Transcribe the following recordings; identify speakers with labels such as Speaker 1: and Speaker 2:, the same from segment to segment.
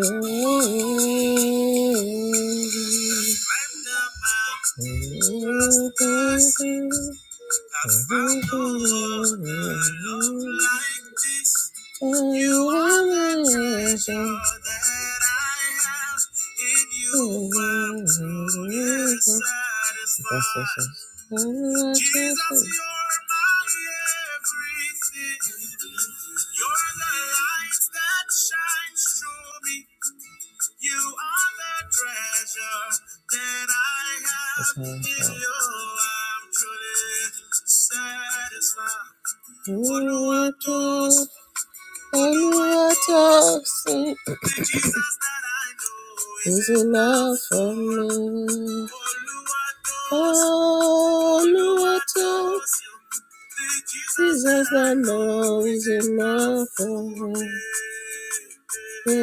Speaker 1: Ooh. ooh, ooh, ooh. I found a love like this. You are the treasure that I have, and you are the satisfaction. Jesus, you're my everything. You're the light that shines through me. You are the treasure that I have That's in nice. you. I'm truly satisfied. Oluwatosin. And what I've seen is enough for me. Oh, Lord, Jesus, I know is enough for me.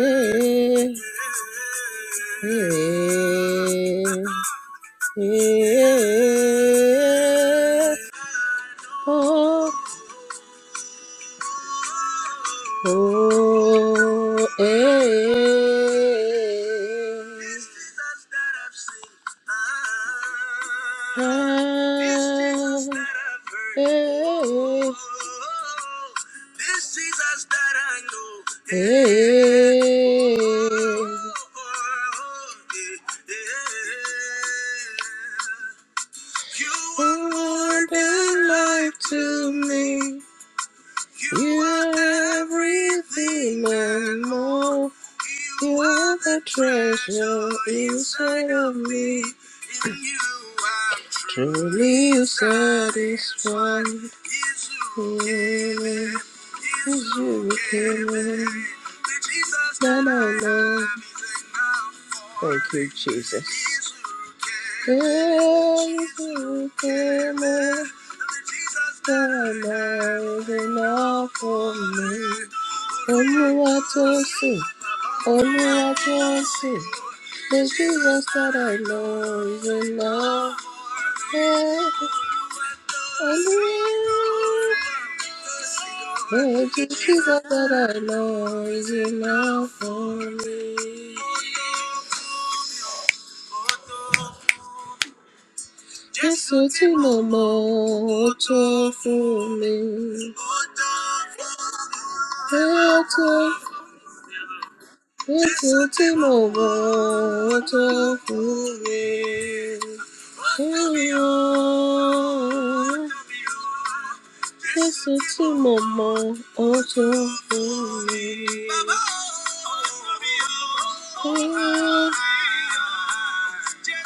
Speaker 1: Yeah, yeah, yeah. Oh, eh. Ah, eh. Eh. You are the light to me. You are everything and more. You are the treasure inside of me. In you I'm truly satisfied. Is you given? Is you given? The Jesus that I love. Thank you, Jesus enough for me. Olúwa tó sìn, Olúwa tó sìn. There's Jesus that I know is enough. Yeah, I'm real. There's Jesus that I know is enough for me. Just so to know more for me. Yeah, to. Esse último voto fui eu. Listen to mama, oh, so for me. Oh,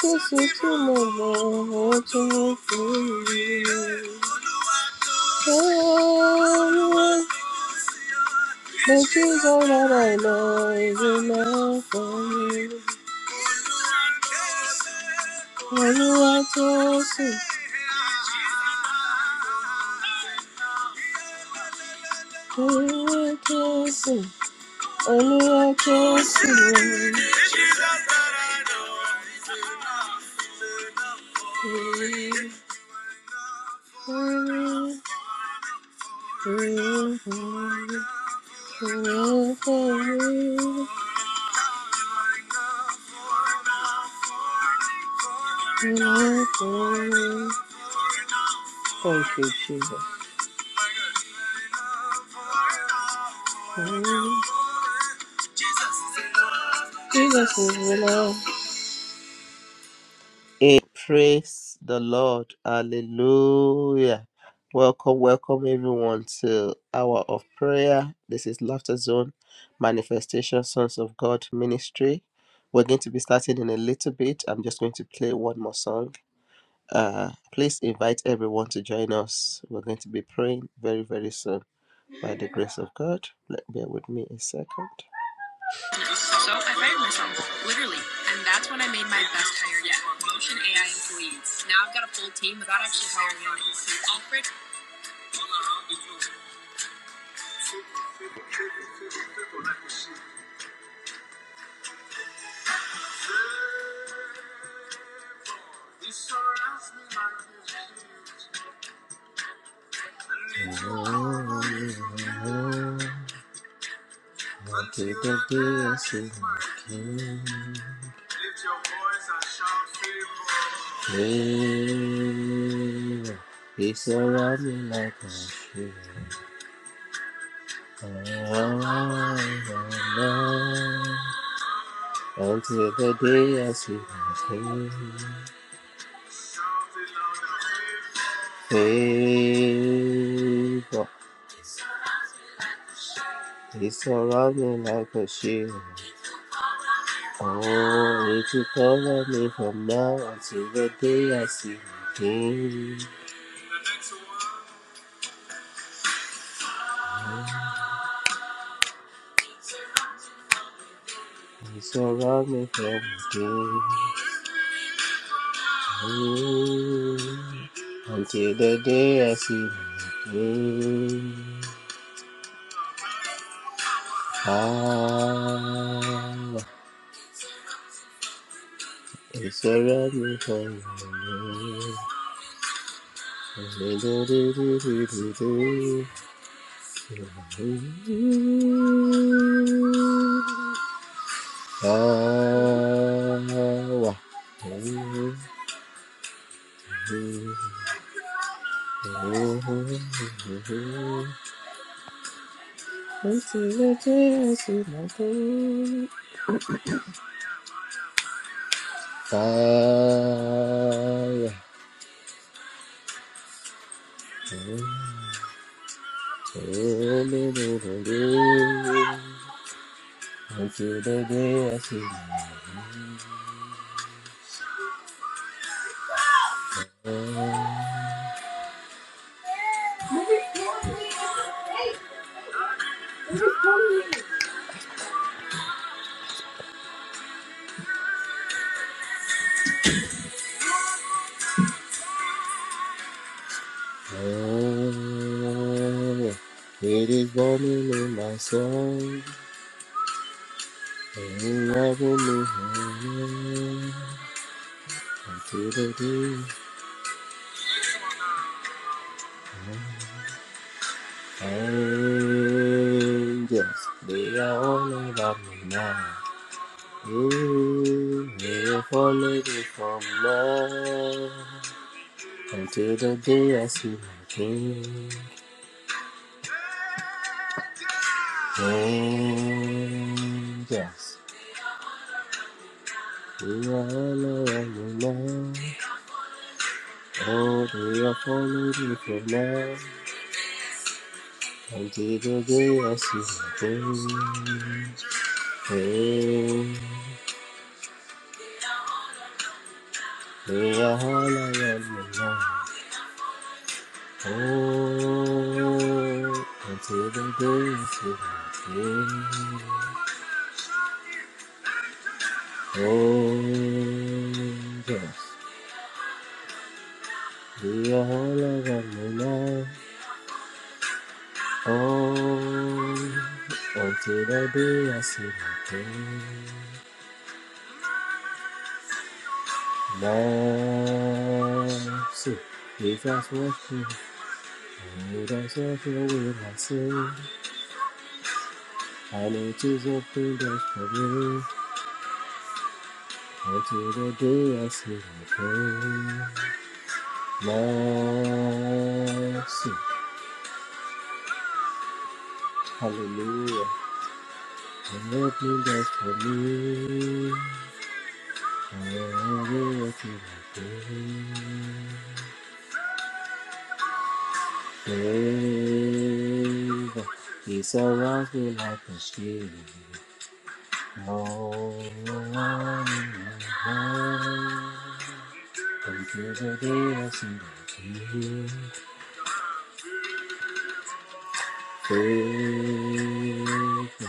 Speaker 1: Listen to mama, oh, so for me. Oh, the things all that I know is enough for me olúwa jésù olúwa jésù olúwa jésù Thank you, Jesus. Mm-hmm. Jesus is willow. Hey, praise the Lord. Hallelujah. Welcome, welcome everyone to Hour of Prayer. This is Laughter Zone Manifestation Sons of God Ministry. We're going to be starting in a little bit. I'm just going to play one more song. Uh, please invite everyone to join us. We're going to be praying very, very soon by the grace of God. Let bear with me a second. So I fired myself, literally, and that's when I made my best hire yet. Motion AI employees. Now I've got a full team without actually hiring anyone. Alfred. Mm-hmm. What did the blessed King? Lift your voice and shout fearful. He he surround me like a shield. Oh, I will until the day I see my King. Faithful, he surround me like a shield. Oh, would you cover me from now until the day I see you again? You surround me from within. Mm, Until the day I see you again. Ah, you surround me from within. Do-do-do-do-do-do-do. Oh, It is warming in my soul, and loving me. until the day Angels, they are all about me now. Ooh, they're falling from love until the day I see my king. Angels, they are all around me now. Oh, they are following me from love until the day I see my king. Hey, they are all around me now. Oh, until the days of our Oh, yes, we are all around the night. Oh, until the day I see my king. Mercy, if that's what you do, that's what you will I say. I know it is open doors for me until the day I see my king. Mercy. Hallelujah. Open doors for me. Hallelujah to my Favor. He surrounds me like a shield. All around me. Until the day I see the King. Favor.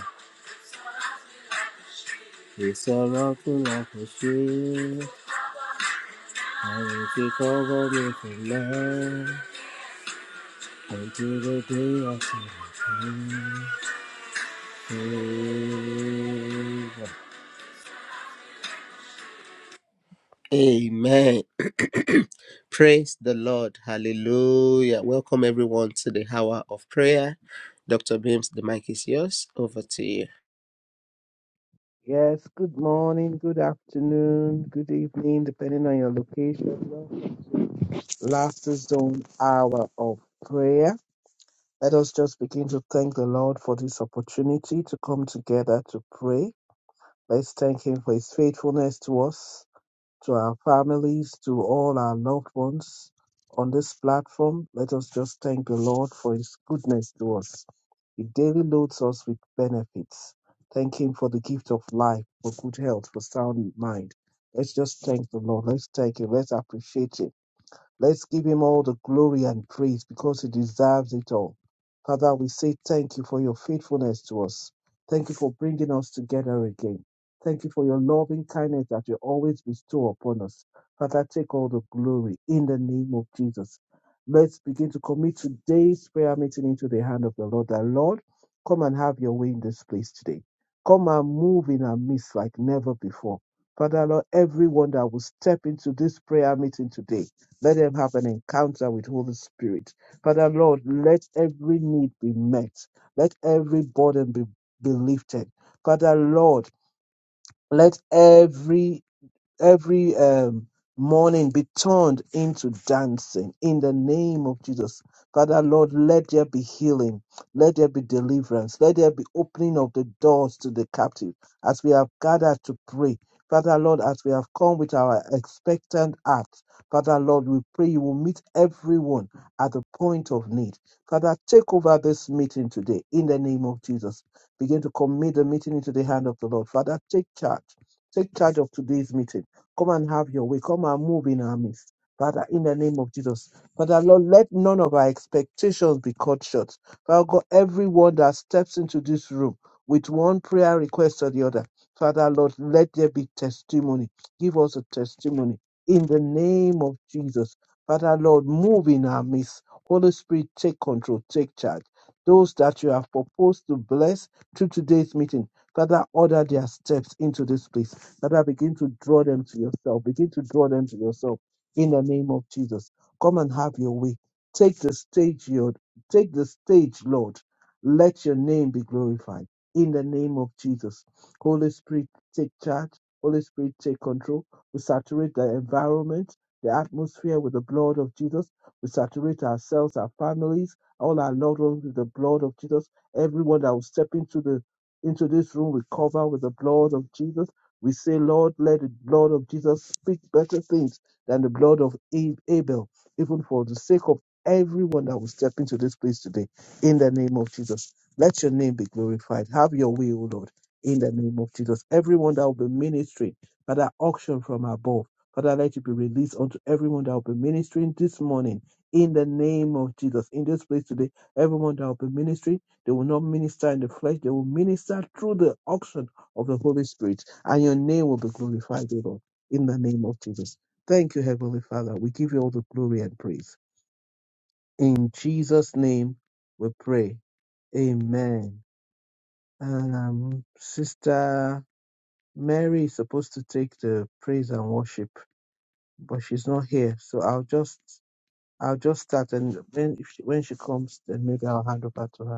Speaker 1: He surrounds me like a shield. I will be covered with love until the day I see you. Amen. Praise the Lord. Hallelujah. Welcome everyone to the hour of prayer. Dr. Beams, the mic is yours. Over to you.
Speaker 2: Yes, good morning, good afternoon, good evening, depending on your location. Laughter Zone Hour of Prayer. Let us just begin to thank the Lord for this opportunity to come together to pray. Let's thank Him for His faithfulness to us to our families, to all our loved ones on this platform. Let us just thank the Lord for His goodness to us. He daily loads us with benefits. Thank Him for the gift of life, for good health, for sound mind. Let's just thank the Lord. Let's thank Him. Let's appreciate Him Let's give him all the glory and praise because he deserves it all. Father, we say thank you for your faithfulness to us. Thank you for bringing us together again. Thank you for your loving kindness that you always bestow upon us. Father, take all the glory in the name of Jesus. Let's begin to commit today's prayer meeting into the hand of the Lord. That Lord, come and have your way in this place today. Come and move in our midst like never before. Father, Lord, everyone that will step into this prayer meeting today, let them have an encounter with Holy Spirit. Father Lord, let every need be met. Let every burden be, be lifted. Father Lord, let every every um, morning be turned into dancing in the name of Jesus. Father, Lord, let there be healing, let there be deliverance, let there be opening of the doors to the captive as we have gathered to pray. Father, Lord, as we have come with our expectant hearts, Father, Lord, we pray you will meet everyone at the point of need. Father, take over this meeting today in the name of Jesus. Begin to commit the meeting into the hand of the Lord. Father, take charge. Take charge of today's meeting Come and have your way. Come and move in our midst. Father, in the name of Jesus. Father, Lord, let none of our expectations be cut short. Father God, everyone that steps into this room with one prayer request or the other, Father, Lord, let there be testimony. Give us a testimony in the name of Jesus. Father, Lord, move in our midst. Holy Spirit, take control, take charge. Those that you have proposed to bless through today's meeting, Father, order their steps into this place Father, begin to draw them to yourself. Begin to draw them to yourself in the name of Jesus. Come and have your way. Take the stage, Lord. Take the stage, Lord. Let your name be glorified in the name of Jesus. Holy Spirit, take charge. Holy Spirit, take control. We saturate the environment, the atmosphere with the blood of Jesus. We saturate ourselves, our families, all our loved ones with the blood of Jesus. Everyone that will step into the into this room, we cover with the blood of Jesus we say, Lord, let the blood of Jesus speak better things than the blood of A- Abel, even for the sake of everyone that will step into this place today. In the name of Jesus, let your name be glorified. Have your way, O Lord, in the name of Jesus. Everyone that will be ministering, Father, auction from above. Father, let it be released unto everyone that will be ministering this morning. In the name of Jesus, in this place today, everyone that will be ministering, they will not minister in the flesh, they will minister through the auction of the Holy Spirit and your name will be glorified, O Lord, in the name of Jesus. Thank you, Heavenly Father. We give you all the glory and praise. In Jesus' name we pray. Amen. Um, Sister Mary is supposed to take the praise and worship, but she's not here. So I'll just I'll just start and when if she, when she comes, then maybe I'll hand over to her.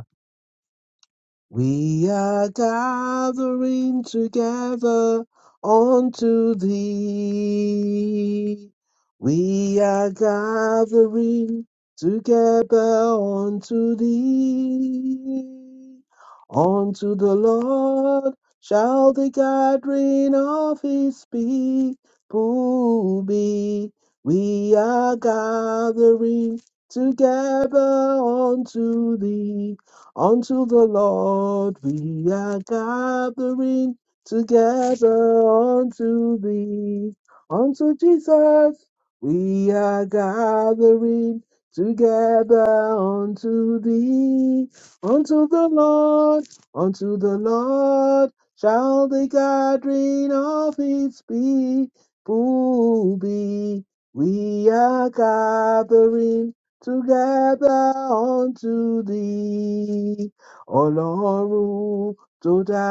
Speaker 2: We are gathering together unto thee. We are gathering together unto thee. Unto the Lord shall the gathering of his people be. We are gathering together unto thee. Unto the Lord we are gathering together unto thee. Unto Jesus we are gathering together unto thee. Unto the Lord, unto the Lord shall the gathering of his people be. We are gathering together unto thee, Ọlọ́run tó dá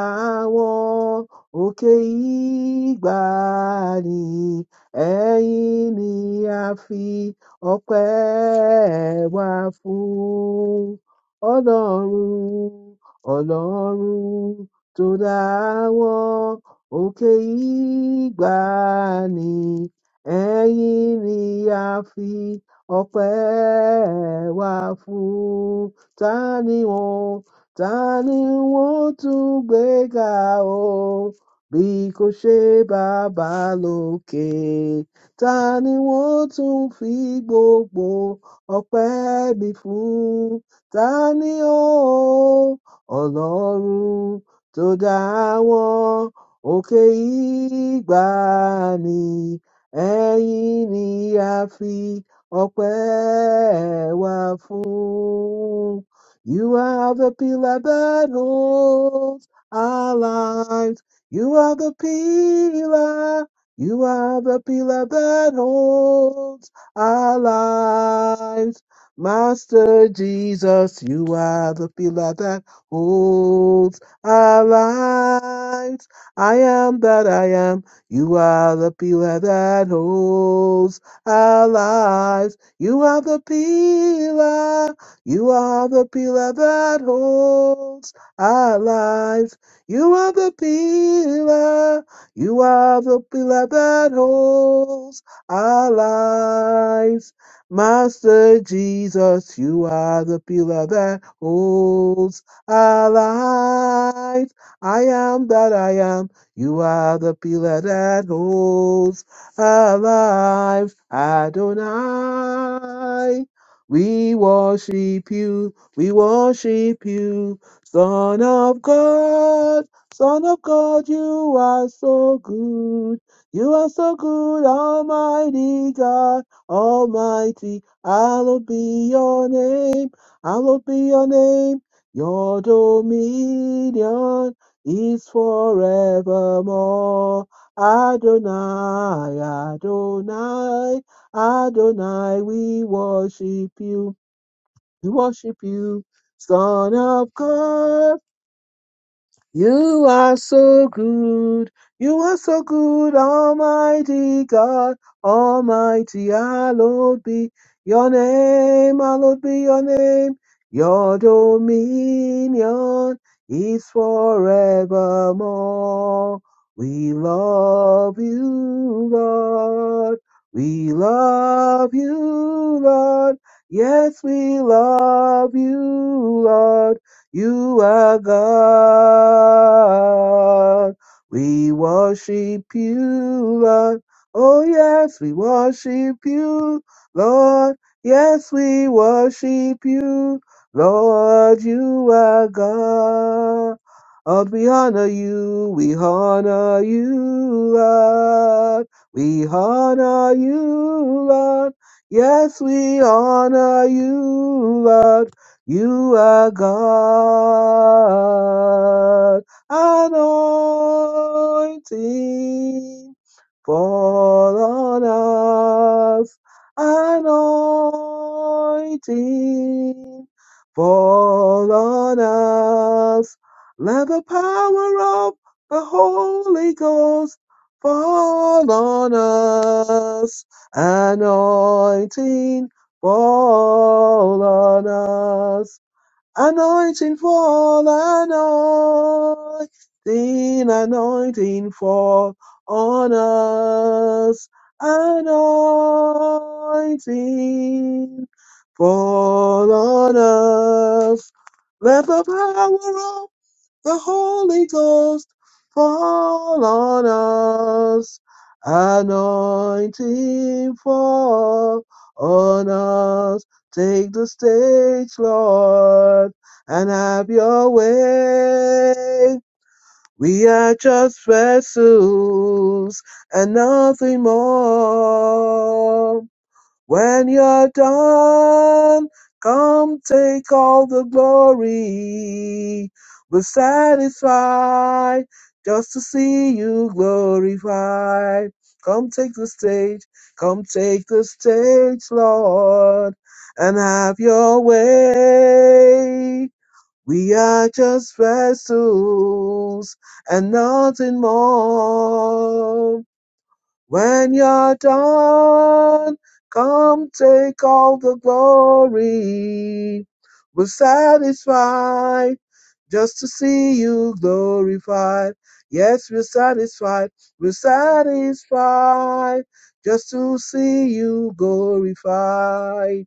Speaker 2: wọn òkè ìgbàanì, ẹ̀yin ni a fi ọpẹ́ wa fún. Ọlọ́run, Ọlọ́run tó dá wọn òkè ìgbàanì, ẹ̀yin ni a fi ọpẹ́ wà fún tani ni wọn ta ni wọn tún gbé ga o bí kò ṣe bàbá lókè ta ni wọn tún fi gbogbo ọpẹ́ mi fún tani ó ọlọ́run tó dá wọn òkè ìgbàanì ẹ̀yìn ni a fi Ọpẹ́ wà fún. You are the pillar that holds our lives. You are the pillar. You are the pillar that holds our lives. Master Jesus, you are the pillar that holds our lives. I am that I am. You are the pillar that holds our lives. You are the pillar. You are the pillar that holds our lives. You are the pillar. You are the pillar that holds our lives. Master Jesus, you are the pillar that holds our lives. I am that I am. You are the pillar that holds alive, Adonai. We worship you, we worship you, Son of God, Son of God, you are so good. You are so good, Almighty God, Almighty. Hallowed be your name, hallowed be your name. Your dominion is forevermore. Adonai, Adonai, Adonai, we worship you, we worship you, Son of God. You are so good. You are so good, Almighty God, Almighty. Hallowed be your name. Hallowed be your name. Your dominion is forevermore. We love you, Lord. We love you, Lord. Yes, we love you, Lord. You are God. We worship you, Lord. Oh, yes, we worship you, Lord. Yes, we worship you, Lord. You are God. Lord, we honor you, we honor you, Lord. We honor you, Lord. Yes, we honor you, Lord. You are God, anointing fall on us, anointing fall on us. Let the power of the Holy Ghost fall on us, anointing fall on us Anointing fall, anointing, anointing fall on us. Anointing fall on us. Let the power of the Holy Ghost fall on us, anointing fall on us. Take the stage, Lord, and have your way. We are just vessels and nothing more. When you're done, come take all the glory. We're satisfied just to see you glorified. Come take the stage, come take the stage, Lord, and have your way. We are just vessels and nothing more. When you're done, come take all the glory. We're satisfied just to see you glorified. Yes, we're satisfied. We're satisfied just to see you glorified.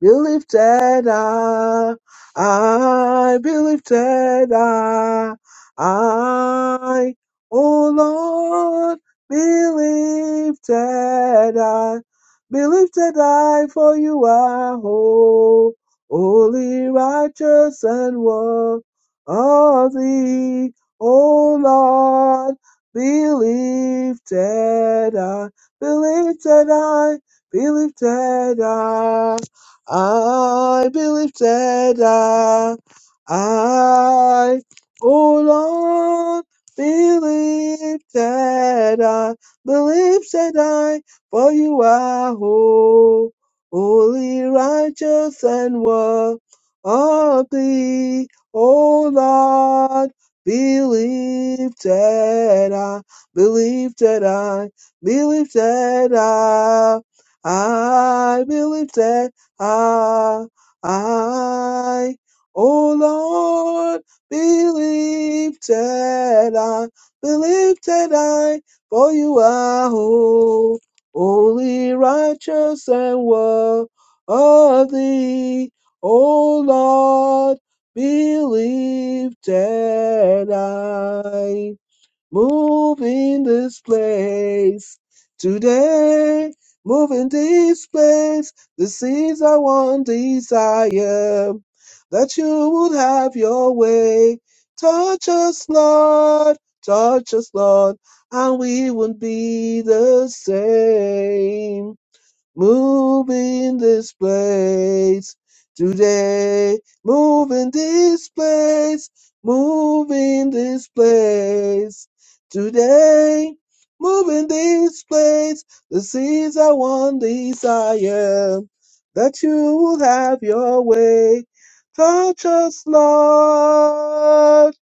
Speaker 2: Be lifted up, I be lifted up, I, oh Lord, be lifted up, be lifted high, for you are whole, holy, righteous, and worthy, O Lord, be lifted up, be lifted high, be lifted up. I be lifted up. I, oh Lord, be lifted up. Be lifted I, for you are ho- holy, righteous, and worthy. O Lord, be lifted up. Be lifted I, be lifted up. I be lifted I, I, oh Lord, believe that I, believe that I, for you are ho- holy, righteous, and worthy. Oh Lord, believe that I. Move in this place today. Move in this place. This is our one desire that you would have your way. Touch us, Lord. Touch us, Lord, and we would be the same. Move in this place today. Move in this place. Move in this place today. Move in this place. This is our one desire that you will have your way. Touch us, Lord,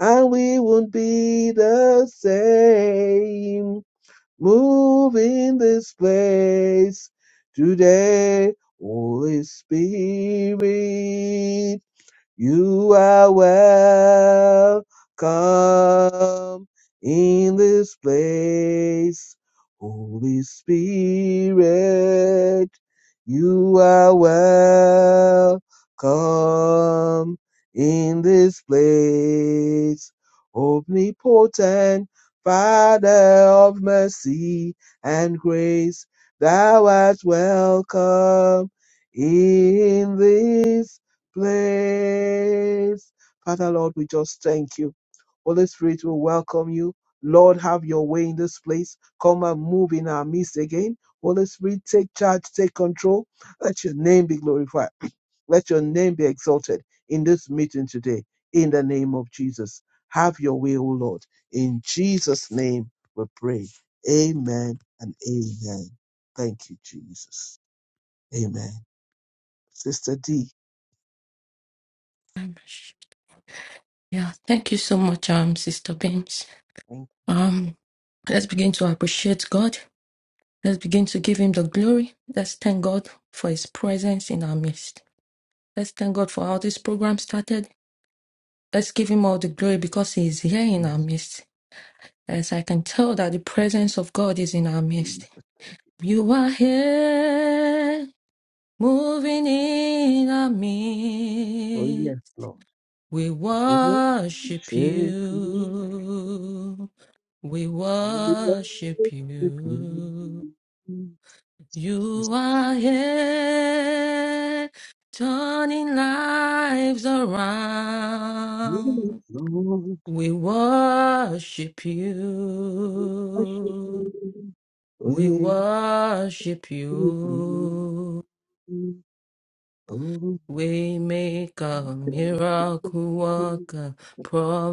Speaker 2: and we won't be the same. Move in this place today, Holy Spirit. You are welcome in this place, Holy Spirit. You are welcome in this place, omnipotent Father of mercy and grace. Thou art welcome in this place. Father, Lord, we just thank you. Holy Spirit, we welcome you. Lord, have your way in this place. Come and move in our midst again. Holy Spirit, take charge, take control. Let your name be glorified. Let your name be exalted in this meeting today. In the name of Jesus. Have your way, O Lord. In Jesus' name we pray. Amen and amen. Thank you, Jesus. Amen. Sister D.
Speaker 3: Yeah, thank you so much, um, Sister Beams.
Speaker 2: Thank
Speaker 3: Um, let's begin to appreciate God. Let's begin to give Him the glory. Let's thank God for His presence in our midst. Let's thank God for how this program started. Let's give Him all the glory because He is here in
Speaker 2: you,
Speaker 3: our midst. As I can tell that the presence of God is in our
Speaker 2: Jesus.
Speaker 3: midst. You are here, moving in our
Speaker 2: Oh,
Speaker 3: midst.
Speaker 2: yes, Lord.
Speaker 3: We
Speaker 2: Worship
Speaker 3: worship
Speaker 2: you.
Speaker 3: you. We worship
Speaker 2: Worship
Speaker 3: you.
Speaker 2: you. Yes,
Speaker 3: You are here, turning lives around.
Speaker 2: Lord. Worship you.
Speaker 3: We worship
Speaker 2: Worship
Speaker 3: you.
Speaker 2: you.
Speaker 3: We
Speaker 2: Oh,
Speaker 3: worship you. Waymaker,
Speaker 2: can
Speaker 3: miracle
Speaker 2: you come
Speaker 3: worker,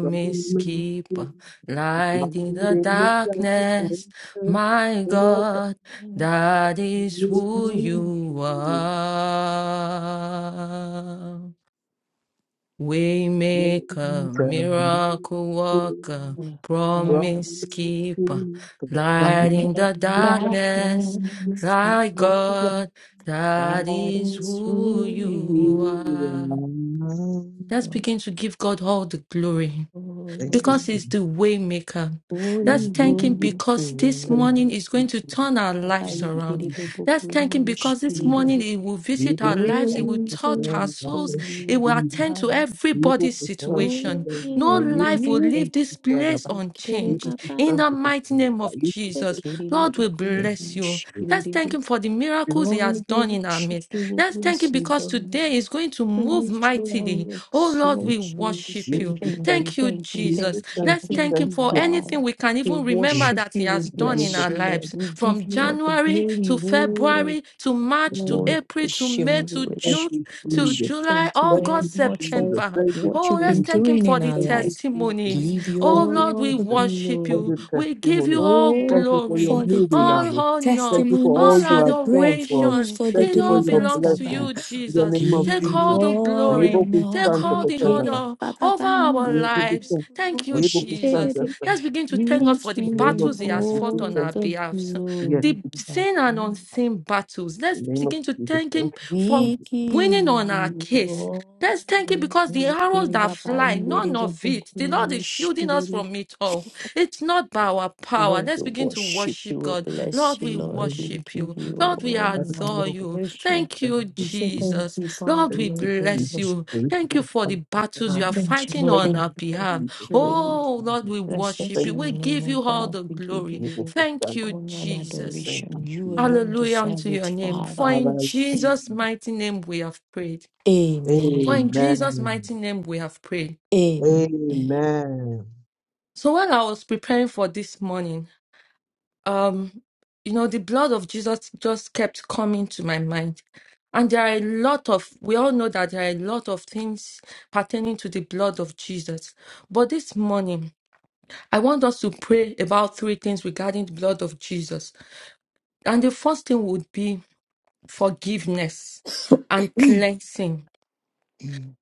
Speaker 2: Come and see?
Speaker 3: keeper, light
Speaker 2: Light
Speaker 3: in
Speaker 2: in
Speaker 3: the
Speaker 2: the darkness.
Speaker 3: darkness. My
Speaker 2: And I can
Speaker 3: God,
Speaker 4: That
Speaker 3: that is
Speaker 2: see
Speaker 4: is
Speaker 3: who you
Speaker 2: you.
Speaker 3: are.
Speaker 2: Let me
Speaker 3: Waymaker,
Speaker 2: tell
Speaker 3: miracle
Speaker 2: you.
Speaker 3: worker,
Speaker 2: From
Speaker 3: promise
Speaker 2: the keeper,
Speaker 3: keeper,
Speaker 2: from
Speaker 3: light in the
Speaker 2: the keeper,
Speaker 3: darkness. My
Speaker 2: from
Speaker 3: God, that is who
Speaker 4: who
Speaker 3: you
Speaker 4: you
Speaker 2: the
Speaker 3: are. Let's
Speaker 4: are.
Speaker 3: begin to give God all the glory
Speaker 2: Thank you,
Speaker 3: because
Speaker 2: Jesus.
Speaker 3: he's the way maker. Let's
Speaker 4: Holy,
Speaker 3: thank him
Speaker 2: Hallelujah.
Speaker 4: holy,
Speaker 3: because this
Speaker 2: Thank
Speaker 4: holy.
Speaker 3: morning
Speaker 2: you,
Speaker 3: is going
Speaker 2: Jesus.
Speaker 3: to turn our lives
Speaker 2: Thank
Speaker 4: Abari
Speaker 2: you,
Speaker 3: around.
Speaker 4: kiri
Speaker 2: Jesus.
Speaker 4: bobo
Speaker 3: Let's thank
Speaker 4: kurimo
Speaker 3: him because this
Speaker 2: Jesus.
Speaker 3: morning
Speaker 4: mushirire.
Speaker 3: he will
Speaker 2: Viva
Speaker 3: visit our
Speaker 2: por
Speaker 3: lives, he will
Speaker 2: Santo
Speaker 4: Holy,
Speaker 3: touch our
Speaker 4: holy,
Speaker 2: Cristiano, na
Speaker 3: souls,
Speaker 2: frente do
Speaker 4: holy.
Speaker 3: he will
Speaker 2: Filho.
Speaker 3: attend to
Speaker 4: Baba,
Speaker 2: Viva
Speaker 3: everybody's
Speaker 2: por Santo
Speaker 4: holy,
Speaker 3: situation.
Speaker 2: Cristiano, na
Speaker 3: No
Speaker 2: livre
Speaker 3: life
Speaker 2: por
Speaker 3: will
Speaker 4: you.
Speaker 3: leave
Speaker 2: Santo
Speaker 3: this
Speaker 2: Cristiano,
Speaker 3: place
Speaker 4: Kiri
Speaker 2: viva
Speaker 3: unchanged.
Speaker 2: por
Speaker 4: baba,
Speaker 3: In the
Speaker 2: Santo
Speaker 3: mighty
Speaker 2: Cristiano,
Speaker 3: name
Speaker 2: na
Speaker 3: of
Speaker 2: livre
Speaker 3: Jesus,
Speaker 2: por
Speaker 4: kiri
Speaker 3: Lord
Speaker 4: bobo
Speaker 3: will
Speaker 2: Santo
Speaker 4: kurimo
Speaker 3: bless you.
Speaker 2: Cristiano.
Speaker 3: Let's
Speaker 4: mushirire.
Speaker 3: thank him for the miracles he
Speaker 4: Lord,
Speaker 3: has
Speaker 4: we
Speaker 3: done in our
Speaker 4: worship
Speaker 3: midst.
Speaker 4: you, we
Speaker 3: Let's thank him
Speaker 4: bless you,
Speaker 3: because today
Speaker 4: Lord.
Speaker 3: is going to
Speaker 4: We
Speaker 3: move
Speaker 4: lift you up,
Speaker 3: mightily.
Speaker 4: we
Speaker 3: Oh Lord, we
Speaker 4: exalt you, we
Speaker 3: worship
Speaker 2: Give
Speaker 4: say
Speaker 2: us
Speaker 3: you.
Speaker 2: this
Speaker 4: thank
Speaker 2: thanks.
Speaker 4: you,
Speaker 3: Thank you,
Speaker 4: thank you,
Speaker 2: Give
Speaker 4: thank
Speaker 3: Jesus.
Speaker 2: thank
Speaker 4: you,
Speaker 3: Let's
Speaker 2: you. be
Speaker 3: thank
Speaker 4: thank
Speaker 3: Him
Speaker 4: you,
Speaker 3: for
Speaker 2: constant.
Speaker 3: anything
Speaker 4: Father.
Speaker 3: we can
Speaker 4: We
Speaker 3: even remember
Speaker 4: worship
Speaker 3: that He
Speaker 4: you, we
Speaker 3: has
Speaker 2: Be constant. Thank you, Jesus. In the
Speaker 3: done in
Speaker 2: name of
Speaker 4: bless
Speaker 3: our
Speaker 4: you, Lord.
Speaker 3: lives
Speaker 4: We give
Speaker 3: from
Speaker 4: you all the
Speaker 3: January
Speaker 4: glory,
Speaker 3: to
Speaker 4: Lord.
Speaker 3: February to
Speaker 2: the
Speaker 3: March to
Speaker 2: name of
Speaker 4: Lord,
Speaker 3: April
Speaker 4: we
Speaker 3: to
Speaker 4: worship
Speaker 3: May
Speaker 4: we
Speaker 3: to
Speaker 2: thank
Speaker 3: June
Speaker 4: worship
Speaker 2: you,
Speaker 4: we
Speaker 3: to
Speaker 4: worship
Speaker 2: Jesus.
Speaker 3: July,
Speaker 4: Thank you
Speaker 2: Thank
Speaker 4: very
Speaker 2: you,
Speaker 3: August,
Speaker 4: much
Speaker 2: Jesus.
Speaker 4: for
Speaker 3: September.
Speaker 2: Thank you,
Speaker 4: what
Speaker 3: Oh,
Speaker 4: you've
Speaker 3: let's
Speaker 4: been
Speaker 2: Jesus.
Speaker 3: thank Him
Speaker 4: doing
Speaker 3: for
Speaker 4: in
Speaker 3: the
Speaker 4: our
Speaker 2: Thank you,
Speaker 4: lives.
Speaker 2: Jesus.
Speaker 3: testimonies.
Speaker 4: Give you
Speaker 2: Thank
Speaker 3: Oh,
Speaker 2: you,
Speaker 3: Lord,
Speaker 4: all
Speaker 3: we
Speaker 4: the
Speaker 2: Jesus,
Speaker 3: worship
Speaker 2: for
Speaker 3: you.
Speaker 4: glory.
Speaker 2: the
Speaker 3: We give
Speaker 2: testimony.
Speaker 3: you all
Speaker 2: Thank
Speaker 4: Oh,
Speaker 2: you for your
Speaker 4: for
Speaker 3: glory,
Speaker 4: the
Speaker 2: moving
Speaker 4: te-
Speaker 3: all
Speaker 2: army.
Speaker 3: honor,
Speaker 2: Thank you for
Speaker 4: testimonies,
Speaker 2: all
Speaker 3: all
Speaker 2: you
Speaker 4: for the
Speaker 2: have done for us.
Speaker 4: breakthroughs,
Speaker 3: adoration.
Speaker 4: for the
Speaker 2: Thank
Speaker 3: It
Speaker 2: you for
Speaker 3: all
Speaker 2: your
Speaker 4: deliverance,
Speaker 3: belongs
Speaker 2: blessings.
Speaker 3: to
Speaker 4: Baba.
Speaker 2: In
Speaker 3: you,
Speaker 2: the
Speaker 3: Jesus.
Speaker 2: name of
Speaker 4: Give
Speaker 3: Take
Speaker 4: you
Speaker 3: all
Speaker 2: Jesus.
Speaker 3: the
Speaker 2: Able
Speaker 3: glory,
Speaker 2: to
Speaker 4: honor.
Speaker 3: take
Speaker 2: stand to
Speaker 3: all
Speaker 4: You
Speaker 3: the
Speaker 2: Kasaraba.
Speaker 4: give
Speaker 3: honor
Speaker 4: Baba
Speaker 3: over
Speaker 4: Bana.
Speaker 3: our
Speaker 2: Able to
Speaker 3: lives.
Speaker 2: stand.
Speaker 3: Thank you,
Speaker 2: Able
Speaker 4: Worship
Speaker 2: to stand
Speaker 4: it.
Speaker 3: Jesus.
Speaker 2: to
Speaker 3: Let's begin to thank
Speaker 2: In
Speaker 4: We
Speaker 3: God
Speaker 4: give
Speaker 3: for the
Speaker 2: the name of
Speaker 4: you
Speaker 3: battles He
Speaker 2: Jesus.
Speaker 3: has
Speaker 2: We
Speaker 3: fought
Speaker 2: say
Speaker 4: all
Speaker 3: on
Speaker 2: thank
Speaker 3: our
Speaker 4: the
Speaker 3: behalf,
Speaker 2: you. yeah.
Speaker 4: glory,
Speaker 3: the
Speaker 4: Baba.
Speaker 3: seen and unseen battles. Let's
Speaker 2: In the name of
Speaker 3: begin to
Speaker 2: Jesus,
Speaker 3: thank Him
Speaker 2: thank you,
Speaker 3: for
Speaker 4: We
Speaker 2: Jesus.
Speaker 4: give
Speaker 3: winning on our
Speaker 4: you
Speaker 3: case.
Speaker 4: honor.
Speaker 3: Let's thank Him because the arrows
Speaker 4: Give
Speaker 3: that
Speaker 4: Baba
Speaker 3: fly, none
Speaker 4: Bana.
Speaker 3: of it, the Lord is shielding us from it all. It's not by our power.
Speaker 4: Lord,
Speaker 3: Let's
Speaker 4: we
Speaker 3: begin to
Speaker 4: worship you,
Speaker 3: worship God.
Speaker 4: we bless
Speaker 3: Lord,
Speaker 4: you,
Speaker 3: we
Speaker 2: In the
Speaker 4: Lord,
Speaker 2: name
Speaker 4: we
Speaker 3: worship
Speaker 4: give
Speaker 3: you.
Speaker 4: you
Speaker 3: Lord, we
Speaker 4: all
Speaker 2: of the
Speaker 4: honor
Speaker 3: adore
Speaker 2: Lord, in
Speaker 4: and
Speaker 3: you.
Speaker 4: adoration.
Speaker 3: Thank
Speaker 2: the
Speaker 3: you,
Speaker 4: We say
Speaker 2: Jesus,
Speaker 4: thank
Speaker 3: Jesus.
Speaker 4: you, Father,
Speaker 3: Lord,
Speaker 2: Thank
Speaker 3: we
Speaker 2: you,
Speaker 4: Lord, we
Speaker 3: bless
Speaker 2: Jesus.
Speaker 4: worship
Speaker 3: you.
Speaker 2: The
Speaker 3: Thank you
Speaker 2: ritual
Speaker 3: for the battles you
Speaker 4: you.
Speaker 2: sanctified.
Speaker 3: are
Speaker 4: Thank you,
Speaker 3: fighting
Speaker 4: Lord,
Speaker 2: Thank
Speaker 3: on
Speaker 4: thank
Speaker 3: our
Speaker 2: you,
Speaker 4: you, Lord,
Speaker 3: behalf.
Speaker 2: Jesus.
Speaker 4: thank you,
Speaker 2: Thank you,
Speaker 4: Lord.
Speaker 3: Oh, Lord,
Speaker 2: Jesus.
Speaker 3: we
Speaker 4: Blessed
Speaker 3: worship
Speaker 2: Thank
Speaker 4: be
Speaker 3: you.
Speaker 2: you,
Speaker 3: We
Speaker 4: your name,
Speaker 3: give
Speaker 4: O
Speaker 3: you all
Speaker 4: God,
Speaker 3: the
Speaker 4: we give
Speaker 3: glory.
Speaker 4: you
Speaker 2: Jesus.
Speaker 3: Thank you,
Speaker 4: all honor and
Speaker 3: Jesus.
Speaker 2: Thank you,
Speaker 4: adoration. You
Speaker 2: Jesus.
Speaker 4: alone
Speaker 3: Hallelujah
Speaker 4: deserve
Speaker 3: unto your
Speaker 4: it,
Speaker 3: name. For
Speaker 4: Father.
Speaker 3: in
Speaker 2: Hallelujah.
Speaker 3: Jesus' mighty name we have prayed. For
Speaker 4: Amen.
Speaker 3: in Jesus'
Speaker 2: Amen.
Speaker 3: mighty name we have prayed.
Speaker 4: Amen.
Speaker 2: Amen.
Speaker 3: So while I was preparing for this morning, um, you know, the blood of Jesus just kept coming to my mind. And there are a lot of, we all know that there are a lot of things pertaining to the blood of Jesus. But this morning, I want us to pray about three things regarding the blood of Jesus. And the first thing would be forgiveness and cleansing.
Speaker 4: Mm.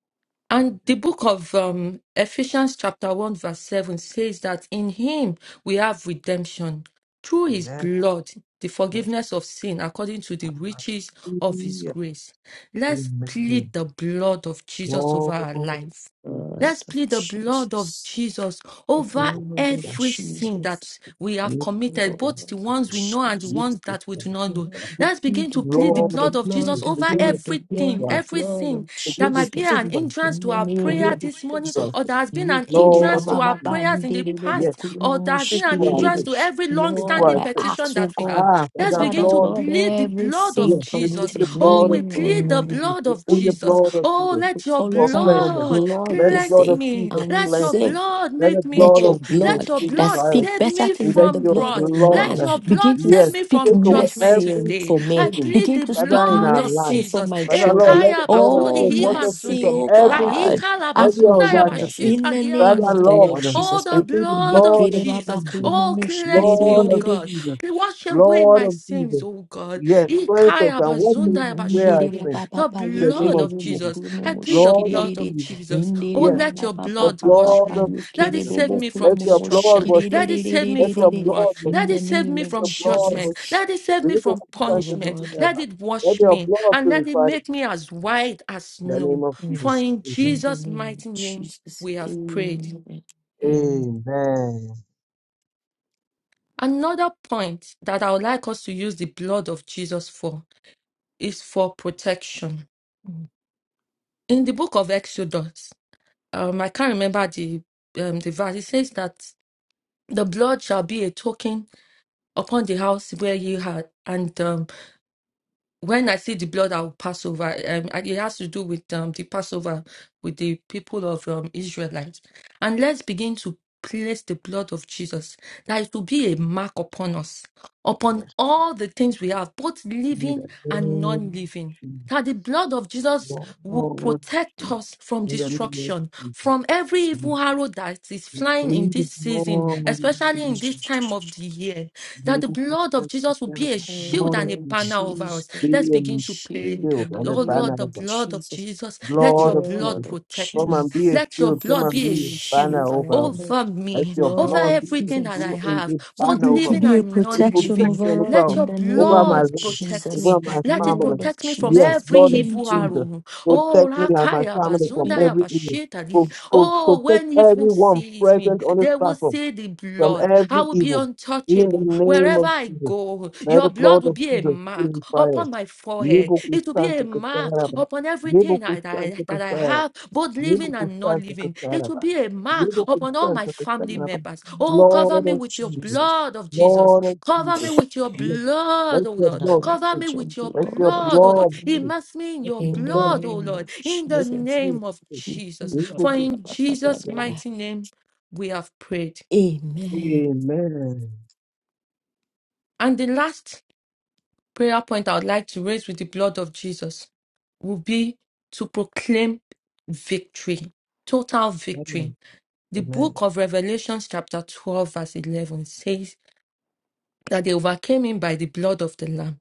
Speaker 3: And the book of um, Ephesians, chapter 1, verse 7 says that in him we have redemption through his
Speaker 2: Amen.
Speaker 3: blood, the
Speaker 2: Yes.
Speaker 3: forgiveness of sin according to the riches of his
Speaker 2: Hallelujah.
Speaker 3: grace. Let's plead
Speaker 2: Amen.
Speaker 3: the blood of Jesus over
Speaker 2: Lord
Speaker 3: our life.
Speaker 4: Blood
Speaker 3: Let's
Speaker 2: Jesus.
Speaker 4: of
Speaker 3: plead the blood of
Speaker 4: Jesus,
Speaker 3: Jesus
Speaker 4: the
Speaker 2: Thank
Speaker 3: over
Speaker 2: you,
Speaker 4: blood of
Speaker 3: every sin
Speaker 4: Jesus,
Speaker 3: that we
Speaker 4: the
Speaker 3: have
Speaker 4: blood
Speaker 3: committed, both the
Speaker 4: of
Speaker 2: Thank
Speaker 3: ones we know and the
Speaker 2: you,
Speaker 4: Jesus.
Speaker 3: ones that we do not know.
Speaker 2: Jesus.
Speaker 4: We
Speaker 3: Let's
Speaker 4: plead
Speaker 3: begin
Speaker 4: the
Speaker 3: to plead the
Speaker 4: blood,
Speaker 2: Lord
Speaker 4: the
Speaker 2: of
Speaker 3: blood of
Speaker 4: blood,
Speaker 3: Jesus
Speaker 2: Jesus,
Speaker 4: the
Speaker 3: over
Speaker 2: begin to
Speaker 4: blood, the
Speaker 2: speak
Speaker 3: everything,
Speaker 2: to
Speaker 4: blood, the
Speaker 2: us.
Speaker 4: blood
Speaker 3: everything
Speaker 4: of
Speaker 3: that
Speaker 2: Begin to
Speaker 3: might be
Speaker 4: Jesus.
Speaker 2: speak
Speaker 3: an
Speaker 2: to us.
Speaker 3: hindrance
Speaker 4: In
Speaker 3: to
Speaker 4: the
Speaker 3: our
Speaker 4: name
Speaker 2: Begin
Speaker 3: prayer
Speaker 4: of
Speaker 2: to
Speaker 3: this
Speaker 2: speak
Speaker 3: morning,
Speaker 2: to us.
Speaker 4: Jesus.
Speaker 3: or that has been an
Speaker 4: Yekere ba
Speaker 2: Lord
Speaker 3: hindrance
Speaker 2: of
Speaker 4: ba
Speaker 3: to our
Speaker 4: ba ba
Speaker 2: Jesus,
Speaker 3: prayers in the
Speaker 4: ndere bo bo
Speaker 2: yes,
Speaker 3: past,
Speaker 4: kuru mo
Speaker 3: or
Speaker 4: mo
Speaker 3: that has been
Speaker 2: speak
Speaker 3: an
Speaker 2: to us.
Speaker 4: shibere
Speaker 3: hindrance
Speaker 4: de.
Speaker 3: to every long
Speaker 2: Speak to
Speaker 4: Lord,
Speaker 3: standing
Speaker 2: us.
Speaker 4: I
Speaker 3: petition
Speaker 4: ask, oh
Speaker 3: that we have.
Speaker 4: God,
Speaker 2: Ah,
Speaker 4: my
Speaker 3: Let's
Speaker 2: Father,
Speaker 3: begin
Speaker 4: Father,
Speaker 3: to
Speaker 2: blood,
Speaker 4: Lord,
Speaker 3: plead the
Speaker 4: every
Speaker 3: blood of
Speaker 4: sin
Speaker 2: yes, we plead
Speaker 3: Jesus.
Speaker 2: the
Speaker 4: committed,
Speaker 3: Oh,
Speaker 2: blood of,
Speaker 3: we
Speaker 4: knowing or
Speaker 3: plead the
Speaker 4: unknowingly,
Speaker 3: blood
Speaker 2: we
Speaker 3: of
Speaker 4: oh,
Speaker 2: plead the
Speaker 3: Jesus.
Speaker 2: blood of
Speaker 3: Oh,
Speaker 2: Jesus
Speaker 4: Lord, we
Speaker 3: let your
Speaker 4: call
Speaker 2: for
Speaker 4: upon your
Speaker 2: cleansing.
Speaker 3: blood.
Speaker 4: blood
Speaker 2: Let the
Speaker 4: this
Speaker 2: blood
Speaker 3: Cleanse
Speaker 2: of
Speaker 4: day,
Speaker 3: me.
Speaker 2: Jesus
Speaker 4: and we
Speaker 3: Let
Speaker 2: cleanse
Speaker 3: your
Speaker 2: us.
Speaker 4: say
Speaker 3: blood
Speaker 2: Let the
Speaker 3: make me
Speaker 4: let
Speaker 2: blood
Speaker 4: your
Speaker 2: of
Speaker 3: whole.
Speaker 2: Jesus
Speaker 3: Let
Speaker 4: blood
Speaker 3: your
Speaker 4: that
Speaker 3: blood
Speaker 2: purify us.
Speaker 4: speak
Speaker 3: save
Speaker 4: better
Speaker 3: me
Speaker 4: things
Speaker 2: Let
Speaker 4: than the
Speaker 3: from
Speaker 2: your
Speaker 4: blood
Speaker 3: rot.
Speaker 4: of
Speaker 3: Let
Speaker 4: man
Speaker 2: blood,
Speaker 3: your
Speaker 4: begin
Speaker 3: blood
Speaker 4: to
Speaker 3: save
Speaker 2: yes,
Speaker 3: me
Speaker 4: speak
Speaker 3: from
Speaker 2: take away
Speaker 3: judgment
Speaker 4: mercy
Speaker 2: every
Speaker 3: today.
Speaker 4: for me.
Speaker 3: I
Speaker 2: sin,
Speaker 3: plead
Speaker 4: Begin
Speaker 3: the
Speaker 4: to
Speaker 2: Father,
Speaker 4: speak
Speaker 2: in
Speaker 3: blood
Speaker 2: our
Speaker 3: of
Speaker 2: life.
Speaker 4: mercy for
Speaker 3: Jesus.
Speaker 4: my
Speaker 2: Father, Lord,
Speaker 4: children.
Speaker 2: let the
Speaker 3: Ekaya
Speaker 2: blood of
Speaker 3: bakuri
Speaker 4: Oh,
Speaker 2: Jesus wash us free
Speaker 4: mercy,
Speaker 2: from
Speaker 3: himazunde.
Speaker 4: oh
Speaker 2: everything,
Speaker 4: God,
Speaker 3: Rahika
Speaker 4: and
Speaker 2: every
Speaker 3: labazunda
Speaker 4: forgiveness
Speaker 2: unrighteousness.
Speaker 4: in
Speaker 3: yabashita
Speaker 4: the name
Speaker 2: Father,
Speaker 4: of the
Speaker 3: liabazunde.
Speaker 4: Lord
Speaker 2: Lord,
Speaker 3: Oh,
Speaker 4: Jesus
Speaker 2: we
Speaker 3: the
Speaker 4: Christ.
Speaker 2: plead the
Speaker 3: blood of
Speaker 2: blood of
Speaker 3: Jesus.
Speaker 2: Jesus,
Speaker 3: Oh, cleanse me,
Speaker 2: blood
Speaker 3: oh
Speaker 2: of
Speaker 3: God.
Speaker 2: Jesus,
Speaker 3: Wash away
Speaker 2: blood
Speaker 3: my
Speaker 2: of
Speaker 3: sins,
Speaker 2: Jesus.
Speaker 3: oh God.
Speaker 2: Yes, cleanse us
Speaker 3: Ikaya
Speaker 2: and wash us
Speaker 3: bazunda
Speaker 2: where I
Speaker 4: Indere
Speaker 3: yabashita.
Speaker 2: sin
Speaker 4: baba
Speaker 3: The
Speaker 4: baba
Speaker 2: in the name
Speaker 3: blood
Speaker 4: yekere
Speaker 2: of
Speaker 3: of
Speaker 4: bobo
Speaker 2: Jesus.
Speaker 3: Jesus. I
Speaker 4: kurumu
Speaker 3: plead the
Speaker 2: Blood of
Speaker 3: blood
Speaker 4: shikiriri.
Speaker 3: of
Speaker 2: Jesus,
Speaker 3: Jesus. Oh,
Speaker 4: Indere
Speaker 2: yes,
Speaker 3: let
Speaker 4: baba
Speaker 3: your
Speaker 4: baba
Speaker 2: the
Speaker 3: blood wash
Speaker 2: blood
Speaker 4: baba
Speaker 2: of
Speaker 3: me. Let
Speaker 4: yekere
Speaker 3: it
Speaker 2: Jesus.
Speaker 3: save
Speaker 4: bobo
Speaker 3: me from
Speaker 2: Let your
Speaker 4: kurumu
Speaker 2: blood
Speaker 3: destruction.
Speaker 2: wash us.
Speaker 3: Let it save me
Speaker 2: Let your
Speaker 3: from
Speaker 4: shikiriri.
Speaker 3: wrath.
Speaker 2: blood, Moshe.
Speaker 4: In
Speaker 3: Let
Speaker 4: the
Speaker 3: it save
Speaker 4: name
Speaker 3: me
Speaker 2: Let
Speaker 4: of
Speaker 2: your
Speaker 3: from
Speaker 2: blood,
Speaker 3: judgment.
Speaker 2: Moshe.
Speaker 4: Jesus,
Speaker 3: Let it save me
Speaker 2: Religious
Speaker 3: from
Speaker 4: our
Speaker 2: substance to
Speaker 3: punishment.
Speaker 2: sin
Speaker 4: Lord.
Speaker 3: Let
Speaker 2: ever.
Speaker 3: it
Speaker 2: Let
Speaker 3: wash
Speaker 2: your
Speaker 3: me
Speaker 2: blood
Speaker 3: and let it
Speaker 2: purify. it.
Speaker 3: make me as white as
Speaker 2: In the name
Speaker 3: snow.
Speaker 2: of
Speaker 4: mm,
Speaker 3: For
Speaker 2: Jesus.
Speaker 3: in
Speaker 2: Amen.
Speaker 4: In the
Speaker 3: Jesus'
Speaker 4: name
Speaker 3: mighty
Speaker 4: of
Speaker 3: name
Speaker 4: Jesus.
Speaker 3: we have prayed.
Speaker 4: Amen. Amen.
Speaker 2: Amen.
Speaker 3: Another point that I would like us to use the blood of Jesus for is for protection. In the book of Exodus, um, I can't remember the um, the verse. It says that the blood shall be a token upon the house where you had, and. um, when I see the blood, I will pass over. Um, and it has to do with um, the Passover with the people of um, Israelites. And let's begin to place the blood of Jesus. That it will be a mark upon us, upon
Speaker 2: Yes.
Speaker 3: all the things we have, both
Speaker 2: In the
Speaker 3: living and
Speaker 2: name
Speaker 3: non
Speaker 2: of
Speaker 3: living. That the blood of Jesus
Speaker 2: Jesus.
Speaker 3: will
Speaker 2: Lord
Speaker 3: protect
Speaker 2: Jesus.
Speaker 3: us from
Speaker 2: In the name of
Speaker 3: destruction,
Speaker 2: Jesus.
Speaker 3: from every evil
Speaker 2: And
Speaker 3: arrow that is
Speaker 2: we
Speaker 3: flying in
Speaker 2: plead the
Speaker 3: this season,
Speaker 2: blood of
Speaker 4: Mm.
Speaker 3: especially in
Speaker 2: Jesus.
Speaker 3: this time of the year. That the
Speaker 2: Religious
Speaker 3: blood of
Speaker 2: substance to
Speaker 3: Jesus will
Speaker 2: sin
Speaker 3: be a
Speaker 2: ever.
Speaker 4: Oh,
Speaker 3: shield
Speaker 2: Lord
Speaker 3: and
Speaker 2: of
Speaker 3: a
Speaker 4: the
Speaker 2: Jesus.
Speaker 3: banner over
Speaker 4: Jesus,
Speaker 3: us
Speaker 2: Be
Speaker 3: Let's begin
Speaker 2: um,
Speaker 3: to pray.
Speaker 4: shield
Speaker 2: shield
Speaker 4: in the
Speaker 2: and a
Speaker 3: Oh
Speaker 4: name
Speaker 3: Lord, the
Speaker 2: banner.
Speaker 4: of
Speaker 3: blood of
Speaker 4: Jesus.
Speaker 3: Jesus,
Speaker 4: The
Speaker 3: let
Speaker 2: Blood
Speaker 3: your
Speaker 2: of
Speaker 3: blood
Speaker 4: blood
Speaker 2: Jesus.
Speaker 4: of
Speaker 3: protect
Speaker 2: Come
Speaker 3: me.
Speaker 2: and be
Speaker 4: Jesus.
Speaker 2: a
Speaker 3: Let your
Speaker 2: shield. Come
Speaker 3: blood
Speaker 4: to
Speaker 2: and
Speaker 3: be a
Speaker 2: be a
Speaker 4: be a
Speaker 3: shield
Speaker 2: banner
Speaker 4: shield
Speaker 2: over us.
Speaker 4: around us,
Speaker 3: over
Speaker 4: the
Speaker 2: Let
Speaker 3: me,
Speaker 2: your
Speaker 3: over
Speaker 4: blood
Speaker 2: blood
Speaker 4: of
Speaker 2: be
Speaker 3: everything
Speaker 2: a,
Speaker 3: that
Speaker 4: Jesus.
Speaker 3: I
Speaker 2: bl- a,
Speaker 3: have,
Speaker 2: a
Speaker 3: both
Speaker 2: banner over
Speaker 4: To
Speaker 2: us.
Speaker 3: living
Speaker 4: be a
Speaker 3: and
Speaker 2: A
Speaker 3: non
Speaker 4: protection
Speaker 3: living.
Speaker 2: protection
Speaker 4: over us
Speaker 2: over
Speaker 3: Let
Speaker 2: us,
Speaker 4: in
Speaker 3: your
Speaker 4: the
Speaker 2: over
Speaker 4: name
Speaker 2: my
Speaker 3: blood
Speaker 4: of
Speaker 2: life,
Speaker 3: protect
Speaker 4: Jesus.
Speaker 2: over
Speaker 3: me.
Speaker 4: The
Speaker 2: my
Speaker 3: Let it
Speaker 2: family.
Speaker 4: blood of
Speaker 3: protect me from
Speaker 2: Yes,
Speaker 4: Jesus
Speaker 3: every
Speaker 2: Lord of
Speaker 4: begin
Speaker 3: evil
Speaker 2: Jesus.
Speaker 4: to
Speaker 3: arrow. Oh,
Speaker 2: Protect me and my
Speaker 3: Rakaya
Speaker 2: family from
Speaker 4: be
Speaker 2: every evil.
Speaker 3: Bazunda
Speaker 2: Pro- pro-
Speaker 3: Oh,
Speaker 2: protect
Speaker 3: when evil
Speaker 2: everyone
Speaker 3: sees me,
Speaker 2: present on this
Speaker 3: they will
Speaker 2: platform
Speaker 3: see the
Speaker 2: from
Speaker 3: blood. I
Speaker 2: every
Speaker 3: will be
Speaker 2: evil. In the
Speaker 3: untouchable.
Speaker 2: name
Speaker 3: Wherever
Speaker 2: of
Speaker 3: I
Speaker 2: Jesus.
Speaker 3: go,
Speaker 2: May
Speaker 3: your
Speaker 2: the
Speaker 3: blood
Speaker 2: blood
Speaker 3: will
Speaker 2: of
Speaker 3: be a
Speaker 2: Jesus
Speaker 3: mark
Speaker 2: purify us.
Speaker 3: upon my forehead.
Speaker 2: Yebo
Speaker 3: It will be a
Speaker 2: kusanta
Speaker 3: mark
Speaker 2: kusaraba.
Speaker 3: upon
Speaker 2: Yebo
Speaker 3: everything I- that
Speaker 2: kusanta
Speaker 3: I, that I
Speaker 2: kusaraba.
Speaker 3: have, both
Speaker 2: Yebo
Speaker 3: living and not
Speaker 2: kusaza
Speaker 3: living. It will
Speaker 2: kusaraba.
Speaker 3: be a mark
Speaker 2: Yebo
Speaker 3: upon all my
Speaker 2: kusaza
Speaker 3: family
Speaker 2: kusaraba.
Speaker 3: members. Oh, cover
Speaker 2: Lord
Speaker 3: me
Speaker 2: of
Speaker 3: with your
Speaker 2: Jesus,
Speaker 4: Jesus.
Speaker 3: blood of Jesus.
Speaker 2: Lord of
Speaker 3: Cover me
Speaker 2: Jesus.
Speaker 3: with your
Speaker 2: Yes. Let
Speaker 3: blood, O
Speaker 2: your
Speaker 4: And
Speaker 3: Lord.
Speaker 4: I'm
Speaker 2: blood
Speaker 4: not
Speaker 3: Cover
Speaker 2: speak.
Speaker 3: me
Speaker 4: let your
Speaker 3: with your
Speaker 2: Let your
Speaker 4: blood
Speaker 3: blood, O
Speaker 4: cover
Speaker 3: Lord.
Speaker 2: blood speak.
Speaker 4: me
Speaker 3: Immerse me in
Speaker 2: Let
Speaker 3: your
Speaker 2: your
Speaker 4: in the
Speaker 2: blood,
Speaker 3: blood, O
Speaker 4: name
Speaker 3: Lord,
Speaker 4: of
Speaker 3: in the
Speaker 2: let your
Speaker 4: Jesus.
Speaker 2: blood
Speaker 3: name of
Speaker 2: speak.
Speaker 3: Jesus.
Speaker 2: Yebo
Speaker 3: For in
Speaker 2: kusaza
Speaker 3: Jesus'
Speaker 2: kusaraba.
Speaker 3: mighty name we have prayed.
Speaker 4: Amen.
Speaker 2: Amen.
Speaker 3: And the last prayer point I would like to raise with the blood of Jesus will be to proclaim victory, total
Speaker 2: Amen.
Speaker 3: victory. The
Speaker 2: Amen.
Speaker 3: book of Revelations, chapter 12, verse 11 says that they overcame him by the blood of the Lamb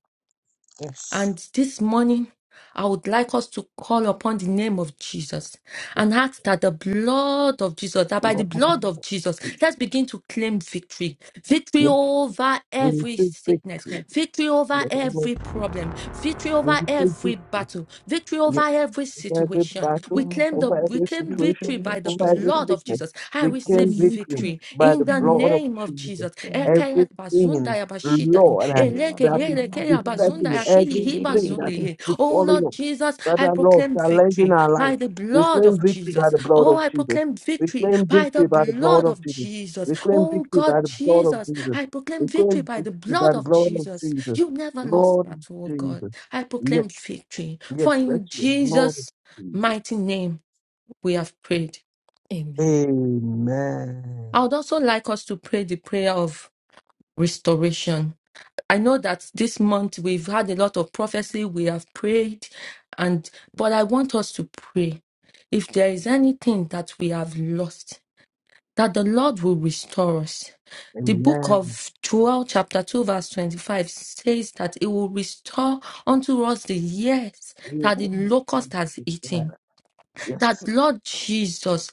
Speaker 2: Yes.
Speaker 3: And this morning, I would like us to call upon the name of Jesus
Speaker 2: Yes.
Speaker 3: and ask that the blood of Jesus, that by the
Speaker 2: Lord.
Speaker 3: blood of Jesus, let's begin to claim victory. Victory
Speaker 2: Yes.
Speaker 3: over
Speaker 2: We
Speaker 3: every
Speaker 2: receive
Speaker 3: sickness
Speaker 2: victory.
Speaker 4: Yes.
Speaker 3: Victory
Speaker 2: In
Speaker 3: over
Speaker 2: the name
Speaker 3: every
Speaker 2: of-
Speaker 3: problem. Victory
Speaker 2: We
Speaker 3: over
Speaker 2: receive
Speaker 3: every
Speaker 2: victory.
Speaker 3: battle. Victory over
Speaker 2: Yes.
Speaker 3: every
Speaker 2: over every
Speaker 3: situation.
Speaker 4: The
Speaker 2: battle,
Speaker 3: We
Speaker 4: power of
Speaker 3: claim the
Speaker 2: over
Speaker 4: our
Speaker 3: we
Speaker 2: every
Speaker 3: claim
Speaker 4: Spirit, the
Speaker 2: situation,
Speaker 3: victory
Speaker 4: blood
Speaker 3: by
Speaker 4: of
Speaker 3: the
Speaker 2: over
Speaker 4: Jesus.
Speaker 2: every
Speaker 3: blood
Speaker 4: will
Speaker 3: of
Speaker 2: sickness.
Speaker 3: Jesus. I
Speaker 2: We
Speaker 3: receive
Speaker 2: claim
Speaker 4: proclaim you
Speaker 2: victory
Speaker 3: victory
Speaker 2: by
Speaker 3: in
Speaker 2: the
Speaker 3: the
Speaker 4: through.
Speaker 2: blood of
Speaker 3: name of
Speaker 2: Jesus.
Speaker 3: Jesus. Ekeye bazunda
Speaker 2: Everything,
Speaker 3: ya bashita in.
Speaker 2: Lord, uh,
Speaker 3: Eleke
Speaker 2: that is
Speaker 3: eleke ya
Speaker 2: besetting,
Speaker 3: bazunda ya kili hi
Speaker 2: everything that
Speaker 3: bazunde
Speaker 2: is
Speaker 3: ye. Oh
Speaker 2: befalling
Speaker 3: Lord
Speaker 2: us,
Speaker 3: Jesus,
Speaker 2: that
Speaker 3: I
Speaker 2: our Lord
Speaker 3: proclaim
Speaker 2: challenging
Speaker 3: victory
Speaker 2: our life,
Speaker 3: by the
Speaker 2: we
Speaker 3: blood
Speaker 2: claim
Speaker 3: of
Speaker 2: victory by
Speaker 3: Jesus.
Speaker 2: the blood
Speaker 3: Oh,
Speaker 2: of
Speaker 3: I
Speaker 2: Jesus.
Speaker 3: proclaim
Speaker 2: We
Speaker 3: victory
Speaker 2: claim
Speaker 3: by the
Speaker 2: victory by the blood
Speaker 3: blood
Speaker 2: of
Speaker 3: of
Speaker 2: Jesus.
Speaker 3: Jesus.
Speaker 2: We claim
Speaker 3: Oh,
Speaker 2: victory
Speaker 3: God,
Speaker 2: by the blood of
Speaker 3: Jesus,
Speaker 2: Jesus.
Speaker 3: I
Speaker 2: We
Speaker 3: proclaim victory
Speaker 2: claim
Speaker 3: by the
Speaker 2: victory by
Speaker 3: blood
Speaker 2: the
Speaker 3: of
Speaker 2: blood of
Speaker 3: Jesus.
Speaker 2: Jesus.
Speaker 3: You never lost
Speaker 2: Lord
Speaker 3: that, oh God.
Speaker 2: Jesus.
Speaker 3: I
Speaker 2: Yes.
Speaker 3: proclaim victory.
Speaker 2: Yes,
Speaker 3: For
Speaker 2: let
Speaker 3: in
Speaker 2: your blood,
Speaker 3: Jesus'
Speaker 2: Jesus.
Speaker 3: mighty name we have prayed.
Speaker 4: Amen.
Speaker 2: Amen.
Speaker 3: I would also like us to pray the prayer of restoration. I know that this month we've had a lot of prophecy, we have prayed, and but I want us to pray. If there is anything that we have lost, that the Lord will restore us. The book
Speaker 2: Amen.
Speaker 3: of Joel, chapter 2, verse 25, says that it will restore unto us the years
Speaker 2: We are
Speaker 3: that the
Speaker 2: both
Speaker 4: Mhm.
Speaker 2: of them
Speaker 3: locust has eaten
Speaker 2: together. Yes.
Speaker 3: that Lord Jesus,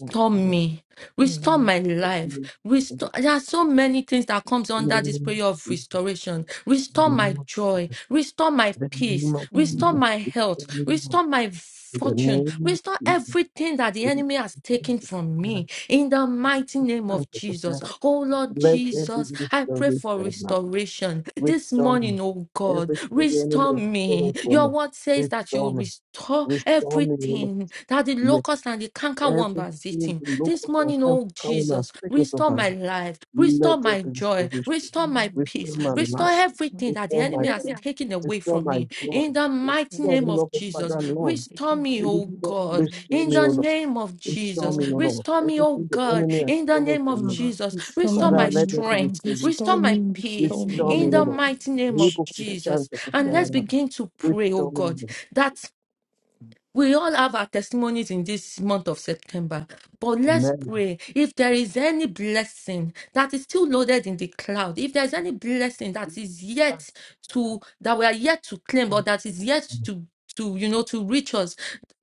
Speaker 2: In the name
Speaker 3: me, restore
Speaker 4: Mhm.
Speaker 3: my
Speaker 2: of
Speaker 3: life. Restore.
Speaker 2: Jesus.
Speaker 3: There are so many things that comes
Speaker 2: In
Speaker 3: under this
Speaker 2: the
Speaker 3: prayer of
Speaker 2: in
Speaker 3: restoration. Restore
Speaker 2: the
Speaker 3: my
Speaker 2: name of
Speaker 3: joy,
Speaker 2: Jesus.
Speaker 3: restore my
Speaker 2: In the
Speaker 3: peace,
Speaker 2: name of
Speaker 3: restore
Speaker 2: Jesus.
Speaker 3: my
Speaker 2: In
Speaker 3: health,
Speaker 2: the name of
Speaker 3: restore
Speaker 2: Jesus.
Speaker 3: my
Speaker 2: In the
Speaker 3: fortune,
Speaker 2: name of
Speaker 3: restore
Speaker 2: Jesus.
Speaker 3: everything that the
Speaker 2: In the
Speaker 3: enemy has taken
Speaker 2: name
Speaker 3: from
Speaker 2: of Jesus. We
Speaker 3: me in the mighty name
Speaker 2: Thank
Speaker 3: of
Speaker 2: you,
Speaker 3: Jesus.
Speaker 2: Sarah.
Speaker 3: Oh Lord
Speaker 2: Let every
Speaker 3: Jesus, I pray for
Speaker 2: restoration Lord,
Speaker 3: restoration this
Speaker 2: restore me.
Speaker 3: morning, oh God.
Speaker 2: Everything the enemy
Speaker 3: Restore
Speaker 2: has stolen
Speaker 3: me.
Speaker 2: from me,
Speaker 3: Your word says that
Speaker 2: restore
Speaker 3: you
Speaker 2: me.
Speaker 3: restore
Speaker 2: Restore me, O Lord.
Speaker 3: everything that the
Speaker 2: Yes.
Speaker 3: locust and the cankerworm
Speaker 2: Everything
Speaker 3: has
Speaker 2: the
Speaker 3: eaten. This
Speaker 2: locals that
Speaker 3: morning,
Speaker 2: come
Speaker 3: oh
Speaker 2: coming and
Speaker 3: Jesus,
Speaker 2: speaking of
Speaker 3: restore
Speaker 2: my life,
Speaker 3: my life,
Speaker 2: let
Speaker 3: restore
Speaker 2: there
Speaker 3: my
Speaker 2: be
Speaker 3: joy,
Speaker 2: restoration.
Speaker 3: restore my
Speaker 4: Mhm.
Speaker 3: peace,
Speaker 2: Restore my
Speaker 4: God,
Speaker 3: restore
Speaker 2: life,
Speaker 4: please.
Speaker 3: everything that the
Speaker 2: restore
Speaker 4: I
Speaker 2: my
Speaker 3: enemy
Speaker 4: did it,
Speaker 3: has
Speaker 2: peace,
Speaker 4: yeah.
Speaker 3: taken away
Speaker 2: restore
Speaker 3: from
Speaker 2: my
Speaker 3: me.
Speaker 2: joy,
Speaker 3: In the mighty
Speaker 4: And
Speaker 2: restore
Speaker 4: it's
Speaker 2: me,
Speaker 3: name
Speaker 4: gonna
Speaker 3: of
Speaker 2: Lord,
Speaker 3: Jesus,
Speaker 2: Father, Lord.
Speaker 3: restore me, oh
Speaker 2: Restore,
Speaker 3: God.
Speaker 2: restore
Speaker 3: In
Speaker 2: me,
Speaker 3: the
Speaker 2: O Lord.
Speaker 4: Jesus,
Speaker 3: name of
Speaker 2: Restore
Speaker 3: Jesus,
Speaker 2: me,
Speaker 4: restore
Speaker 2: O
Speaker 4: me.
Speaker 2: Lord.
Speaker 3: restore me, O
Speaker 2: Everything the
Speaker 3: God.
Speaker 2: enemy has
Speaker 3: In the
Speaker 2: stolen
Speaker 3: name of
Speaker 2: from me,
Speaker 4: Ah,
Speaker 3: Jesus,
Speaker 4: Restore
Speaker 3: restore
Speaker 2: Father,
Speaker 3: my
Speaker 2: let
Speaker 4: me,
Speaker 2: there be
Speaker 3: strength,
Speaker 4: God,
Speaker 3: restore
Speaker 4: restore
Speaker 2: restoration.
Speaker 4: me,
Speaker 3: my
Speaker 4: restore
Speaker 3: peace.
Speaker 4: me.
Speaker 2: Restore
Speaker 3: In
Speaker 2: me, O
Speaker 3: the
Speaker 4: in
Speaker 2: Lord.
Speaker 3: mighty name of
Speaker 2: Able to
Speaker 4: Jesus.
Speaker 2: stand
Speaker 3: Jesus.
Speaker 2: to
Speaker 3: And
Speaker 2: prepare
Speaker 3: let's
Speaker 4: Um,
Speaker 3: begin to pray, O
Speaker 2: Restore me, O
Speaker 3: God,
Speaker 2: Lord.
Speaker 3: that we all have our testimonies in this month of September. But let's
Speaker 2: Amen.
Speaker 3: pray if there is any blessing that is still loaded in the cloud, if there's any blessing
Speaker 2: Give
Speaker 3: that is
Speaker 2: thanks,
Speaker 3: yet to, that we are yet to claim, or
Speaker 2: Lord,
Speaker 3: that is yet
Speaker 2: for
Speaker 3: to. To you know, to reach us,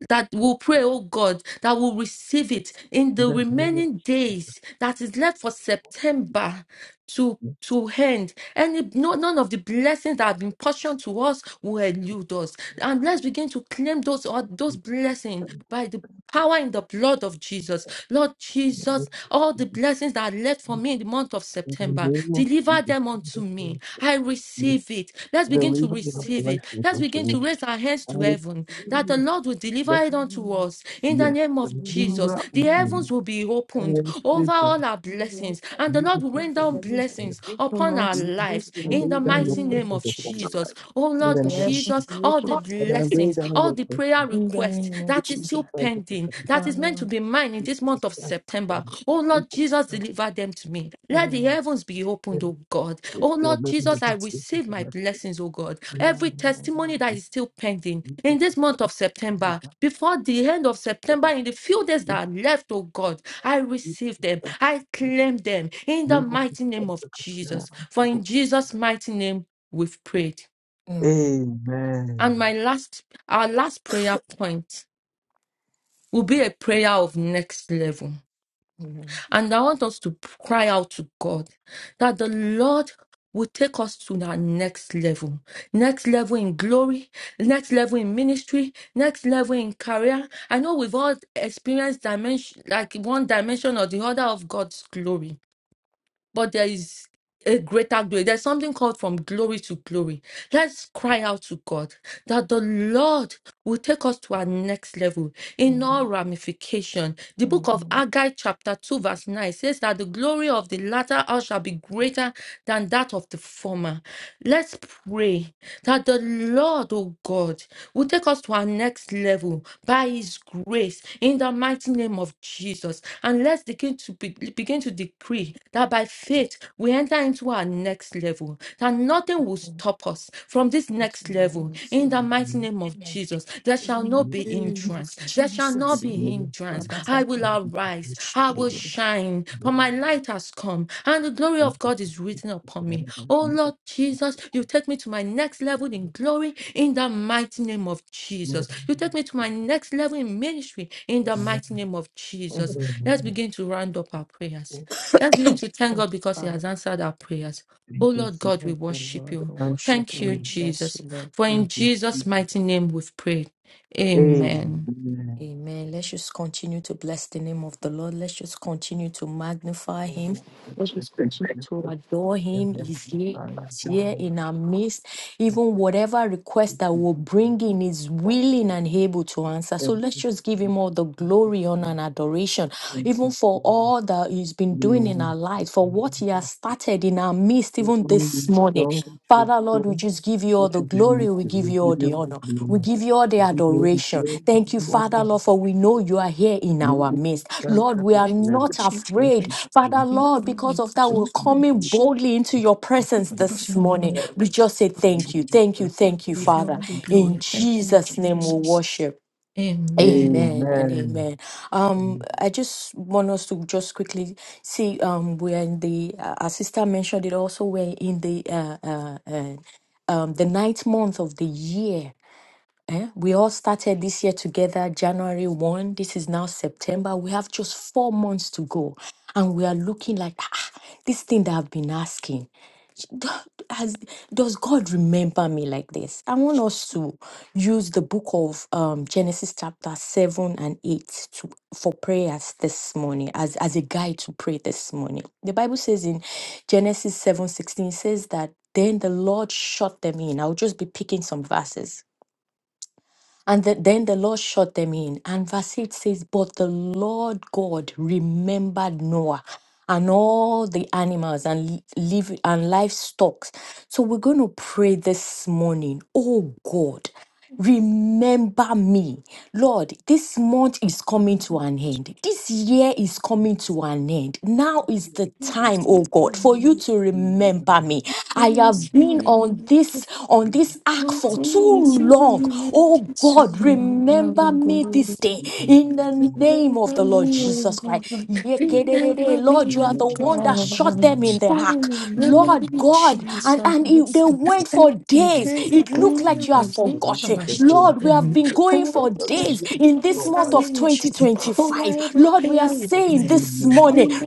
Speaker 3: that will pray, oh God, that will receive it in the
Speaker 2: the name of
Speaker 3: remaining days that is left for September to
Speaker 2: Jesus.
Speaker 3: to end. And no, none of the blessings that have been portioned to us will elude us. And let's begin to claim those or those blessings by the Power in the blood of Jesus. Lord
Speaker 2: In
Speaker 3: Jesus, all the blessings that are left for me in the month of
Speaker 2: the
Speaker 3: September,
Speaker 2: name of
Speaker 3: deliver
Speaker 2: Jesus,
Speaker 3: them
Speaker 2: in the name
Speaker 3: unto
Speaker 2: of
Speaker 3: me.
Speaker 2: Jesus,
Speaker 3: I
Speaker 2: you
Speaker 3: receive it. Let's
Speaker 4: um,
Speaker 3: begin to
Speaker 2: deliver your
Speaker 3: receive it.
Speaker 2: blessings
Speaker 3: Let's
Speaker 2: unto
Speaker 3: begin
Speaker 2: me.
Speaker 3: to raise our hands
Speaker 2: I
Speaker 3: to heaven
Speaker 2: receive
Speaker 3: that the
Speaker 2: your
Speaker 3: Lord will deliver
Speaker 2: blessing,
Speaker 3: it unto us in the
Speaker 2: yes,
Speaker 3: name of Jesus.
Speaker 2: deliver
Speaker 4: Revive
Speaker 3: The
Speaker 2: unto
Speaker 4: me,
Speaker 2: me
Speaker 3: heavens will be opened
Speaker 2: every
Speaker 3: over all
Speaker 2: blessing
Speaker 3: our
Speaker 4: It will
Speaker 3: blessings, and the
Speaker 2: you
Speaker 3: Lord
Speaker 2: will
Speaker 3: will rain down
Speaker 2: sustain and
Speaker 3: blessings upon
Speaker 4: not
Speaker 3: our
Speaker 2: You will
Speaker 4: sleep
Speaker 3: lives
Speaker 2: see and
Speaker 4: In
Speaker 3: in
Speaker 4: the
Speaker 3: the
Speaker 2: lay down your
Speaker 3: mighty
Speaker 4: name of
Speaker 3: name
Speaker 2: presence
Speaker 3: of
Speaker 2: upon my
Speaker 4: Jesus.
Speaker 3: Jesus.
Speaker 2: life.
Speaker 3: Oh
Speaker 2: In
Speaker 4: Let
Speaker 3: Lord
Speaker 2: the
Speaker 4: the
Speaker 2: name of
Speaker 4: heavens
Speaker 3: Jesus,
Speaker 2: Jesus,
Speaker 4: be
Speaker 3: all
Speaker 4: open
Speaker 3: the
Speaker 2: that I lay
Speaker 3: blessings,
Speaker 2: down
Speaker 3: all
Speaker 2: your
Speaker 3: the prayer
Speaker 2: blessings,
Speaker 4: in the
Speaker 3: requests
Speaker 4: name of
Speaker 2: you
Speaker 3: that
Speaker 2: will sustain
Speaker 3: is
Speaker 4: Jesus.
Speaker 3: still
Speaker 2: and
Speaker 3: pending,
Speaker 2: sustain
Speaker 3: that
Speaker 2: my
Speaker 3: is
Speaker 2: life.
Speaker 3: meant to
Speaker 4: Amen.
Speaker 3: be mine in
Speaker 2: You
Speaker 3: this
Speaker 2: will
Speaker 3: month of
Speaker 2: sustain and sustain
Speaker 3: September.
Speaker 2: my life.
Speaker 3: Oh
Speaker 2: You
Speaker 3: Lord
Speaker 2: will
Speaker 3: Jesus,
Speaker 2: sustain and
Speaker 3: deliver them to me. Let the
Speaker 4: Amen.
Speaker 3: heavens be
Speaker 2: sustain my
Speaker 3: opened,
Speaker 2: life.
Speaker 3: oh God.
Speaker 2: You
Speaker 3: Oh
Speaker 2: will
Speaker 3: Lord
Speaker 2: sustain
Speaker 3: Jesus, I
Speaker 2: and
Speaker 3: receive
Speaker 2: sustain
Speaker 3: my
Speaker 2: my life.
Speaker 3: blessings, oh God.
Speaker 4: Amen.
Speaker 3: Every testimony that is still pending
Speaker 2: you will
Speaker 3: in this
Speaker 2: sustain
Speaker 3: month of
Speaker 2: and sustain my life.
Speaker 3: September, before the end of
Speaker 2: Amen.
Speaker 3: September, in the few days that
Speaker 2: In
Speaker 3: are left, oh God, I receive them. I claim them in the mighty name of Jesus. For in Jesus' mighty name, we've prayed.
Speaker 4: Amen.
Speaker 3: And
Speaker 2: the
Speaker 3: my last, our last prayer point will be a prayer of next level.
Speaker 4: Amen.
Speaker 3: And I want us to cry out to God that the Lord will take us to our next level. Next level in glory, next level in ministry, next level in career. I know we've all experienced dimension, like one dimension or the other of God's glory but there is a greater glory. There's something called from glory to glory. Let's cry out to God that the Lord will take us to our next level in all
Speaker 4: Amen.
Speaker 3: ramification. The book of
Speaker 4: Amen.
Speaker 3: Haggai, chapter 2, verse 9 says that the glory of the latter hour shall be greater than that of the former. Let's pray that the Lord, oh God, will take us to our next level by His grace in the mighty name of Jesus. And let's begin to be- begin to decree that by faith we enter into our next level, that nothing will
Speaker 4: Praise
Speaker 3: stop us from this
Speaker 4: God,
Speaker 3: next
Speaker 4: you
Speaker 3: level
Speaker 4: are
Speaker 3: in the
Speaker 4: excellent.
Speaker 3: mighty name of
Speaker 4: Amen.
Speaker 3: Jesus. There shall
Speaker 4: In
Speaker 3: not
Speaker 4: the
Speaker 3: be
Speaker 4: name of
Speaker 3: hindrance, there shall not
Speaker 4: Jesus.
Speaker 3: be
Speaker 2: name
Speaker 3: hindrance.
Speaker 4: Baba,
Speaker 3: I
Speaker 4: Baba,
Speaker 3: will
Speaker 2: of
Speaker 3: arise, I will
Speaker 4: Shiri.
Speaker 3: shine, for my light has come, and the glory of God is written upon me. Oh Lord Jesus, you take me to my next level in glory in the mighty name of Jesus. You take me to my next level in ministry in the mighty name of Jesus.
Speaker 4: Amen.
Speaker 3: Let's begin to round up our prayers. Let's begin
Speaker 4: Thank
Speaker 3: to thank
Speaker 4: you,
Speaker 3: God because He
Speaker 4: Father,
Speaker 3: has answered our prayers. Oh Lord God, we
Speaker 4: thank you,
Speaker 3: worship
Speaker 4: Lord. We
Speaker 3: you.
Speaker 4: worship
Speaker 3: Thank
Speaker 4: you.
Speaker 3: you,
Speaker 4: We bless
Speaker 3: Jesus.
Speaker 4: you,
Speaker 3: For in Jesus' mighty name we've prayed.
Speaker 4: Lord.
Speaker 3: Amen.
Speaker 4: Amen. Let's just continue to bless the name of the Lord. Let's just continue to magnify Him. Let's just continue to adore Him. He's here, he's here in our midst. Even whatever request that we'll bring
Speaker 2: Amen.
Speaker 4: in is willing and able to answer. So
Speaker 2: Thank
Speaker 4: let's
Speaker 2: you,
Speaker 4: just give
Speaker 2: Jesus.
Speaker 4: Him all the
Speaker 2: Thank you,
Speaker 4: glory, honor,
Speaker 2: Jesus.
Speaker 4: and adoration,
Speaker 2: Thank
Speaker 4: even
Speaker 2: you,
Speaker 4: for
Speaker 2: Jesus.
Speaker 4: all that He's been
Speaker 2: We
Speaker 4: doing
Speaker 2: honor
Speaker 4: in
Speaker 2: you.
Speaker 4: our lives, for
Speaker 2: We
Speaker 4: what He has
Speaker 2: worship
Speaker 4: started in our midst,
Speaker 2: you.
Speaker 4: even
Speaker 2: We honor
Speaker 4: this
Speaker 2: you.
Speaker 4: morning.
Speaker 2: God, we
Speaker 4: Father,
Speaker 2: adore you. have
Speaker 4: Lord, we
Speaker 2: done,
Speaker 4: just give you all
Speaker 2: What
Speaker 4: the
Speaker 2: is the need
Speaker 4: glory, we
Speaker 2: to
Speaker 4: give
Speaker 2: do?
Speaker 4: you
Speaker 2: We give
Speaker 4: all
Speaker 2: you
Speaker 4: the
Speaker 2: all
Speaker 4: honor.
Speaker 2: the
Speaker 4: We
Speaker 2: glory.
Speaker 4: give you all the
Speaker 2: We give you all the
Speaker 4: adoration.
Speaker 2: glory. We give
Speaker 4: Thank you,
Speaker 2: you all the
Speaker 4: Father, Lord, for we know
Speaker 2: honor.
Speaker 4: you are here in
Speaker 2: You
Speaker 4: our
Speaker 2: give us
Speaker 4: midst.
Speaker 2: thanks
Speaker 4: Lord,
Speaker 2: that
Speaker 4: we
Speaker 2: is
Speaker 4: are
Speaker 3: Thank you,
Speaker 2: forever.
Speaker 4: not
Speaker 3: Jesus.
Speaker 2: Thank
Speaker 4: afraid.
Speaker 2: you,
Speaker 4: Father,
Speaker 2: Jesus.
Speaker 3: Thank
Speaker 4: Lord, because
Speaker 3: you,
Speaker 4: of that,
Speaker 2: Thank
Speaker 4: we're
Speaker 2: you,
Speaker 4: coming
Speaker 2: Jesus.
Speaker 3: Jesus.
Speaker 4: boldly into
Speaker 2: Thank
Speaker 4: your presence
Speaker 2: you,
Speaker 3: Because
Speaker 4: this
Speaker 3: you're
Speaker 2: Jesus.
Speaker 3: in love.
Speaker 4: morning.
Speaker 2: Forever.
Speaker 4: We just say
Speaker 2: You give
Speaker 4: thank
Speaker 2: us
Speaker 4: you,
Speaker 2: thanks
Speaker 4: thank
Speaker 2: that
Speaker 4: you,
Speaker 2: is
Speaker 4: thank you,
Speaker 2: forever.
Speaker 3: Give you
Speaker 4: Father.
Speaker 2: And
Speaker 3: all the
Speaker 2: you give us
Speaker 4: In
Speaker 3: glory.
Speaker 2: thanks that
Speaker 3: Thank
Speaker 2: is
Speaker 3: you,
Speaker 4: Jesus'
Speaker 2: forever.
Speaker 4: name we
Speaker 3: Jesus.
Speaker 4: worship.
Speaker 3: Amen.
Speaker 4: Amen and
Speaker 2: Amen.
Speaker 4: amen.
Speaker 2: And
Speaker 4: Um,
Speaker 2: you
Speaker 4: I just want us to just quickly see. Um, we're in the. Uh, our sister mentioned it also. We're in the uh, uh, uh, um, the ninth month of the year Eh, We all started this year together, January 1. This is now September. We have just four months to go. And we are looking like "Ah, ah, this thing that I've been asking. do- Has, does God remember me like this? I want us to use the book of um, Genesis chapter 7 and 8 to, for prayers this morning, as, as a guide to pray this morning. The Bible says in Genesis seven sixteen it says that then the Lord shut them in. I'll just be picking some verses and the, then the Lord shut them in. And verse 8 says, But the Lord God remembered Noah and all the animals and live and livestock. So we're going to pray this morning. Oh God, Remember me. Lord, this month is coming to an end. This year is coming to an end. Now is
Speaker 2: give
Speaker 4: the
Speaker 2: us
Speaker 4: time,
Speaker 2: thanks
Speaker 4: oh God, for you to
Speaker 2: that is
Speaker 4: remember me. I
Speaker 2: forever.
Speaker 4: have been on this on
Speaker 2: Amen.
Speaker 4: this ark
Speaker 2: Amen.
Speaker 4: for too long. Oh God, remember me this day
Speaker 2: Amen.
Speaker 4: in the name of
Speaker 3: Remember
Speaker 4: the Lord
Speaker 3: me, O
Speaker 4: Jesus Christ.
Speaker 3: God.
Speaker 4: Yekedede.
Speaker 3: Remember
Speaker 4: Lord,
Speaker 3: me,
Speaker 4: you are
Speaker 3: O
Speaker 4: the one that shot
Speaker 3: God.
Speaker 4: them in the
Speaker 3: Oh,
Speaker 4: ark.
Speaker 3: remember
Speaker 4: Lord
Speaker 3: me,
Speaker 4: God,
Speaker 3: Jesus.
Speaker 4: and,
Speaker 3: Thank
Speaker 4: and
Speaker 3: you.
Speaker 4: it- they went for
Speaker 3: Thank you. Thank
Speaker 4: days. It looked
Speaker 3: you.
Speaker 4: like
Speaker 1: In
Speaker 4: you
Speaker 1: the
Speaker 4: have
Speaker 3: Thank
Speaker 4: forgotten.
Speaker 1: in the name
Speaker 4: Lord, we have
Speaker 3: you.
Speaker 4: been
Speaker 3: Thank
Speaker 4: going for
Speaker 1: of
Speaker 3: you.
Speaker 1: Jesus,
Speaker 4: days in this
Speaker 3: Thanks,
Speaker 4: month of
Speaker 3: foundation over
Speaker 4: 2025.
Speaker 3: every
Speaker 4: Lord, we are
Speaker 3: prayer
Speaker 4: saying
Speaker 3: request.
Speaker 4: this morning,
Speaker 3: Remember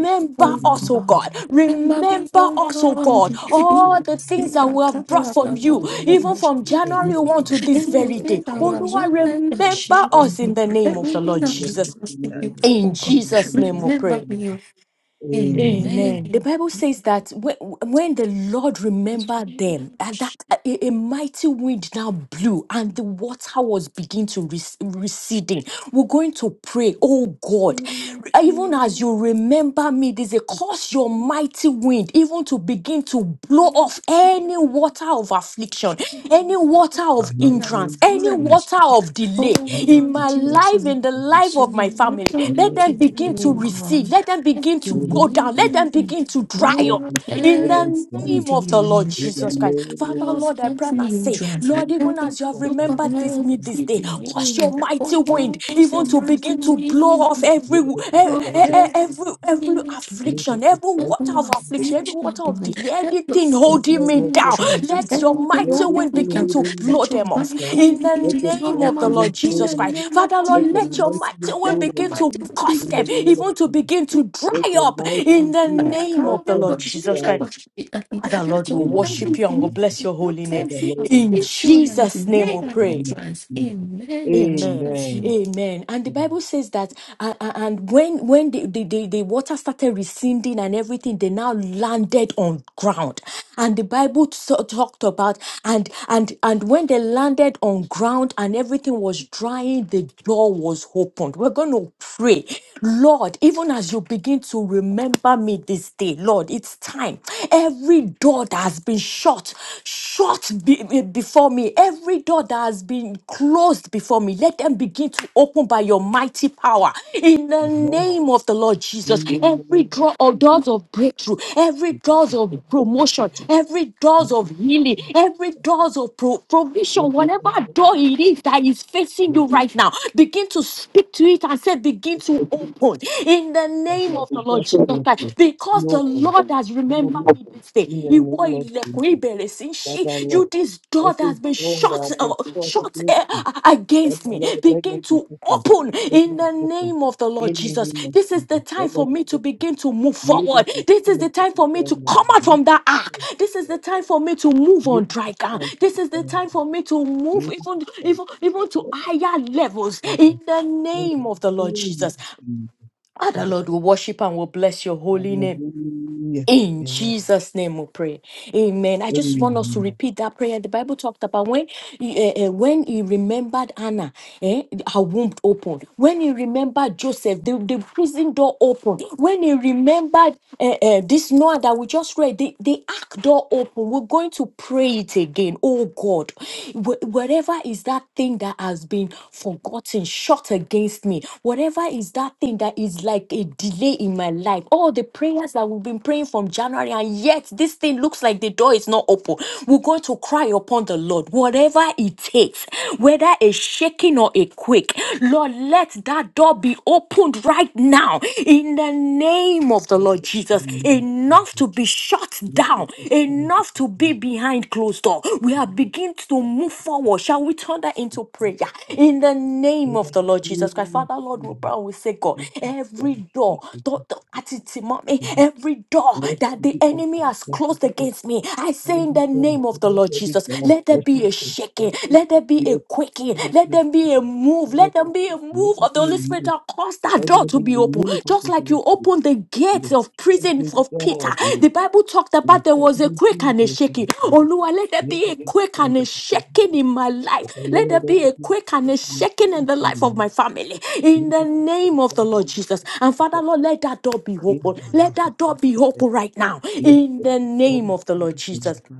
Speaker 3: me, oh
Speaker 4: us, oh
Speaker 3: God.
Speaker 4: God.
Speaker 3: Remember me,
Speaker 4: Remember
Speaker 3: oh
Speaker 4: us, oh
Speaker 3: God.
Speaker 4: God.
Speaker 3: You
Speaker 4: All the
Speaker 3: see
Speaker 4: things that
Speaker 3: the
Speaker 4: we have brought
Speaker 3: cattle of
Speaker 4: from you,
Speaker 3: Amazon,
Speaker 4: even from
Speaker 3: shake me.
Speaker 4: January 1 to this
Speaker 3: In the
Speaker 4: very day.
Speaker 3: great
Speaker 1: I
Speaker 4: Oh
Speaker 1: have been
Speaker 4: Lord,
Speaker 3: Amazon, ever
Speaker 4: remember
Speaker 3: shake
Speaker 1: honored
Speaker 3: me.
Speaker 4: us in the name
Speaker 1: and
Speaker 4: of the
Speaker 3: Everything
Speaker 4: Lord
Speaker 3: I can
Speaker 4: Jesus.
Speaker 3: trust in you, oh
Speaker 4: In
Speaker 3: God.
Speaker 4: Jesus' name we pray.
Speaker 3: Remember me, oh
Speaker 1: you. In
Speaker 4: Amen. The Bible says that when, when the Lord remembered them, and that uh, a, a mighty wind now blew, and the water was beginning to rec- receding. We're going to pray, oh God, even as
Speaker 3: Amen.
Speaker 4: you remember me, this is a cause your mighty wind, even to begin to blow off any water of affliction, any water of
Speaker 3: No,
Speaker 4: hindrance,
Speaker 3: it's not.
Speaker 4: any water of
Speaker 3: Oh
Speaker 4: delay in
Speaker 3: Lord
Speaker 4: my
Speaker 3: Jesus,
Speaker 4: life, in the
Speaker 3: I
Speaker 4: life of my
Speaker 3: surrender
Speaker 4: family. Let
Speaker 3: to
Speaker 4: them begin to
Speaker 3: you,
Speaker 2: Amen.
Speaker 4: receive.
Speaker 3: God.
Speaker 4: Let them
Speaker 3: Let
Speaker 4: begin to
Speaker 3: your
Speaker 4: go
Speaker 3: name
Speaker 4: down.
Speaker 2: Amen.
Speaker 4: Let them begin to
Speaker 2: In
Speaker 4: dry
Speaker 2: the
Speaker 4: up.
Speaker 2: name
Speaker 3: blow
Speaker 2: of Jesus
Speaker 4: In
Speaker 2: Christ,
Speaker 3: everything.
Speaker 4: the
Speaker 2: Lord,
Speaker 4: name
Speaker 2: it
Speaker 4: of the Lord Jesus Christ. Father,
Speaker 3: Lord,
Speaker 4: Lord, I pray
Speaker 3: help
Speaker 4: and
Speaker 3: me
Speaker 4: I
Speaker 3: in
Speaker 4: say,
Speaker 3: trance.
Speaker 4: Lord, even
Speaker 3: Help
Speaker 2: is
Speaker 3: me
Speaker 4: as you have
Speaker 2: time
Speaker 3: look for
Speaker 4: remembered this me
Speaker 2: to
Speaker 4: this day,
Speaker 2: perform our
Speaker 4: cause your
Speaker 3: everything.
Speaker 4: mighty
Speaker 3: Oh
Speaker 2: duty, it
Speaker 3: Lord,
Speaker 4: wind
Speaker 2: is
Speaker 3: your
Speaker 4: even
Speaker 2: time
Speaker 4: to
Speaker 2: to
Speaker 3: mighty
Speaker 4: begin
Speaker 2: perform
Speaker 4: to blow
Speaker 3: wind.
Speaker 4: off every
Speaker 2: your duty, it is
Speaker 4: every
Speaker 3: Lord,
Speaker 2: time to
Speaker 3: help
Speaker 2: perform
Speaker 4: every,
Speaker 3: me
Speaker 4: every
Speaker 3: in
Speaker 2: your duty, it
Speaker 4: affliction, every
Speaker 2: is time to
Speaker 4: water
Speaker 3: Every
Speaker 4: of
Speaker 2: perform
Speaker 3: last
Speaker 2: your
Speaker 4: affliction, every
Speaker 3: speech,
Speaker 4: water
Speaker 3: Lord,
Speaker 4: of
Speaker 3: given.
Speaker 2: duty.
Speaker 4: delay,
Speaker 3: Help
Speaker 4: everything
Speaker 3: us
Speaker 2: And
Speaker 3: with
Speaker 4: holding
Speaker 2: Lord,
Speaker 4: me
Speaker 3: any
Speaker 2: what God
Speaker 4: down,
Speaker 2: has
Speaker 4: let
Speaker 2: taken,
Speaker 4: your
Speaker 3: anything
Speaker 4: mighty
Speaker 2: everything
Speaker 3: holding
Speaker 4: wind
Speaker 3: me
Speaker 4: begin
Speaker 3: down.
Speaker 4: to
Speaker 2: hidden
Speaker 4: blow
Speaker 3: Let your
Speaker 4: them
Speaker 2: in
Speaker 4: off
Speaker 3: mighty
Speaker 2: God,
Speaker 4: in
Speaker 3: will
Speaker 4: the
Speaker 3: begin
Speaker 2: let
Speaker 3: to
Speaker 2: your
Speaker 3: blow
Speaker 4: name
Speaker 2: mighty
Speaker 3: them
Speaker 4: of the
Speaker 3: out
Speaker 2: wind
Speaker 4: Lord
Speaker 3: in
Speaker 2: blow
Speaker 4: Jesus
Speaker 3: the
Speaker 2: them out.
Speaker 4: Christ.
Speaker 3: name of
Speaker 4: Father, Lord,
Speaker 2: Let your
Speaker 4: let your
Speaker 2: mighty
Speaker 3: Jesus.
Speaker 4: mighty
Speaker 2: wind
Speaker 4: wind
Speaker 3: Let
Speaker 2: blow
Speaker 3: your
Speaker 4: begin
Speaker 2: them
Speaker 4: to
Speaker 3: mighty will
Speaker 2: out.
Speaker 4: cause
Speaker 2: in
Speaker 3: begin
Speaker 4: them
Speaker 2: the
Speaker 3: to
Speaker 2: name of
Speaker 4: even to
Speaker 2: Jesus.
Speaker 4: begin
Speaker 3: flow
Speaker 4: to
Speaker 2: Let
Speaker 4: dry
Speaker 2: your
Speaker 4: up
Speaker 3: out.
Speaker 4: in
Speaker 2: mighty
Speaker 4: the
Speaker 2: wind
Speaker 3: Let
Speaker 4: name
Speaker 2: cause
Speaker 4: of
Speaker 3: your mighty
Speaker 4: the
Speaker 2: them
Speaker 4: Lord
Speaker 2: to
Speaker 4: Jesus
Speaker 3: will
Speaker 2: fly
Speaker 4: Christ. Father, Lord, we
Speaker 2: in the
Speaker 4: worship
Speaker 2: name
Speaker 4: you and
Speaker 2: of
Speaker 4: we
Speaker 2: Jesus.
Speaker 4: bless your
Speaker 3: block
Speaker 4: holy name.
Speaker 2: That the
Speaker 3: every
Speaker 2: Lord will
Speaker 4: In
Speaker 2: worship
Speaker 3: affliction
Speaker 2: you.
Speaker 3: and
Speaker 4: Jesus' name
Speaker 3: delay
Speaker 4: we
Speaker 3: and
Speaker 2: Amen.
Speaker 4: pray.
Speaker 3: entrance.
Speaker 2: Amen.
Speaker 3: Amen. In
Speaker 4: Amen.
Speaker 3: Jesus' name.
Speaker 4: Amen. And the Bible says that, uh, uh, and when when the, the, the, the water started receding and everything, they now landed on ground. And the Bible so- talked about, and and and when they landed on ground and everything was drying, the door was opened. We're going to pray, Lord, even as you begin to remember me this day, Lord, it's time. Every door that has been shut, shut be- be- before me. Every door that has been closed before me, let them begin to open by your mighty power. In the
Speaker 2: Amen.
Speaker 4: name of the Lord Jesus,
Speaker 2: In the
Speaker 4: every
Speaker 2: name of
Speaker 4: door of
Speaker 2: Jesus,
Speaker 4: doors of breakthrough, every
Speaker 2: we give
Speaker 4: doors
Speaker 2: you
Speaker 4: of
Speaker 2: thanks, we thank
Speaker 4: promotion,
Speaker 2: you,
Speaker 4: every
Speaker 2: we
Speaker 4: doors
Speaker 2: give
Speaker 4: of healing,
Speaker 2: you thanks.
Speaker 4: every
Speaker 2: for time.
Speaker 4: doors of pro- provision,
Speaker 2: In the
Speaker 4: whatever
Speaker 2: name of
Speaker 4: door it is that is facing you
Speaker 2: Jesus, we
Speaker 4: right now, begin to speak to it and say, begin
Speaker 2: give
Speaker 4: to
Speaker 2: you thanks.
Speaker 4: open, in the
Speaker 2: That is
Speaker 4: name of the Lord
Speaker 2: shut
Speaker 4: Jesus
Speaker 2: against you.
Speaker 4: Christ,
Speaker 2: Be
Speaker 4: because the
Speaker 2: open,
Speaker 4: Lord has
Speaker 2: be
Speaker 4: remembered
Speaker 2: open.
Speaker 4: me this day.
Speaker 2: In the
Speaker 4: Ìwọ
Speaker 2: name of
Speaker 4: ilẹ̀kùn
Speaker 2: Jesus,
Speaker 4: ìbẹ̀rẹ̀ sí í
Speaker 2: Father
Speaker 4: ṣí.
Speaker 2: Lord,
Speaker 4: You, this door that
Speaker 2: every
Speaker 4: has been
Speaker 2: door that
Speaker 4: shut,
Speaker 2: has
Speaker 4: uh,
Speaker 2: been shut
Speaker 4: shut
Speaker 2: against
Speaker 4: uh,
Speaker 2: you, that
Speaker 4: against me,
Speaker 2: Lord, let
Speaker 4: begin
Speaker 2: them be
Speaker 4: to
Speaker 2: open.
Speaker 4: open
Speaker 2: Let them
Speaker 4: in
Speaker 2: be
Speaker 4: the
Speaker 2: open.
Speaker 4: name of the Lord
Speaker 2: In the
Speaker 4: Jesus.
Speaker 2: name of
Speaker 4: This is the
Speaker 2: Jesus,
Speaker 4: time
Speaker 2: let
Speaker 4: for
Speaker 2: them be
Speaker 4: me to
Speaker 2: open.
Speaker 4: begin to move
Speaker 2: We give
Speaker 4: forward.
Speaker 2: you
Speaker 4: This is the
Speaker 2: thanks for
Speaker 4: time for
Speaker 2: the
Speaker 4: me to
Speaker 2: time
Speaker 4: come out
Speaker 2: Lord.
Speaker 4: from that ark.
Speaker 2: You
Speaker 4: This is the time for me to move on
Speaker 2: have
Speaker 4: dry
Speaker 2: the
Speaker 4: ground.
Speaker 2: strength
Speaker 4: This
Speaker 2: to
Speaker 4: is the
Speaker 2: stand.
Speaker 4: time for me to
Speaker 2: to the ground.
Speaker 4: move
Speaker 2: You have the
Speaker 4: even,
Speaker 2: strength
Speaker 4: even,
Speaker 2: to
Speaker 4: even to higher levels
Speaker 2: stand. to the ground.
Speaker 4: in the
Speaker 2: In the
Speaker 4: name of
Speaker 2: name
Speaker 4: the Lord
Speaker 2: of
Speaker 4: Jesus.
Speaker 2: Jesus. In
Speaker 4: Father
Speaker 2: the
Speaker 4: Lord, we worship and we bless your holy name.
Speaker 2: Hallelujah.
Speaker 4: In
Speaker 2: Amen.
Speaker 4: Jesus' name we pray. Amen. I just want us to
Speaker 2: Amen.
Speaker 4: repeat that prayer. The Bible talked about when he, eh, eh, when he remembered Anna, eh, her womb opened. When he remembered Joseph, the, the prison door opened. When he remembered eh, eh, this Noah that we just read, the, the ark door opened. We're going to pray it again. Oh God, wh- wherever is that thing that has been forgotten forgotten, shot against me. Whatever is that thing that is like a delay in my life. All the prayers that we've been praying from January, and yet this thing looks like the door is not open. We're going to cry upon the Lord, whatever it takes, whether a shaking or a quake. Lord, let that door be opened right now in the name of the
Speaker 2: In
Speaker 4: Lord
Speaker 2: the
Speaker 4: Jesus.
Speaker 2: name of
Speaker 4: Enough
Speaker 2: Jesus.
Speaker 4: to be shut down
Speaker 2: You
Speaker 4: down,
Speaker 2: have the strength to
Speaker 4: enough to be
Speaker 2: stand. to
Speaker 4: behind closed door.
Speaker 2: the ground.
Speaker 4: We
Speaker 2: You
Speaker 4: are beginning to
Speaker 2: have the strength
Speaker 4: move forward. Shall we turn that into
Speaker 2: to
Speaker 4: prayer?
Speaker 2: stand.
Speaker 4: In the
Speaker 2: to
Speaker 4: name
Speaker 2: the
Speaker 4: of
Speaker 2: ground.
Speaker 4: the Lord
Speaker 2: In the
Speaker 4: Jesus Christ,
Speaker 2: name of
Speaker 4: Father, Lord, we
Speaker 2: Jesus.
Speaker 4: pray we say, God,
Speaker 2: Every door
Speaker 4: every
Speaker 2: shut.
Speaker 4: door,
Speaker 2: Let
Speaker 4: door, door at it, mommy, every door that
Speaker 2: it
Speaker 4: the
Speaker 2: be
Speaker 4: enemy
Speaker 2: open.
Speaker 4: has
Speaker 2: Let it
Speaker 4: closed
Speaker 2: be open.
Speaker 4: against me, I
Speaker 2: Yes,
Speaker 4: say in
Speaker 2: in
Speaker 4: the name of the Lord Jesus,
Speaker 2: the
Speaker 4: let there be a shaking, let there be a quaking, let there be a move, let there be a move move of the Holy Spirit shall cause that door to be open. Just like you opened the gates of prison of Peter. The Bible talked about there was a quake and a shaking. Oh Lord, let there be a quake and a shaking in my life. Let there be a quake and a shaking in the life of my family. In the name of the Lord Jesus. And Father Lord, let that door be
Speaker 1: the
Speaker 4: open.
Speaker 1: name
Speaker 4: Let that door be open right now. In the name of the
Speaker 1: of
Speaker 4: Lord Jesus.
Speaker 1: Jesus, my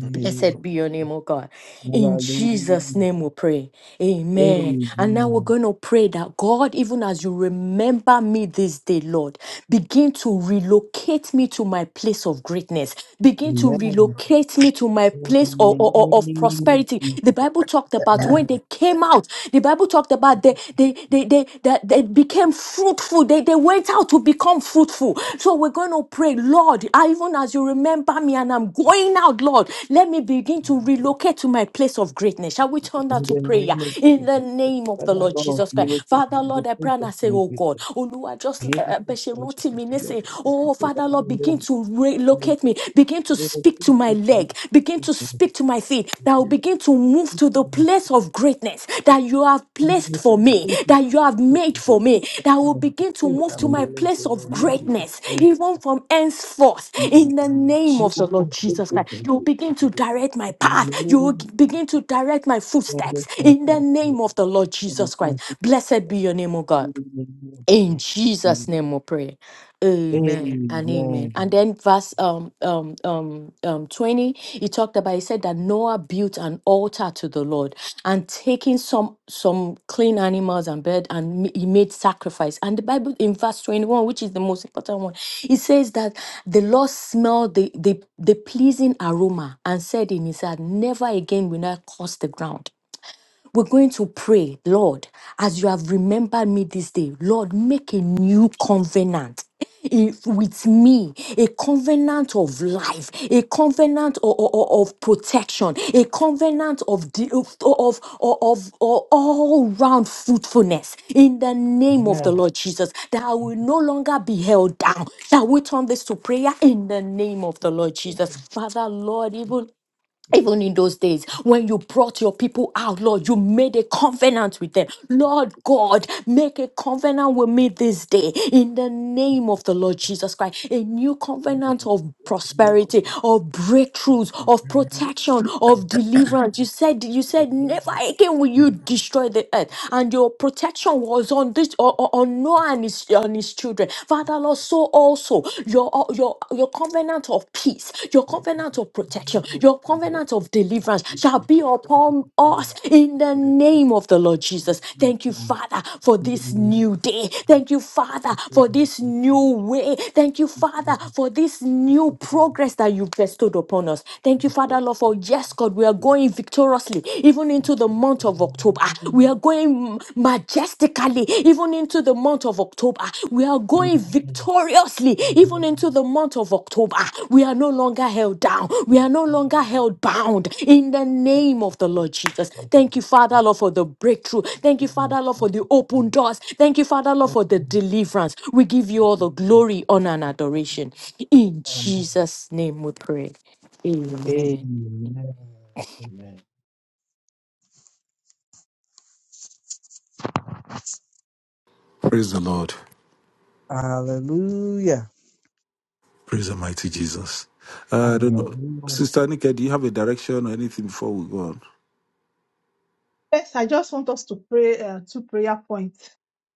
Speaker 1: God,
Speaker 4: Blessed
Speaker 2: of
Speaker 4: be your name, oh God. In Jesus'
Speaker 2: Hallelujah.
Speaker 4: name we pray. Amen. And now we're
Speaker 2: Amen.
Speaker 4: going to pray that God, even as you remember me this day, Lord, begin to relocate me to my place of greatness. Begin to
Speaker 2: Amen.
Speaker 4: relocate me to my
Speaker 2: In the
Speaker 4: place of, of, of- of
Speaker 2: name of
Speaker 4: prosperity. The
Speaker 2: Jesus.
Speaker 4: Bible talked about when
Speaker 2: Amen.
Speaker 4: they came out, the Bible talked about they they they, they, that they became fruitful they went out to become fruitful. So we're going to pray, Lord, I- even as you remember me and I'm going out, Lord, let me begin to relocate to my place of greatness. Shall we turn that
Speaker 2: In
Speaker 4: to
Speaker 2: the
Speaker 4: prayer
Speaker 2: name of
Speaker 4: in the
Speaker 2: Jesus.
Speaker 4: name of the
Speaker 2: Father
Speaker 4: Lord
Speaker 2: Lord,
Speaker 4: Jesus
Speaker 2: you
Speaker 4: Christ?
Speaker 2: locate
Speaker 4: Father,
Speaker 2: me to the
Speaker 4: Lord, I pray
Speaker 2: place
Speaker 4: and
Speaker 2: of
Speaker 4: I say,
Speaker 2: my
Speaker 4: Oh God,
Speaker 2: greatness.
Speaker 4: Olúwa, just
Speaker 2: Be able
Speaker 4: uh, bẹ́
Speaker 2: to
Speaker 4: ṣe
Speaker 2: stand to
Speaker 4: rántí mi
Speaker 2: the place.
Speaker 4: nísìn. Oh Father,
Speaker 2: Father
Speaker 4: Lord,
Speaker 2: Lord,
Speaker 4: begin to
Speaker 2: you
Speaker 4: relocate me, begin to
Speaker 2: locate me to
Speaker 4: speak
Speaker 2: the
Speaker 4: to
Speaker 2: place
Speaker 4: my
Speaker 2: of my
Speaker 4: leg, begin to
Speaker 2: greatness.
Speaker 4: speak to my feet,
Speaker 2: Be
Speaker 4: that I will begin to move to the
Speaker 2: able
Speaker 4: place of greatness that you have placed
Speaker 2: to the
Speaker 4: for
Speaker 1: I
Speaker 4: me,
Speaker 2: place of
Speaker 4: that you have made
Speaker 2: greatness.
Speaker 4: for me,
Speaker 2: That's
Speaker 4: that I
Speaker 2: what
Speaker 4: will
Speaker 2: I'm
Speaker 4: begin to
Speaker 2: fulfilled.
Speaker 1: would
Speaker 4: move
Speaker 1: have
Speaker 4: to my
Speaker 1: blessed
Speaker 4: place
Speaker 1: you,
Speaker 4: of
Speaker 2: Be
Speaker 1: Lord,
Speaker 2: able
Speaker 1: that we
Speaker 2: to
Speaker 4: greatness,
Speaker 2: stand.
Speaker 4: even from henceforth,
Speaker 2: Be
Speaker 4: in the name of
Speaker 2: able
Speaker 4: the
Speaker 2: to
Speaker 4: Lord
Speaker 2: the place
Speaker 4: Jesus
Speaker 2: of my
Speaker 4: Christ. You will
Speaker 2: greatness.
Speaker 4: begin to direct my
Speaker 2: In the
Speaker 4: path, you will
Speaker 2: name of
Speaker 4: begin to direct my
Speaker 2: God,
Speaker 4: footsteps,
Speaker 2: I can't
Speaker 4: in the
Speaker 2: pass you.
Speaker 4: name of the Lord
Speaker 2: And
Speaker 4: Jesus
Speaker 2: I
Speaker 4: Christ.
Speaker 2: can't pass
Speaker 4: Blessed
Speaker 2: you.
Speaker 4: be your name, O God.
Speaker 2: In the name of
Speaker 4: In
Speaker 2: Jesus.
Speaker 4: Jesus' name we pray. Amen and amen.
Speaker 2: Amen.
Speaker 4: And then verse um um um um 20, he talked about he said that Noah built an altar to the Lord and taking some some clean animals and bird and ma- he made sacrifice. And the Bible in verse 21, which is the most important one, it says that the Lord smelled the the, the pleasing aroma and said in his heart, Never again will I curse the ground. We're going to pray, Lord, as you have remembered me this day, Lord, make a new covenant if- with me, a covenant of life, a covenant o- o- o- of, protection, a covenant of the, of, of, of, of all round fruitfulness in the name of
Speaker 2: Yeah.
Speaker 4: the Lord Jesus, that I will no longer be held down. Shall we turn this to prayer in the name of the Lord Jesus? Father, Lord, even even in those days, when you brought your people out, Lord, you made a covenant with them. Lord God, make a covenant with me this day in the name of the Lord Jesus Christ. A new covenant of prosperity, of breakthroughs, of protection, of deliverance. You said, you said, never again will you destroy the earth. And your protection was on this, on on Noah and his, on his children. Father, Lord, so also your, uh, your, your covenant of peace, your covenant of protection, your covenant of deliverance shall be upon us in the name of the Lord Jesus. Thank you, Father, for this new day. Thank you, Father, for this new way. Thank you, Father, for this new progress that you've bestowed upon us. Thank you, Father, Lord, for yes, God, we are going victoriously even into the month of October. We are going majestically, even into the month of October. We are going victoriously, even into the month of October. We are no longer held down. We are no longer held bound in the name of the Lord Jesus. Thank you, Father Lord, for the breakthrough. Thank you, Father Lord, for the open doors. Thank you, Father Lord, for the deliverance. We give you all the glory, honor, and adoration. In
Speaker 2: Amen.
Speaker 4: Jesus' name we pray. Amen.
Speaker 2: Amen.
Speaker 5: Praise the Lord.
Speaker 2: Hallelujah.
Speaker 5: Praise the mighty Jesus. Uh, I don't know.
Speaker 2: Hallelujah.
Speaker 5: Sister Nika, do you have a direction or anything before we go on?
Speaker 6: First, I just want us to pray uh, two prayer points.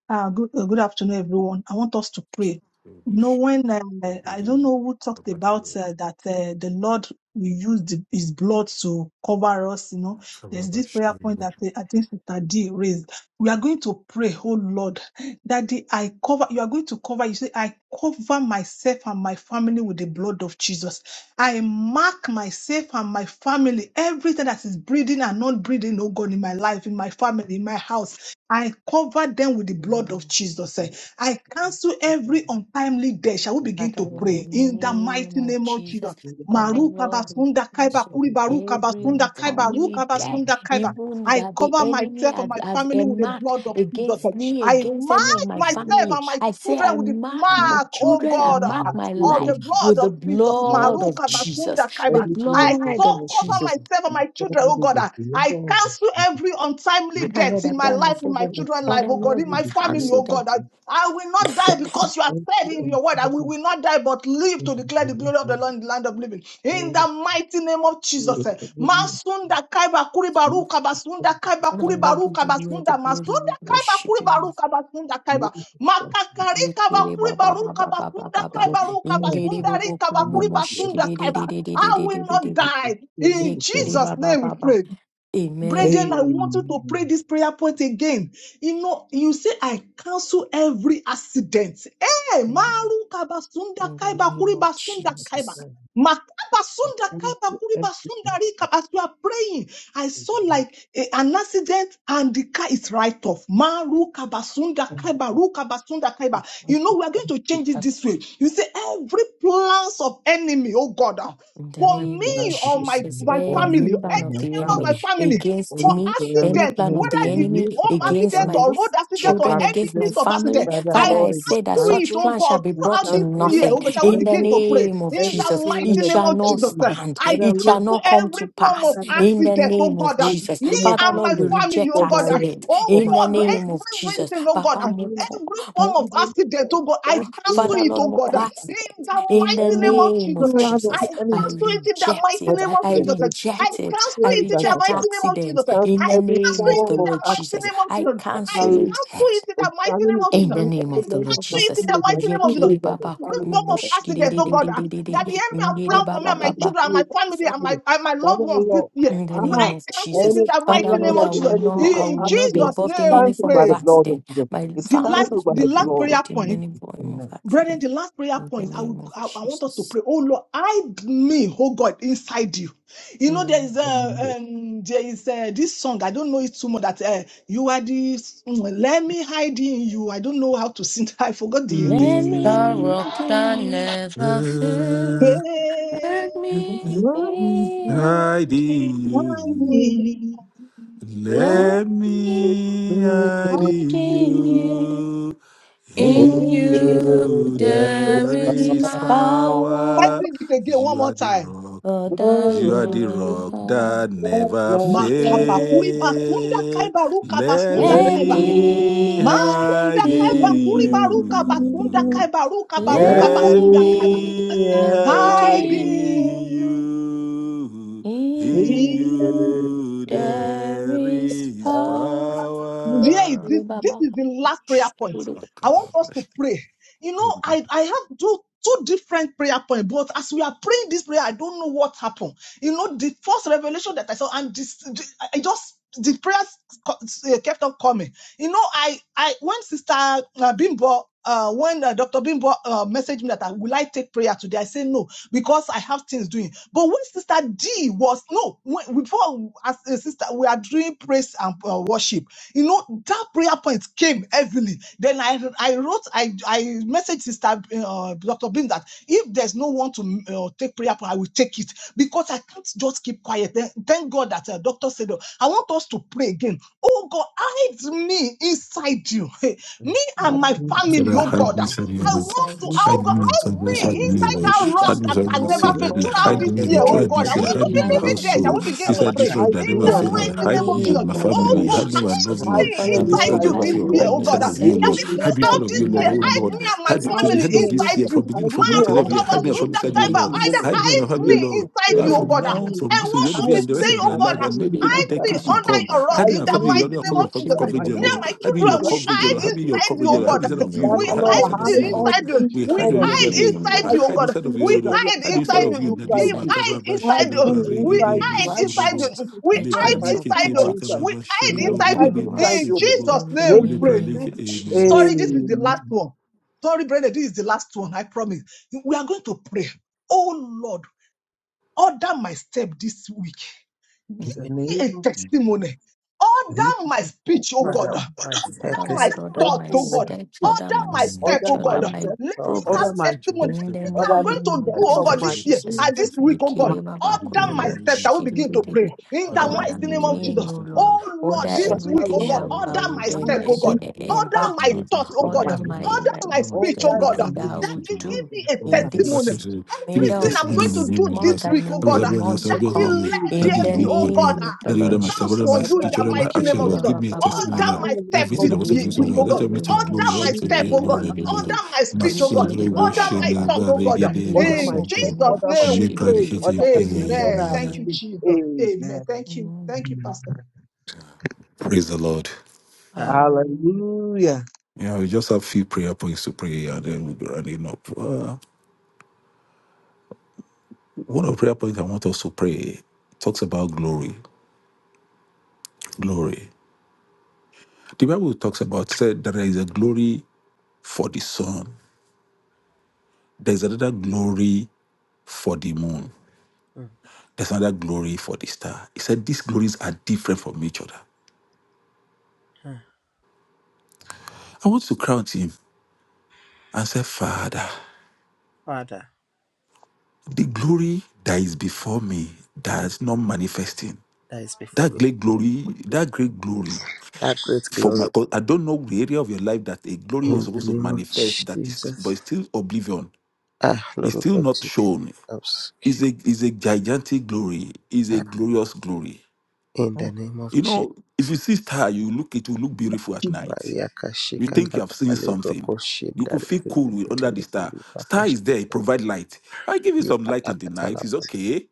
Speaker 6: Ah, good, uh, good afternoon, everyone. I want us to pray. You know, when uh, I don't know who talked about uh, that uh, the Lord will use the, His blood to cover us. You know, there's this prayer point that uh, I think Sister D raised. We are going to pray, oh Lord, that the I cover. You are going to cover. You say, I cover myself and my family with the blood of Jesus. I mark myself and my family, everything that is breathing and not breathing, oh God, in my life, in my family, in my house. I cover them with the blood of Jesus. eh. I cancel every untimely death. Shall we begin
Speaker 4: Father,
Speaker 6: to
Speaker 4: in the
Speaker 6: pray in the
Speaker 4: name
Speaker 6: mighty
Speaker 4: of
Speaker 6: name of Jesus?
Speaker 4: Jesus, Father,
Speaker 6: Maruka
Speaker 4: Lord, we
Speaker 6: basunda kaiba
Speaker 4: cancel
Speaker 6: kuri baruka
Speaker 4: every
Speaker 6: basunda kaiba
Speaker 4: untimely
Speaker 6: ruka
Speaker 4: death,
Speaker 6: basunda kaiba.
Speaker 4: even
Speaker 6: I
Speaker 4: that the
Speaker 6: cover
Speaker 4: enemy
Speaker 6: myself and
Speaker 4: has,
Speaker 6: my
Speaker 4: has
Speaker 6: family
Speaker 4: a
Speaker 6: with the
Speaker 4: mark
Speaker 6: blood of Jesus.
Speaker 4: against
Speaker 6: eh.
Speaker 4: me,
Speaker 6: I
Speaker 4: against any of my
Speaker 6: myself
Speaker 4: family.
Speaker 6: and my
Speaker 4: I say,
Speaker 6: children
Speaker 4: I
Speaker 6: with the
Speaker 4: mark my
Speaker 6: mark, oh
Speaker 4: children, I
Speaker 6: God,
Speaker 4: mark
Speaker 6: uh,
Speaker 4: my
Speaker 6: of
Speaker 4: life
Speaker 6: the blood
Speaker 4: with the
Speaker 6: of Jesus.
Speaker 4: blood of
Speaker 6: Maruka
Speaker 4: Jesus,
Speaker 6: Bakunda
Speaker 4: the
Speaker 6: Kaiba.
Speaker 2: Everything that
Speaker 6: I so
Speaker 4: blood of
Speaker 2: concerns
Speaker 6: cover
Speaker 2: me,
Speaker 4: Jesus.
Speaker 6: myself and
Speaker 2: my
Speaker 6: my
Speaker 2: father
Speaker 6: children, oh
Speaker 2: will
Speaker 6: God.
Speaker 2: be
Speaker 6: uh, I
Speaker 2: delivered in
Speaker 6: cancel
Speaker 2: Jesus'
Speaker 6: every untimely
Speaker 2: name.
Speaker 4: Father,
Speaker 2: My
Speaker 6: death
Speaker 4: Lord, I
Speaker 6: in my
Speaker 4: pray and
Speaker 2: family,
Speaker 4: I
Speaker 6: life,
Speaker 4: say,
Speaker 6: in my
Speaker 4: that,
Speaker 2: my
Speaker 6: children's life,
Speaker 4: Father,
Speaker 6: oh
Speaker 2: family
Speaker 6: God,
Speaker 4: Lord,
Speaker 2: will
Speaker 6: in
Speaker 2: be
Speaker 4: we
Speaker 6: my family,
Speaker 4: cancel
Speaker 6: oh
Speaker 4: that.
Speaker 6: God.
Speaker 2: delivered.
Speaker 6: I will
Speaker 2: I
Speaker 6: not die
Speaker 2: come to
Speaker 6: because you have said
Speaker 2: every
Speaker 6: in your word, I will,
Speaker 2: untimely
Speaker 6: will not die but live to declare the glory of the
Speaker 2: thing.
Speaker 6: Lord in the land of living. In
Speaker 2: Oh,
Speaker 6: the mighty name of
Speaker 2: in
Speaker 6: Jesus. eh.
Speaker 2: the forgiveness.
Speaker 6: Masunda kaiba kuri baruka basunda kaiba
Speaker 4: Father,
Speaker 6: kuri
Speaker 2: Amen.
Speaker 4: Lord, we
Speaker 6: baruka
Speaker 4: give you all the
Speaker 6: basunda
Speaker 4: glory,
Speaker 6: masunda
Speaker 4: we
Speaker 6: kaiba
Speaker 4: worship
Speaker 6: kuri
Speaker 4: you.
Speaker 6: baruka basunda kaiba makakari kaba
Speaker 4: Yekere
Speaker 6: kuri
Speaker 4: baba
Speaker 6: baruka
Speaker 4: baba baba
Speaker 6: basunda
Speaker 2: I
Speaker 4: baba.
Speaker 6: kaiba ruka
Speaker 4: Ingere
Speaker 6: basunda
Speaker 4: bobo
Speaker 6: rika
Speaker 4: primo
Speaker 6: bakuri basunda
Speaker 4: moshkere de de
Speaker 6: kaiba.
Speaker 4: de de de
Speaker 6: I
Speaker 4: de de
Speaker 6: will
Speaker 4: de de
Speaker 6: not
Speaker 4: de.
Speaker 6: die. In
Speaker 4: Yekere
Speaker 6: Jesus'
Speaker 4: baba
Speaker 6: name we
Speaker 4: baba.
Speaker 6: pray. Brethren,
Speaker 4: Amen.
Speaker 6: I want you to pray this prayer point again. You know, you say, I cancel every accident. Hey,
Speaker 4: Amen.
Speaker 6: Maru Kabasunda
Speaker 4: In the
Speaker 6: Kaiba
Speaker 4: name
Speaker 6: kuri
Speaker 4: of
Speaker 6: basunda Kaiba.
Speaker 4: Jesus.
Speaker 6: Makaba Sunda Kaiba
Speaker 2: cancel
Speaker 6: kuri
Speaker 2: every attack
Speaker 6: basunda
Speaker 2: of
Speaker 6: Rika. As you are praying, I saw like a- an accident and the car is right off. Maru Kabasunda Kaiba, Ru Kabasunda
Speaker 2: the enemy. I
Speaker 6: Kaiba. You know,
Speaker 2: cancel
Speaker 6: we are going to
Speaker 2: every
Speaker 6: change it
Speaker 2: attack,
Speaker 6: this way. You say, every plans of enemy, oh God
Speaker 4: In the
Speaker 6: for
Speaker 2: every
Speaker 4: name of
Speaker 6: me
Speaker 2: plan of
Speaker 6: or
Speaker 2: the
Speaker 6: my,
Speaker 4: Jesus,
Speaker 2: enemy
Speaker 6: my
Speaker 2: for
Speaker 6: family, any
Speaker 4: every
Speaker 2: me or
Speaker 4: plan of
Speaker 2: my
Speaker 4: the
Speaker 6: member of
Speaker 4: enemy
Speaker 6: my
Speaker 2: family.
Speaker 6: family,
Speaker 4: against
Speaker 6: for
Speaker 2: every,
Speaker 4: me,
Speaker 2: plan of
Speaker 4: any
Speaker 2: the
Speaker 6: accident,
Speaker 4: plan of
Speaker 2: enemy
Speaker 6: whether
Speaker 4: the
Speaker 2: for
Speaker 6: it's the
Speaker 4: enemy
Speaker 2: me or
Speaker 6: home
Speaker 2: my
Speaker 4: against
Speaker 6: accident
Speaker 4: my
Speaker 6: or
Speaker 2: family
Speaker 6: road accident
Speaker 2: for
Speaker 6: or
Speaker 4: children,
Speaker 6: any
Speaker 4: against my
Speaker 6: means
Speaker 2: accident.
Speaker 6: of
Speaker 4: family,
Speaker 6: accident,
Speaker 2: Father
Speaker 6: I
Speaker 4: Father, I
Speaker 2: Lord, it is
Speaker 4: say that
Speaker 6: cancel it,
Speaker 4: such
Speaker 2: cancelled.
Speaker 6: oh
Speaker 4: plan shall
Speaker 6: God,
Speaker 4: be
Speaker 2: We
Speaker 4: brought
Speaker 6: throughout
Speaker 4: to
Speaker 6: this
Speaker 2: cancel it.
Speaker 6: year.
Speaker 4: nothing.
Speaker 6: Oh
Speaker 2: We
Speaker 6: God, shall we
Speaker 4: In the
Speaker 6: begin
Speaker 2: cancel it.
Speaker 6: to pray?
Speaker 4: name of
Speaker 6: In
Speaker 2: every
Speaker 6: the
Speaker 4: Jesus,
Speaker 2: plan
Speaker 4: it
Speaker 6: mighty
Speaker 2: of
Speaker 6: name
Speaker 2: the
Speaker 4: shall
Speaker 6: of
Speaker 4: not
Speaker 6: Jesus,
Speaker 2: enemy
Speaker 6: eh,
Speaker 4: stand,
Speaker 6: I
Speaker 2: that I
Speaker 4: it shall
Speaker 2: live
Speaker 6: cancel
Speaker 4: not come
Speaker 6: every
Speaker 4: to
Speaker 2: anything
Speaker 6: form of
Speaker 4: pass.
Speaker 2: that love,
Speaker 4: In the
Speaker 6: accident, oh
Speaker 4: name
Speaker 6: God,
Speaker 4: of
Speaker 6: that
Speaker 2: every
Speaker 4: Jesus,
Speaker 6: me
Speaker 2: form of
Speaker 4: Father,
Speaker 6: and my
Speaker 4: Lord, we
Speaker 2: accident
Speaker 6: family,
Speaker 4: reject
Speaker 6: oh
Speaker 2: for my
Speaker 6: God, that,
Speaker 4: accident.
Speaker 2: for
Speaker 6: oh
Speaker 4: In
Speaker 2: my
Speaker 4: the
Speaker 6: God,
Speaker 4: name
Speaker 6: every
Speaker 2: family,
Speaker 4: of
Speaker 2: for
Speaker 4: Jesus,
Speaker 6: reason, oh God,
Speaker 4: Baba
Speaker 6: that
Speaker 2: children,
Speaker 4: Moko,
Speaker 6: every
Speaker 2: for
Speaker 6: form of
Speaker 2: children,
Speaker 6: accident,
Speaker 2: for
Speaker 6: oh God, I
Speaker 2: friends, in
Speaker 6: cancel
Speaker 4: Father
Speaker 2: the
Speaker 6: it,
Speaker 4: Lord,
Speaker 6: oh
Speaker 2: Father,
Speaker 4: more
Speaker 6: God,
Speaker 2: Lord, I
Speaker 4: accident.
Speaker 6: in the
Speaker 2: thank you
Speaker 4: In the
Speaker 6: mighty name
Speaker 2: every
Speaker 6: of
Speaker 4: name
Speaker 6: Jesus.
Speaker 4: of
Speaker 6: I
Speaker 2: plan of the
Speaker 4: Jesus, I
Speaker 2: enemy
Speaker 6: cancel it in the
Speaker 4: reject
Speaker 6: mighty
Speaker 2: of
Speaker 4: it.
Speaker 6: name of
Speaker 4: I
Speaker 2: accident
Speaker 6: Jesus. I
Speaker 2: concerning
Speaker 4: reject
Speaker 2: my
Speaker 4: it.
Speaker 6: cancel
Speaker 4: I
Speaker 2: children
Speaker 6: it
Speaker 2: and
Speaker 6: in
Speaker 2: my
Speaker 6: the
Speaker 4: reject
Speaker 2: son.
Speaker 6: mighty name of
Speaker 2: We
Speaker 6: Jesus.
Speaker 4: accidents.
Speaker 2: cancel
Speaker 4: In
Speaker 6: I
Speaker 4: the
Speaker 2: every
Speaker 4: name
Speaker 6: cancel
Speaker 4: of
Speaker 6: it
Speaker 2: form
Speaker 4: the
Speaker 6: in
Speaker 2: of
Speaker 6: the
Speaker 4: Lord
Speaker 6: mighty
Speaker 4: Jesus,
Speaker 2: accident
Speaker 6: name of
Speaker 4: I
Speaker 6: Jesus. I
Speaker 4: cancel it.
Speaker 6: cancel it in the mighty name
Speaker 2: concerning
Speaker 6: of
Speaker 4: In
Speaker 6: Jesus.
Speaker 4: the
Speaker 2: concerning
Speaker 4: name
Speaker 6: I
Speaker 2: any
Speaker 4: of the
Speaker 2: member
Speaker 4: Lord
Speaker 2: of
Speaker 6: cancel
Speaker 2: my
Speaker 6: it in
Speaker 4: Jesus.
Speaker 6: the
Speaker 2: family, my
Speaker 6: mighty name of Jesus.
Speaker 2: children
Speaker 4: Yekere
Speaker 2: and
Speaker 4: baba
Speaker 2: my
Speaker 4: ku-
Speaker 6: Every
Speaker 2: family,
Speaker 4: mu-
Speaker 6: form
Speaker 2: my
Speaker 4: mu-
Speaker 6: of
Speaker 4: shikiri
Speaker 6: accident,
Speaker 4: di-
Speaker 6: oh
Speaker 2: family,
Speaker 4: di-
Speaker 6: God,
Speaker 4: di-
Speaker 6: that
Speaker 4: di- di- di.
Speaker 6: that the
Speaker 2: family,
Speaker 6: enemy have
Speaker 4: Ngiri
Speaker 6: planned for
Speaker 2: family,
Speaker 6: me
Speaker 4: baba
Speaker 6: and my
Speaker 2: family,
Speaker 4: baba.
Speaker 6: children and my
Speaker 2: family,
Speaker 6: family and my
Speaker 2: family.
Speaker 6: and my loved
Speaker 2: Father
Speaker 6: ones this
Speaker 2: Lord,
Speaker 6: year.
Speaker 4: In the
Speaker 2: ah,
Speaker 4: name
Speaker 6: I
Speaker 4: of
Speaker 6: cancel it
Speaker 4: Jesus.
Speaker 6: in
Speaker 2: any
Speaker 6: the
Speaker 4: Father
Speaker 6: mighty
Speaker 2: plan
Speaker 6: name
Speaker 4: Lord,
Speaker 2: of
Speaker 6: of
Speaker 4: I
Speaker 2: the
Speaker 4: will
Speaker 6: Jesus.
Speaker 2: enemy
Speaker 4: not I
Speaker 2: for
Speaker 4: will
Speaker 6: In
Speaker 4: not be
Speaker 2: accident
Speaker 6: Jesus'
Speaker 2: is
Speaker 4: involved in
Speaker 6: name we
Speaker 4: any
Speaker 2: cancelled
Speaker 4: form
Speaker 2: by
Speaker 4: of
Speaker 2: the
Speaker 6: pray.
Speaker 2: blood of
Speaker 4: accident.
Speaker 2: Jesus.
Speaker 4: My
Speaker 2: It's
Speaker 6: The
Speaker 4: family
Speaker 6: last
Speaker 2: cancelled by
Speaker 4: will
Speaker 6: the
Speaker 2: the
Speaker 4: not be
Speaker 6: last
Speaker 2: blood of
Speaker 6: prayer
Speaker 4: involved in
Speaker 6: point
Speaker 4: any
Speaker 2: Jesus.
Speaker 4: form of
Speaker 2: Amen.
Speaker 6: Brethren,
Speaker 4: accident.
Speaker 6: the last prayer
Speaker 4: In the
Speaker 6: point, I,
Speaker 4: name
Speaker 6: would,
Speaker 4: of
Speaker 6: I, I want us to
Speaker 4: Jesus.
Speaker 6: pray. Oh Lord, hide me, oh God, inside you. You know, there
Speaker 4: Amen.
Speaker 6: is uh, um, there is uh, this song. I don't know it too much. That uh, you are this. mm, let me hide in you. I don't know how to sing. I forgot the the.
Speaker 4: Let
Speaker 6: This thing.
Speaker 3: The
Speaker 4: me
Speaker 3: rock
Speaker 4: redeem
Speaker 3: that
Speaker 4: you.
Speaker 3: never
Speaker 6: Hide
Speaker 3: fails, let me
Speaker 4: redeem
Speaker 2: Amen.
Speaker 5: Hide
Speaker 4: you.
Speaker 5: in you.
Speaker 6: me.
Speaker 3: learn
Speaker 4: Let
Speaker 5: Let
Speaker 4: me
Speaker 5: me hide in
Speaker 4: redeem you.
Speaker 5: you.
Speaker 3: in
Speaker 5: In
Speaker 4: In you
Speaker 3: you.
Speaker 5: you
Speaker 1: there
Speaker 4: there
Speaker 1: is
Speaker 3: There
Speaker 5: there
Speaker 3: is
Speaker 5: is
Speaker 4: is
Speaker 1: power.
Speaker 3: power.
Speaker 6: Let's
Speaker 4: power
Speaker 5: power.
Speaker 6: sing it again
Speaker 2: Amen.
Speaker 6: one
Speaker 5: You
Speaker 6: more
Speaker 5: are the
Speaker 6: time.
Speaker 5: rock.
Speaker 4: for
Speaker 2: I
Speaker 4: the
Speaker 3: The
Speaker 5: You are
Speaker 2: do
Speaker 5: the
Speaker 3: rock
Speaker 2: find you.
Speaker 4: name
Speaker 5: rock
Speaker 3: that
Speaker 4: of God.
Speaker 5: that
Speaker 3: never
Speaker 5: never
Speaker 3: fails,
Speaker 6: Makabakuri basunda
Speaker 5: fails.
Speaker 6: kaiba ruka
Speaker 5: Let
Speaker 6: basunda
Speaker 3: let
Speaker 4: Let
Speaker 6: kaiba.
Speaker 1: Let me,
Speaker 3: me,
Speaker 5: me
Speaker 4: me
Speaker 5: hide
Speaker 6: Masunda kai
Speaker 5: in
Speaker 4: redeem
Speaker 6: bakuri
Speaker 4: you.
Speaker 6: baruka basunda
Speaker 5: you.
Speaker 6: kai baruka
Speaker 4: Let
Speaker 6: baruka
Speaker 1: let
Speaker 3: let
Speaker 5: Let
Speaker 6: basunda
Speaker 1: me,
Speaker 6: kai ba.
Speaker 4: me
Speaker 1: I
Speaker 5: me hide
Speaker 4: redeem you.
Speaker 5: in
Speaker 6: Hiding.
Speaker 5: you.
Speaker 3: me.
Speaker 5: In
Speaker 4: In
Speaker 6: Here
Speaker 4: you
Speaker 1: believe.
Speaker 5: you
Speaker 4: there
Speaker 5: there
Speaker 4: is
Speaker 5: is
Speaker 4: power.
Speaker 6: is
Speaker 5: power.
Speaker 6: this. This is the last prayer point. I want us to pray. You know, I, I have two, two different prayer points, but as we are praying this prayer, I don't know what happened. You know, the first revelation that I saw, and this, I just, the prayers eh, kept on coming. You know, I, I, when Sister uh, Bimbo, uh, when uh, Dr. Bimbo uh, messaged me that I will I take prayer today, I say no because I have things doing. But when Sister D was no when, before as a sister we are doing praise and uh, worship. You know that prayer point came heavily. Then I I I wrote, I I messaged Sister uh, Dr. Beam that if there's no one to uh, take prayer, I will take it because I can't just keep quiet. Then, thank God that uh, Dr. said, "Oh, I want us to pray again. Oh God, hide me inside you, me and my family.
Speaker 5: Father,
Speaker 6: Oh
Speaker 5: hide
Speaker 2: father.
Speaker 6: God,
Speaker 5: me
Speaker 6: I,
Speaker 5: from your
Speaker 6: I
Speaker 5: love.
Speaker 2: I
Speaker 6: want to,
Speaker 4: Inside
Speaker 2: do
Speaker 4: you,
Speaker 5: Hide
Speaker 6: oh God,
Speaker 5: me in
Speaker 2: open
Speaker 6: hide
Speaker 2: my
Speaker 4: the
Speaker 6: me
Speaker 5: conversation
Speaker 4: name
Speaker 2: children.
Speaker 5: with you,
Speaker 4: of
Speaker 2: my
Speaker 6: inside
Speaker 5: Lord.
Speaker 6: that
Speaker 2: children,
Speaker 5: Hide
Speaker 6: rock
Speaker 4: Jesus.
Speaker 5: me
Speaker 6: that
Speaker 5: from
Speaker 6: I
Speaker 5: your
Speaker 2: people
Speaker 6: never
Speaker 4: Oh
Speaker 2: that
Speaker 5: faith.
Speaker 6: fail
Speaker 5: Daddy,
Speaker 4: God,
Speaker 2: are
Speaker 1: You
Speaker 6: throughout
Speaker 5: hide
Speaker 6: this
Speaker 4: hide
Speaker 1: the
Speaker 5: me
Speaker 4: me,
Speaker 6: year.
Speaker 5: in
Speaker 1: rock
Speaker 2: I
Speaker 6: Oh
Speaker 5: Throughout
Speaker 6: God, I
Speaker 5: this
Speaker 1: never
Speaker 4: hide
Speaker 5: year.
Speaker 6: want
Speaker 2: do
Speaker 6: to
Speaker 5: Hide
Speaker 4: me,
Speaker 5: me
Speaker 6: be
Speaker 5: in my
Speaker 4: hide
Speaker 2: beside
Speaker 6: living this. I
Speaker 4: me
Speaker 5: household.
Speaker 6: will
Speaker 2: you.
Speaker 6: begin to
Speaker 5: Inside
Speaker 1: apart
Speaker 4: inside
Speaker 6: pray
Speaker 5: this
Speaker 4: you.
Speaker 2: I
Speaker 5: road that
Speaker 6: in
Speaker 5: never
Speaker 2: do
Speaker 6: the
Speaker 5: fail,
Speaker 2: and
Speaker 4: In
Speaker 2: my
Speaker 5: Lord.
Speaker 4: the
Speaker 6: mighty
Speaker 5: Hide
Speaker 6: name
Speaker 2: family
Speaker 6: of
Speaker 5: me and
Speaker 6: Jesus.
Speaker 5: my
Speaker 4: name of
Speaker 2: beside
Speaker 4: the
Speaker 5: family.
Speaker 6: Oh
Speaker 4: Lord
Speaker 2: you.
Speaker 5: Hide
Speaker 6: God,
Speaker 5: me
Speaker 4: Jesus
Speaker 5: and my
Speaker 6: hide
Speaker 2: I
Speaker 4: Christ.
Speaker 1: In
Speaker 5: loved
Speaker 6: me
Speaker 2: Ai,
Speaker 1: the
Speaker 5: one.
Speaker 4: Father,
Speaker 5: In
Speaker 1: name of
Speaker 5: this road
Speaker 6: inside
Speaker 4: Lord,
Speaker 2: ministra
Speaker 5: that
Speaker 6: you
Speaker 5: never
Speaker 6: this
Speaker 4: hide
Speaker 5: fail,
Speaker 6: year.
Speaker 2: Senhor,
Speaker 4: me
Speaker 5: hide me
Speaker 6: Oh God,
Speaker 5: inside
Speaker 6: I,
Speaker 5: of you,
Speaker 6: that
Speaker 2: livro
Speaker 4: inside
Speaker 6: That
Speaker 5: Lord.
Speaker 6: is
Speaker 4: you.
Speaker 5: Hide me
Speaker 2: cristão
Speaker 5: inside
Speaker 6: throughout
Speaker 2: que
Speaker 5: of
Speaker 6: this
Speaker 5: you,
Speaker 2: se
Speaker 4: In
Speaker 5: Lord.
Speaker 6: year,
Speaker 4: the
Speaker 1: Christ,
Speaker 5: Oh,
Speaker 2: chama.
Speaker 6: hide
Speaker 5: Lord.
Speaker 4: name
Speaker 6: me
Speaker 4: of
Speaker 6: and my
Speaker 4: the
Speaker 5: Hide
Speaker 1: yes,
Speaker 5: me
Speaker 4: Lord
Speaker 5: to
Speaker 2: Ai,
Speaker 5: the
Speaker 6: family
Speaker 5: end of
Speaker 4: Jesus.
Speaker 2: I
Speaker 5: this
Speaker 6: inside
Speaker 5: year,
Speaker 6: you.
Speaker 5: from beginning
Speaker 2: ai,
Speaker 5: from now
Speaker 2: minha
Speaker 6: Maru
Speaker 5: till every
Speaker 4: Hide
Speaker 5: year.
Speaker 4: my
Speaker 6: Cover
Speaker 5: Hide me and
Speaker 2: madrinha,
Speaker 5: my family
Speaker 6: Maruka that
Speaker 5: inside
Speaker 4: children
Speaker 2: ministra
Speaker 5: you,
Speaker 6: time,
Speaker 5: Lord.
Speaker 6: Either
Speaker 2: Senhor.
Speaker 5: Hide me
Speaker 4: inside
Speaker 5: and
Speaker 4: of
Speaker 5: my
Speaker 6: hide
Speaker 4: you.
Speaker 5: family,
Speaker 6: me
Speaker 2: Livro
Speaker 5: Lord.
Speaker 2: de
Speaker 6: inside
Speaker 5: Well,
Speaker 4: In
Speaker 6: you,
Speaker 2: servo
Speaker 4: the
Speaker 6: oh
Speaker 5: From
Speaker 6: God.
Speaker 5: now,
Speaker 4: name
Speaker 2: cristão que
Speaker 5: from
Speaker 6: I
Speaker 5: this
Speaker 2: se
Speaker 4: of
Speaker 5: to the
Speaker 6: want
Speaker 5: end
Speaker 2: chama.
Speaker 5: of
Speaker 6: to
Speaker 5: the year
Speaker 2: Ai,
Speaker 6: be
Speaker 5: and the rest
Speaker 4: Jesus.
Speaker 5: of
Speaker 6: saved,
Speaker 2: minha
Speaker 5: my
Speaker 6: oh
Speaker 5: life,
Speaker 6: God.
Speaker 5: and
Speaker 2: madrinha,
Speaker 5: many,
Speaker 4: Yikiri
Speaker 5: many
Speaker 4: ba ba
Speaker 6: Hide
Speaker 2: ministra
Speaker 6: me
Speaker 4: ba
Speaker 5: decades
Speaker 2: Senhor.
Speaker 4: ba
Speaker 5: to
Speaker 4: ba
Speaker 6: under
Speaker 5: come.
Speaker 4: ba
Speaker 6: your
Speaker 4: ba
Speaker 6: rock
Speaker 2: Ai,
Speaker 5: Having me
Speaker 4: ba
Speaker 6: in the
Speaker 4: ba.
Speaker 5: family,
Speaker 2: minha, my
Speaker 5: your
Speaker 2: family inside you. I need
Speaker 6: mighty
Speaker 5: Lord,
Speaker 2: my
Speaker 6: name
Speaker 5: cover-
Speaker 6: of
Speaker 5: cover-
Speaker 6: Jesus.
Speaker 4: Yikiri
Speaker 2: husband,
Speaker 4: bo
Speaker 5: coverage,
Speaker 2: my
Speaker 5: your
Speaker 6: Me
Speaker 4: bo
Speaker 6: and
Speaker 5: Lord.
Speaker 4: ko-
Speaker 6: my
Speaker 2: children,
Speaker 5: having
Speaker 4: bo
Speaker 2: my
Speaker 4: bo
Speaker 5: your
Speaker 6: children, we
Speaker 5: coverage, your
Speaker 6: hide
Speaker 2: grandchildren,
Speaker 5: Lord.
Speaker 4: shikiri
Speaker 5: having
Speaker 4: bo.
Speaker 5: your
Speaker 2: my
Speaker 6: inside you,
Speaker 5: coverage, your
Speaker 6: oh
Speaker 5: Lord. having
Speaker 6: God.
Speaker 2: children.
Speaker 4: Hide
Speaker 5: inside
Speaker 4: me,
Speaker 5: of you,
Speaker 4: O
Speaker 5: Lord.
Speaker 6: We
Speaker 2: That
Speaker 5: having
Speaker 4: God,
Speaker 6: hide
Speaker 2: Lord,
Speaker 5: inside of
Speaker 6: still
Speaker 5: you,
Speaker 2: hide
Speaker 4: inside
Speaker 2: us
Speaker 5: Lord.
Speaker 6: inside
Speaker 4: you.
Speaker 6: you.
Speaker 5: We
Speaker 6: We
Speaker 5: had of
Speaker 2: inside
Speaker 4: In
Speaker 2: of
Speaker 5: you
Speaker 4: the
Speaker 5: the other
Speaker 6: hide
Speaker 2: you.
Speaker 4: name
Speaker 5: day.
Speaker 4: of
Speaker 5: I
Speaker 6: inside
Speaker 2: I
Speaker 6: you,
Speaker 4: Jesus,
Speaker 6: oh
Speaker 5: hide
Speaker 2: my
Speaker 6: God.
Speaker 5: inside of you,
Speaker 6: We
Speaker 2: children
Speaker 5: Lord.
Speaker 2: and their
Speaker 6: hide
Speaker 5: Hide inside
Speaker 6: inside
Speaker 2: family
Speaker 5: of you,
Speaker 6: you.
Speaker 4: hide me
Speaker 5: Nadia
Speaker 2: inside
Speaker 6: We
Speaker 2: you.
Speaker 4: inside
Speaker 6: hide
Speaker 4: you.
Speaker 5: Makababa
Speaker 6: inside
Speaker 2: Hide
Speaker 6: you.
Speaker 5: Shenaba
Speaker 2: me
Speaker 4: In the
Speaker 6: We
Speaker 5: Regede
Speaker 2: inside
Speaker 4: name
Speaker 2: you.
Speaker 6: hide
Speaker 2: I my
Speaker 4: of
Speaker 6: inside
Speaker 5: Masorobo.
Speaker 6: you.
Speaker 4: Jesus.
Speaker 2: husband
Speaker 6: We
Speaker 2: inside
Speaker 4: Let
Speaker 2: you.
Speaker 4: your
Speaker 2: Hide
Speaker 5: Lepra
Speaker 6: hide
Speaker 4: hands
Speaker 2: my
Speaker 4: of
Speaker 6: inside
Speaker 5: Likete
Speaker 6: you.
Speaker 2: children inside you.
Speaker 4: protection
Speaker 6: We
Speaker 5: Makababa
Speaker 6: hide
Speaker 4: be
Speaker 2: We
Speaker 5: Shenabo
Speaker 6: inside
Speaker 4: upon
Speaker 2: hide
Speaker 6: you.
Speaker 5: Regede
Speaker 2: inside
Speaker 4: us.
Speaker 6: In
Speaker 2: your will.
Speaker 5: Masorobo.
Speaker 6: Jesus'
Speaker 4: In the
Speaker 6: name
Speaker 2: Make
Speaker 6: we
Speaker 2: it
Speaker 5: Lepra
Speaker 6: pray.
Speaker 4: name
Speaker 2: big.
Speaker 4: of
Speaker 5: Likete. Amen.
Speaker 6: Sorry,
Speaker 4: Jesus.
Speaker 6: this is the last
Speaker 4: Amen.
Speaker 2: Amen.
Speaker 6: one. Sorry, brother, this is the last one. I promise. We are going to pray. Oh Lord, order my step this week. Give
Speaker 2: In the
Speaker 4: Amen.
Speaker 6: me
Speaker 2: name
Speaker 6: a
Speaker 2: of
Speaker 6: testimony.
Speaker 2: Jesus,
Speaker 6: Order my speech, oh
Speaker 1: Father,
Speaker 6: God.
Speaker 2: order,
Speaker 1: always
Speaker 6: Order
Speaker 1: help
Speaker 4: Father,
Speaker 1: us
Speaker 6: my
Speaker 4: Lord, order
Speaker 2: order
Speaker 6: thoughts,
Speaker 4: my
Speaker 6: oh
Speaker 2: my
Speaker 6: God.
Speaker 4: steps,
Speaker 2: speech,
Speaker 4: order
Speaker 6: Order
Speaker 4: my
Speaker 6: my
Speaker 5: Amen.
Speaker 6: step,
Speaker 2: order
Speaker 4: speech,
Speaker 6: oh
Speaker 1: with
Speaker 4: order
Speaker 6: God.
Speaker 2: my
Speaker 6: Let
Speaker 4: my
Speaker 2: steps,
Speaker 6: me
Speaker 5: Lord,
Speaker 1: thoughts
Speaker 6: have
Speaker 2: order
Speaker 4: progress.
Speaker 5: it's
Speaker 2: my
Speaker 5: teaching
Speaker 6: testimony.
Speaker 2: feet,
Speaker 4: In the
Speaker 5: stepping
Speaker 6: Everything
Speaker 5: on.
Speaker 6: I'm
Speaker 2: order the
Speaker 6: going to
Speaker 4: name
Speaker 5: Lord,
Speaker 4: of
Speaker 6: do,
Speaker 2: steps
Speaker 4: the
Speaker 5: it's
Speaker 6: oh
Speaker 2: of
Speaker 6: God,
Speaker 4: Lord
Speaker 6: this
Speaker 2: my
Speaker 5: teaching
Speaker 6: year
Speaker 4: Jesus.
Speaker 6: and
Speaker 2: children,
Speaker 6: this week, oh
Speaker 2: my
Speaker 6: God.
Speaker 4: Yikiri baba
Speaker 5: Jehovah
Speaker 1: in
Speaker 6: Order my
Speaker 1: the
Speaker 2: children,
Speaker 4: kurumu
Speaker 5: will be
Speaker 6: steps. I will
Speaker 4: shikiri
Speaker 6: begin
Speaker 2: my
Speaker 6: to
Speaker 5: Stephanie.
Speaker 4: dididi.
Speaker 6: pray in
Speaker 2: husband,
Speaker 6: the
Speaker 1: order
Speaker 5: Para na
Speaker 2: order
Speaker 1: of
Speaker 4: Order
Speaker 6: mighty
Speaker 5: minha
Speaker 6: name
Speaker 2: the
Speaker 6: of
Speaker 5: história,
Speaker 2: steps
Speaker 4: me,
Speaker 6: Jesus.
Speaker 4: O
Speaker 5: mas
Speaker 2: of
Speaker 4: Lord.
Speaker 5: Stephanie,
Speaker 6: Oh
Speaker 2: my
Speaker 5: mas
Speaker 6: Lord,
Speaker 4: Order
Speaker 6: this
Speaker 2: husband.
Speaker 5: sempre
Speaker 2: Father,
Speaker 6: week,
Speaker 5: vou
Speaker 6: oh
Speaker 4: everything that
Speaker 6: God,
Speaker 4: I
Speaker 2: Lord,
Speaker 4: wou-
Speaker 5: chamar da
Speaker 4: I
Speaker 6: order my
Speaker 4: would
Speaker 5: livre e
Speaker 4: em-
Speaker 6: step,
Speaker 5: me
Speaker 2: ah,
Speaker 6: oh
Speaker 4: e- e-
Speaker 6: God.
Speaker 2: this
Speaker 5: sinto.
Speaker 4: e-
Speaker 2: week, order
Speaker 6: Order
Speaker 4: embark
Speaker 6: my
Speaker 4: on.
Speaker 5: Lepas,
Speaker 6: thoughts, oh
Speaker 5: olha
Speaker 2: of
Speaker 6: God.
Speaker 5: mais
Speaker 2: my
Speaker 4: Order
Speaker 5: Stephanie,
Speaker 4: my,
Speaker 2: husband,
Speaker 5: Lord.
Speaker 6: Order
Speaker 4: my
Speaker 6: my
Speaker 5: Olha mais
Speaker 6: speech, oh
Speaker 2: order
Speaker 5: Stephanie,
Speaker 6: God.
Speaker 2: the
Speaker 5: Lord.
Speaker 4: everything
Speaker 5: Olha
Speaker 4: that I
Speaker 5: mais
Speaker 6: That
Speaker 4: would
Speaker 2: speech
Speaker 6: you
Speaker 5: Stephanie, Lord.
Speaker 6: give
Speaker 4: do
Speaker 2: of
Speaker 6: me
Speaker 2: my
Speaker 6: a
Speaker 5: Oh, my
Speaker 4: in
Speaker 2: husband
Speaker 5: God,
Speaker 2: this
Speaker 5: first
Speaker 6: testimony.
Speaker 4: this
Speaker 5: of all, give me a
Speaker 4: remainder
Speaker 2: week.
Speaker 6: Everything
Speaker 4: of
Speaker 6: I'm
Speaker 5: testimony
Speaker 6: going
Speaker 5: in the
Speaker 6: to
Speaker 4: this
Speaker 5: name of
Speaker 6: do this
Speaker 4: month
Speaker 5: Jesus.
Speaker 2: I
Speaker 4: and
Speaker 6: week, oh
Speaker 4: in
Speaker 5: I was
Speaker 6: God.
Speaker 4: the
Speaker 6: That
Speaker 5: about to ask,
Speaker 4: month
Speaker 5: I
Speaker 4: to
Speaker 5: was
Speaker 2: think
Speaker 6: you
Speaker 5: Lord,
Speaker 4: come.
Speaker 5: Lord,
Speaker 2: you
Speaker 6: let
Speaker 2: would
Speaker 5: that
Speaker 4: In
Speaker 5: did
Speaker 6: there
Speaker 4: the
Speaker 6: be,
Speaker 2: know
Speaker 5: lead me,
Speaker 6: oh
Speaker 2: this
Speaker 6: God.
Speaker 5: Lord.
Speaker 4: name of the
Speaker 5: That you
Speaker 4: Lord
Speaker 2: is.
Speaker 5: my stuff,
Speaker 6: stand
Speaker 5: order
Speaker 4: Jesus.
Speaker 5: my
Speaker 6: for
Speaker 2: But
Speaker 6: you in
Speaker 2: I
Speaker 5: speech,
Speaker 6: the
Speaker 5: order
Speaker 2: know.
Speaker 5: my
Speaker 6: mighty name
Speaker 5: action,
Speaker 4: Yikiri
Speaker 6: of
Speaker 5: Lord.
Speaker 6: Jesus.
Speaker 5: Give
Speaker 4: baba
Speaker 5: me a
Speaker 2: I
Speaker 4: baba
Speaker 2: think
Speaker 5: testimony,
Speaker 6: Order
Speaker 5: Lord.
Speaker 2: you
Speaker 4: baba.
Speaker 6: my
Speaker 2: would
Speaker 6: step
Speaker 2: know
Speaker 6: this
Speaker 5: Everything I
Speaker 2: what
Speaker 5: was to
Speaker 4: Indiri
Speaker 6: ye-
Speaker 5: do, so
Speaker 6: week,
Speaker 4: bobo
Speaker 6: oh
Speaker 5: Lord.
Speaker 6: God.
Speaker 5: Let me
Speaker 4: kure
Speaker 5: to
Speaker 4: momo
Speaker 5: glory,
Speaker 6: Order
Speaker 5: let
Speaker 6: my
Speaker 5: me
Speaker 2: You
Speaker 5: to
Speaker 6: step,
Speaker 5: great
Speaker 6: oh
Speaker 2: are
Speaker 5: glory
Speaker 6: God.
Speaker 5: in the name of Jesus.
Speaker 4: shikiririririri.
Speaker 6: Order my
Speaker 5: My
Speaker 6: speech, oh
Speaker 5: soul,
Speaker 6: God.
Speaker 4: Yikiri
Speaker 5: Lord, was
Speaker 4: baba
Speaker 6: Order
Speaker 5: shamed,
Speaker 6: my
Speaker 4: baba.
Speaker 6: thought,
Speaker 5: Lord.
Speaker 6: oh God.
Speaker 1: your
Speaker 5: Reggae,
Speaker 4: Indiri
Speaker 5: my
Speaker 2: Order my
Speaker 4: bobo
Speaker 6: In
Speaker 5: soul, Lord.
Speaker 4: kure
Speaker 2: step,
Speaker 6: Jesus'
Speaker 4: momo
Speaker 2: order my
Speaker 6: name
Speaker 5: You
Speaker 6: we
Speaker 2: feet,
Speaker 6: pray.
Speaker 4: shikiriri.
Speaker 5: appreciate
Speaker 2: order
Speaker 5: it.
Speaker 2: my step,
Speaker 6: Amen.
Speaker 2: order my
Speaker 6: Thank
Speaker 5: Amen.
Speaker 4: Amen.
Speaker 6: you,
Speaker 2: feet.
Speaker 6: Jesus. Amen.
Speaker 2: Amen.
Speaker 6: Thank you.
Speaker 4: Amen.
Speaker 6: Thank you, Pastor.
Speaker 5: Praise the Lord.
Speaker 1: and
Speaker 4: Hallelujah.
Speaker 2: Hallelujah.
Speaker 5: Yeah, we just have a few prayer points to pray and then we'll be running up. Uh, one of the prayer points I want us to pray talks about glory. Glory. The Bible talks about said that there is a glory for the sun, there's another glory for the moon, there's another glory for the star. He said these glories are different from each other.
Speaker 1: mm,
Speaker 5: I want to crown him and say, Father,
Speaker 1: Father,
Speaker 5: the glory that is before me
Speaker 1: the God
Speaker 5: that's not manifesting
Speaker 1: that is before
Speaker 5: That
Speaker 1: me.
Speaker 5: great glory, that great glory
Speaker 1: That great
Speaker 5: for my,
Speaker 1: glory
Speaker 5: 'cause I don't know the area of your life that a glory was
Speaker 1: in the
Speaker 5: supposed to
Speaker 1: name of
Speaker 5: manifest that is, but
Speaker 1: Jesus.
Speaker 5: it's still oblivion.
Speaker 1: Ah, Lord
Speaker 5: It's
Speaker 1: of
Speaker 5: still
Speaker 1: God,
Speaker 5: not
Speaker 1: Jesus.
Speaker 5: shown.
Speaker 1: I'm
Speaker 5: It's
Speaker 1: scared.
Speaker 5: a, is a gigantic glory. Is a
Speaker 1: Ah,
Speaker 5: glorious glory.
Speaker 1: in the
Speaker 2: Mm.
Speaker 1: name of
Speaker 5: You
Speaker 1: Jesus.
Speaker 5: know, if you see star, you look, it will look beautiful at night. You
Speaker 1: Yakashika
Speaker 5: think you have seen
Speaker 1: katalabale
Speaker 5: something.
Speaker 1: roko
Speaker 5: You could
Speaker 1: shindare
Speaker 5: feel cool with, under the
Speaker 1: kiseketele
Speaker 5: star.
Speaker 1: kulipa
Speaker 5: Star
Speaker 1: kashi
Speaker 5: is there, it provide light. I give you some light in the night, it's
Speaker 1: katalabale
Speaker 5: okay.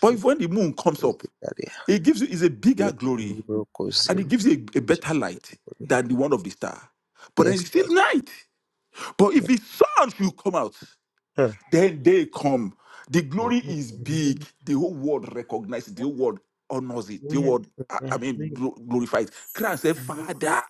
Speaker 5: But if when the moon comes up,
Speaker 1: kuzindare
Speaker 5: it gives you is a bigger
Speaker 1: yepa
Speaker 5: glory.
Speaker 1: libro
Speaker 5: and it
Speaker 1: kuzindare
Speaker 5: gives you a, a better light than the one of the star. But then
Speaker 1: yes
Speaker 5: it's still
Speaker 1: Lord
Speaker 5: night. But if the sun will come out,
Speaker 1: Mm.
Speaker 5: then they come. The glory
Speaker 1: Father,
Speaker 5: is
Speaker 2: Hallelujah.
Speaker 5: big. The whole world recognizes it. The whole world honors it. The whole world, I I mean,
Speaker 2: Hallelujah.
Speaker 5: glo- glorifies. Christ said, Father.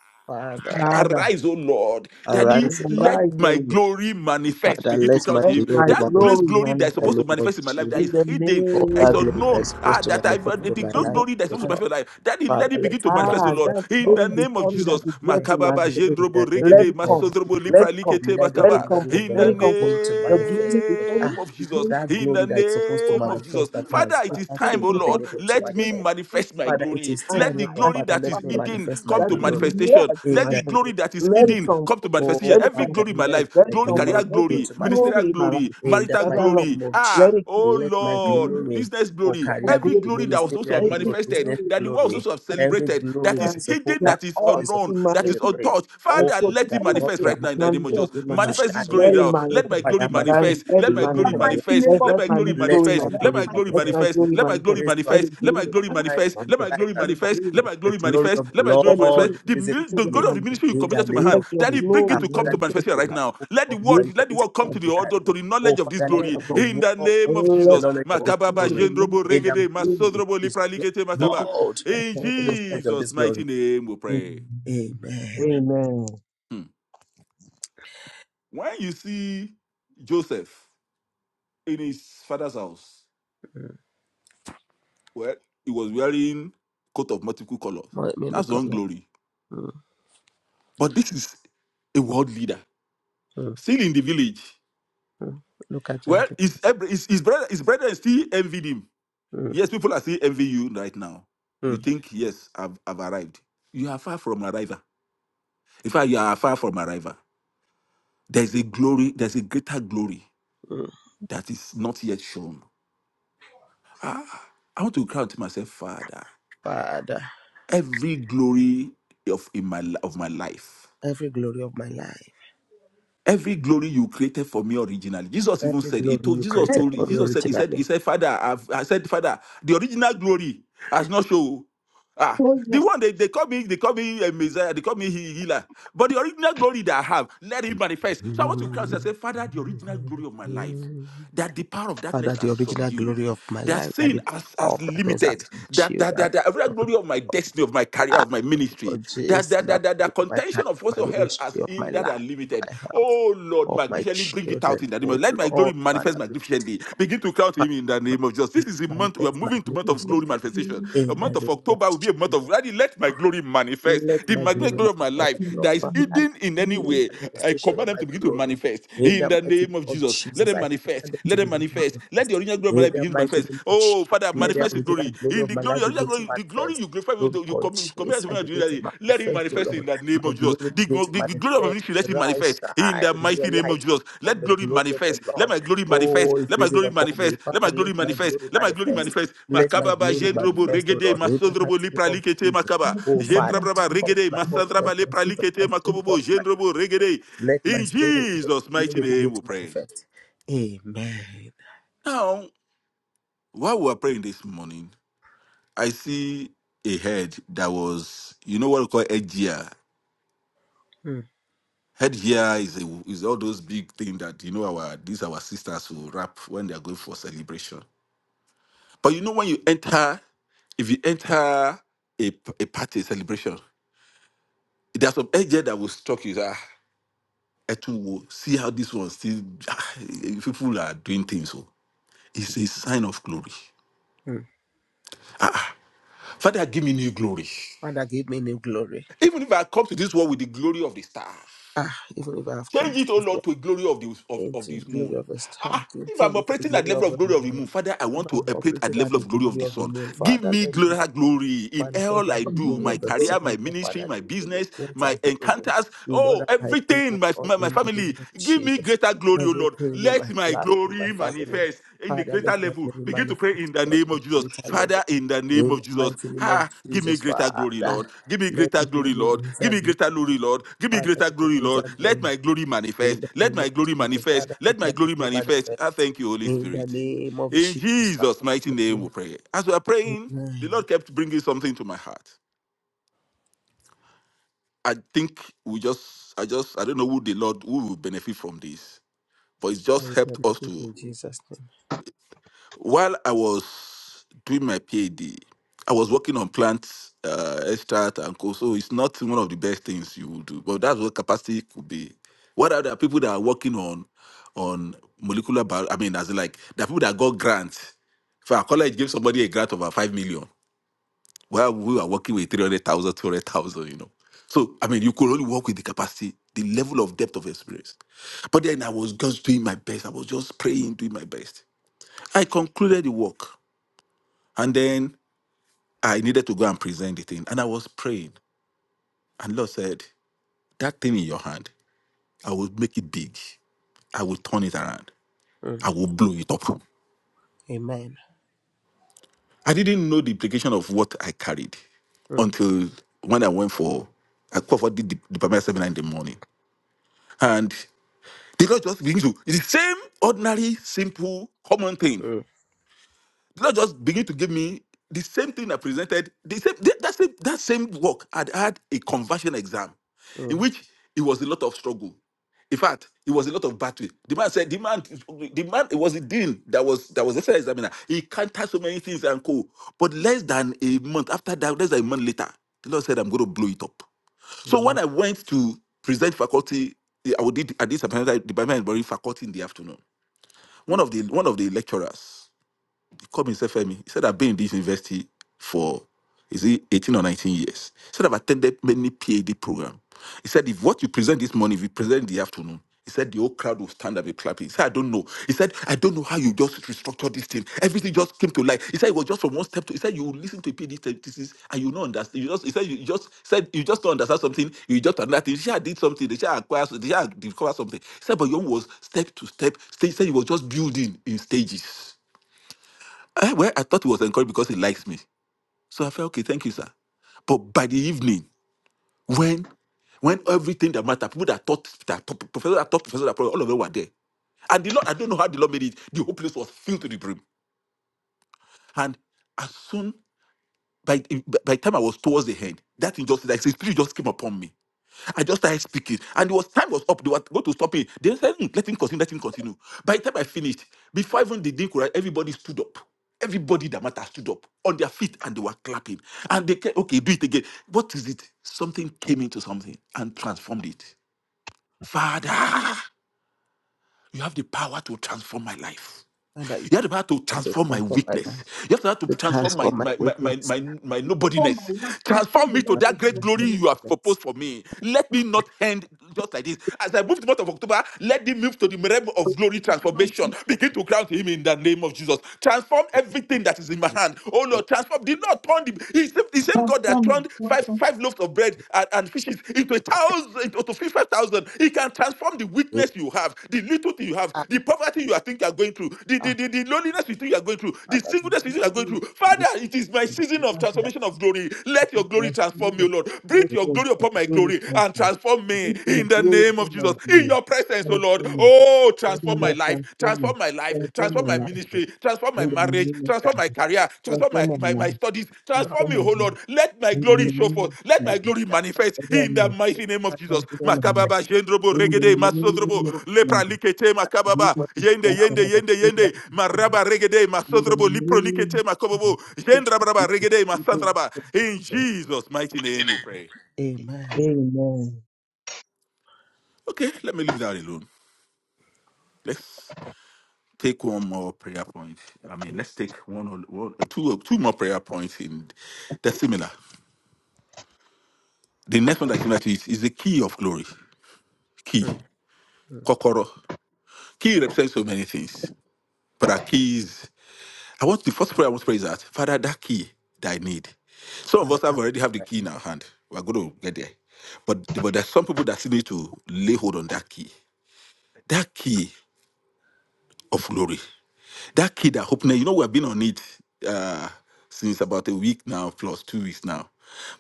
Speaker 2: Father,
Speaker 5: Arise, O Lord. Daddy,
Speaker 2: oh
Speaker 1: arise,
Speaker 2: my
Speaker 1: O Lord.
Speaker 5: let
Speaker 2: life, oh
Speaker 5: my
Speaker 2: Lord,
Speaker 5: glory manifest.
Speaker 1: Father,
Speaker 5: Begin
Speaker 1: let
Speaker 5: to
Speaker 1: my
Speaker 5: count
Speaker 2: let
Speaker 5: him.
Speaker 2: my
Speaker 1: glory
Speaker 5: That
Speaker 1: manifest
Speaker 5: grace
Speaker 2: glory
Speaker 5: glory
Speaker 1: in
Speaker 5: that is
Speaker 1: the
Speaker 2: manifest
Speaker 5: supposed to
Speaker 1: name of
Speaker 5: manifest in my life,
Speaker 1: Jesus.
Speaker 5: that
Speaker 2: in
Speaker 5: is
Speaker 2: the
Speaker 5: hidden,
Speaker 1: All
Speaker 2: name
Speaker 5: that
Speaker 2: of
Speaker 5: is
Speaker 1: that glory that
Speaker 5: unknown.
Speaker 1: is
Speaker 5: Ah,
Speaker 1: supposed to
Speaker 5: that I
Speaker 1: manifest
Speaker 5: the
Speaker 1: in
Speaker 5: the
Speaker 1: my life,
Speaker 5: glory that is
Speaker 1: O
Speaker 5: supposed to
Speaker 1: Lord.
Speaker 5: manifest in my life. Daddy,
Speaker 1: Father,
Speaker 5: let it
Speaker 1: let
Speaker 5: begin to
Speaker 1: it
Speaker 5: manifest, O
Speaker 2: Ah,
Speaker 5: Lord.
Speaker 1: manifest,
Speaker 2: that's
Speaker 5: In
Speaker 1: Lord.
Speaker 5: the
Speaker 2: going
Speaker 1: Let
Speaker 5: name
Speaker 1: it
Speaker 5: of
Speaker 2: before
Speaker 1: begin
Speaker 2: me
Speaker 5: Jesus.
Speaker 2: that
Speaker 1: to
Speaker 2: is yet
Speaker 1: manifest
Speaker 2: to
Speaker 5: Makababa,
Speaker 2: manifest.
Speaker 1: in
Speaker 5: Jendrobo,
Speaker 1: the
Speaker 2: Let
Speaker 1: name
Speaker 5: Regede,
Speaker 2: it
Speaker 1: of
Speaker 2: come.
Speaker 5: Masodrobo,
Speaker 1: Jesus.
Speaker 2: Let
Speaker 5: Lipra,
Speaker 2: it come.
Speaker 5: Likete,
Speaker 1: Let the
Speaker 2: Let it
Speaker 5: Makaba.
Speaker 2: come
Speaker 1: glory
Speaker 2: forth.
Speaker 1: of
Speaker 5: In
Speaker 1: the
Speaker 2: Let
Speaker 5: the
Speaker 2: it
Speaker 1: Lord
Speaker 2: come forth.
Speaker 1: begin to
Speaker 2: The
Speaker 1: manifest.
Speaker 2: glory
Speaker 5: name
Speaker 1: Lord.
Speaker 2: before me,
Speaker 5: name
Speaker 1: Ah,
Speaker 5: of
Speaker 2: the
Speaker 5: Jesus.
Speaker 2: glory
Speaker 1: that
Speaker 5: In the
Speaker 1: glory that is supposed to
Speaker 2: before
Speaker 5: name
Speaker 2: my
Speaker 5: of Jesus.
Speaker 1: manifest that
Speaker 2: children,
Speaker 5: Father,
Speaker 1: has
Speaker 2: my
Speaker 5: it is
Speaker 1: never to
Speaker 5: time,
Speaker 2: children
Speaker 5: oh
Speaker 1: not
Speaker 2: before
Speaker 1: been
Speaker 5: Lord,
Speaker 1: able
Speaker 2: the
Speaker 1: to
Speaker 5: let me
Speaker 2: children of
Speaker 1: manifest.
Speaker 2: my
Speaker 5: manifest my
Speaker 2: children
Speaker 1: Father, it
Speaker 5: glory.
Speaker 1: is
Speaker 2: and
Speaker 1: time,
Speaker 5: Let the
Speaker 1: O
Speaker 2: my
Speaker 1: Lord.
Speaker 2: as
Speaker 5: glory
Speaker 2: a
Speaker 1: Father,
Speaker 5: that
Speaker 1: let
Speaker 5: is
Speaker 1: me
Speaker 2: family.
Speaker 5: hidden
Speaker 1: manifest my
Speaker 5: come
Speaker 2: That
Speaker 5: to
Speaker 2: is
Speaker 1: glory.
Speaker 5: manifestation.
Speaker 2: yet
Speaker 1: in
Speaker 2: to
Speaker 5: Let the
Speaker 1: the name.
Speaker 2: manifest.
Speaker 5: glory that is
Speaker 2: Let it
Speaker 5: hidden
Speaker 1: Jesus.
Speaker 2: come
Speaker 5: come to
Speaker 2: forth.
Speaker 5: manifestation.
Speaker 1: Oh,
Speaker 2: Let it
Speaker 5: Every
Speaker 2: come
Speaker 1: Father,
Speaker 5: glory in
Speaker 2: forth.
Speaker 5: my
Speaker 1: let
Speaker 5: life,
Speaker 2: Let
Speaker 1: my
Speaker 2: it
Speaker 5: glory,
Speaker 2: come forth.
Speaker 5: career
Speaker 1: glory begin
Speaker 2: Every
Speaker 5: glory,
Speaker 1: to manifest
Speaker 5: ministerial
Speaker 2: glory in my
Speaker 5: glory,
Speaker 2: life,
Speaker 1: in the
Speaker 5: marital
Speaker 1: mighty
Speaker 2: Father Lord,
Speaker 5: glory.
Speaker 1: name of Jesus.
Speaker 2: let
Speaker 5: Ah,
Speaker 2: it
Speaker 5: oh
Speaker 1: Let my
Speaker 6: In
Speaker 5: Lord,
Speaker 6: the
Speaker 1: glory,
Speaker 5: business
Speaker 1: oh,
Speaker 5: glory.
Speaker 2: that
Speaker 1: career
Speaker 5: Every
Speaker 1: glory,
Speaker 2: glory,
Speaker 5: glory that was supposed to
Speaker 1: ministerial
Speaker 5: have
Speaker 1: glory,
Speaker 2: every
Speaker 5: manifested,
Speaker 1: business
Speaker 2: glory.
Speaker 5: that the world was
Speaker 1: glory,
Speaker 5: supposed to have
Speaker 2: that is
Speaker 1: every
Speaker 5: celebrated, that
Speaker 1: glory that
Speaker 5: is
Speaker 2: that
Speaker 1: is
Speaker 5: hidden,
Speaker 1: supposed that
Speaker 2: that
Speaker 5: that is
Speaker 1: the world
Speaker 2: all
Speaker 1: is
Speaker 5: unknown,
Speaker 2: to
Speaker 1: supposed to
Speaker 5: that is
Speaker 2: manifest.
Speaker 1: celebrate,
Speaker 5: untouched.
Speaker 2: That's
Speaker 1: oh,
Speaker 5: Father,
Speaker 2: so
Speaker 5: let it
Speaker 1: that has
Speaker 2: forward
Speaker 1: not
Speaker 5: manifest
Speaker 2: to
Speaker 5: right
Speaker 1: been
Speaker 5: now in the
Speaker 1: able
Speaker 5: name of
Speaker 1: to,
Speaker 5: Jesus.
Speaker 2: manifest in my
Speaker 1: to, to
Speaker 2: life.
Speaker 5: Manifest this
Speaker 1: shine
Speaker 2: Let
Speaker 5: glory
Speaker 1: yet.
Speaker 2: it
Speaker 5: now. Let
Speaker 1: Oh,
Speaker 5: my
Speaker 2: manifest.
Speaker 5: glory
Speaker 1: Father,
Speaker 2: Let it,
Speaker 1: manifest
Speaker 5: manifest.
Speaker 2: let
Speaker 5: Let
Speaker 1: your
Speaker 2: it
Speaker 5: my
Speaker 1: glory
Speaker 5: glory
Speaker 1: in
Speaker 2: manifest.
Speaker 1: my
Speaker 6: mighty
Speaker 5: manifest.
Speaker 1: life.
Speaker 6: name
Speaker 2: Let,
Speaker 6: of
Speaker 5: Let
Speaker 2: let
Speaker 5: my
Speaker 2: my
Speaker 5: glory
Speaker 6: Jesus.
Speaker 1: Let
Speaker 2: glory
Speaker 5: manifest.
Speaker 1: my
Speaker 6: Let
Speaker 5: Let
Speaker 2: manifest.
Speaker 5: my
Speaker 1: glory
Speaker 6: my
Speaker 5: glory
Speaker 2: Let
Speaker 6: faith
Speaker 1: manifest.
Speaker 2: my
Speaker 5: manifest.
Speaker 1: Lord,
Speaker 2: glory
Speaker 5: Let my
Speaker 2: manifest.
Speaker 5: glory
Speaker 1: grace to
Speaker 2: Let
Speaker 5: manifest.
Speaker 2: it be
Speaker 5: Let
Speaker 6: be
Speaker 5: my
Speaker 2: in
Speaker 5: glory
Speaker 2: my
Speaker 1: align
Speaker 2: life
Speaker 5: manifest. Let my
Speaker 2: manifest.
Speaker 1: light
Speaker 5: glory
Speaker 1: as
Speaker 2: Let it
Speaker 1: well.
Speaker 2: be
Speaker 5: manifest. Let my
Speaker 1: The
Speaker 5: glory
Speaker 1: glory
Speaker 5: manifest.
Speaker 1: of the
Speaker 5: Let my
Speaker 2: manifest.
Speaker 5: glory
Speaker 2: Let it be
Speaker 1: Lord is
Speaker 5: manifest. The,
Speaker 1: risen
Speaker 5: mi- the
Speaker 1: upon me.
Speaker 5: glory of the
Speaker 2: manifest.
Speaker 5: ministry you
Speaker 1: In the
Speaker 5: committed to my
Speaker 1: name
Speaker 5: hand.
Speaker 2: Let
Speaker 1: of
Speaker 2: your
Speaker 5: Daddy,
Speaker 1: Jesus.
Speaker 5: bring it
Speaker 2: glory
Speaker 1: Ah,
Speaker 5: to come
Speaker 1: Father, the
Speaker 5: to
Speaker 2: manifest
Speaker 5: manifestation
Speaker 1: glory
Speaker 2: in
Speaker 5: right
Speaker 2: my life.
Speaker 5: now. Let the
Speaker 1: of the that
Speaker 2: Give
Speaker 1: you
Speaker 5: word, let the
Speaker 2: it
Speaker 1: committed
Speaker 5: word
Speaker 1: to
Speaker 5: come to
Speaker 2: to
Speaker 5: the
Speaker 2: the
Speaker 1: my hand.
Speaker 5: order, to
Speaker 2: Christian.
Speaker 5: the
Speaker 1: Oh,
Speaker 5: knowledge of this
Speaker 1: Father,
Speaker 2: Let
Speaker 1: let
Speaker 5: glory.
Speaker 2: us
Speaker 1: the
Speaker 2: know.
Speaker 5: In the
Speaker 1: world
Speaker 5: name of
Speaker 1: to
Speaker 2: Let
Speaker 1: the
Speaker 2: us
Speaker 5: Jesus.
Speaker 1: knowledge of this
Speaker 2: come
Speaker 5: Makababa,
Speaker 2: to
Speaker 1: glory.
Speaker 2: the Lord
Speaker 5: Jendrobo,
Speaker 1: In
Speaker 2: with
Speaker 1: the name of
Speaker 2: his
Speaker 5: Regede,
Speaker 2: glory.
Speaker 5: Masodrobo,
Speaker 1: Jesus. Let
Speaker 5: Lipralikete,
Speaker 1: the
Speaker 2: Give it
Speaker 5: Makaba.
Speaker 1: world to
Speaker 5: In
Speaker 1: the knowledge
Speaker 2: to
Speaker 1: of
Speaker 5: Jesus'
Speaker 1: this
Speaker 2: the
Speaker 5: mighty
Speaker 1: glory.
Speaker 5: name we
Speaker 2: Christian.
Speaker 5: pray.
Speaker 1: Amen.
Speaker 2: Amen.
Speaker 5: Hmm. When you see Joseph. in his father's house
Speaker 1: Mm.
Speaker 5: where he was wearing coat of multiple colors.
Speaker 1: What many
Speaker 5: That's one
Speaker 1: color?
Speaker 5: glory.
Speaker 1: Mm,
Speaker 5: But this is a world leader
Speaker 1: mm,
Speaker 5: still in the village.
Speaker 1: mm. Look at
Speaker 5: Well,
Speaker 1: champion.
Speaker 5: his, ebr- his, his brother his brethren still envied him.
Speaker 1: Mm,
Speaker 5: Yes, people are still envy you right now. You
Speaker 1: mm,
Speaker 5: think, yes, I've, I've arrived. You are far from arrival. In fact, you are far from arrival. There's a glory, there's a greater glory
Speaker 1: mm.
Speaker 5: that is not yet shown. I want to cry out to myself, Father,
Speaker 1: Father,
Speaker 5: every glory of in my li- of my life.
Speaker 1: every glory of my life,
Speaker 5: Every glory you created for me originally. Jesus even
Speaker 1: every
Speaker 5: said, He
Speaker 1: glory
Speaker 5: told
Speaker 1: you
Speaker 5: Jesus
Speaker 1: created
Speaker 6: set
Speaker 5: told
Speaker 1: for me
Speaker 5: Jesus said, He said,
Speaker 1: originally.
Speaker 5: He said, Father, I've, I said, Father, the original glory has not shown. Ah, the
Speaker 6: boldness
Speaker 5: one they, they call me, they call me a Messiah, they call me he- healer. But the original glory that I have, let it manifest. So I want to cry and
Speaker 1: Mm.
Speaker 5: say, Father, the original glory of my life, that the power of darkness
Speaker 1: Father, the
Speaker 5: has
Speaker 1: original
Speaker 5: subdued,
Speaker 1: glory of my
Speaker 5: that
Speaker 1: life, that
Speaker 5: sin
Speaker 1: the
Speaker 5: has,
Speaker 1: power
Speaker 5: has
Speaker 1: of darkness has
Speaker 5: limited, that
Speaker 1: concealed
Speaker 5: that
Speaker 1: that
Speaker 5: that the original
Speaker 1: of
Speaker 5: glory of my
Speaker 1: your
Speaker 5: destiny, of my career,
Speaker 1: heart,
Speaker 5: of my
Speaker 1: for
Speaker 5: ministry, that
Speaker 1: Jesus,
Speaker 5: that that
Speaker 1: that
Speaker 5: that, that
Speaker 1: glory of my time,
Speaker 5: contention of force
Speaker 1: my
Speaker 5: of hell has
Speaker 1: ministry, of my
Speaker 5: hindered
Speaker 1: life,
Speaker 5: and
Speaker 1: of
Speaker 5: limited.
Speaker 1: my health,
Speaker 5: Oh Lord,
Speaker 1: of my
Speaker 5: magnificently bring it out
Speaker 1: children.
Speaker 5: in the name of
Speaker 1: Oh
Speaker 5: let my glory
Speaker 1: Lord,
Speaker 5: manifest
Speaker 1: Father, bring it
Speaker 5: magnificently.
Speaker 1: out.
Speaker 5: Begin to cry out to
Speaker 1: Father,
Speaker 5: him in the name of Jesus.
Speaker 1: ma-
Speaker 5: This is a month we are
Speaker 1: manifest
Speaker 5: moving to month of glory
Speaker 1: magnificently
Speaker 6: in
Speaker 5: manifestation.
Speaker 6: you,
Speaker 5: A
Speaker 1: in the
Speaker 5: month of
Speaker 1: name of
Speaker 5: October will be a month of
Speaker 1: Jesus.
Speaker 5: Daddy, let my glory manifest.
Speaker 1: Let
Speaker 5: The
Speaker 1: my
Speaker 5: magnetic
Speaker 1: glory
Speaker 5: glory of my
Speaker 1: manifest,
Speaker 5: life
Speaker 1: Lord
Speaker 5: that is
Speaker 1: Father. Let
Speaker 5: hidden in
Speaker 1: it
Speaker 5: any
Speaker 1: be the
Speaker 5: way. I
Speaker 1: manifestation
Speaker 5: command
Speaker 1: of
Speaker 5: them
Speaker 1: my
Speaker 5: to begin to
Speaker 1: glory.
Speaker 5: manifest
Speaker 1: In
Speaker 5: in
Speaker 1: the
Speaker 5: the
Speaker 1: mighty name
Speaker 5: name of
Speaker 1: of
Speaker 5: Jesus. Let
Speaker 1: Jesus,
Speaker 5: them
Speaker 1: I
Speaker 5: manifest.
Speaker 1: command it
Speaker 5: Let
Speaker 1: to
Speaker 5: them
Speaker 1: begin to
Speaker 5: manifest. Let the
Speaker 1: manifest.
Speaker 5: original glory of my
Speaker 1: In
Speaker 5: life
Speaker 1: the
Speaker 5: begin to
Speaker 1: mighty
Speaker 5: manifest.
Speaker 1: name of Jesus,
Speaker 5: Oh, Father,
Speaker 1: let the
Speaker 5: manifest the
Speaker 1: original
Speaker 5: glory.
Speaker 1: glory
Speaker 5: In
Speaker 1: of
Speaker 5: the
Speaker 1: my life
Speaker 5: glory, original
Speaker 1: begin to
Speaker 5: glory, the glory
Speaker 1: manifest.
Speaker 5: you glorify
Speaker 1: Lord
Speaker 5: to- you
Speaker 1: God,
Speaker 5: commit, you commit
Speaker 1: Jesus, I
Speaker 5: to
Speaker 1: begin to
Speaker 5: Jesus, let it
Speaker 1: manifest, O
Speaker 5: manifest in
Speaker 1: Lord.
Speaker 5: the name
Speaker 1: My
Speaker 5: of Jesus.
Speaker 1: glory
Speaker 5: The,
Speaker 1: begin to
Speaker 5: the, the glory of my
Speaker 1: manifest.
Speaker 5: ministry, let it
Speaker 1: Arise,
Speaker 5: manifest in the
Speaker 1: shine. Your
Speaker 5: mighty name of
Speaker 1: light has
Speaker 5: Jesus.
Speaker 1: come,
Speaker 5: Let
Speaker 1: the
Speaker 5: glory
Speaker 1: glory of the
Speaker 5: manifest. Let
Speaker 1: Lord.
Speaker 5: my glory manifest.
Speaker 1: Oh, it's
Speaker 5: Let my
Speaker 1: risen
Speaker 5: glory
Speaker 1: upon me.
Speaker 5: manifest. Let
Speaker 1: Father,
Speaker 5: my
Speaker 1: let
Speaker 5: glory
Speaker 1: my
Speaker 5: manifest.
Speaker 1: glory
Speaker 5: Let my glory
Speaker 1: manifest.
Speaker 5: manifest.
Speaker 1: Let my
Speaker 5: Makababa
Speaker 1: glory
Speaker 5: jendrobo
Speaker 1: manifest, O
Speaker 5: regede
Speaker 1: Lord, in the
Speaker 5: masondrobo
Speaker 1: mighty name of
Speaker 5: lipralikete
Speaker 1: Jesus.
Speaker 5: makaba
Speaker 1: Oh Father,
Speaker 5: jendrabraba
Speaker 1: touch
Speaker 5: regede
Speaker 1: my body, touch
Speaker 5: masandraba
Speaker 1: my soul, touch my
Speaker 5: lipralikete
Speaker 1: spirit,
Speaker 5: makobobo
Speaker 1: touch my life.
Speaker 5: jendrobo regede.
Speaker 1: Let my
Speaker 5: In
Speaker 1: story,
Speaker 5: Jesus' mighty
Speaker 1: glory begin
Speaker 5: name, we
Speaker 1: to
Speaker 5: pray.
Speaker 1: manifest. Amen.
Speaker 5: Now, while we are praying this morning, I see a head that was, you know what we call headgear.
Speaker 1: Hmm,
Speaker 5: Headgear is a, is all those big thing that you know our these our sisters will wrap when they are going for celebration. But you know when you enter, if you enter a, p- a party celebration, there's some headgear that will struck you. Ah, Etuwo, see how this one still ah, people are doing things. So it's a sign of glory.
Speaker 1: hmm.
Speaker 5: Ah, ah, Father, give me new glory.
Speaker 1: Father, give me new glory.
Speaker 5: Even if I come to this world with the glory of the star.
Speaker 1: Ah, even if I have come
Speaker 5: Change
Speaker 1: to
Speaker 5: it, O
Speaker 1: this world.
Speaker 5: Lord, to glory of the of, of
Speaker 1: into the
Speaker 5: this
Speaker 1: glory
Speaker 5: moon.
Speaker 1: of a star.
Speaker 5: Ah,
Speaker 1: We
Speaker 5: if
Speaker 1: thank
Speaker 5: I'm
Speaker 1: you for the
Speaker 5: operating at
Speaker 1: glory of
Speaker 5: level
Speaker 1: the
Speaker 5: of glory of the moon,
Speaker 1: moon.
Speaker 5: Father, I
Speaker 1: If
Speaker 5: want
Speaker 1: i
Speaker 5: to
Speaker 1: am
Speaker 5: operate at
Speaker 1: operating at
Speaker 5: level
Speaker 1: the
Speaker 5: of glory of the
Speaker 1: glory of the
Speaker 5: sun.
Speaker 1: moon,
Speaker 5: Give
Speaker 1: Father,
Speaker 5: me
Speaker 1: let me
Speaker 5: glory, glory in
Speaker 1: manifest
Speaker 5: all
Speaker 1: at
Speaker 5: I
Speaker 1: the
Speaker 6: from
Speaker 5: do,
Speaker 1: glory
Speaker 6: you,
Speaker 5: my
Speaker 1: of the
Speaker 6: Lord.
Speaker 5: career, my
Speaker 1: sun, oh
Speaker 5: ministry,
Speaker 1: Father,
Speaker 5: my
Speaker 1: give me
Speaker 5: business, my
Speaker 1: greater glory.
Speaker 5: encounters,
Speaker 1: We know
Speaker 5: oh,
Speaker 1: that I do
Speaker 5: everything, my,
Speaker 1: all
Speaker 5: my, my
Speaker 1: in the name
Speaker 5: family.
Speaker 1: of
Speaker 5: Give me
Speaker 1: Jesus.
Speaker 5: greater glory, O Lord.
Speaker 1: Everything in
Speaker 5: Let
Speaker 1: my
Speaker 5: my
Speaker 1: life, in my
Speaker 5: glory
Speaker 1: family,
Speaker 5: manifest in the
Speaker 1: Father,
Speaker 5: greater
Speaker 1: let my
Speaker 5: level.
Speaker 1: glory
Speaker 5: Begin to pray
Speaker 1: manifest,
Speaker 5: in the
Speaker 1: Lord,
Speaker 5: name
Speaker 1: in
Speaker 5: of
Speaker 1: a
Speaker 5: Jesus.
Speaker 1: greater level.
Speaker 5: Father, in the name
Speaker 1: In
Speaker 5: of
Speaker 1: the
Speaker 5: Jesus,
Speaker 1: mighty name of
Speaker 5: ah, give me
Speaker 1: Jesus,
Speaker 5: greater glory, Lord.
Speaker 1: Father,
Speaker 5: Give me
Speaker 1: let
Speaker 5: greater
Speaker 1: me give
Speaker 5: glory, Lord. Give
Speaker 1: greater
Speaker 5: me
Speaker 1: glory.
Speaker 5: greater glory, Lord. Give me
Speaker 1: Father,
Speaker 5: greater
Speaker 1: give me
Speaker 5: glory, Lord.
Speaker 1: greater glory.
Speaker 5: Let my glory
Speaker 1: In
Speaker 5: manifest.
Speaker 1: the
Speaker 5: Let
Speaker 1: name of
Speaker 5: my glory
Speaker 1: Jesus,
Speaker 5: manifest.
Speaker 1: Father, let
Speaker 5: Let my
Speaker 1: my
Speaker 5: glory
Speaker 1: glory
Speaker 5: manifest. I
Speaker 1: manifest.
Speaker 5: thank you, Holy
Speaker 1: In the
Speaker 5: Spirit.
Speaker 1: name of
Speaker 5: In
Speaker 1: Jesus, Father,
Speaker 5: Jesus'
Speaker 1: let
Speaker 5: mighty
Speaker 1: my
Speaker 5: name, we
Speaker 1: glory.
Speaker 5: pray. As we are praying, the
Speaker 1: Amen.
Speaker 5: Lord kept bringing something to my heart. I think we just, I just, I don't know who the Lord who will benefit from this, but it's
Speaker 1: I
Speaker 5: just
Speaker 1: will
Speaker 5: helped us
Speaker 1: benefit
Speaker 5: to
Speaker 1: in Jesus' name.
Speaker 5: While I was doing my PhD, I was working on plant uh, extract and co. So it's not one of the best things you will do, but that's what capacity could be. What are the people that are working on on molecular? Bio, I mean, as in like the people that got grants. If our college gave somebody a grant of about five million, well, we were working with 300,000, 200,000, you know. So, I mean, you could only work with the capacity, the level of depth of experience. But then I was just doing my best. I was just praying, doing my best. I concluded the work. And then I needed to go and present the thing. And I was praying. And Lord said, That thing in your hand, I will make it big. I will turn it around.
Speaker 1: Mm.
Speaker 5: I will blow it up.
Speaker 1: Amen.
Speaker 5: I didn't know the implication of what I carried
Speaker 1: Mm.
Speaker 5: until when I went for I called for the, the, the Pamela seminar in the morning. And the Lord just begins to it's the same ordinary, simple, common thing.
Speaker 1: Mm.
Speaker 5: The Lord just begin to give me the same thing I presented. The same that, that same that same work. I'd had a conversion exam, in
Speaker 1: Mm.
Speaker 5: which it was a lot of struggle. In fact, it was a lot of battle. The man said, "The man, the man, it was the dean that was that was the first examiner. He counted so many things and co. But less than a month after that, less than a month later, the Lord said, "I'm going to blow it up." So when
Speaker 1: Amen.
Speaker 5: I went to present faculty, I did I did some department department faculty in the afternoon. One of the one of the lecturers he called me himself Femi. He said, I've been in this university for is it 18 or 19 years. He said, I've attended many PhD programs. He said, if what you present this morning, if you present in the afternoon, he said the whole crowd will stand up and clap. He said, I don't know. He said, I don't know how you just restructured this thing. Everything just came to life. He said it was just from one step to he said you listen to a PhD thesis and you not understand. You just he said you just said you just don't understand something, you just understand. thing. She did something, they shall acquire something, they shall discover something. He said, but young was step to step. He said it was just building in stages. Eh, well, I thought he was encouraged because he likes me. So I felt, okay, thank you, sir. But by the evening, when when everything that mattered, people that taught that pro- professor that taught professor that pro- all of them were there. And the Lord, I don't know how the Lord made it, the whole place was filled to the brim. And as soon by by the time I was towards the end, that injustice, like the spirit just came upon me. I just started speaking, and it was time was up. They were going to stop me. They said, "Hmm, "Let him continue. Let him continue." By the time I finished, before even the day could arrive, everybody stood up. Everybody that matter stood up on their feet, and they were clapping. And they kept, "Okay, do it again." What is it? Something came into something and transformed it. Father, you have the power to transform my life.
Speaker 1: Father, you
Speaker 5: You have the power to
Speaker 1: have to
Speaker 5: transform my
Speaker 1: transform my
Speaker 5: weakness.
Speaker 1: life,
Speaker 5: You have the power
Speaker 1: to
Speaker 5: to transform my
Speaker 1: transform my
Speaker 5: my, my, my,
Speaker 1: weakness,
Speaker 5: my my
Speaker 6: Transform
Speaker 5: nobodiness.
Speaker 6: my life. Transform
Speaker 5: Transform
Speaker 6: the
Speaker 1: to
Speaker 5: me to
Speaker 6: life of
Speaker 5: that
Speaker 1: transform
Speaker 5: great
Speaker 1: my
Speaker 6: your
Speaker 5: glory
Speaker 1: job.
Speaker 6: children.
Speaker 5: you have
Speaker 1: weakness.
Speaker 5: proposed for me. Let me not end just like this. As I move to the month of October, let me move to the realm of glory transformation. Begin to crown him in the name of Jesus. Transform
Speaker 1: Oh,
Speaker 5: everything that is in my
Speaker 1: in
Speaker 5: hand. Oh
Speaker 1: Jesus'
Speaker 5: Lord, transform. Did not turn the, he said- the same God that
Speaker 6: Transform
Speaker 5: turned five
Speaker 6: and
Speaker 5: five loaves of bread and, and fishes into a thousand into to 55,000. He can transform the
Speaker 1: name.
Speaker 5: weakness you have, the little thing you have,
Speaker 1: Ah,
Speaker 5: the poverty you are think you are going through, the, the,
Speaker 1: ah,
Speaker 5: the, the loneliness you think you are going through, the
Speaker 1: Father,
Speaker 2: Due
Speaker 5: singleness you think you are going
Speaker 2: to
Speaker 5: through.
Speaker 1: today
Speaker 5: Father, it is my
Speaker 1: I do
Speaker 2: the
Speaker 5: season of
Speaker 2: glory
Speaker 1: that.
Speaker 5: transformation of glory. Let your glory
Speaker 1: In the
Speaker 5: transform me, O Lord. Breathe
Speaker 1: name
Speaker 5: your glory upon my glory and transform me in the name
Speaker 2: upon
Speaker 5: of
Speaker 2: my
Speaker 5: Jesus. In
Speaker 2: glory,
Speaker 5: your presence, O Lord.
Speaker 2: transform me.
Speaker 1: of
Speaker 5: Oh,
Speaker 2: Father,
Speaker 5: transform
Speaker 1: Jesus,
Speaker 5: my
Speaker 1: I
Speaker 2: Lord,
Speaker 5: life,
Speaker 2: transform me.
Speaker 5: transform my life,
Speaker 1: pray
Speaker 5: transform
Speaker 2: Transform my
Speaker 5: transform my
Speaker 2: life in
Speaker 5: ministry, transform
Speaker 2: the
Speaker 5: my marriage,
Speaker 2: name of
Speaker 1: that
Speaker 5: transform my
Speaker 2: Jesus.
Speaker 5: career, transform
Speaker 2: Transform
Speaker 5: my,
Speaker 2: my
Speaker 1: you
Speaker 5: my, my
Speaker 2: life.
Speaker 5: studies,
Speaker 1: have
Speaker 5: transform
Speaker 2: Transform
Speaker 5: me,
Speaker 2: my
Speaker 5: oh Lord.
Speaker 2: life
Speaker 5: Let my
Speaker 2: in the
Speaker 5: glory show
Speaker 1: taken the
Speaker 5: forth.
Speaker 2: name of
Speaker 5: Let my
Speaker 2: Jesus.
Speaker 1: element
Speaker 5: glory
Speaker 1: that
Speaker 5: manifest
Speaker 2: Father,
Speaker 5: in the
Speaker 2: Lord,
Speaker 1: is
Speaker 5: mighty name of
Speaker 1: not
Speaker 5: Jesus.
Speaker 2: transform my life
Speaker 5: Makababa, Jendrobo,
Speaker 2: in
Speaker 1: in
Speaker 2: the
Speaker 5: Regede,
Speaker 1: you.
Speaker 5: Masodrobo,
Speaker 2: name of
Speaker 1: Lord, for
Speaker 5: Lepra,
Speaker 1: Jesus,
Speaker 2: Jesus.
Speaker 5: Likete,
Speaker 1: that
Speaker 5: Makababa,
Speaker 2: Jesus
Speaker 1: word
Speaker 2: is
Speaker 5: Yende,
Speaker 1: out
Speaker 5: Yende,
Speaker 2: Sakaraba.
Speaker 5: Yende,
Speaker 1: in the
Speaker 5: Yende,
Speaker 1: meeting.
Speaker 5: Maraba, Regede,
Speaker 2: In the
Speaker 5: Masodrobo, Lipro,
Speaker 2: name
Speaker 5: Likete,
Speaker 2: of
Speaker 5: Makobobo,
Speaker 1: Put
Speaker 5: Jendrabraba,
Speaker 2: Jesus.
Speaker 5: Regede,
Speaker 2: Jesus
Speaker 1: your word.
Speaker 2: is
Speaker 5: Masandraba. In
Speaker 2: Sakaraba.
Speaker 5: Jesus' mighty name we pray.
Speaker 1: Amen.
Speaker 2: Amen.
Speaker 5: Okay, let me leave that alone. Yes. take one more prayer point. I mean, let's take one or one, two, two more prayer points in that's similar. The next one that's similar to it is the key of glory. Key.
Speaker 1: Mm, mm.
Speaker 5: Kokoro. Key represents so many things. But our keys. I want the first prayer I want to pray is that Father, that key that I need. Some of
Speaker 1: Father,
Speaker 5: us
Speaker 1: I
Speaker 5: have already
Speaker 1: pray
Speaker 5: have the
Speaker 1: that
Speaker 5: key in our hand. We're going to get there. But but there's some people that still need to lay hold on that key. That key of glory. That kid at Hope now, you know, we've been on it uh, since about a week now, plus two weeks now.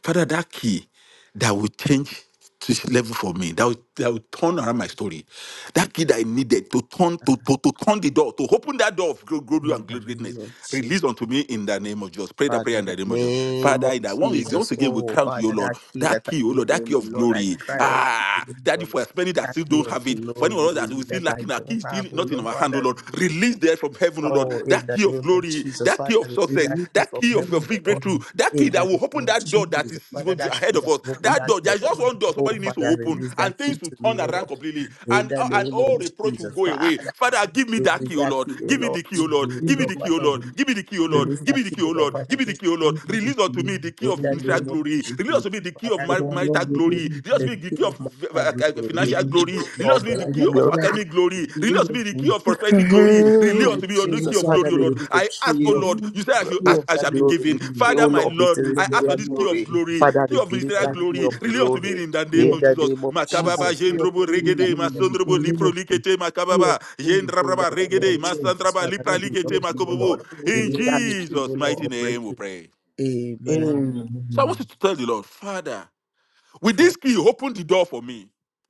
Speaker 5: Father, that key that will change this level for me, that will, that will turn around my story. That key that I needed to turn to, to, to turn the door, to open that door of glo- glory
Speaker 1: in
Speaker 5: and
Speaker 1: the name
Speaker 5: greatness,
Speaker 1: of Jesus.
Speaker 5: release unto me in the name of Jesus. Pray that
Speaker 1: Father,
Speaker 5: prayer
Speaker 1: in
Speaker 5: in
Speaker 1: the
Speaker 5: the name of Jesus.
Speaker 1: name
Speaker 5: Father,
Speaker 1: of
Speaker 5: in that one, once
Speaker 1: Jesus.
Speaker 5: again, we
Speaker 1: Oh,
Speaker 5: crown to you,
Speaker 1: Father,
Speaker 5: Lord,
Speaker 1: that key that
Speaker 5: that
Speaker 1: I
Speaker 5: key, oh
Speaker 1: need,
Speaker 5: Lord, that key
Speaker 1: oh
Speaker 5: of
Speaker 1: Lord, I
Speaker 2: Thank
Speaker 5: glory.
Speaker 1: cry out to you
Speaker 5: Ah,
Speaker 1: this
Speaker 5: Daddy,
Speaker 1: morning.
Speaker 5: for spending that
Speaker 1: That
Speaker 5: still
Speaker 1: key
Speaker 5: don't
Speaker 1: of
Speaker 5: have it, for anyone
Speaker 1: glory
Speaker 5: else that we still
Speaker 1: that I
Speaker 5: lacking our key,
Speaker 1: don't
Speaker 5: still
Speaker 1: have, oh
Speaker 5: not in
Speaker 1: Lord,
Speaker 5: our hand, O
Speaker 1: Father,
Speaker 5: Lord,
Speaker 1: release it
Speaker 5: release there from heaven, O Lord,
Speaker 1: Oh, in
Speaker 5: that
Speaker 1: the
Speaker 5: key of
Speaker 1: name of
Speaker 5: glory,
Speaker 1: Jesus,
Speaker 5: that
Speaker 1: Father,
Speaker 5: key of
Speaker 1: release
Speaker 5: success,
Speaker 1: that key
Speaker 5: that
Speaker 1: from
Speaker 5: key of
Speaker 1: heaven,
Speaker 5: your
Speaker 1: oh
Speaker 5: big
Speaker 1: Lord.
Speaker 5: breakthrough, that
Speaker 1: In
Speaker 5: key that
Speaker 1: the
Speaker 5: will open
Speaker 1: name of
Speaker 5: that door that
Speaker 1: Jesus,
Speaker 5: is
Speaker 1: Father,
Speaker 5: will be
Speaker 1: that key
Speaker 5: ahead of
Speaker 1: that
Speaker 5: us.
Speaker 1: will open
Speaker 5: That
Speaker 1: that
Speaker 5: door, there's
Speaker 1: door.
Speaker 5: just one door
Speaker 1: Oh,
Speaker 5: somebody needs to
Speaker 1: Father,
Speaker 5: open,
Speaker 1: release that
Speaker 5: and
Speaker 1: key
Speaker 5: things will
Speaker 1: to me,
Speaker 5: turn
Speaker 1: oh
Speaker 5: around
Speaker 1: Lord.
Speaker 5: completely,
Speaker 1: In
Speaker 5: and
Speaker 1: the
Speaker 5: uh, and
Speaker 1: name of
Speaker 5: all reproach will
Speaker 1: Jesus,
Speaker 5: go away.
Speaker 1: Father,
Speaker 5: Father, give me that
Speaker 1: release
Speaker 5: key, O
Speaker 1: that
Speaker 5: Lord.
Speaker 1: key, oh
Speaker 5: Give me
Speaker 1: Lord,
Speaker 5: the key, O
Speaker 1: to
Speaker 5: Lord.
Speaker 1: me, oh
Speaker 5: Give me
Speaker 1: Lord,
Speaker 5: the key, O
Speaker 1: Father,
Speaker 5: Lord.
Speaker 1: release
Speaker 5: Give me the key, O Lord.
Speaker 1: release
Speaker 5: Give me
Speaker 1: that
Speaker 5: the
Speaker 1: key,
Speaker 5: key,
Speaker 1: oh
Speaker 5: O
Speaker 1: Lord,
Speaker 5: Lord. Give
Speaker 1: Father,
Speaker 5: me the key, O Lord. Release unto me the key
Speaker 1: in
Speaker 5: of
Speaker 1: the
Speaker 5: initial
Speaker 1: name of
Speaker 5: glory. Release
Speaker 1: Jesus,
Speaker 5: unto me the key of
Speaker 1: Father,
Speaker 5: mar-
Speaker 1: release
Speaker 5: marital
Speaker 1: to me
Speaker 5: glory. Religious
Speaker 1: the
Speaker 5: be the key
Speaker 1: key
Speaker 5: of
Speaker 1: of my
Speaker 5: v-
Speaker 1: glory, the
Speaker 5: financial glory.
Speaker 1: key
Speaker 5: Religious
Speaker 1: of
Speaker 5: be the
Speaker 1: financial
Speaker 5: key of
Speaker 1: glory.
Speaker 5: academic glory. Religious be the key of prosperity glory. Really
Speaker 1: Mm-hmm. Oh,
Speaker 5: unto me, the key
Speaker 1: Jesus,
Speaker 5: of
Speaker 1: Father,
Speaker 5: glory, O Lord.
Speaker 1: release the
Speaker 5: I ask,
Speaker 1: key
Speaker 5: O
Speaker 1: of
Speaker 5: Lord, you say I should ask, I
Speaker 1: marital
Speaker 5: shall be
Speaker 1: glory,
Speaker 5: given.
Speaker 1: the key, O
Speaker 5: Father, my
Speaker 1: Lord, of the
Speaker 5: Lord, I ask for
Speaker 1: celestial
Speaker 5: this key of
Speaker 1: glory.
Speaker 5: glory,
Speaker 1: Father,
Speaker 5: key of
Speaker 1: release
Speaker 5: ministerial
Speaker 1: that key
Speaker 5: glory.
Speaker 1: of
Speaker 5: Really unto me
Speaker 1: glory
Speaker 5: in the
Speaker 2: you.
Speaker 5: name
Speaker 1: in
Speaker 5: of
Speaker 1: the
Speaker 5: Jesus.
Speaker 1: name of
Speaker 2: Ah,
Speaker 5: Makababa,
Speaker 1: Jesus. Father,
Speaker 2: TSB
Speaker 5: Jendrobo,
Speaker 1: release that
Speaker 5: Regede,
Speaker 2: in, the,
Speaker 1: key
Speaker 5: Masondrobo,
Speaker 1: of
Speaker 2: in
Speaker 1: glory
Speaker 5: Lipro,
Speaker 2: ministry.
Speaker 5: Likete, Makababa,
Speaker 2: TSB.
Speaker 1: in the
Speaker 5: Jendrabraba,
Speaker 1: name of
Speaker 5: Regede,
Speaker 1: Jesus.
Speaker 5: Masandraba,
Speaker 1: Father,
Speaker 5: Lipra,
Speaker 2: Amen.
Speaker 1: release that
Speaker 5: Likete,
Speaker 1: key, O
Speaker 5: Makobobo.
Speaker 1: Lord.
Speaker 5: In
Speaker 1: Release that key, O
Speaker 5: Jesus'
Speaker 1: Lord,
Speaker 5: mighty
Speaker 1: of
Speaker 5: name we
Speaker 1: breaking.
Speaker 5: pray.
Speaker 1: Amen.
Speaker 5: So I want you to tell the Lord, Father. With
Speaker 1: Father,
Speaker 5: this key, you open the door for me.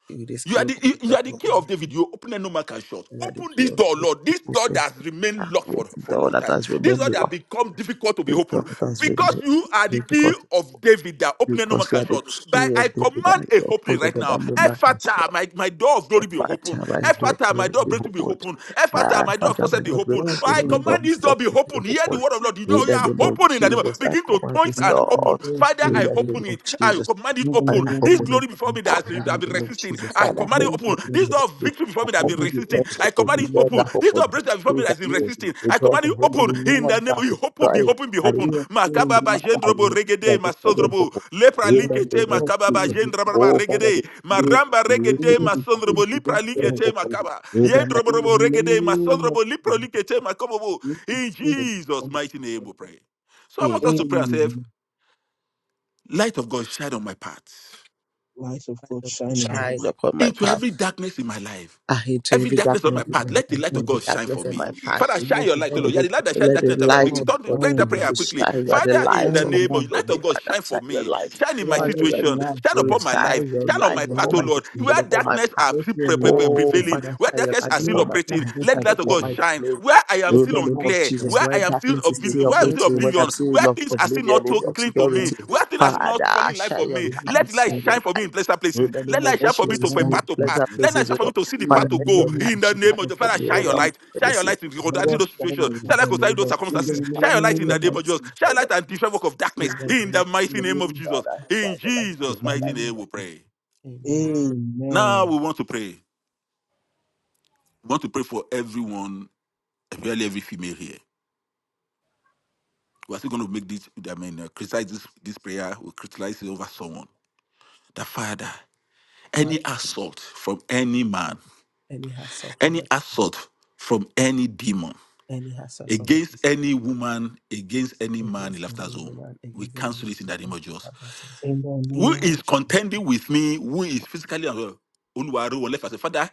Speaker 1: with this
Speaker 5: You
Speaker 1: key
Speaker 5: are
Speaker 1: of
Speaker 5: the you you
Speaker 1: the
Speaker 5: are the
Speaker 1: door,
Speaker 5: key of David. You open and no man can shut.
Speaker 1: you are the
Speaker 5: Open
Speaker 1: key
Speaker 5: this
Speaker 1: of
Speaker 5: door, Lord. This door that has remained locked
Speaker 1: darkness,
Speaker 5: for, for a
Speaker 1: door
Speaker 5: long
Speaker 1: that
Speaker 5: time.
Speaker 1: has
Speaker 5: This
Speaker 1: remained
Speaker 5: door that
Speaker 1: locked,
Speaker 5: become difficult to be
Speaker 1: this door
Speaker 5: opened.
Speaker 1: that has
Speaker 5: Because
Speaker 1: remained
Speaker 5: you are the key
Speaker 1: difficult.
Speaker 5: of David that open and no man
Speaker 1: because you
Speaker 5: can
Speaker 1: are the
Speaker 5: shut. By
Speaker 1: key
Speaker 5: I
Speaker 1: of David
Speaker 5: command
Speaker 1: and
Speaker 5: a
Speaker 1: you upon
Speaker 5: opening
Speaker 1: the
Speaker 5: right now.
Speaker 1: that no man can
Speaker 5: Ephata,
Speaker 1: stop.
Speaker 5: my, my door of
Speaker 1: My
Speaker 5: glory be open.
Speaker 1: Father, my door,
Speaker 5: Ephata, my
Speaker 1: glory
Speaker 5: door of breakthrough be
Speaker 1: behold.
Speaker 5: open. Ephata,
Speaker 1: Ah,
Speaker 5: my door of
Speaker 1: Father,
Speaker 5: success
Speaker 1: my
Speaker 5: be
Speaker 1: door,
Speaker 5: open. Oh,
Speaker 1: breakthrough,
Speaker 5: I
Speaker 1: my door,
Speaker 5: command this door be
Speaker 1: success be
Speaker 5: open. Hear the
Speaker 1: open.
Speaker 5: word of Lord. The
Speaker 1: In
Speaker 5: door you
Speaker 1: the
Speaker 5: are
Speaker 1: name of
Speaker 5: open in the name of-
Speaker 1: Jesus, I
Speaker 5: begin to
Speaker 1: command
Speaker 5: point
Speaker 1: this
Speaker 5: and open.
Speaker 1: Lord.
Speaker 5: Father,
Speaker 1: In
Speaker 5: I
Speaker 1: the
Speaker 5: open
Speaker 1: name of
Speaker 5: it. I
Speaker 1: Jesus,
Speaker 5: command it
Speaker 1: Father,
Speaker 5: open.
Speaker 1: I hope
Speaker 5: This
Speaker 1: for them.
Speaker 5: glory before me that
Speaker 1: I
Speaker 5: has
Speaker 1: pray
Speaker 5: been, that
Speaker 1: in
Speaker 5: been
Speaker 1: the name of
Speaker 5: resisting,
Speaker 1: Jesus,
Speaker 5: I
Speaker 1: Father, I
Speaker 5: command it
Speaker 1: thank you for
Speaker 5: open.
Speaker 1: this
Speaker 5: This door of
Speaker 1: ministry.
Speaker 5: victory before
Speaker 1: I
Speaker 5: me that has been
Speaker 1: command the
Speaker 5: resisting,
Speaker 1: doors
Speaker 5: I
Speaker 1: open,
Speaker 5: command
Speaker 1: the
Speaker 5: it
Speaker 1: doors
Speaker 5: open.
Speaker 1: are
Speaker 5: This door of
Speaker 1: open,
Speaker 5: breakthrough
Speaker 1: the
Speaker 5: before me that
Speaker 1: doors
Speaker 5: has
Speaker 1: are
Speaker 5: been
Speaker 1: open,
Speaker 5: resisting,
Speaker 1: the
Speaker 5: I
Speaker 1: doors
Speaker 5: command
Speaker 1: are
Speaker 5: it
Speaker 1: open,
Speaker 5: open.
Speaker 1: the
Speaker 5: In
Speaker 1: doors
Speaker 5: the name of
Speaker 1: are
Speaker 5: you, open, be
Speaker 1: destroyed,
Speaker 5: open, be
Speaker 1: and it
Speaker 5: open.
Speaker 1: is resisting,
Speaker 5: Makababa
Speaker 1: Father. I
Speaker 5: jendrobo
Speaker 1: pray
Speaker 5: regede
Speaker 1: and declare them
Speaker 5: masondrobo
Speaker 1: open.
Speaker 5: lepra
Speaker 1: In the
Speaker 5: likete
Speaker 1: name of
Speaker 5: makababa
Speaker 1: Jesus,
Speaker 5: jendrobo
Speaker 1: oh Father, the
Speaker 5: regede
Speaker 1: grace is
Speaker 5: maramba
Speaker 1: released to
Speaker 5: regede
Speaker 1: me now, and
Speaker 5: masondrobo lepra
Speaker 1: the doors
Speaker 5: likete
Speaker 1: open.
Speaker 2: Amen.
Speaker 5: makaba
Speaker 1: In the mighty
Speaker 2: In the
Speaker 5: yendrobo regede
Speaker 2: name of
Speaker 5: masondrobo lepra
Speaker 2: Jesus,
Speaker 5: likete makobobo.
Speaker 2: we should
Speaker 5: In
Speaker 2: take
Speaker 1: name,
Speaker 5: Jesus'
Speaker 2: from
Speaker 5: mighty
Speaker 2: the
Speaker 5: name we pray. So I want
Speaker 1: amen.
Speaker 5: us to pray and say,
Speaker 2: Amen.
Speaker 5: Light of God, shine on my path.
Speaker 2: Light of
Speaker 1: Light
Speaker 2: God,
Speaker 1: of God
Speaker 2: shine on my
Speaker 1: Shines upon my
Speaker 5: into
Speaker 1: path.
Speaker 5: every darkness in my life.
Speaker 1: I into
Speaker 5: Every
Speaker 1: every
Speaker 5: darkness on
Speaker 1: darkness
Speaker 5: my
Speaker 1: in
Speaker 2: Jesus,
Speaker 5: path,
Speaker 1: my
Speaker 5: let the
Speaker 2: bless
Speaker 5: light of
Speaker 2: you,
Speaker 1: every
Speaker 5: God shine for
Speaker 1: darkness in
Speaker 5: me.
Speaker 1: my path.
Speaker 5: Father,
Speaker 2: Lord.
Speaker 5: shine
Speaker 2: Light
Speaker 5: your
Speaker 2: of
Speaker 5: light, O Lord.
Speaker 2: God,
Speaker 5: Yeah,
Speaker 1: Lord,
Speaker 5: the light that shines
Speaker 1: Let the
Speaker 5: darkness. That
Speaker 1: light
Speaker 5: begin,
Speaker 1: of
Speaker 2: Lord,
Speaker 5: turn,
Speaker 2: shine
Speaker 1: God
Speaker 5: pray that
Speaker 2: in
Speaker 1: begin
Speaker 2: light,
Speaker 5: prayer
Speaker 1: to
Speaker 5: quickly.
Speaker 1: shine. You are the
Speaker 5: Father,
Speaker 2: shine
Speaker 5: in
Speaker 1: light
Speaker 5: the
Speaker 1: of
Speaker 2: in
Speaker 5: name of the
Speaker 2: light.
Speaker 5: light
Speaker 1: glory,
Speaker 5: of God,
Speaker 1: Father.
Speaker 5: shine
Speaker 1: Shine
Speaker 5: for
Speaker 1: your
Speaker 5: me.
Speaker 1: light.
Speaker 5: Shine in my
Speaker 2: Lord,
Speaker 1: Father,
Speaker 2: let
Speaker 1: you are
Speaker 2: your
Speaker 1: the
Speaker 5: situation.
Speaker 1: King
Speaker 2: light
Speaker 1: of
Speaker 5: Shine
Speaker 1: glory.
Speaker 2: shine.
Speaker 5: upon my life.
Speaker 1: Shine your
Speaker 2: Let
Speaker 5: Shine on
Speaker 1: light
Speaker 2: your
Speaker 5: my path,
Speaker 1: upon
Speaker 5: O
Speaker 1: my
Speaker 2: light
Speaker 5: Lord.
Speaker 2: shine.
Speaker 1: situation,
Speaker 5: Where
Speaker 1: upon my
Speaker 5: darkness
Speaker 1: path.
Speaker 5: are
Speaker 2: Let
Speaker 5: pre-
Speaker 2: your
Speaker 5: pre- pre- pre-
Speaker 2: light
Speaker 1: Oh,
Speaker 2: shine.
Speaker 5: prevailing,
Speaker 1: Father,
Speaker 5: where
Speaker 1: shine your
Speaker 5: darkness
Speaker 1: light
Speaker 5: are still
Speaker 2: Let
Speaker 1: upon my
Speaker 2: that
Speaker 5: operating,
Speaker 1: life,
Speaker 5: let
Speaker 1: shine
Speaker 2: better
Speaker 5: the light of
Speaker 2: to
Speaker 1: upon
Speaker 5: God
Speaker 1: my
Speaker 5: shine.
Speaker 1: glory.
Speaker 5: Where I
Speaker 1: In
Speaker 5: am
Speaker 2: Let
Speaker 1: the
Speaker 5: still
Speaker 2: your
Speaker 1: name
Speaker 2: light
Speaker 1: of
Speaker 5: unclear,
Speaker 1: Jesus,
Speaker 2: shine.
Speaker 5: where
Speaker 1: where
Speaker 5: I am still,
Speaker 1: darkness is
Speaker 2: In
Speaker 1: still
Speaker 5: obvi- where I
Speaker 2: the
Speaker 5: am
Speaker 2: name
Speaker 5: still
Speaker 1: operating,
Speaker 2: of
Speaker 1: when I'm
Speaker 5: oblivion,
Speaker 1: seeing
Speaker 5: where
Speaker 1: ob-
Speaker 5: things are still
Speaker 1: oblivion
Speaker 5: not so
Speaker 1: is
Speaker 2: Jesus,
Speaker 5: clean
Speaker 2: we
Speaker 5: to me,
Speaker 2: stand
Speaker 1: obscurity,
Speaker 2: to
Speaker 5: where things are
Speaker 2: perform.
Speaker 5: still
Speaker 1: Father,
Speaker 5: not falling in light for
Speaker 1: shine your
Speaker 5: me.
Speaker 2: Jesus, we
Speaker 1: light,
Speaker 5: Let light
Speaker 1: shine
Speaker 2: stand
Speaker 1: your
Speaker 5: shine
Speaker 2: to
Speaker 5: for
Speaker 1: light.
Speaker 5: me in
Speaker 2: perform.
Speaker 5: pleasant places.
Speaker 1: In the
Speaker 5: Let
Speaker 1: name
Speaker 5: light
Speaker 1: of
Speaker 2: Let
Speaker 5: shine for
Speaker 2: your
Speaker 5: me to
Speaker 1: Jesus,
Speaker 5: for a
Speaker 1: every
Speaker 2: light
Speaker 5: path to
Speaker 2: shine.
Speaker 5: pass.
Speaker 1: pleasant
Speaker 5: Let light
Speaker 1: places,
Speaker 5: shine
Speaker 1: you
Speaker 5: for me
Speaker 1: know,
Speaker 5: to see the
Speaker 2: In
Speaker 5: path
Speaker 1: Father,
Speaker 5: to
Speaker 2: the
Speaker 1: let
Speaker 5: go.
Speaker 1: your
Speaker 2: name
Speaker 5: In
Speaker 1: light
Speaker 5: the
Speaker 2: of
Speaker 5: name of
Speaker 1: shine
Speaker 5: the
Speaker 1: from
Speaker 5: Father,
Speaker 1: me, O
Speaker 5: shine your
Speaker 1: Lord.
Speaker 2: Jesus,
Speaker 5: light.
Speaker 1: Let me
Speaker 5: Shine your
Speaker 1: see the
Speaker 5: light in
Speaker 1: light
Speaker 2: let
Speaker 5: regarding
Speaker 1: of
Speaker 2: us
Speaker 5: those
Speaker 2: shine
Speaker 5: situations.
Speaker 2: in
Speaker 5: Shine
Speaker 2: light.
Speaker 1: in
Speaker 5: your light
Speaker 1: the
Speaker 5: concerning
Speaker 1: name
Speaker 5: those
Speaker 1: of
Speaker 5: circumstances.
Speaker 1: Jesus,
Speaker 5: Shine your
Speaker 1: Father,
Speaker 5: light
Speaker 1: let
Speaker 5: in
Speaker 1: your
Speaker 5: the name
Speaker 1: light
Speaker 2: Amen.
Speaker 5: of Jesus. Shine your
Speaker 1: shine up
Speaker 5: light and destroy work of
Speaker 1: in
Speaker 5: darkness.
Speaker 1: the
Speaker 5: In
Speaker 1: name of
Speaker 5: the mighty name of
Speaker 2: Amen.
Speaker 5: Jesus.
Speaker 1: Father, shine
Speaker 5: In
Speaker 1: your light
Speaker 5: Jesus'
Speaker 1: upon my
Speaker 5: mighty
Speaker 1: life, O
Speaker 5: name,
Speaker 1: Lord.
Speaker 5: we pray.
Speaker 1: Amen.
Speaker 5: Now
Speaker 2: Amen.
Speaker 5: we want to pray. We want to pray for everyone, really every female here. We're still going to make this, I mean, uh, criticize this, this prayer. We'll criticize it over someone. The Father,
Speaker 1: Father,
Speaker 5: any assault from any man,
Speaker 1: any hassle from
Speaker 5: any
Speaker 1: it,
Speaker 5: assault from any demon,
Speaker 1: any hassle from it,
Speaker 5: against any woman, against any man in
Speaker 1: against the
Speaker 5: laughter zone,
Speaker 1: evil man,
Speaker 5: we
Speaker 1: against the evil man,
Speaker 5: cancel it in the name of
Speaker 1: against the
Speaker 5: Jesus.
Speaker 1: hassle.
Speaker 2: In the
Speaker 5: Who
Speaker 2: name of
Speaker 5: is
Speaker 1: Okay.
Speaker 5: contending with me? Who is physically unwell? Oluwaro will left us. Father,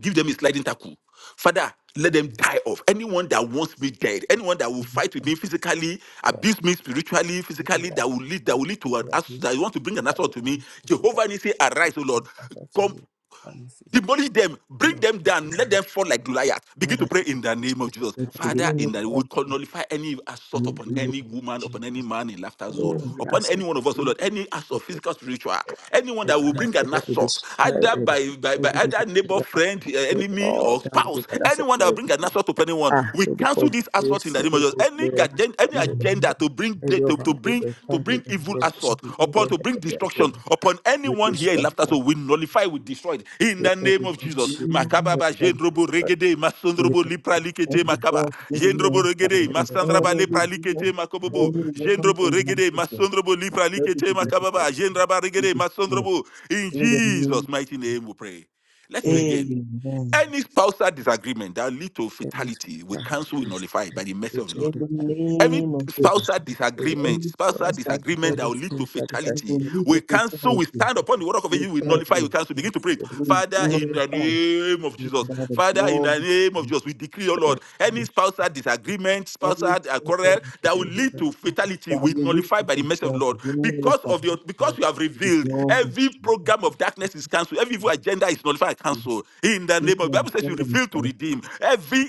Speaker 5: give them a sliding tackle. Father, let them
Speaker 2: Jesus.
Speaker 5: die off. Anyone that wants me dead, anyone that will fight with me physically, abuse me spiritually,
Speaker 1: We all
Speaker 5: physically,
Speaker 1: that,
Speaker 5: that will lead, that
Speaker 1: I
Speaker 5: will lead to an
Speaker 1: we are
Speaker 5: ass-
Speaker 1: here,
Speaker 5: that want to bring
Speaker 1: we
Speaker 5: an
Speaker 1: the
Speaker 5: assault to me.
Speaker 1: abuse of the devil,
Speaker 5: Jehovah Nisi,
Speaker 1: of
Speaker 5: arise, O
Speaker 1: the
Speaker 5: Lord.
Speaker 1: hassle to
Speaker 5: Come
Speaker 1: me. Let me see.
Speaker 5: Demolish them,
Speaker 1: The
Speaker 5: bring
Speaker 1: Lord,
Speaker 5: them down, let them
Speaker 1: Father,
Speaker 5: fall like Goliath. Begin to pray in the name of Jesus.
Speaker 1: let the
Speaker 2: In
Speaker 1: gate
Speaker 5: Father,
Speaker 2: the name
Speaker 5: in
Speaker 2: of
Speaker 1: of
Speaker 5: that we can nullify any
Speaker 1: you,
Speaker 5: assault upon
Speaker 1: the name
Speaker 5: any
Speaker 1: of
Speaker 2: Jesus.
Speaker 5: woman, upon any
Speaker 1: Jesus.
Speaker 5: man in laughter zone,
Speaker 1: Oh,
Speaker 2: Amen.
Speaker 1: we
Speaker 5: upon any
Speaker 2: Lord,
Speaker 1: ask.
Speaker 5: one of us, oh
Speaker 2: in
Speaker 5: Lord, any assault, physical, spiritual, anyone
Speaker 1: I
Speaker 5: that will
Speaker 1: cast
Speaker 5: bring
Speaker 1: it
Speaker 5: an
Speaker 1: every
Speaker 5: assault, either
Speaker 1: discredit,
Speaker 5: by, by, by
Speaker 1: everything that
Speaker 5: either neighbor,
Speaker 1: you have
Speaker 5: friend, eh,
Speaker 1: put
Speaker 5: enemy,
Speaker 1: all
Speaker 5: or
Speaker 1: down
Speaker 5: spouse,
Speaker 1: regardless of
Speaker 5: anyone
Speaker 1: my
Speaker 5: that will bring an
Speaker 1: being.
Speaker 5: assault upon anyone,
Speaker 1: Ah,
Speaker 5: we
Speaker 1: Lord,
Speaker 5: cancel
Speaker 1: because
Speaker 5: this assault in
Speaker 1: this
Speaker 5: the name of Jesus.
Speaker 1: every
Speaker 5: Any,
Speaker 1: layer has
Speaker 5: agenda,
Speaker 2: the
Speaker 5: any
Speaker 1: started
Speaker 5: agenda
Speaker 2: name
Speaker 1: upon
Speaker 5: that to bring de-
Speaker 1: every
Speaker 5: to,
Speaker 1: of
Speaker 5: to
Speaker 1: our way,
Speaker 5: bring
Speaker 1: my
Speaker 5: to
Speaker 1: father,
Speaker 5: bring
Speaker 1: and
Speaker 5: evil
Speaker 1: Lord,
Speaker 2: of
Speaker 5: assault
Speaker 1: she
Speaker 2: Jesus. In the
Speaker 5: upon
Speaker 1: said,
Speaker 5: to bring
Speaker 1: and
Speaker 5: destruction
Speaker 1: again,
Speaker 5: upon
Speaker 1: with
Speaker 5: anyone here in laughter
Speaker 1: destruction,
Speaker 5: so we nullify we destroy it in
Speaker 1: with
Speaker 5: the name
Speaker 1: every
Speaker 5: of
Speaker 1: one
Speaker 5: jesus
Speaker 1: she
Speaker 2: name of
Speaker 1: will
Speaker 5: makababa
Speaker 1: have
Speaker 5: jendrobo
Speaker 1: destroyed.
Speaker 5: regede
Speaker 2: Jesus.
Speaker 5: masondrobo lipra likete
Speaker 2: Every
Speaker 1: Amen.
Speaker 5: makaba
Speaker 2: prayer to the
Speaker 5: jendrobo
Speaker 2: minister,
Speaker 1: Father,
Speaker 5: regede
Speaker 2: every
Speaker 1: Lord, thank
Speaker 5: masandraba lepra
Speaker 1: you.
Speaker 5: likete
Speaker 1: Thank
Speaker 2: woman,
Speaker 1: you,
Speaker 5: makobobo
Speaker 1: Lord.
Speaker 2: every woman
Speaker 5: jendrobo
Speaker 2: in my
Speaker 5: regede
Speaker 2: sister,
Speaker 5: masondrobo lipra
Speaker 2: let it
Speaker 5: likete
Speaker 2: be
Speaker 1: Amen.
Speaker 2: destroyed.
Speaker 5: makababa jendraba
Speaker 2: be
Speaker 5: regede
Speaker 2: destroyed.
Speaker 5: masondrobo in
Speaker 2: In the
Speaker 5: jesus
Speaker 2: name,
Speaker 5: mighty name we pray let's pray
Speaker 1: Amen. Amen.
Speaker 5: again
Speaker 2: Amen.
Speaker 5: any spousal disagreement that lead to fatality we cancel we
Speaker 1: Amen.
Speaker 5: nullify it by the mercy
Speaker 1: Amen.
Speaker 5: of the lord
Speaker 2: In the
Speaker 1: Amen.
Speaker 5: Every
Speaker 2: name of Jesus.
Speaker 5: spousal
Speaker 1: Amen.
Speaker 5: disagreement,
Speaker 2: Only
Speaker 1: Amen.
Speaker 5: spousal
Speaker 2: that's our
Speaker 5: disagreement that will
Speaker 1: Ladies
Speaker 2: perspective.
Speaker 5: lead
Speaker 1: can
Speaker 5: to
Speaker 1: study
Speaker 2: And
Speaker 5: fatality,
Speaker 2: when
Speaker 1: sexual
Speaker 2: we need
Speaker 5: we
Speaker 2: to
Speaker 5: cancel,
Speaker 2: fulfill
Speaker 5: we
Speaker 2: it,
Speaker 5: stand upon the word of
Speaker 2: we
Speaker 5: you, we
Speaker 1: power
Speaker 5: nullify, we
Speaker 2: thankful,
Speaker 5: cancel, begin to pray.
Speaker 1: students
Speaker 2: we
Speaker 5: Father,
Speaker 1: that
Speaker 5: in the
Speaker 2: glorify
Speaker 5: name of
Speaker 1: you
Speaker 5: Jesus,
Speaker 2: by the
Speaker 5: Father, in
Speaker 2: blood
Speaker 5: the
Speaker 2: of
Speaker 5: name of Jesus, we decree, O
Speaker 1: and
Speaker 5: Lord, any
Speaker 2: Jesus.
Speaker 5: spousal disagreement, spousal
Speaker 2: Any
Speaker 5: uh,
Speaker 2: aspect of
Speaker 5: quarrel
Speaker 2: it that
Speaker 5: that will
Speaker 2: we
Speaker 5: lead to fatality, we
Speaker 2: need
Speaker 5: nullify
Speaker 2: to
Speaker 5: by the mercy of the
Speaker 2: fulfill,
Speaker 5: Lord.
Speaker 2: we
Speaker 5: Because
Speaker 2: glorify
Speaker 5: of
Speaker 2: by
Speaker 5: the because you have
Speaker 2: the
Speaker 5: revealed
Speaker 2: blood of
Speaker 5: every
Speaker 2: Jesus.
Speaker 5: program of darkness is cancelled, every evil
Speaker 2: Thank
Speaker 5: agenda nullify, and
Speaker 2: you.
Speaker 5: cancel. In the
Speaker 2: If
Speaker 5: name of the
Speaker 2: my
Speaker 5: Bible says you
Speaker 2: friend is
Speaker 5: reveal to
Speaker 2: thankful,
Speaker 5: redeem.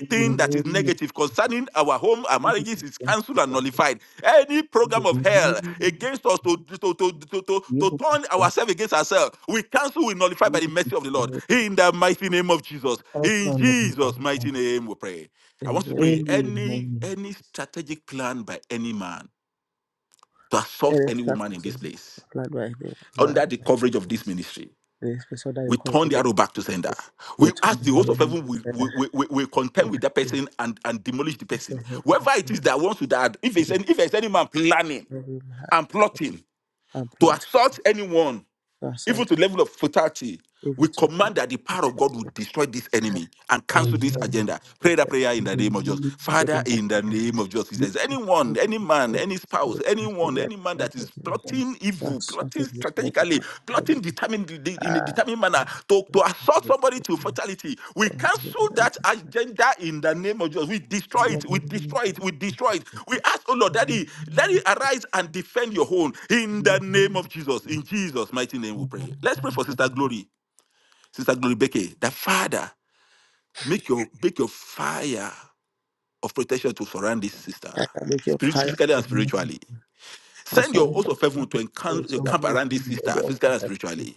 Speaker 2: in the
Speaker 5: that is
Speaker 2: name of
Speaker 5: negative
Speaker 2: Jesus,
Speaker 5: concerning our home, our
Speaker 2: you will be
Speaker 5: marriages is cancelled
Speaker 2: thankful,
Speaker 5: and
Speaker 2: Sandra.
Speaker 5: nullified. Any
Speaker 2: In the
Speaker 5: program of
Speaker 2: name
Speaker 5: hell
Speaker 2: of
Speaker 5: against us to, to, to, to, to,
Speaker 2: you
Speaker 5: to
Speaker 2: will be
Speaker 5: turn
Speaker 2: thankful,
Speaker 5: ourselves against ourselves, we cancel, we nullify by
Speaker 2: you
Speaker 5: the
Speaker 2: will be
Speaker 5: mercy of the
Speaker 2: thankful.
Speaker 5: Lord. In the mighty name of Jesus. In
Speaker 2: Counsel and magnify,
Speaker 5: Jesus' mighty name we pray. I want you to pray any
Speaker 2: Amen.
Speaker 5: any strategic plan by any man to assault
Speaker 1: any
Speaker 5: any woman in this
Speaker 1: strategy
Speaker 5: place
Speaker 1: applied by anyone man
Speaker 5: under the coverage of this ministry
Speaker 1: and especially the
Speaker 5: we turn
Speaker 1: coverage
Speaker 5: the
Speaker 1: of
Speaker 5: arrow back to sender.
Speaker 1: hospital
Speaker 5: We
Speaker 1: which
Speaker 5: ask
Speaker 1: we
Speaker 5: the
Speaker 1: had
Speaker 5: host
Speaker 1: up
Speaker 5: of
Speaker 2: Amen.
Speaker 5: heaven, we,
Speaker 1: said
Speaker 5: we,
Speaker 1: that
Speaker 5: we, we we
Speaker 1: we
Speaker 5: contend with
Speaker 1: have
Speaker 5: that
Speaker 1: to
Speaker 5: person and, and demolish the
Speaker 1: also
Speaker 5: person.
Speaker 1: help
Speaker 5: Whoever
Speaker 1: us
Speaker 5: it is that wants to that, if
Speaker 1: with
Speaker 5: there's
Speaker 1: this
Speaker 5: any, if there's any man planning
Speaker 1: very hard
Speaker 5: and plotting
Speaker 1: and
Speaker 5: to
Speaker 1: plot
Speaker 5: assault anyone,
Speaker 1: to
Speaker 5: even
Speaker 1: assault
Speaker 5: to the level of fatality,
Speaker 1: even
Speaker 5: we
Speaker 1: to the
Speaker 5: command that the power of God will
Speaker 1: interruption
Speaker 5: destroy this enemy and
Speaker 1: of
Speaker 5: cancel this
Speaker 2: Amen.
Speaker 1: the
Speaker 5: agenda. Pray that prayer in
Speaker 2: In
Speaker 5: the
Speaker 2: the
Speaker 5: name of Jesus.
Speaker 2: name
Speaker 1: so
Speaker 2: of
Speaker 1: this
Speaker 5: Father,
Speaker 2: Jesus,
Speaker 5: in the
Speaker 1: action
Speaker 5: name of Jesus, if
Speaker 2: we
Speaker 5: there's
Speaker 2: just
Speaker 5: anyone,
Speaker 2: thank
Speaker 5: any
Speaker 2: you,
Speaker 5: man,
Speaker 2: thank
Speaker 5: any spouse,
Speaker 1: would have
Speaker 5: anyone,
Speaker 1: to
Speaker 5: any man
Speaker 2: you,
Speaker 5: that
Speaker 2: thank
Speaker 5: is
Speaker 2: you,
Speaker 1: be
Speaker 2: thank you.
Speaker 5: plotting evil,
Speaker 1: That's
Speaker 5: plotting
Speaker 1: something you want to
Speaker 5: strategically,
Speaker 1: make.
Speaker 5: plotting determinedly de- in a
Speaker 1: Ah,
Speaker 5: determined manner to,
Speaker 1: I
Speaker 5: to assault somebody to fatality. We cancel that agenda in the name of Jesus. We
Speaker 2: In
Speaker 5: destroy
Speaker 2: the
Speaker 5: it. We
Speaker 2: name
Speaker 5: destroy it.
Speaker 2: of
Speaker 5: We
Speaker 2: Jesus,
Speaker 5: destroy it. We ask, oh Lord,
Speaker 2: in the
Speaker 5: Daddy, let
Speaker 2: name
Speaker 5: it
Speaker 2: of Jesus,
Speaker 5: arise and defend your own
Speaker 2: in
Speaker 5: in the
Speaker 2: the
Speaker 5: name
Speaker 2: name
Speaker 5: of
Speaker 2: of Jesus,
Speaker 5: Jesus. In
Speaker 2: my
Speaker 5: Jesus' mighty name, we
Speaker 2: Father,
Speaker 5: pray.
Speaker 2: we thank
Speaker 5: Let's
Speaker 2: you,
Speaker 5: pray
Speaker 2: thank
Speaker 5: for Sister
Speaker 2: you,
Speaker 5: Glory, Sister Glory Becky, The Father, make your make your fire of protection to surround this sister,
Speaker 1: can make your
Speaker 5: spirit,
Speaker 1: fire
Speaker 5: physically and
Speaker 2: in the name
Speaker 5: spiritually.
Speaker 1: to
Speaker 5: Send your
Speaker 2: of
Speaker 1: something
Speaker 2: God,
Speaker 5: host
Speaker 1: that
Speaker 5: of heaven to
Speaker 2: we
Speaker 5: encamp,
Speaker 1: is your life.
Speaker 5: encamp around
Speaker 2: upon
Speaker 5: this
Speaker 2: you.
Speaker 5: sister,
Speaker 1: They
Speaker 5: physically
Speaker 1: also
Speaker 5: and
Speaker 1: have to
Speaker 5: spiritually,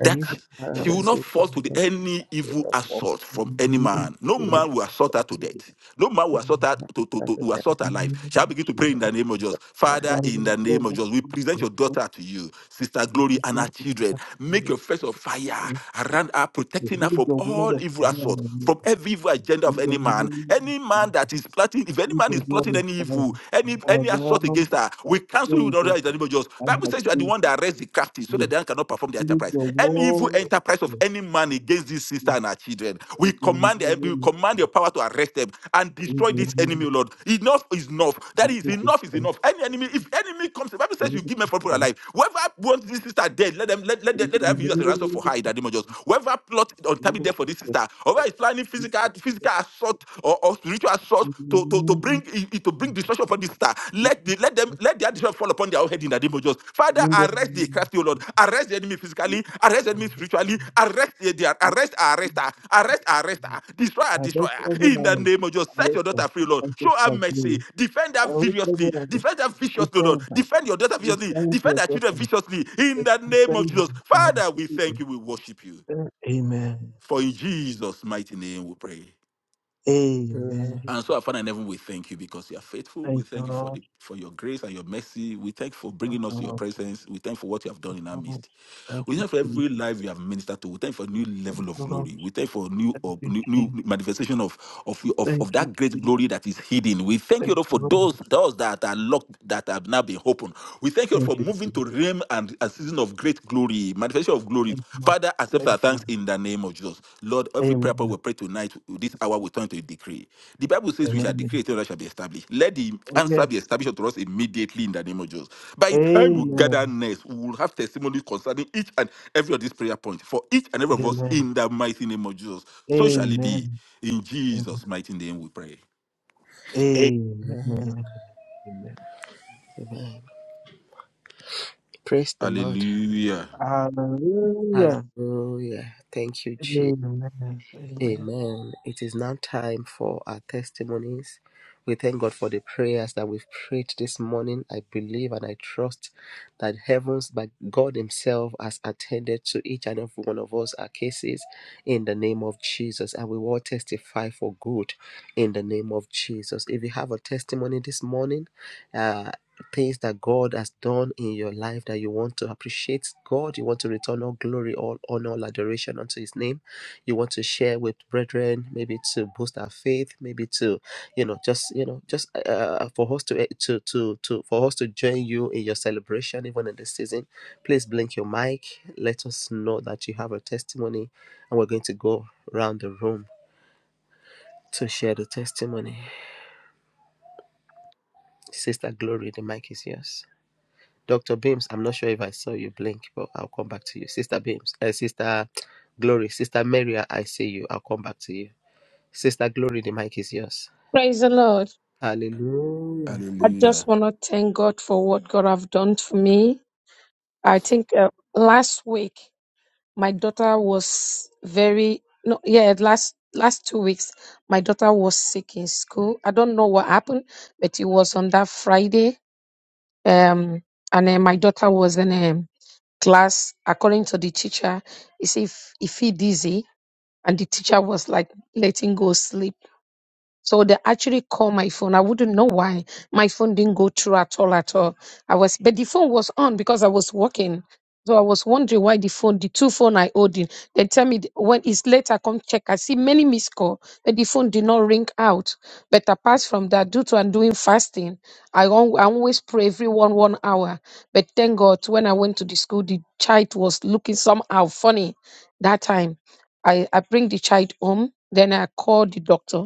Speaker 2: And he
Speaker 5: that
Speaker 2: will be
Speaker 5: she
Speaker 2: thanked
Speaker 5: will
Speaker 2: of
Speaker 1: that's
Speaker 5: not
Speaker 2: his
Speaker 1: what
Speaker 5: fall
Speaker 2: name.
Speaker 5: to the,
Speaker 1: you
Speaker 5: any evil
Speaker 1: of all
Speaker 5: assault
Speaker 2: In the
Speaker 5: from any
Speaker 2: name
Speaker 1: to
Speaker 2: of
Speaker 5: man. No
Speaker 1: do in
Speaker 5: man
Speaker 2: Jesus,
Speaker 5: will assault
Speaker 2: in
Speaker 5: her
Speaker 2: the
Speaker 5: to
Speaker 2: name
Speaker 5: death.
Speaker 2: of
Speaker 5: No man
Speaker 2: Jesus,
Speaker 5: will assault her to, to,
Speaker 1: that
Speaker 5: to,
Speaker 1: the
Speaker 5: will
Speaker 1: death
Speaker 2: in
Speaker 5: assault her
Speaker 2: the name
Speaker 5: life.
Speaker 2: of
Speaker 5: Shall I begin to pray
Speaker 2: Jesus.
Speaker 5: in the name of Jesus?
Speaker 1: of life.
Speaker 2: And
Speaker 5: Father,
Speaker 2: God, we
Speaker 5: in
Speaker 2: will
Speaker 5: the
Speaker 2: know
Speaker 5: name of
Speaker 2: one
Speaker 5: Jesus, we
Speaker 2: thing,
Speaker 5: present
Speaker 2: that
Speaker 5: your
Speaker 2: God
Speaker 5: daughter to you, Sister
Speaker 2: will
Speaker 5: Glory, and her
Speaker 2: protect you,
Speaker 5: children.
Speaker 2: Jesus.
Speaker 5: Make your face of fire around her,
Speaker 2: We
Speaker 5: protecting her
Speaker 2: need
Speaker 5: from
Speaker 2: the word
Speaker 5: all
Speaker 2: of
Speaker 5: evil
Speaker 2: fire, Lord,
Speaker 5: assault, from every evil agenda of
Speaker 2: in the
Speaker 5: any man.
Speaker 2: name
Speaker 5: Any
Speaker 2: of Jesus.
Speaker 5: man that is plotting, if any man is
Speaker 2: even more
Speaker 5: plotting
Speaker 2: than
Speaker 5: any evil,
Speaker 2: time
Speaker 5: any any assault
Speaker 2: around
Speaker 5: against her,
Speaker 2: that
Speaker 5: we we cancel you with
Speaker 2: very
Speaker 5: other
Speaker 2: better.
Speaker 5: individuals.
Speaker 2: I
Speaker 5: Bible
Speaker 2: have
Speaker 5: says you are the
Speaker 2: chosen
Speaker 5: one that arrests the crafty so that
Speaker 2: yes.
Speaker 5: they cannot perform the
Speaker 2: Build
Speaker 5: enterprise.
Speaker 2: the
Speaker 5: Any evil
Speaker 2: wall of
Speaker 5: enterprise of
Speaker 2: the
Speaker 5: any man against this sister
Speaker 2: yes,
Speaker 5: and her children, we
Speaker 2: and the
Speaker 5: command them, we
Speaker 2: name of
Speaker 5: command your
Speaker 2: Jesus,
Speaker 5: power to arrest them and
Speaker 2: in
Speaker 5: destroy
Speaker 2: the
Speaker 5: this
Speaker 1: Amen.
Speaker 5: enemy,
Speaker 2: name
Speaker 5: Lord. Enough is enough.
Speaker 2: of
Speaker 5: That is
Speaker 2: Jesus
Speaker 5: enough is
Speaker 2: Christ,
Speaker 5: enough. Any enemy, if enemy comes, the Bible says you
Speaker 2: Jesus
Speaker 5: give men for
Speaker 2: Christ,
Speaker 5: alive. Whoever wants this sister dead, let them let, let, them-
Speaker 2: in
Speaker 5: let them have
Speaker 2: the
Speaker 5: you as a ransom
Speaker 2: name
Speaker 5: for her in the name of Jesus. Whoever plot
Speaker 2: of Jesus
Speaker 5: untimely death for this
Speaker 2: Christ,
Speaker 5: sister, whoever is planning physical
Speaker 2: Jesus
Speaker 5: physical
Speaker 2: Christ,
Speaker 5: assault or. or spiritual source
Speaker 2: in the name of Jesus Christ, in the
Speaker 5: to, to, to bring
Speaker 2: name of
Speaker 5: to bring destruction upon this star. Let
Speaker 2: Jesus
Speaker 5: the, let them
Speaker 2: Christ,
Speaker 5: let their destruction fall upon their own head in the name of Jesus. Father, arrest the crafty, O Lord. Arrest the enemy physically, arrest the enemy spiritually, arrest the, the
Speaker 2: yes,
Speaker 5: arrest arrest
Speaker 2: Jesus Christ,
Speaker 5: her, arrest arrest her, destroy her,
Speaker 2: I
Speaker 5: destroy
Speaker 2: bless
Speaker 5: her.
Speaker 2: every
Speaker 5: In the
Speaker 2: life,
Speaker 5: name of Jesus,
Speaker 2: I
Speaker 5: set
Speaker 2: bless
Speaker 5: your
Speaker 2: that,
Speaker 5: daughter free, Lord.
Speaker 2: I bless
Speaker 5: Show her
Speaker 2: that glory.
Speaker 5: mercy. Defend her
Speaker 2: I wish they
Speaker 5: vigorously.
Speaker 2: understand.
Speaker 5: Defend her viciously, Lord.
Speaker 2: Defend her.
Speaker 5: Defend your daughter viciously.
Speaker 2: Defend
Speaker 5: Defend
Speaker 2: your
Speaker 5: her children
Speaker 2: daughter.
Speaker 5: viciously. In the name of
Speaker 2: Defend her
Speaker 5: Jesus,
Speaker 2: and her
Speaker 5: Father, we thank
Speaker 2: children.
Speaker 5: you. We worship you.
Speaker 2: Thank- Amen.
Speaker 5: For in Jesus' mighty name we pray.
Speaker 2: Amen.
Speaker 5: And so, our Father in heaven, we thank you because you are faithful. We
Speaker 2: Thank you,
Speaker 5: thank you for
Speaker 2: Lord.
Speaker 5: the for your grace and your mercy. We thank you for
Speaker 2: Thank
Speaker 5: bringing
Speaker 2: you,
Speaker 5: us to your
Speaker 2: Lord.
Speaker 5: presence. We thank you for what you have done
Speaker 2: Thank
Speaker 5: in our
Speaker 2: you, Lord.
Speaker 5: midst.
Speaker 2: Thank
Speaker 5: We
Speaker 2: you,
Speaker 5: thank you for
Speaker 2: Jesus.
Speaker 5: every life you have ministered to. We thank you for a new
Speaker 2: Thank
Speaker 5: level of
Speaker 2: you, Lord.
Speaker 5: glory. We thank you for new
Speaker 2: Thank
Speaker 5: up-
Speaker 2: you,
Speaker 5: new, new
Speaker 2: Jesus.
Speaker 5: manifestation of of, your- of
Speaker 2: Thank
Speaker 5: of
Speaker 2: you,
Speaker 5: that great
Speaker 2: Jesus.
Speaker 5: glory that is hidden. We thank
Speaker 2: Thank
Speaker 5: you Lord, for
Speaker 2: you, Lord.
Speaker 5: those doors that are locked that have now been opened. We thank you
Speaker 2: Thank
Speaker 5: for
Speaker 2: you,
Speaker 5: moving
Speaker 2: Jesus.
Speaker 5: to realm and a season of great glory, manifestation of glory.
Speaker 2: Thank you, Lord.
Speaker 5: Father, accept
Speaker 2: Thank
Speaker 5: our
Speaker 2: you, Lord.
Speaker 5: thanks in the name of Jesus. Lord, Every prayer point we
Speaker 2: Amen.
Speaker 5: pray tonight, this hour, we turn to a decree. The Bible says we shall decree
Speaker 2: Amen.
Speaker 5: a thing that shall be established. Let the
Speaker 2: Oh,
Speaker 5: answer
Speaker 2: yes.
Speaker 5: be established unto us immediately in the name of Jesus. By the time we gather
Speaker 2: Amen.
Speaker 5: next, we will have testimonies concerning each and every of these prayer points for each and every of us
Speaker 2: Amen.
Speaker 5: in the mighty name of Jesus. So shall it be.
Speaker 2: Amen.
Speaker 5: In Jesus' mighty name we pray.
Speaker 2: Amen. Amen. Amen.
Speaker 1: Amen. Praise the Lord.
Speaker 5: Hallelujah.
Speaker 2: Hallelujah.
Speaker 1: Hallelujah. Thank you, Jesus.
Speaker 2: Amen. Amen.
Speaker 1: Amen. It is now time for our testimonies. We thank God for the prayers that we've prayed this morning. I believe and I trust that heavens, by God Himself, has attended to each and every one of us, our cases, in the name of Jesus. And we will testify for good in the name of Jesus. If you have a testimony this morning, uh, things that God has done in your life that you want to appreciate God, you want to return all glory, all honor, all adoration unto His name you want to share with brethren, maybe to boost our faith, maybe to, you know, just you know, just uh, uh, for us to eh, to to to for us to join you in your celebration, even in this season. Please blink your mic. Let us know that you have a testimony, and we're going to go around the room to share the testimony. Sister Glory, the mic is yours. Dr. Beams, I'm not sure if I saw you blink, but I'll come back to you. Sister Beams, uh, Sister Glory, Sister Mary, I see you. I'll come back to you. Sister Glory, the mic is yours.
Speaker 7: Praise the Lord.
Speaker 1: Hallelujah.
Speaker 7: I just
Speaker 5: Hallelujah.
Speaker 7: want to thank God for what God have done for me. I think uh, last week my daughter was very no yeah last last two weeks my daughter was sick in school. I don't know what happened, but it was on that Friday. Um, and then my daughter was in um, class. According to the teacher, he said if if he dizzy, and the teacher was like letting go sleep. So they actually call my phone. I wouldn't know why my phone didn't go through at all, at all. I was, but the phone was on because I was working. So I was wondering why the phone, the two phone I owed in. They tell me th- when it's late, I come check. I see many missed call, but the phone did not ring out. But apart from that, due to I'm doing fasting, I, al- I always pray every one one hour. But thank God, when I went to the school, the child was looking somehow funny that time. I, I bring the child home. Then I call the doctor.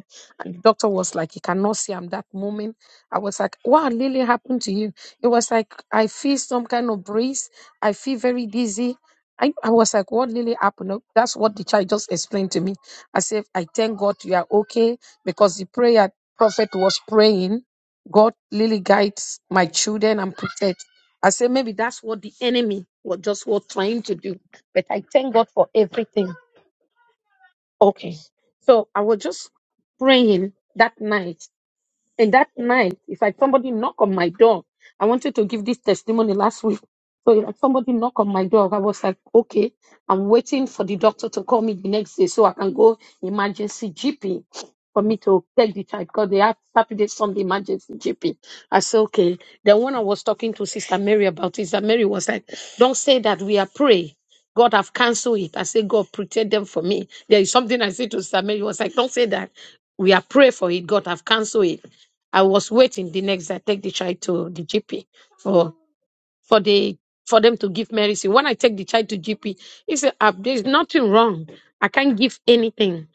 Speaker 7: And the doctor was like, he cannot see I'm that moment. I was like, what really happened to you. It was like, I feel some kind of breeze. I feel very dizzy. I, I was like, what really happened? Oh, That's what the child just explained to me. I said, I thank God you are okay because the prayer prophet was praying, God, really guides my children and protect. I said, maybe that's what the enemy was just was trying to do. But I thank God for everything. Okay. So I was just praying that night and that night, it's like somebody knock on my door. I wanted to give this testimony last week. So it's like somebody knock on my door. I was like, okay, I'm waiting for the doctor to call me the next day so I can go emergency GP for me to take the child because they have Saturday, Sunday emergency GP. I said, okay. Then when I was talking to Sister Mary about it, Sister Mary was like, don't say that we are praying. God have cancelled it. I said God, protect them for me. There is something I said to Sister Mary. It was like, don't say that. We are pray for it. God have cancelled it. I was waiting the next day. I take the child to the GP for for the for them to give medicine. When I take the child to GP, he said, "Ah, "There's nothing wrong. I can't give anything."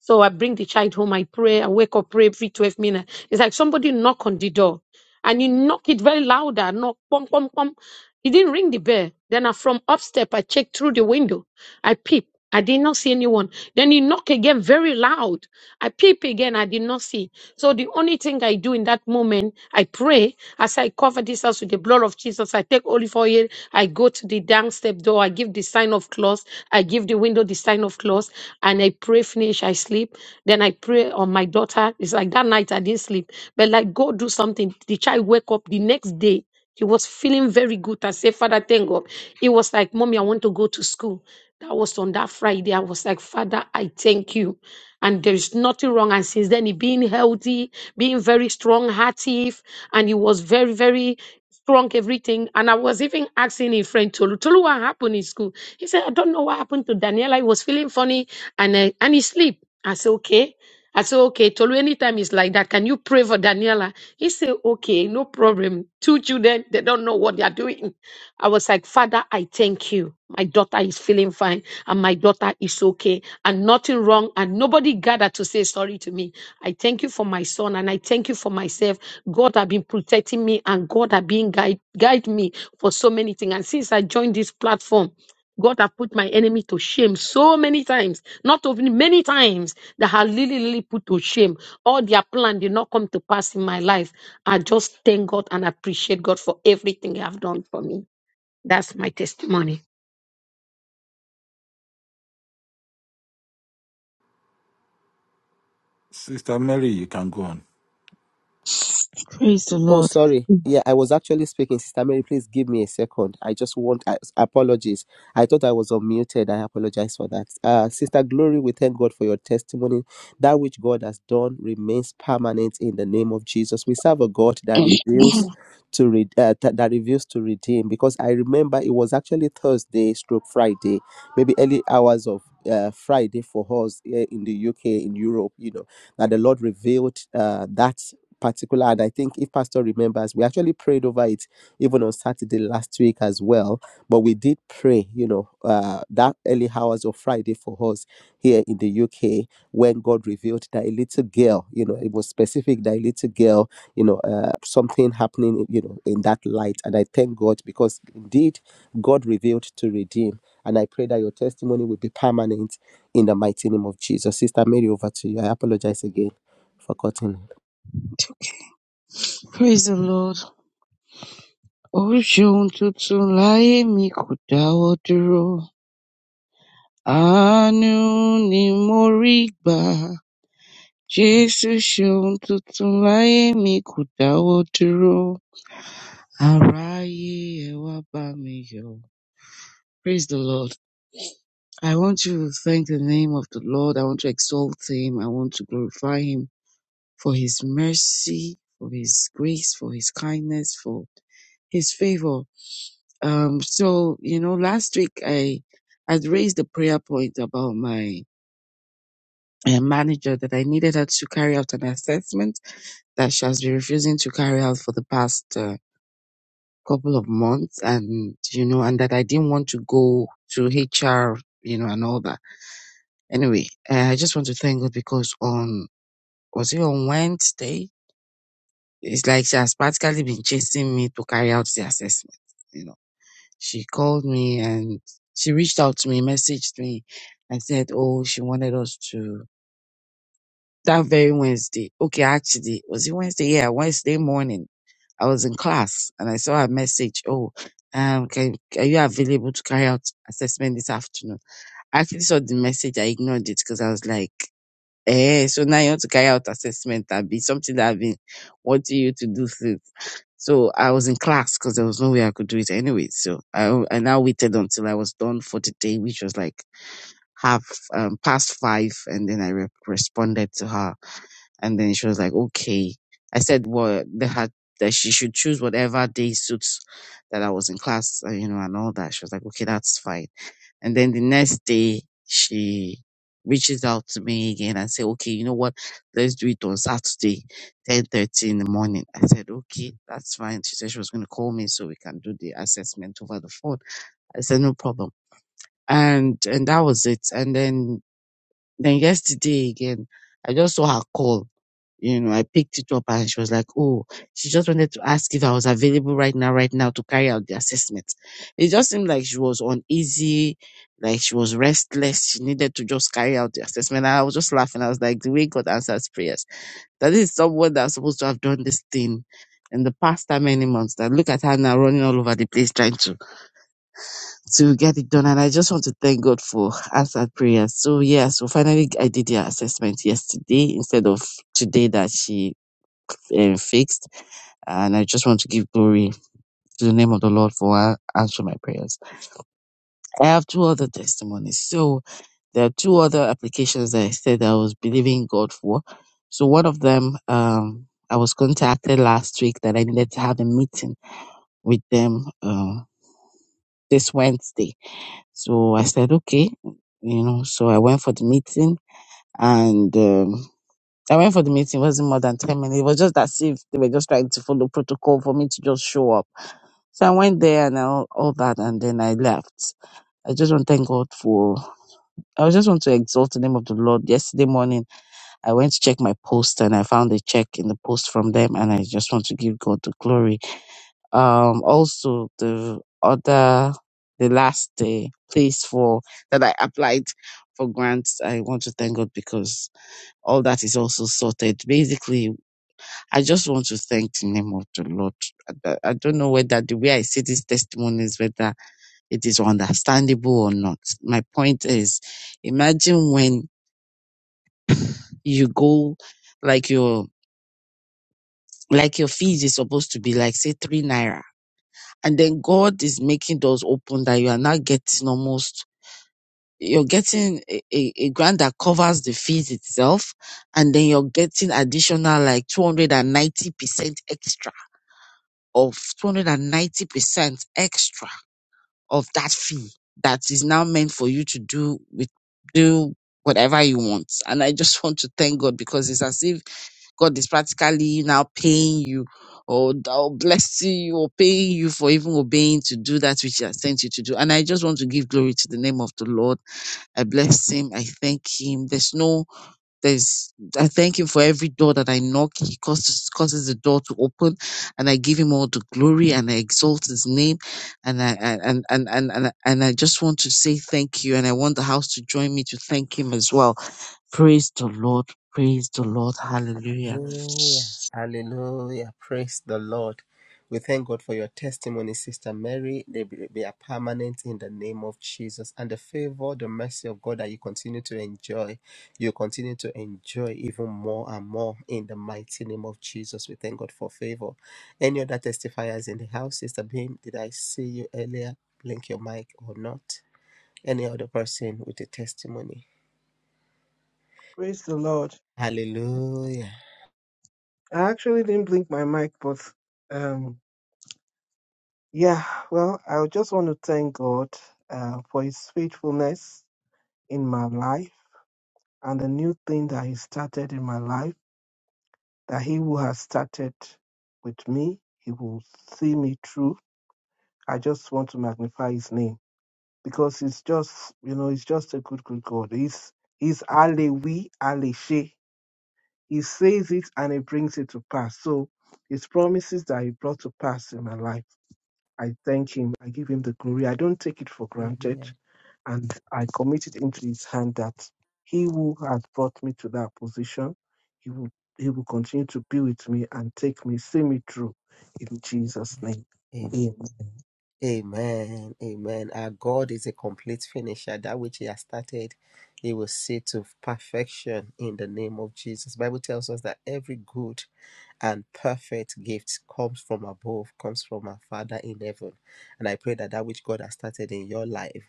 Speaker 7: So I bring the child home. I pray. I wake up, pray every twelve minutes. It's like somebody knock on the door, and you knock it very loud. louder. Knock, pom pom pom. He didn't ring the bell. Then I, from upstep, I checked through the window. I peep. I did not see anyone. Then he knock again very loud. I peep again. I did not see. So the only thing I do in that moment, I pray. I cover this house with the blood of Jesus. I take olive oil. I go to the down step door. I give the sign of close. I give the window the sign of close. And I pray, finish. I sleep. Then I pray on my daughter. It's like that night I didn't sleep. But like, go do something. The child wake up the next day. He was feeling very good. I said, Father, thank God. He was like, Mommy, I want to go to school. That was on that Friday. I was like, Father, I thank you. And there is nothing wrong. And since then, he being healthy, being very strong hearted, and he was very, very strong, everything. And I was even asking a friend, Tolu, Tolu, what happened in school? He said, I don't know what happened to Daniela. He was feeling funny and, uh, and he sleep. I said, okay. I said, okay, Tolu, anytime it's like that, can you pray for Daniela? He said, okay, no problem. Two children, they don't know what they are doing. I was like, Father, I thank you. My daughter is feeling fine and my daughter is okay and nothing wrong and nobody gathered to say sorry to me. I thank you for my son and I thank you for myself. God have been protecting me and God have been guide, guide me for so many things. And since I joined this platform, God have put my enemy to shame so many times, not only many times that have really, really put to shame. All their plan did not come to pass in my life. I just thank God and appreciate God for everything He have done for me. That's my testimony.
Speaker 5: Sister Mary, you can go on.
Speaker 8: Praise the
Speaker 1: Oh,
Speaker 8: Lord.
Speaker 1: sorry. Yeah, I was actually speaking. Sister Mary, please give me a second. I just want I, apologies. I thought I was unmuted. I apologize for that. Uh, Sister Glory, we thank God for your testimony. That which God has done remains permanent in the name of Jesus. We serve a God that reveals
Speaker 7: Amen.
Speaker 1: to read uh, that, that reveals to redeem. Because I remember it was actually Thursday, stroke Friday, maybe early hours of uh, Friday for us here in the UK, in Europe. You know that the Lord revealed uh, that. particular and i think if pastor remembers we actually prayed over it even on saturday last week as well but we did pray you know uh, that early hours of friday for us here in the uk when god revealed that a little girl you know it was specific that a little girl you know uh, something happening you know in that light and i thank god because indeed god revealed to redeem and i pray that your testimony will be permanent in the mighty name of jesus sister mary over to you i apologize again for cutting
Speaker 8: Praise the Lord. Ó ṣeun tuntun láyé mi kò dáwọ́ dúró. Àánú ni mo rí gbà. Jésù ṣeun tuntun láyé mi kò dáwọ́ dúró. Aráyé ẹ wá bá mi yọ̀. Praise the Lord. I want to thank the name of the Lord. I want to exalt him. I want to glorify him for his mercy, for his grace, for his kindness, for his favor. Um, so you know, last week I had raised a prayer point about my uh, manager that I needed her to carry out an assessment that she has been refusing to carry out for the past uh, couple of months, and you know, and that I didn't want to go to HR, you know, and all that. Anyway, uh, I just want to thank God because on was it on Wednesday? It's like she has practically been chasing me to carry out the assessment. You know she called me and she reached out to me, messaged me, and said, "Oh, she wanted us to that very Wednesday." Okay, actually, was it Wednesday? Yeah, Wednesday morning. I was in class and I saw her message. Oh, um, can are you available to carry out assessment this afternoon? I actually saw the message. I ignored it because I was like, "Eh, so now you want to carry out assessment? That be something that I've been wanting you to do since." So I was in class because there was no way I could do it anyway. So I I now waited until I was done for the day, which was like half um, past five, and then I re- responded to her. And then she was like, okay. I said, well, they had, that she should choose whatever day suits that I was in class, uh, you know, and all that. She was like, okay, that's fine. And then the next day, she reaches out to me again and say, okay, you know what? Let's do it on Saturday, 10.30 in the morning. I said, okay, that's fine. She said she was going to call me so we can do the assessment over the phone. I said, no problem. And, and that was it. And then then yesterday again, I just saw her call. You know, I picked it up and she was like, Oh, she just wanted to ask if I was available right now, right now to carry out the assessment. It just seemed like she was uneasy, like she was restless. She needed to just carry out the assessment. And I was just laughing. I was like, The way God answers prayers. That is someone that's supposed to have done this thing in the past how many months. That look at her now running all over the place trying to to get it done. And I just want to thank God for answered prayers. So yeah, so finally I did the assessment yesterday instead of today that she um, fixed. And I just want to give glory to the name of the Lord for an- answering my prayers. I have two other testimonies. So there are two other applications that I said I was believing God for. So one of them, um, I was contacted last week that I needed to have a meeting with them uh, this Wednesday So I said, okay, you know, so I went for the meeting and um, I went for the meeting. It wasn't more than 10 minutes. It was just as if they were just trying to follow protocol for me to just show up. So I went there and all, all that and then I left. I just want to thank God for, I just want to exalt the name of the Lord. Yesterday morning, I went to check my post and I found a check in the post from them and I just want to give God the glory um also the other the last uh, place for that I applied for grants. I want to thank God because all that is also sorted. Basically, I just want to thank the name of the Lord. I do- I don't know whether the way I see these testimonies, whether it is understandable or not. My point is, imagine when you go like your like your fees is supposed to be like say three naira and then God is making doors open that you are now getting almost you're getting a, a, a grant that covers the fees itself and then you're getting additional like 290% extra of 290% extra of that fee that is now meant for you to do with do whatever you want and i just want to thank god because it's as if God is practically now paying you or, or blessing you or paying you for even obeying to do that which He has sent you to do. And I just want to give glory to the name of the Lord. I bless Him. I thank Him. There's no, there's, I thank Him for every door that I knock. He causes, causes the door to open and I give Him all the glory and I exalt His name. And I, I- and, and, and, and, and I just want to say thank you. And I want the house to join me to thank Him as well. Praise the Lord. Praise the Lord. Hallelujah.
Speaker 1: Hallelujah. Hallelujah. Praise the Lord. We thank God for your testimony, Sister Mary. They, be- they are permanent in the name of Jesus. And the favor, the mercy of God that you continue to enjoy, you continue to enjoy even more and more in the mighty name of Jesus. We thank God for favor. Any other testifiers in the house? Sister Beam, did I see you earlier? Blink your mic or not? Any other person with a testimony?
Speaker 2: Praise the Lord.
Speaker 1: Hallelujah.
Speaker 2: I actually didn't blink my mic, but um, yeah, well, I just want to thank God uh, for His faithfulness in my life and the new thing that He started in my life, that He who has started with me, He will see me through. I just want to magnify His name because He's just, you know, He's just a good, good God. He's He's Alewi, He says it and he brings it to pass. So his promises that he brought to pass in my life, I thank him. I give him the glory. I don't take it for granted.
Speaker 1: Amen.
Speaker 2: And I commit it into his hand that he who has brought me to that position, he will he will continue to be with me and take me, see me through in Jesus' name.
Speaker 1: Amen.
Speaker 2: Amen.
Speaker 1: Amen. Amen. Our God is a complete finisher. That which He has started, He will see to perfection in the name of Jesus. Bible tells us that every good and perfect gift comes from above, comes from our Father in heaven. And I pray that that which God has started in your life,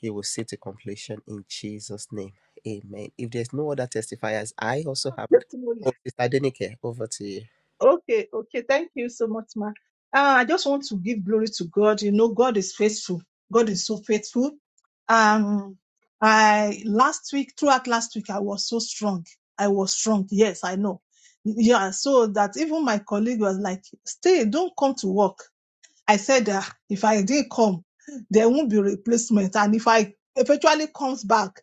Speaker 1: you will see to completion in Jesus' name. Amen. If there's no other testifiers, I also have it.
Speaker 6: transform
Speaker 1: Oh, Sister Denike, over to you.
Speaker 6: Okay, okay. Thank you so much, ma. Uh, I just want to give glory to God. You know, God is faithful. God is so faithful. Um, I last week, throughout last week, I was so strong. I was strong. Yes, I know. Yeah, so that even my colleague was like, "Stay, don't come to work." I said that if I didn't come, there won't be replacement. And if I eventually comes back,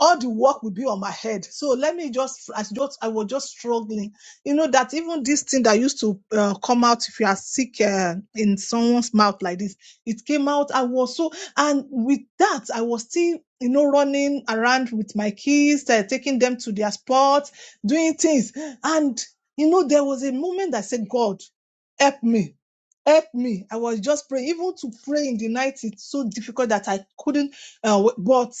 Speaker 6: all the work will be on my head. So let me just, I just, I was just struggling. You know that even this thing that used to uh, come out if you are sick uh, in someone's mouth like this, it came out. I was so, and with that, I was still, you know, running around with my kids, uh, taking them to their sports, doing things. And, you know, there was a moment that I said, God, help me help me. I was just praying. Even to pray in the night, it's so difficult that I couldn't. Uh, but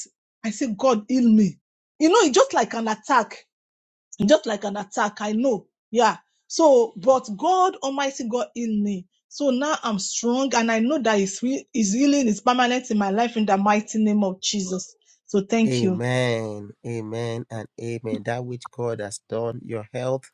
Speaker 6: I said, God, heal me. You know, it's just like an attack. Just like an attack. I know. Yeah. So, but God Almighty, God heal me. So now I'm strong and I know that His, heal- his healing is permanent in my life in the mighty name of Jesus. So thank you.
Speaker 1: Amen, amen, and amen. That which God has done, your health,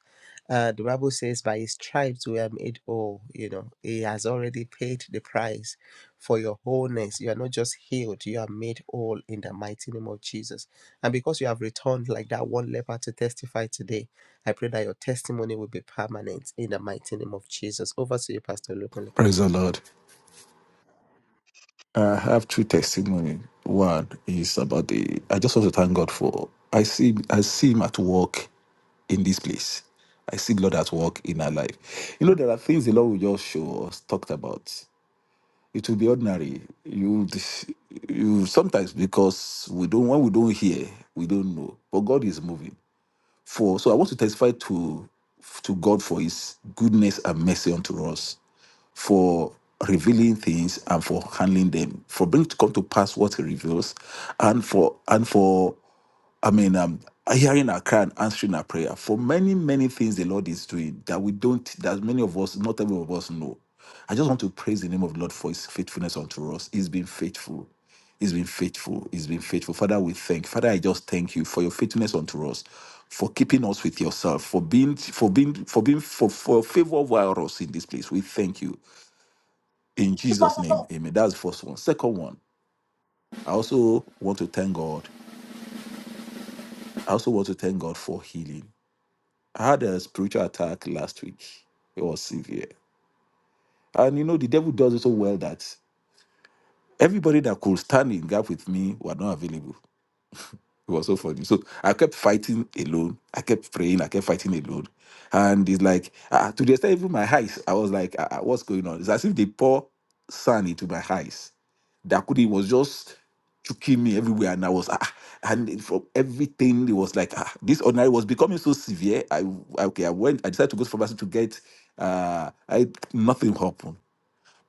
Speaker 1: uh, the Bible says, by his stripes we are made whole. You know, he has already paid the price for your wholeness. You are not just healed, you are made whole in the mighty name of Jesus. And because you have returned like that one leper to testify today, I pray that your testimony will be permanent in the mighty name of Jesus. Over to you, Pastor Lukule.
Speaker 5: Praise the Lord. I have two testimony. One is about the. I just want to thank God for. I see. I see Him at work in this place. I see the Lord at work in our life. You know, there are things the Lord will just show us talked about. It will be ordinary. You, you sometimes because we don't when we don't hear, we don't know. But God is moving for so I want to testify to to God for his goodness and mercy unto us, for revealing things and for handling them, for bringing to come to pass what he reveals, and for and for I mean, um, hearing our cry and answering our prayer for many, many things the Lord is doing that we don't, that many of us, not every of us know. I just want to praise the name of the Lord for his faithfulness unto us. He's been faithful. He's been faithful. He's been faithful. Father, we thank. Father, I just thank you for your faithfulness unto us, for keeping us with yourself, for being, for being, for being, for, for favor over us in this place. We thank you. In
Speaker 6: Praise
Speaker 5: Jesus'
Speaker 6: the
Speaker 5: name,
Speaker 6: Lord.
Speaker 5: amen. That's the first one. Second one, I also want to thank God. I also want to thank God for healing. I had a spiritual attack last week. It was severe. And you know, the devil does it so well that everybody that could stand in gap with me were not available. It was so funny. So I kept fighting alone. I kept praying. I kept fighting alone. And it's like, uh, to the extent even my eyes, I was like, uh, what's going on? It's as if they pour sand into my eyes. That could it was just choking me everywhere. And I was, ah, ah. and it- from everything, it was like, ah, this ordinary was becoming so severe. I, I- okay, I went, I decided to go to pharmacy to get, uh, I, nothing happened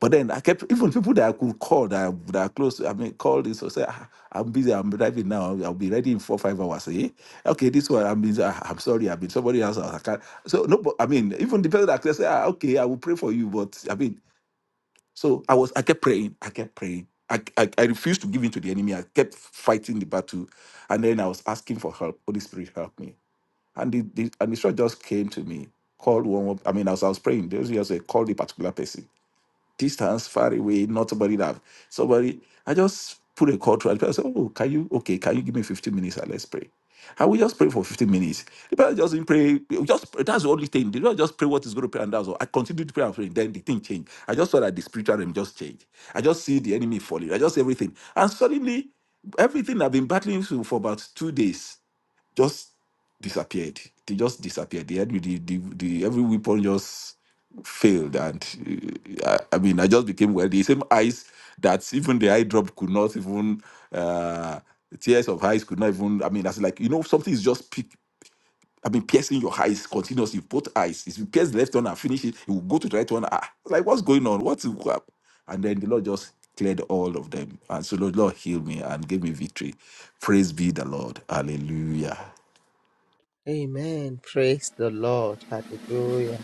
Speaker 5: but then I kept even people that I could call that I, that are close. to- I mean, call this or say, ah, I'm busy. I'm driving now. I'll be ready in four five hours. Eh? Okay, this one. I mean, ah, I'm sorry. I've been somebody else. I can't. So no, but I mean, even the person that can say, ah, okay, I will pray for you. But I mean, so I was. I kept praying. I kept praying. I, I, I refused to give in to the enemy. I kept fighting the battle, and then I was asking for help. Holy Spirit, help me. And the, the and the shot just came to me. Called one. I mean, as I was praying, there was just a call the particular person distance, far away, not somebody that somebody. I just put a call to the person. Oh, can you? Okay, can you give me 15 minutes and let's pray. And we just pray for 15 minutes. The person just didn't pray. Just pray. that's the only thing. They don't just pray what is going to pray, and that's all. I continued to pray and pray. Then the thing changed. I just saw that the spiritual realm just changed. I just see the enemy falling. I just everything, and suddenly everything I've been battling through for about two days just disappeared. They just disappeared. They had the, the, the, the every weapon just failed, and uh, I, I mean, I just became well. The same eyes that even the eye drop could not even uh, tears of eyes could not even. I mean, that's like you know something is just pick. I mean, piercing your eyes continuously, both eyes. If you pierce the left one and finish it, it will go to the right one. Ah, like what's going on? What's what? And then the Lord just cleared all of them, and so the Lord healed me and gave me victory. Praise be the Lord. Hallelujah.
Speaker 1: Amen. Praise the Lord. Hallelujah.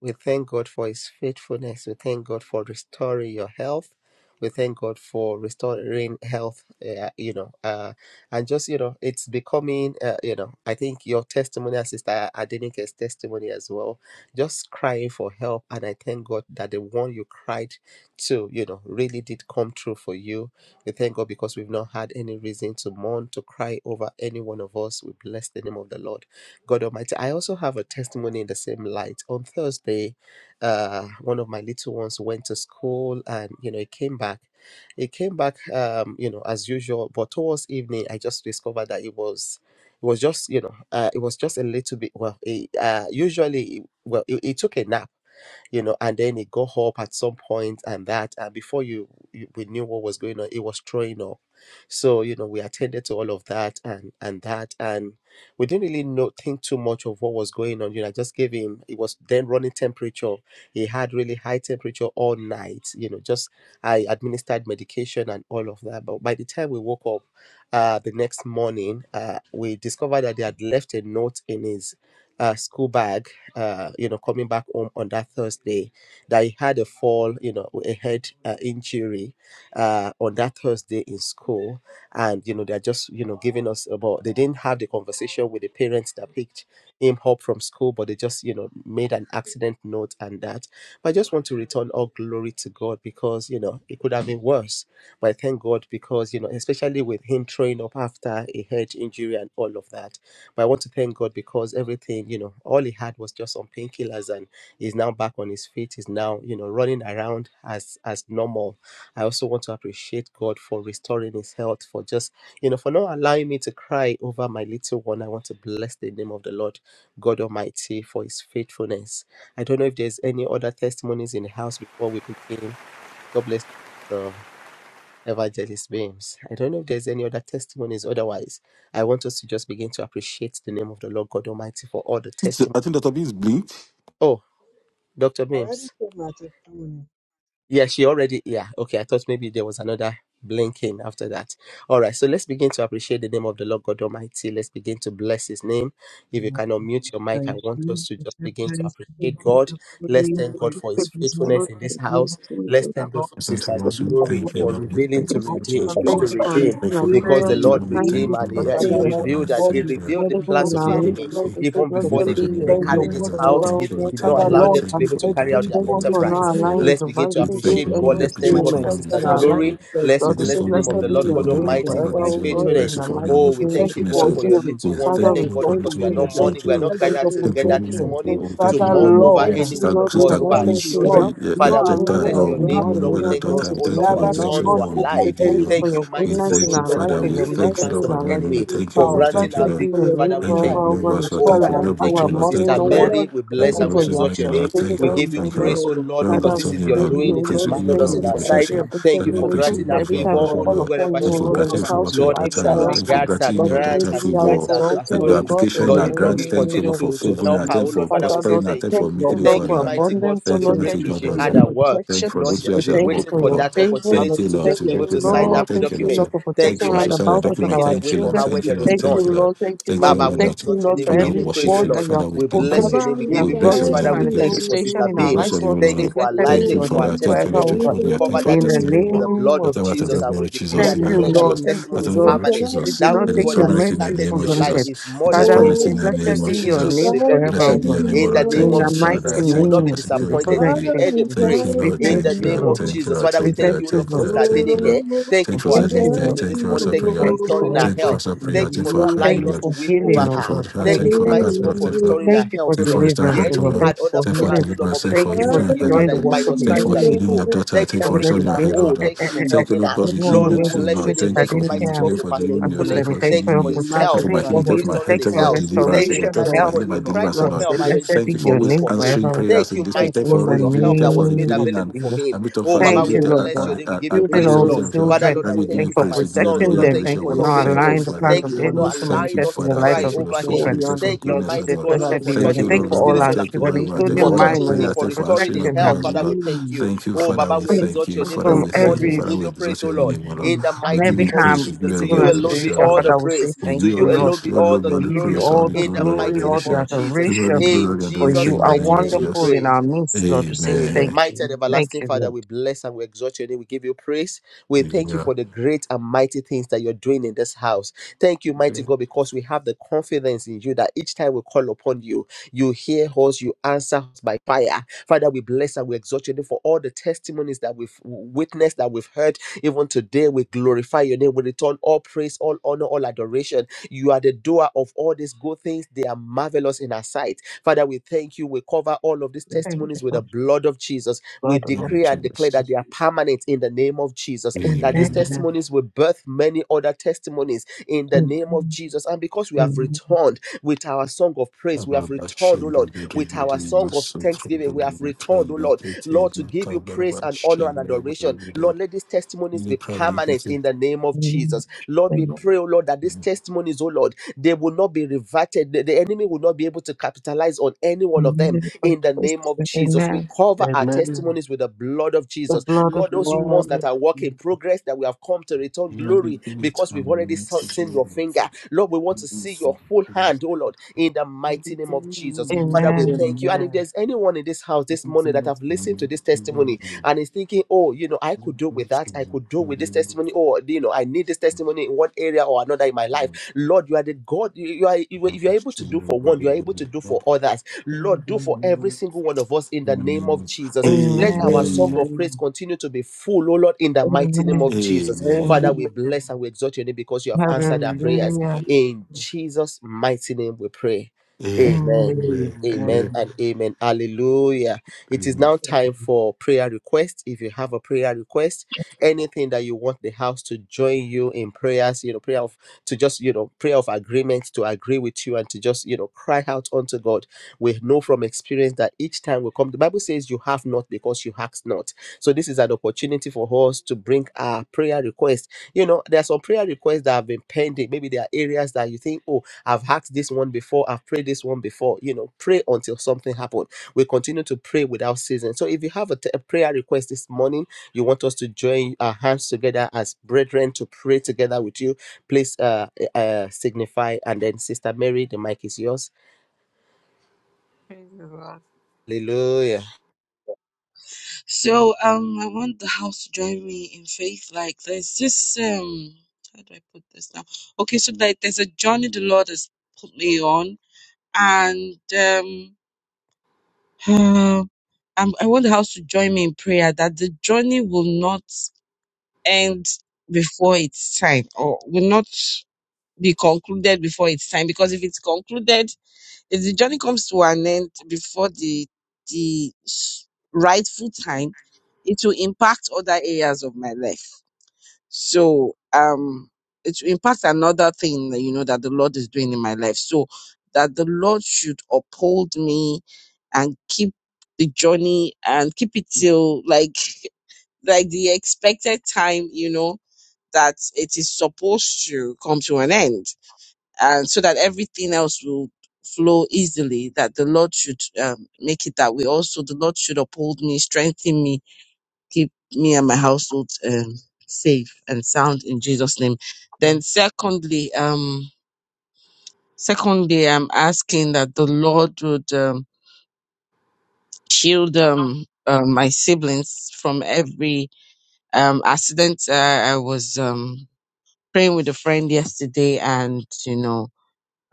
Speaker 1: We thank God for His faithfulness. We thank God for restoring your health. We thank God for restoring health. Uh, you know, uh, and just you know, it's becoming. Uh, you know, I think your testimony, and Sister Adenike's testimony as well, just crying for help, and I thank God that the one you cried to, you know, really did come true for you. We thank God because we've not had any reason to mourn, to cry over any one of us. We bless the name of the Lord. God Almighty. I also have a testimony in the same light. On Thursday, uh, one of my little ones went to school and, you know, he came back. He came back, um, you know, as usual. But towards evening, I just discovered that it was, it was just, you know, uh, it was just a little bit, well, he, uh, usually, well, he, he took a nap you know, and then it got up at some point and that, and before you, you we knew what was going on, it was throwing up. So you know, we attended to all of that and and that, and we didn't really know think too much of what was going on. You know, I just gave him. It was then running temperature. He had really high temperature all night. You know, just I administered medication and all of that. But by the time we woke up uh, the next morning, uh, we discovered that they had left a note in his uh, school bag uh, you know, coming back home on that Thursday, that he had a fall, you know, a head uh, injury uh, on that Thursday in school. And, you know, they're just, you know, giving us about, they didn't have the conversation with the parents that picked him up from school, but they just, you know, made an accident note and that. But I just want to return all glory to God because, you know, it could have been worse. But I thank God because, you know, especially with him throwing up after a head injury and all of that but I want to thank God because everything, you know, all he had was just some painkillers and he's now back on his feet. He's now, you know, running around as as normal. I also want to appreciate God for restoring his health, for just, you know, for not allowing me to cry over my little one. I want to bless the name of the Lord God Almighty for his faithfulness. I don't know if there's any other testimonies in the house before we begin. God bless you. Evangelist Beams. I don't know if there's any other testimonies. Otherwise, I want us to just begin to appreciate the name of the Lord God Almighty for all the
Speaker 5: It's-
Speaker 1: testimony.
Speaker 5: I think Dr. B is bleeped.
Speaker 1: Oh, Dr.
Speaker 2: I already
Speaker 1: Beams.
Speaker 2: said my testimony.
Speaker 1: Yeah, she already. Yeah, okay. I thought maybe there was another blinking after that. All right, so let's begin to appreciate the name of the Lord God Almighty. Let's begin to bless His name. If you
Speaker 2: Lord,
Speaker 1: cannot
Speaker 2: we
Speaker 1: mute your
Speaker 2: just
Speaker 1: mic, I
Speaker 2: Thank
Speaker 1: want
Speaker 2: you.
Speaker 1: us to
Speaker 2: We
Speaker 1: just
Speaker 2: say
Speaker 1: begin to
Speaker 2: thanks. We
Speaker 1: appreciate God.
Speaker 2: give
Speaker 1: Let's
Speaker 2: you
Speaker 8: and
Speaker 1: thank
Speaker 2: praise for
Speaker 1: God
Speaker 2: your
Speaker 8: we
Speaker 1: for
Speaker 8: put
Speaker 1: His
Speaker 8: this
Speaker 2: faithfulness.
Speaker 1: faithfulness
Speaker 8: forward
Speaker 1: in
Speaker 2: Thank
Speaker 8: to
Speaker 1: this
Speaker 8: the most
Speaker 2: you,
Speaker 1: house. Let's
Speaker 8: beautiful
Speaker 2: Lord.
Speaker 1: thank God for
Speaker 5: Essentially,
Speaker 1: Sister
Speaker 5: also
Speaker 2: Lord,
Speaker 1: Glory
Speaker 2: we
Speaker 5: thank you,
Speaker 8: scripture.
Speaker 1: for
Speaker 5: Lord. We
Speaker 2: thank you, Lord, for
Speaker 1: revealing
Speaker 5: thank
Speaker 1: to
Speaker 2: the
Speaker 5: you for your
Speaker 1: redeem
Speaker 2: officer,
Speaker 1: to
Speaker 8: Thank
Speaker 2: Lord,
Speaker 5: resources.
Speaker 8: you for
Speaker 2: you will
Speaker 1: redeem
Speaker 5: Thank you
Speaker 8: answering
Speaker 2: heal,
Speaker 8: our
Speaker 5: for
Speaker 2: you
Speaker 1: because
Speaker 5: everything
Speaker 8: prayer,
Speaker 1: the
Speaker 5: you
Speaker 2: will
Speaker 5: do.
Speaker 8: for
Speaker 1: Lord
Speaker 5: And
Speaker 2: redeem.
Speaker 1: redeemed
Speaker 8: thanking
Speaker 5: thank you,
Speaker 1: and
Speaker 8: for
Speaker 1: He, uh,
Speaker 5: Lord.
Speaker 2: Father,
Speaker 1: he
Speaker 8: saving
Speaker 5: Thank you,
Speaker 2: Lord, we
Speaker 1: revealed
Speaker 5: Lord.
Speaker 1: and
Speaker 2: know
Speaker 8: us.
Speaker 1: He
Speaker 5: Thank
Speaker 2: your
Speaker 5: you.
Speaker 1: revealed
Speaker 2: word
Speaker 1: the
Speaker 2: is
Speaker 8: Even
Speaker 1: plans
Speaker 2: not
Speaker 8: in
Speaker 1: of
Speaker 8: our
Speaker 1: the
Speaker 2: far
Speaker 8: midst,
Speaker 5: Thank
Speaker 1: enemy
Speaker 2: from us.
Speaker 8: Lord,
Speaker 5: you.
Speaker 8: we say,
Speaker 1: even before
Speaker 5: Give
Speaker 2: Continue
Speaker 8: Blessed
Speaker 1: they
Speaker 5: us
Speaker 2: to
Speaker 8: be
Speaker 5: an
Speaker 8: your
Speaker 1: they
Speaker 2: send
Speaker 5: review,
Speaker 2: your
Speaker 1: carried
Speaker 8: name
Speaker 5: Lord.
Speaker 1: it
Speaker 2: word
Speaker 5: God. We
Speaker 2: to
Speaker 1: out.
Speaker 2: us.
Speaker 8: forever, O
Speaker 1: You
Speaker 5: thank you,
Speaker 1: know, He
Speaker 8: God,
Speaker 5: Lord.
Speaker 1: did
Speaker 8: in the
Speaker 1: not
Speaker 5: Thank
Speaker 2: Father,
Speaker 5: you,
Speaker 1: allow
Speaker 8: name
Speaker 5: Lord.
Speaker 8: of
Speaker 1: them
Speaker 2: Lord,
Speaker 1: them
Speaker 8: Jesus.
Speaker 1: to
Speaker 5: Thank
Speaker 1: be
Speaker 5: you
Speaker 2: and
Speaker 1: able
Speaker 5: for
Speaker 1: to
Speaker 5: the
Speaker 1: carry out
Speaker 5: knowledge
Speaker 2: every
Speaker 5: of
Speaker 1: their
Speaker 8: Thank
Speaker 5: glory.
Speaker 8: you
Speaker 5: Lord.
Speaker 2: promise
Speaker 8: for
Speaker 2: you
Speaker 5: Thank you,
Speaker 1: enterprise.
Speaker 8: not
Speaker 2: give
Speaker 8: allowing
Speaker 2: us,
Speaker 8: the
Speaker 5: Father.
Speaker 1: Let's begin to
Speaker 2: you
Speaker 5: We
Speaker 8: devices of
Speaker 2: bring
Speaker 5: thank
Speaker 1: appreciate
Speaker 8: the
Speaker 5: you,
Speaker 2: it to
Speaker 1: God.
Speaker 5: Lord. We
Speaker 1: Let's
Speaker 8: enemies to
Speaker 1: thank
Speaker 5: appreciate
Speaker 1: God
Speaker 5: you,
Speaker 1: for
Speaker 2: fulfillment.
Speaker 5: Lord.
Speaker 8: manifest
Speaker 5: We
Speaker 1: Sister
Speaker 8: in
Speaker 2: Father,
Speaker 8: our
Speaker 5: appreciate
Speaker 2: we
Speaker 5: you,
Speaker 8: lives.
Speaker 2: say
Speaker 1: Glory.
Speaker 5: Lord.
Speaker 2: thank
Speaker 1: Let's
Speaker 5: We
Speaker 2: you.
Speaker 8: Lord, we
Speaker 5: thank
Speaker 8: say,
Speaker 1: bless
Speaker 5: you for
Speaker 1: the
Speaker 5: the
Speaker 1: name
Speaker 8: blessed
Speaker 2: Thank
Speaker 1: of the
Speaker 5: glory.
Speaker 2: you
Speaker 8: be
Speaker 5: We
Speaker 1: Lord
Speaker 2: for
Speaker 5: thank you
Speaker 8: your
Speaker 2: your
Speaker 5: for
Speaker 1: God
Speaker 5: the honor.
Speaker 8: name
Speaker 5: We
Speaker 1: Almighty
Speaker 5: thank
Speaker 2: faithfulness.
Speaker 5: you for
Speaker 1: for
Speaker 5: the
Speaker 8: forever,
Speaker 1: his
Speaker 2: Thank
Speaker 8: O
Speaker 2: you
Speaker 5: mission.
Speaker 2: for
Speaker 5: We
Speaker 8: God,
Speaker 2: your
Speaker 5: bless
Speaker 8: in
Speaker 1: faithfulness.
Speaker 5: you
Speaker 8: the
Speaker 5: for
Speaker 2: goodness.
Speaker 5: the
Speaker 1: Oh,
Speaker 5: honor,
Speaker 8: mighty
Speaker 1: we
Speaker 5: for
Speaker 8: name
Speaker 2: Thank
Speaker 8: of
Speaker 1: thank
Speaker 2: you
Speaker 1: you,
Speaker 5: faithfulness.
Speaker 1: God,
Speaker 2: for
Speaker 1: for
Speaker 5: Lord.
Speaker 8: Jesus.
Speaker 1: your
Speaker 2: healing.
Speaker 1: little
Speaker 5: We
Speaker 1: one. We
Speaker 8: Father,
Speaker 2: Thank
Speaker 5: thank you,
Speaker 2: you
Speaker 8: we
Speaker 1: thank
Speaker 5: Lord,
Speaker 1: God
Speaker 2: for
Speaker 5: for
Speaker 8: thank
Speaker 5: this
Speaker 1: because we are
Speaker 5: one.
Speaker 8: you, we
Speaker 5: Lord.
Speaker 1: not
Speaker 2: provision.
Speaker 8: thank
Speaker 1: mourning.
Speaker 5: Thank you,
Speaker 1: We are
Speaker 5: Lord.
Speaker 8: you, we
Speaker 1: not
Speaker 2: Thank you
Speaker 8: thank
Speaker 1: gathered
Speaker 2: for
Speaker 8: you, we
Speaker 5: Thank you for
Speaker 8: thank
Speaker 1: together
Speaker 5: the
Speaker 8: you,
Speaker 1: this
Speaker 8: we
Speaker 5: honor.
Speaker 2: protection.
Speaker 1: morning
Speaker 8: thank
Speaker 5: For- we
Speaker 8: you.
Speaker 1: to
Speaker 5: Thank you.
Speaker 2: Father,
Speaker 5: We
Speaker 1: mourn
Speaker 8: We
Speaker 5: didn't
Speaker 1: over
Speaker 5: know
Speaker 2: Lord,
Speaker 8: thank
Speaker 5: about
Speaker 1: any
Speaker 8: you,
Speaker 1: one
Speaker 5: Sister,
Speaker 8: Lord,
Speaker 1: of
Speaker 8: we
Speaker 2: we
Speaker 1: us,
Speaker 5: Sister
Speaker 1: over
Speaker 8: cannot
Speaker 1: our
Speaker 2: thank
Speaker 8: thank
Speaker 2: you,
Speaker 5: Grace,
Speaker 8: you
Speaker 2: Lord.
Speaker 1: children.
Speaker 5: the,
Speaker 8: enough.
Speaker 2: You
Speaker 5: the,
Speaker 2: do
Speaker 5: the
Speaker 1: Father,
Speaker 2: not
Speaker 1: we
Speaker 8: Even if
Speaker 5: chapter at
Speaker 2: allow
Speaker 1: bless
Speaker 8: uh,
Speaker 2: us
Speaker 5: all.
Speaker 1: your
Speaker 8: we
Speaker 5: We
Speaker 2: to have
Speaker 1: name,
Speaker 5: didn't
Speaker 1: oh
Speaker 8: had a
Speaker 5: know
Speaker 1: Lord.
Speaker 2: things
Speaker 1: We
Speaker 5: about
Speaker 8: million
Speaker 5: that
Speaker 2: to
Speaker 1: thank
Speaker 2: you.
Speaker 1: God,
Speaker 8: times,
Speaker 5: daughter.
Speaker 8: it
Speaker 5: We
Speaker 1: oh
Speaker 8: will
Speaker 5: thank
Speaker 1: Lord,
Speaker 8: not
Speaker 5: you,
Speaker 1: for
Speaker 8: be
Speaker 1: our
Speaker 2: Rather, to
Speaker 5: Lord.
Speaker 8: enough
Speaker 5: Thank
Speaker 1: son,
Speaker 5: you,
Speaker 8: to,
Speaker 2: not
Speaker 1: for our
Speaker 5: Lord. We give
Speaker 2: over
Speaker 5: you
Speaker 8: to
Speaker 1: life.
Speaker 5: the
Speaker 8: thank you
Speaker 5: honor.
Speaker 2: enemy.
Speaker 8: for
Speaker 1: Thank you,
Speaker 8: your
Speaker 5: We
Speaker 1: mighty
Speaker 2: We
Speaker 8: goodness
Speaker 1: God,
Speaker 2: say
Speaker 8: in
Speaker 5: thank
Speaker 1: oh
Speaker 5: you,
Speaker 8: our
Speaker 1: Lord,
Speaker 2: thank
Speaker 8: life,
Speaker 1: for
Speaker 2: you.
Speaker 5: Father.
Speaker 8: for
Speaker 5: We
Speaker 8: your
Speaker 1: revealing the
Speaker 5: thank
Speaker 2: Thank
Speaker 5: you,
Speaker 8: mercy
Speaker 1: plans
Speaker 5: Lord,
Speaker 2: you
Speaker 8: in
Speaker 1: of
Speaker 5: for
Speaker 2: for
Speaker 8: our
Speaker 1: the
Speaker 5: the
Speaker 8: life.
Speaker 5: honor. We
Speaker 2: your
Speaker 1: enemy,
Speaker 2: healing
Speaker 5: thank
Speaker 8: We
Speaker 5: you.
Speaker 1: for
Speaker 2: power.
Speaker 8: say,
Speaker 5: We
Speaker 1: granting
Speaker 5: thank you,
Speaker 1: our
Speaker 2: Thank
Speaker 8: blessed
Speaker 2: you
Speaker 8: be
Speaker 2: for
Speaker 8: your
Speaker 1: victory.
Speaker 5: Lord.
Speaker 2: your
Speaker 8: name
Speaker 1: Father, we
Speaker 5: Thank
Speaker 2: healing
Speaker 5: you,
Speaker 1: thank
Speaker 2: hand.
Speaker 8: forever, O
Speaker 5: Lord,
Speaker 1: you.
Speaker 8: God,
Speaker 5: God,
Speaker 8: in
Speaker 5: for
Speaker 8: Jesus.
Speaker 1: Oh,
Speaker 2: Upon
Speaker 5: thank
Speaker 8: And
Speaker 5: you
Speaker 1: Father,
Speaker 5: for
Speaker 2: our
Speaker 8: thank
Speaker 1: we
Speaker 8: you
Speaker 5: love
Speaker 1: thank
Speaker 5: you
Speaker 1: Thank
Speaker 2: life.
Speaker 8: for
Speaker 1: you
Speaker 5: too,
Speaker 8: our
Speaker 1: for
Speaker 5: Lord.
Speaker 8: morning,
Speaker 5: Thank
Speaker 1: Sister
Speaker 5: you,
Speaker 8: no
Speaker 5: Lord,
Speaker 2: Upon
Speaker 8: one.
Speaker 5: for
Speaker 2: all
Speaker 1: Mary.
Speaker 2: the
Speaker 1: We
Speaker 5: thank
Speaker 8: Thank
Speaker 5: you,
Speaker 1: bless
Speaker 8: you
Speaker 1: and we
Speaker 5: Lord,
Speaker 8: for
Speaker 2: compassion.
Speaker 5: so
Speaker 8: your
Speaker 1: exalt your
Speaker 5: many,
Speaker 2: We
Speaker 1: name.
Speaker 5: Lord.
Speaker 2: take,
Speaker 8: sustained
Speaker 5: Thank
Speaker 1: We
Speaker 5: you,
Speaker 8: us,
Speaker 5: Lord.
Speaker 1: give
Speaker 2: we
Speaker 1: you
Speaker 8: O
Speaker 5: Thank you,
Speaker 2: give
Speaker 8: Lord.
Speaker 5: Lord.
Speaker 1: praise,
Speaker 2: all
Speaker 1: oh
Speaker 2: the
Speaker 1: Lord,
Speaker 5: Lord,
Speaker 1: because
Speaker 2: glory.
Speaker 5: Lord,
Speaker 8: Father,
Speaker 1: this
Speaker 8: we
Speaker 5: thank
Speaker 1: is
Speaker 5: you,
Speaker 1: your
Speaker 2: We
Speaker 8: thank
Speaker 5: Lord.
Speaker 2: give
Speaker 8: you,
Speaker 5: You
Speaker 1: doing.
Speaker 2: you
Speaker 8: O
Speaker 1: It is
Speaker 5: praise
Speaker 8: Lord.
Speaker 5: you,
Speaker 8: We
Speaker 2: praise.
Speaker 5: you
Speaker 8: thank
Speaker 1: marvelous
Speaker 5: know,
Speaker 2: We
Speaker 8: you
Speaker 1: in
Speaker 5: be in
Speaker 1: our
Speaker 8: for
Speaker 5: the
Speaker 2: are
Speaker 5: church
Speaker 1: sight.
Speaker 8: every
Speaker 5: here.
Speaker 8: of the
Speaker 1: Thank you
Speaker 2: you
Speaker 5: Thank you,
Speaker 2: are
Speaker 1: for
Speaker 8: testimony.
Speaker 5: praise
Speaker 8: Thank
Speaker 5: you,
Speaker 8: you
Speaker 1: granting
Speaker 2: good,
Speaker 8: for
Speaker 1: her
Speaker 5: Lord, for
Speaker 8: every
Speaker 2: dear
Speaker 5: your
Speaker 1: favor,
Speaker 8: time we
Speaker 5: blessing,
Speaker 1: oh
Speaker 2: God.
Speaker 8: call
Speaker 1: Lord,
Speaker 5: Lord.
Speaker 8: upon
Speaker 1: wherever
Speaker 5: Thank
Speaker 2: There
Speaker 5: you
Speaker 8: you, O
Speaker 2: is
Speaker 1: she
Speaker 5: for
Speaker 8: Lord, in
Speaker 2: none
Speaker 8: this
Speaker 1: goes.
Speaker 5: gratitude
Speaker 2: like
Speaker 5: for
Speaker 8: house,
Speaker 5: what
Speaker 2: you.
Speaker 5: your
Speaker 8: you
Speaker 1: Lord,
Speaker 5: daughter,
Speaker 1: even
Speaker 8: answer
Speaker 1: as
Speaker 2: You
Speaker 5: Lord.
Speaker 2: are
Speaker 8: us.
Speaker 5: Thank
Speaker 2: high
Speaker 5: you for
Speaker 1: regards
Speaker 2: and
Speaker 1: her
Speaker 2: lifted
Speaker 5: gratitude in
Speaker 8: Lord,
Speaker 5: your
Speaker 8: we
Speaker 2: up.
Speaker 8: say,
Speaker 1: grants,
Speaker 5: daughter
Speaker 8: be
Speaker 1: as
Speaker 8: thou
Speaker 2: Take
Speaker 1: regards
Speaker 5: favor.
Speaker 2: all
Speaker 1: her,
Speaker 2: the
Speaker 1: her
Speaker 5: And
Speaker 8: exalted,
Speaker 5: the
Speaker 8: O
Speaker 2: glory,
Speaker 1: studies,
Speaker 8: God,
Speaker 2: take
Speaker 8: in
Speaker 5: application
Speaker 2: all
Speaker 5: in
Speaker 8: the
Speaker 2: the
Speaker 1: Lord,
Speaker 5: our
Speaker 1: you,
Speaker 5: grant,
Speaker 2: honor,
Speaker 1: you
Speaker 2: take
Speaker 5: thank
Speaker 2: all
Speaker 8: name
Speaker 5: you,
Speaker 2: the
Speaker 1: continue
Speaker 5: Lord,
Speaker 8: of
Speaker 5: for
Speaker 1: to, to
Speaker 8: Jesus.
Speaker 5: favoring
Speaker 2: adoration,
Speaker 1: help
Speaker 5: her.
Speaker 1: her.
Speaker 5: Thank
Speaker 1: Oh
Speaker 5: you
Speaker 2: Lord.
Speaker 1: Lord,
Speaker 5: for
Speaker 1: Father, we
Speaker 8: Father,
Speaker 1: say
Speaker 5: prospering
Speaker 8: Lord,
Speaker 5: her.
Speaker 8: we
Speaker 5: Thank
Speaker 1: thank
Speaker 5: you for
Speaker 8: thank
Speaker 1: you.
Speaker 8: you,
Speaker 5: making
Speaker 2: Lord,
Speaker 5: it
Speaker 2: we
Speaker 8: Lord,
Speaker 5: for
Speaker 1: Thank
Speaker 2: say
Speaker 8: for
Speaker 1: you,
Speaker 5: her.
Speaker 2: thank
Speaker 1: mighty
Speaker 2: you.
Speaker 1: God,
Speaker 8: abundance, O
Speaker 1: for
Speaker 5: Thank
Speaker 1: the
Speaker 5: you,
Speaker 8: Lord.
Speaker 2: Thank
Speaker 5: mighty
Speaker 8: Thank
Speaker 1: breakthrough
Speaker 2: you,
Speaker 8: you
Speaker 5: God,
Speaker 1: she
Speaker 8: for your
Speaker 1: had
Speaker 2: Jesus.
Speaker 1: at
Speaker 5: Lord.
Speaker 1: work.
Speaker 5: Thank
Speaker 8: protection.
Speaker 5: you for
Speaker 1: Lord,
Speaker 2: Thank you,
Speaker 5: this
Speaker 1: she
Speaker 5: day I
Speaker 1: has
Speaker 8: We
Speaker 1: been
Speaker 5: shall
Speaker 8: thank you
Speaker 2: Jesus.
Speaker 1: waiting
Speaker 5: walk,
Speaker 8: for
Speaker 5: oh
Speaker 1: for
Speaker 8: your
Speaker 5: Lord.
Speaker 1: that
Speaker 8: favor.
Speaker 5: Thank
Speaker 1: opportunity
Speaker 5: you,
Speaker 1: to
Speaker 2: Hallelujah to
Speaker 5: Lord.
Speaker 8: Thank
Speaker 1: just
Speaker 5: To
Speaker 1: be
Speaker 2: your
Speaker 1: able
Speaker 5: get
Speaker 8: you,
Speaker 1: to
Speaker 5: people
Speaker 1: sign
Speaker 5: who walk.
Speaker 8: Lord.
Speaker 1: that
Speaker 2: holy
Speaker 8: Thank
Speaker 5: Thank you,
Speaker 8: you,
Speaker 5: Lord.
Speaker 1: document.
Speaker 8: Lord,
Speaker 5: sir.
Speaker 8: for
Speaker 5: Thank
Speaker 1: Thank
Speaker 5: you
Speaker 8: protection
Speaker 1: you,
Speaker 5: for us
Speaker 2: name.
Speaker 5: to
Speaker 8: around
Speaker 1: mighty
Speaker 5: sign a
Speaker 1: God,
Speaker 8: about
Speaker 1: for
Speaker 8: us and
Speaker 5: document.
Speaker 1: making
Speaker 8: our
Speaker 1: a
Speaker 5: Thank
Speaker 1: way
Speaker 5: you,
Speaker 1: for
Speaker 5: Lord.
Speaker 8: children.
Speaker 1: her
Speaker 2: We
Speaker 1: where
Speaker 5: Thank
Speaker 2: give
Speaker 5: you,
Speaker 1: there
Speaker 5: Lord.
Speaker 1: is
Speaker 2: you
Speaker 8: Thank
Speaker 1: none.
Speaker 8: you,
Speaker 5: Thank you, Lord.
Speaker 8: Lord. Thank you,
Speaker 5: Thank you,
Speaker 8: Lord.
Speaker 5: Lord.
Speaker 1: Baba,
Speaker 8: We
Speaker 2: glory.
Speaker 5: and
Speaker 1: we
Speaker 8: thank
Speaker 5: Lord. not.
Speaker 8: you,
Speaker 1: exalt your
Speaker 8: Lord,
Speaker 2: We
Speaker 1: name. We
Speaker 8: for
Speaker 2: give
Speaker 5: Father,
Speaker 1: give
Speaker 5: we
Speaker 2: you
Speaker 1: you
Speaker 8: every
Speaker 1: praise,
Speaker 2: praise.
Speaker 5: worship
Speaker 1: oh
Speaker 8: word
Speaker 5: you.
Speaker 1: Lord.
Speaker 8: that you have
Speaker 5: Father, we
Speaker 1: We
Speaker 5: thank
Speaker 8: spoken
Speaker 5: you,
Speaker 1: bless your
Speaker 5: Lord.
Speaker 1: name.
Speaker 2: Abba,
Speaker 1: We
Speaker 8: you
Speaker 2: we
Speaker 1: give
Speaker 8: have
Speaker 5: We
Speaker 1: you
Speaker 5: bless
Speaker 8: brought
Speaker 1: praise.
Speaker 5: your
Speaker 2: thank
Speaker 8: into
Speaker 1: Father,
Speaker 5: name.
Speaker 1: we
Speaker 5: We
Speaker 2: you.
Speaker 5: give
Speaker 1: thank
Speaker 2: Oh,
Speaker 5: you.
Speaker 1: you for
Speaker 2: we
Speaker 8: manifestation
Speaker 1: Sister
Speaker 8: in
Speaker 2: thank
Speaker 5: We
Speaker 8: our
Speaker 5: bless
Speaker 1: Beams.
Speaker 8: lives,
Speaker 5: your
Speaker 2: you.
Speaker 8: Lord.
Speaker 5: name,
Speaker 8: We
Speaker 5: Lord.
Speaker 1: Thank you
Speaker 8: say,
Speaker 5: Lord.
Speaker 1: for her
Speaker 8: Blessed be
Speaker 1: life.
Speaker 5: Thank you
Speaker 1: Thank you
Speaker 8: your
Speaker 5: for
Speaker 1: for her
Speaker 8: name
Speaker 5: that. Thank you,
Speaker 8: forever,
Speaker 5: Lord.
Speaker 2: Oh,
Speaker 8: O
Speaker 1: testimony.
Speaker 5: Thank
Speaker 8: God.
Speaker 5: you
Speaker 1: We cover
Speaker 5: for your
Speaker 1: that
Speaker 8: In the
Speaker 5: testimony,
Speaker 1: testimony with
Speaker 5: Lord.
Speaker 1: the
Speaker 8: name
Speaker 1: blood
Speaker 8: of
Speaker 1: of
Speaker 5: Whatever
Speaker 1: Jesus
Speaker 8: Jesus.
Speaker 1: and
Speaker 5: testimony
Speaker 1: we
Speaker 5: reaches
Speaker 1: decree
Speaker 5: us
Speaker 1: and
Speaker 8: Thank
Speaker 5: in your
Speaker 8: you,
Speaker 1: declare that your
Speaker 8: Lord. Thank
Speaker 2: we
Speaker 5: emotions.
Speaker 1: testimony
Speaker 8: you,
Speaker 5: But
Speaker 1: is
Speaker 5: oh,
Speaker 8: Lord.
Speaker 5: Lord
Speaker 1: permanent.
Speaker 8: We
Speaker 5: Jesus,
Speaker 2: thank
Speaker 8: do
Speaker 1: That
Speaker 8: not
Speaker 1: which
Speaker 5: it
Speaker 8: take
Speaker 5: is
Speaker 1: God
Speaker 8: your
Speaker 1: has
Speaker 2: you.
Speaker 5: permanent in the
Speaker 8: mercies
Speaker 1: started in
Speaker 5: name
Speaker 8: for
Speaker 5: of
Speaker 1: your life
Speaker 8: granted.
Speaker 5: Jesus.
Speaker 1: is more
Speaker 5: It is
Speaker 1: than
Speaker 8: Father, we
Speaker 5: permanent
Speaker 2: Oh,
Speaker 8: say,
Speaker 5: in
Speaker 1: able
Speaker 5: the
Speaker 1: to
Speaker 5: name
Speaker 8: Blessed
Speaker 5: of
Speaker 8: be
Speaker 1: see it
Speaker 8: your
Speaker 1: through to
Speaker 5: Jesus.
Speaker 8: name
Speaker 1: the very
Speaker 2: thank
Speaker 8: forever, O
Speaker 5: Blessed
Speaker 1: end.
Speaker 5: be
Speaker 8: God.
Speaker 5: your
Speaker 2: you,
Speaker 5: name, O
Speaker 1: In the
Speaker 5: Lord.
Speaker 1: name
Speaker 8: In
Speaker 5: Thank you,
Speaker 8: the
Speaker 1: of
Speaker 2: Lord.
Speaker 8: mighty
Speaker 5: Father. I
Speaker 1: Jesus, you will
Speaker 5: Thank
Speaker 1: not
Speaker 5: you.
Speaker 8: name
Speaker 1: be
Speaker 5: I
Speaker 8: of
Speaker 5: thank you for your
Speaker 8: Jesus. So
Speaker 1: disappointed.
Speaker 8: I
Speaker 1: It will
Speaker 5: glory.
Speaker 2: I
Speaker 8: thank
Speaker 1: end in
Speaker 8: you.
Speaker 5: Thank you,
Speaker 1: praise.
Speaker 8: We
Speaker 2: thank
Speaker 5: Lord.
Speaker 1: In
Speaker 8: thank
Speaker 1: the
Speaker 5: Thank you,
Speaker 8: you,
Speaker 1: name
Speaker 5: Lord.
Speaker 8: Lord.
Speaker 1: of
Speaker 2: you,
Speaker 5: Thank you,
Speaker 1: Jesus.
Speaker 5: Lord.
Speaker 1: Father, we
Speaker 8: We
Speaker 2: Lord.
Speaker 5: Thank you,
Speaker 1: thank
Speaker 8: thank
Speaker 5: Lord.
Speaker 1: you,
Speaker 8: you,
Speaker 1: Lord,
Speaker 5: Thank
Speaker 1: for
Speaker 5: you,
Speaker 8: Lord.
Speaker 1: Sister
Speaker 5: Lord. Thank you, Lord.
Speaker 1: Denike.
Speaker 2: Oh,
Speaker 1: Thank you
Speaker 8: We
Speaker 5: Thank you
Speaker 2: we
Speaker 1: for
Speaker 5: for
Speaker 1: her
Speaker 8: thank you,
Speaker 5: Zadinike.
Speaker 8: Lord.
Speaker 2: thank
Speaker 1: testimony
Speaker 5: Thank
Speaker 1: this
Speaker 5: you
Speaker 2: you,
Speaker 1: morning.
Speaker 5: for our
Speaker 1: Thank you for
Speaker 5: prayer.
Speaker 8: Thank you for
Speaker 1: restoring her
Speaker 8: all
Speaker 5: Thank
Speaker 8: the
Speaker 5: you
Speaker 2: Lord.
Speaker 1: health.
Speaker 5: for our prayer.
Speaker 8: testimonies.
Speaker 1: Thank
Speaker 5: Thank
Speaker 1: you
Speaker 5: you
Speaker 1: for
Speaker 5: for our
Speaker 1: not
Speaker 5: heart, O
Speaker 8: Thank
Speaker 1: allowing
Speaker 8: you
Speaker 1: us
Speaker 5: Lord.
Speaker 1: to
Speaker 8: for
Speaker 1: weep
Speaker 2: We
Speaker 1: over
Speaker 8: healing,
Speaker 2: thank
Speaker 5: Thank you
Speaker 8: O
Speaker 5: for
Speaker 1: her.
Speaker 5: our
Speaker 8: God.
Speaker 5: heart.
Speaker 8: Father,
Speaker 1: Thank
Speaker 5: Thank
Speaker 8: we
Speaker 2: you,
Speaker 1: you,
Speaker 5: you for our
Speaker 8: thank you.
Speaker 1: mighty
Speaker 5: heart, O
Speaker 1: God,
Speaker 5: Lord.
Speaker 1: for
Speaker 5: Thank you for our heart.
Speaker 1: restoring her
Speaker 8: Thank
Speaker 2: Lord.
Speaker 8: you
Speaker 1: health,
Speaker 8: for
Speaker 1: oh
Speaker 5: Thank you for
Speaker 1: Lord.
Speaker 5: restoring
Speaker 1: The
Speaker 8: deliverance,
Speaker 2: Thank
Speaker 5: her
Speaker 8: O
Speaker 5: to
Speaker 1: enemy
Speaker 8: Lord. Thank
Speaker 5: Lord.
Speaker 1: had
Speaker 8: you
Speaker 1: other
Speaker 8: for
Speaker 5: Thank you for
Speaker 8: healing.
Speaker 1: plans, oh Lord, but
Speaker 5: deliverance. Thank you
Speaker 1: because
Speaker 8: Thank
Speaker 5: for
Speaker 1: you
Speaker 8: you for
Speaker 1: said in
Speaker 5: delivering
Speaker 1: your
Speaker 5: her
Speaker 1: word
Speaker 8: destroying the
Speaker 1: that
Speaker 5: Lord.
Speaker 1: by
Speaker 8: works of
Speaker 1: your
Speaker 5: Thank
Speaker 8: the
Speaker 5: you
Speaker 1: stripes you
Speaker 5: for
Speaker 2: you,
Speaker 1: are
Speaker 8: enemy
Speaker 1: made
Speaker 5: healing your
Speaker 1: whole.
Speaker 2: Lord.
Speaker 5: daughter.
Speaker 1: Thank
Speaker 5: Thank
Speaker 1: you
Speaker 5: you
Speaker 8: that
Speaker 1: for
Speaker 5: for
Speaker 8: is not
Speaker 1: making
Speaker 5: restoring her
Speaker 1: her
Speaker 5: head,
Speaker 8: against
Speaker 2: Thank
Speaker 1: whole.
Speaker 5: Lord.
Speaker 8: e-
Speaker 2: you,
Speaker 1: Thank
Speaker 8: e-
Speaker 1: you for
Speaker 8: e-
Speaker 5: Thank you,
Speaker 2: Jesus.
Speaker 1: helping
Speaker 8: e- e-
Speaker 5: Lord,
Speaker 1: her.
Speaker 5: because you
Speaker 8: every one
Speaker 5: healed
Speaker 1: Lord,
Speaker 2: We
Speaker 5: me
Speaker 1: we
Speaker 8: of us,
Speaker 5: too,
Speaker 1: bless
Speaker 8: including
Speaker 1: your
Speaker 2: worship
Speaker 5: Lord.
Speaker 1: name.
Speaker 2: you.
Speaker 5: Thank
Speaker 8: Sister
Speaker 5: you
Speaker 1: Thank you,
Speaker 5: for
Speaker 8: Denike
Speaker 5: healing me.
Speaker 1: mighty
Speaker 2: We
Speaker 1: God,
Speaker 8: and
Speaker 5: today,
Speaker 2: lift
Speaker 1: for
Speaker 5: for
Speaker 2: your
Speaker 1: Pastor
Speaker 5: delivering
Speaker 2: name
Speaker 5: me.
Speaker 8: Pastor
Speaker 5: Lord.
Speaker 2: and I.
Speaker 1: Lukule.
Speaker 5: Thank
Speaker 8: Femi.
Speaker 5: you for
Speaker 8: Thank you
Speaker 1: Thank
Speaker 8: for
Speaker 5: healing
Speaker 1: you
Speaker 8: your
Speaker 1: for
Speaker 5: me.
Speaker 2: We
Speaker 1: his
Speaker 5: Thank you
Speaker 8: protection.
Speaker 1: health.
Speaker 5: for my
Speaker 8: Thank you
Speaker 1: Thank
Speaker 2: magnify
Speaker 1: you
Speaker 5: healing.
Speaker 8: for
Speaker 1: for
Speaker 5: Thank you for
Speaker 2: you.
Speaker 5: my
Speaker 8: healing.
Speaker 1: restoring
Speaker 5: help.
Speaker 8: Thank
Speaker 5: Thank you
Speaker 1: his
Speaker 5: for
Speaker 8: you for
Speaker 5: my
Speaker 1: health.
Speaker 2: We
Speaker 5: deliverance,
Speaker 1: Thank
Speaker 2: be
Speaker 5: Lord.
Speaker 1: you,
Speaker 5: Thank
Speaker 8: restoration
Speaker 5: you
Speaker 8: of
Speaker 5: for
Speaker 1: mighty
Speaker 5: my
Speaker 8: health.
Speaker 2: exalted,
Speaker 5: healing,
Speaker 1: God.
Speaker 2: O
Speaker 1: He
Speaker 5: my
Speaker 2: Lord.
Speaker 1: cried
Speaker 5: deliverance,
Speaker 8: Lord,
Speaker 1: for
Speaker 8: we
Speaker 5: Lord.
Speaker 8: say,
Speaker 1: help,
Speaker 2: In the
Speaker 1: and
Speaker 8: blessed
Speaker 1: indeed
Speaker 5: Thank
Speaker 8: be
Speaker 1: you
Speaker 5: you for
Speaker 2: name
Speaker 8: your
Speaker 1: came
Speaker 2: of
Speaker 1: through
Speaker 5: always
Speaker 8: name
Speaker 1: for
Speaker 2: Jesus.
Speaker 1: him.
Speaker 5: answering
Speaker 8: forever, O God.
Speaker 5: prayers
Speaker 1: Thank
Speaker 5: in
Speaker 1: you,
Speaker 5: this place.
Speaker 2: Thank
Speaker 1: mighty
Speaker 5: Thank you
Speaker 2: you,
Speaker 5: for
Speaker 1: God,
Speaker 8: In
Speaker 1: for
Speaker 8: the
Speaker 5: always
Speaker 1: your
Speaker 5: revealing.
Speaker 1: help
Speaker 2: Jesus.
Speaker 5: Thank you
Speaker 1: that
Speaker 5: for
Speaker 1: was
Speaker 2: Thank
Speaker 1: made
Speaker 8: name
Speaker 2: you,
Speaker 8: of
Speaker 5: revealing and
Speaker 1: available
Speaker 8: Jesus.
Speaker 1: for
Speaker 2: Jesus.
Speaker 1: him.
Speaker 5: and meet of
Speaker 1: Oh,
Speaker 2: Be
Speaker 5: us
Speaker 1: Baba,
Speaker 8: Thank
Speaker 1: we
Speaker 8: you,
Speaker 5: everything
Speaker 8: Lord,
Speaker 1: bless
Speaker 8: for
Speaker 1: your
Speaker 2: glorified.
Speaker 5: and
Speaker 1: name. We
Speaker 5: and
Speaker 1: give give you
Speaker 5: and
Speaker 2: Be
Speaker 8: shielding
Speaker 1: praise,
Speaker 5: handling
Speaker 1: oh
Speaker 8: all the
Speaker 1: Lord.
Speaker 5: everything. Lord,
Speaker 1: Father,
Speaker 2: glorified.
Speaker 8: children.
Speaker 2: Be
Speaker 1: Lord, I
Speaker 5: Rabbi, give
Speaker 1: thank
Speaker 5: you
Speaker 8: Thank
Speaker 1: you for
Speaker 8: you for
Speaker 2: glorified.
Speaker 5: praise
Speaker 1: my
Speaker 5: to give you an
Speaker 1: son, oh
Speaker 8: protecting
Speaker 5: idea of
Speaker 1: Lord.
Speaker 2: Yes,
Speaker 8: them.
Speaker 1: Thank you
Speaker 8: Thank
Speaker 5: adoration.
Speaker 1: for
Speaker 2: take
Speaker 8: you for
Speaker 5: We
Speaker 1: your
Speaker 2: all the
Speaker 8: not
Speaker 5: thank you,
Speaker 2: glory,
Speaker 8: allowing the
Speaker 1: faithfulness.
Speaker 2: take
Speaker 5: Father.
Speaker 2: all
Speaker 8: plans
Speaker 1: Thank
Speaker 8: of
Speaker 1: you
Speaker 2: the
Speaker 8: the
Speaker 1: for
Speaker 5: We
Speaker 2: honor,
Speaker 1: not
Speaker 8: enemies to
Speaker 5: thank
Speaker 1: allowing
Speaker 5: you,
Speaker 8: manifest
Speaker 1: us
Speaker 8: in
Speaker 1: to
Speaker 8: the
Speaker 5: Father.
Speaker 8: lives
Speaker 5: Thank you
Speaker 1: cry
Speaker 8: of
Speaker 5: for
Speaker 8: the
Speaker 5: your
Speaker 1: over
Speaker 2: take all
Speaker 1: him.
Speaker 8: children.
Speaker 2: the
Speaker 5: faithfulness. Thank you for
Speaker 2: honor,
Speaker 1: Thank you,
Speaker 8: Lord, we
Speaker 5: goodness, O
Speaker 1: mighty
Speaker 2: take
Speaker 8: say,
Speaker 5: Lord.
Speaker 1: God,
Speaker 2: all
Speaker 1: oh
Speaker 2: that
Speaker 1: Lord,
Speaker 8: blessed be
Speaker 1: for
Speaker 8: your
Speaker 5: Thank
Speaker 8: name.
Speaker 5: you,
Speaker 1: touching
Speaker 2: adoration
Speaker 8: Thank
Speaker 5: Lord,
Speaker 8: you
Speaker 2: and
Speaker 1: him,
Speaker 8: for all
Speaker 1: spirit,
Speaker 5: everyone.
Speaker 8: our
Speaker 2: worship.
Speaker 1: soul,
Speaker 5: Thank
Speaker 1: and
Speaker 5: you,
Speaker 8: children,
Speaker 1: body,
Speaker 5: everyone.
Speaker 2: Be
Speaker 5: Thank you for
Speaker 1: for
Speaker 8: including
Speaker 5: all our
Speaker 8: mine, oh
Speaker 1: touching
Speaker 2: magnified
Speaker 1: him,
Speaker 5: prayers.
Speaker 8: Lord,
Speaker 1: for
Speaker 8: for
Speaker 5: Thank you for
Speaker 1: restoring
Speaker 5: answering
Speaker 1: his
Speaker 5: our
Speaker 2: in
Speaker 8: protecting her
Speaker 1: health.
Speaker 5: prayers,
Speaker 2: the
Speaker 5: O
Speaker 1: Father, we
Speaker 5: Lord.
Speaker 1: thank
Speaker 2: name
Speaker 1: you.
Speaker 2: of
Speaker 5: Thank you,
Speaker 1: Oh,
Speaker 2: Jesus.
Speaker 5: Father.
Speaker 1: Baba,
Speaker 5: We
Speaker 1: we
Speaker 5: thank
Speaker 1: exalt your
Speaker 5: you.
Speaker 1: name
Speaker 5: Father,
Speaker 2: Thank
Speaker 8: from
Speaker 1: this
Speaker 5: we
Speaker 2: you,
Speaker 5: thank
Speaker 1: morning.
Speaker 2: Lord.
Speaker 5: you.
Speaker 1: We
Speaker 8: every
Speaker 5: Father,
Speaker 1: give
Speaker 5: we
Speaker 1: you praise,
Speaker 5: exalt
Speaker 1: oh
Speaker 5: your holy
Speaker 1: Lord.
Speaker 2: In
Speaker 5: name, O Lord.
Speaker 1: In the
Speaker 2: Jesus'
Speaker 8: from
Speaker 5: We
Speaker 1: mighty
Speaker 5: give
Speaker 8: every
Speaker 1: name
Speaker 2: name.
Speaker 5: you
Speaker 1: of
Speaker 5: praise.
Speaker 8: harm,
Speaker 5: We give
Speaker 1: Jesus,
Speaker 5: you
Speaker 1: to
Speaker 5: all the
Speaker 8: physical
Speaker 1: you
Speaker 2: Thank
Speaker 8: and
Speaker 2: you,
Speaker 1: alone be
Speaker 5: adoration, O
Speaker 8: spiritual.
Speaker 1: all the
Speaker 8: Father,
Speaker 5: Lord.
Speaker 8: we say
Speaker 1: praise,
Speaker 2: Jesus.
Speaker 5: We
Speaker 8: thank
Speaker 5: give
Speaker 1: to
Speaker 5: you all
Speaker 1: you
Speaker 8: you,
Speaker 5: the
Speaker 8: Lord.
Speaker 5: praise.
Speaker 1: alone be
Speaker 5: All the
Speaker 1: all the
Speaker 5: glory,
Speaker 8: We
Speaker 5: all
Speaker 2: Thank
Speaker 5: the
Speaker 8: give
Speaker 2: you,
Speaker 8: you
Speaker 5: praise,
Speaker 1: glory.
Speaker 5: all
Speaker 8: all
Speaker 5: the
Speaker 2: Jesus.
Speaker 8: the
Speaker 1: In the
Speaker 5: glory, all the
Speaker 8: glory,
Speaker 1: mighty
Speaker 8: all
Speaker 1: name
Speaker 8: the
Speaker 1: of
Speaker 5: adoration.
Speaker 2: Thank you,
Speaker 1: Jesus.
Speaker 5: To be all the
Speaker 8: adoration,
Speaker 2: Jesus.
Speaker 5: glory,
Speaker 1: In
Speaker 5: all the
Speaker 8: for
Speaker 5: adoration
Speaker 1: Jesus'
Speaker 8: you
Speaker 5: in the
Speaker 8: are
Speaker 1: mighty
Speaker 2: Thank
Speaker 5: name of
Speaker 1: name we
Speaker 2: you,
Speaker 8: wonderful
Speaker 5: Jesus.
Speaker 8: in
Speaker 1: pray.
Speaker 8: our midst, Lord. We say
Speaker 1: Amen.
Speaker 8: thank
Speaker 5: Amen.
Speaker 1: Mighty
Speaker 8: you.
Speaker 1: and
Speaker 2: Amen.
Speaker 8: Thank
Speaker 1: everlasting
Speaker 8: you,
Speaker 1: Father,
Speaker 8: Lord.
Speaker 1: we bless and we exalt your name. We give you praise. We thank you
Speaker 5: Hallelujah.
Speaker 1: for the great and mighty things that you're doing in this house. Thank you, mighty
Speaker 5: Okay.
Speaker 1: God, because we have the confidence in you that each time we call upon you, you hear us, you answer us by fire. Father, we bless and we exalt you for all the testimonies that we've witnessed, that we've heard. Even today, we glorify your name. We return all praise, all honor, all adoration. You are the doer of all these good things. They are marvelous in our sight. Father, we thank you. We cover all of these
Speaker 2: Thank
Speaker 8: Thank
Speaker 2: you,
Speaker 8: you,
Speaker 1: testimonies with the
Speaker 8: Lord.
Speaker 2: Jesus.
Speaker 1: blood of Jesus. We
Speaker 5: Thank
Speaker 2: Glory
Speaker 5: you,
Speaker 1: decree and declare
Speaker 2: to
Speaker 5: Jesus.
Speaker 1: that
Speaker 2: you.
Speaker 1: they are permanent in the name of Jesus. That
Speaker 8: Amen.
Speaker 1: these
Speaker 5: Amen.
Speaker 2: Amen.
Speaker 1: testimonies will birth many other testimonies in the name of
Speaker 8: Amen.
Speaker 1: Jesus. And because we have returned with our song of praise, we have have returned, O Lord, with our
Speaker 5: Kababashindugarigidi
Speaker 1: song of thanksgiving. We
Speaker 5: Masutraburi
Speaker 1: have returned, O Lord,
Speaker 5: Pralikete
Speaker 1: Lord, to give you praise and honor and adoration.
Speaker 5: Makabarabashindugarigidi
Speaker 1: Lord, let these testimonies be permanent
Speaker 5: Lipralikete.
Speaker 1: in the name of
Speaker 8: Amen.
Speaker 1: Jesus. Lord, we
Speaker 8: Amen.
Speaker 1: pray, O Lord, that these testimonies, O Lord, they will not be reverted. The, the enemy will not be able to capitalize on any one of them
Speaker 8: Amen.
Speaker 1: in the name of Jesus. We cover our
Speaker 2: Amen.
Speaker 1: testimonies with the blood of
Speaker 8: The
Speaker 1: Jesus.
Speaker 8: blood of
Speaker 1: Lord, those
Speaker 8: Jesus.
Speaker 1: ones
Speaker 2: Glory
Speaker 1: that are
Speaker 2: to
Speaker 1: work in
Speaker 2: you.
Speaker 1: progress that we have come to return
Speaker 5: You are the
Speaker 1: glory
Speaker 5: great
Speaker 1: because we've
Speaker 5: and
Speaker 1: already saw-
Speaker 5: mighty God.
Speaker 1: seen your finger. Lord, we want to see your full hand, oh Lord, in the mighty mighty name of Jesus. Father, we
Speaker 8: Amen.
Speaker 1: thank you. And if
Speaker 2: Amen.
Speaker 1: there's anyone in this house this morning that have listened to this testimony and is thinking, oh, you know, I could do with that, I could do with this testimony, or you know, I need this testimony in one area or another in my life. Lord, you are the God. You you are you are- if you're able to do for one, you are able to do for
Speaker 5: Amen.
Speaker 1: others. Lord, do for every single one of us in the name of Jesus. Let
Speaker 8: Amen.
Speaker 1: our song of praise
Speaker 2: Amen.
Speaker 1: continue to be full, oh Lord, in the mighty name
Speaker 8: Amen.
Speaker 1: of Jesus. Father,
Speaker 8: Amen.
Speaker 1: we
Speaker 2: Amen.
Speaker 1: bless and we exalt your name because you have
Speaker 5: Amen.
Speaker 1: answered our prayers.
Speaker 8: Hallelujah.
Speaker 5: Amen.
Speaker 1: In Jesus' mighty name we pray.
Speaker 5: Amen.
Speaker 1: Amen.
Speaker 8: Amen.
Speaker 1: Amen
Speaker 5: Amen.
Speaker 1: and
Speaker 2: Amen.
Speaker 1: amen. Hallelujah. It is now time
Speaker 2: Amen.
Speaker 1: for prayer request. If you have a prayer request, anything that you want the house to join you in prayers, you know, prayer of to just, you know, prayer of agreement to agree with you and to just, you know, cry out unto God. We know from experience that each time we come, the Bible says you have not because you ask not. So this is an opportunity for us to bring our prayer request you know, there are some prayer requests that have been pending. Maybe there are areas that you think, oh, I've asked this one before, I've prayed this one before. You know, pray until something happens. We continue to pray without season. So if you have a, t- a prayer request this morning, you want us to join our hands together as brethren to pray together with you, please uh, eh, uh signify. And then, Sister Mary, the mic is yours.
Speaker 8: Praise the Lord.
Speaker 1: Hallelujah.
Speaker 8: So um I want the house to join me in faith. Like there's this um how do I put this now? Okay, so like there's a journey the Lord has put me on and um uh, um, I want the house to join me in prayer that the journey will not end before its time or will not be concluded before it's time because if it's concluded if the journey comes to an end before the the s- rightful time it will impact other areas of my life so um it will impact another thing that, you know that the lord is doing in my life so that the lord should uphold me and keep the journey and keep it till like like the expected time you know that it is supposed to come to an end and so that everything else will flow easily that the lord should um, make it that way also the lord should uphold me strengthen me keep me and my household um, safe and sound in jesus name then secondly um secondly i'm asking that the lord would um, shield um, um my siblings from every um accident uh, i was um praying with a friend yesterday and you know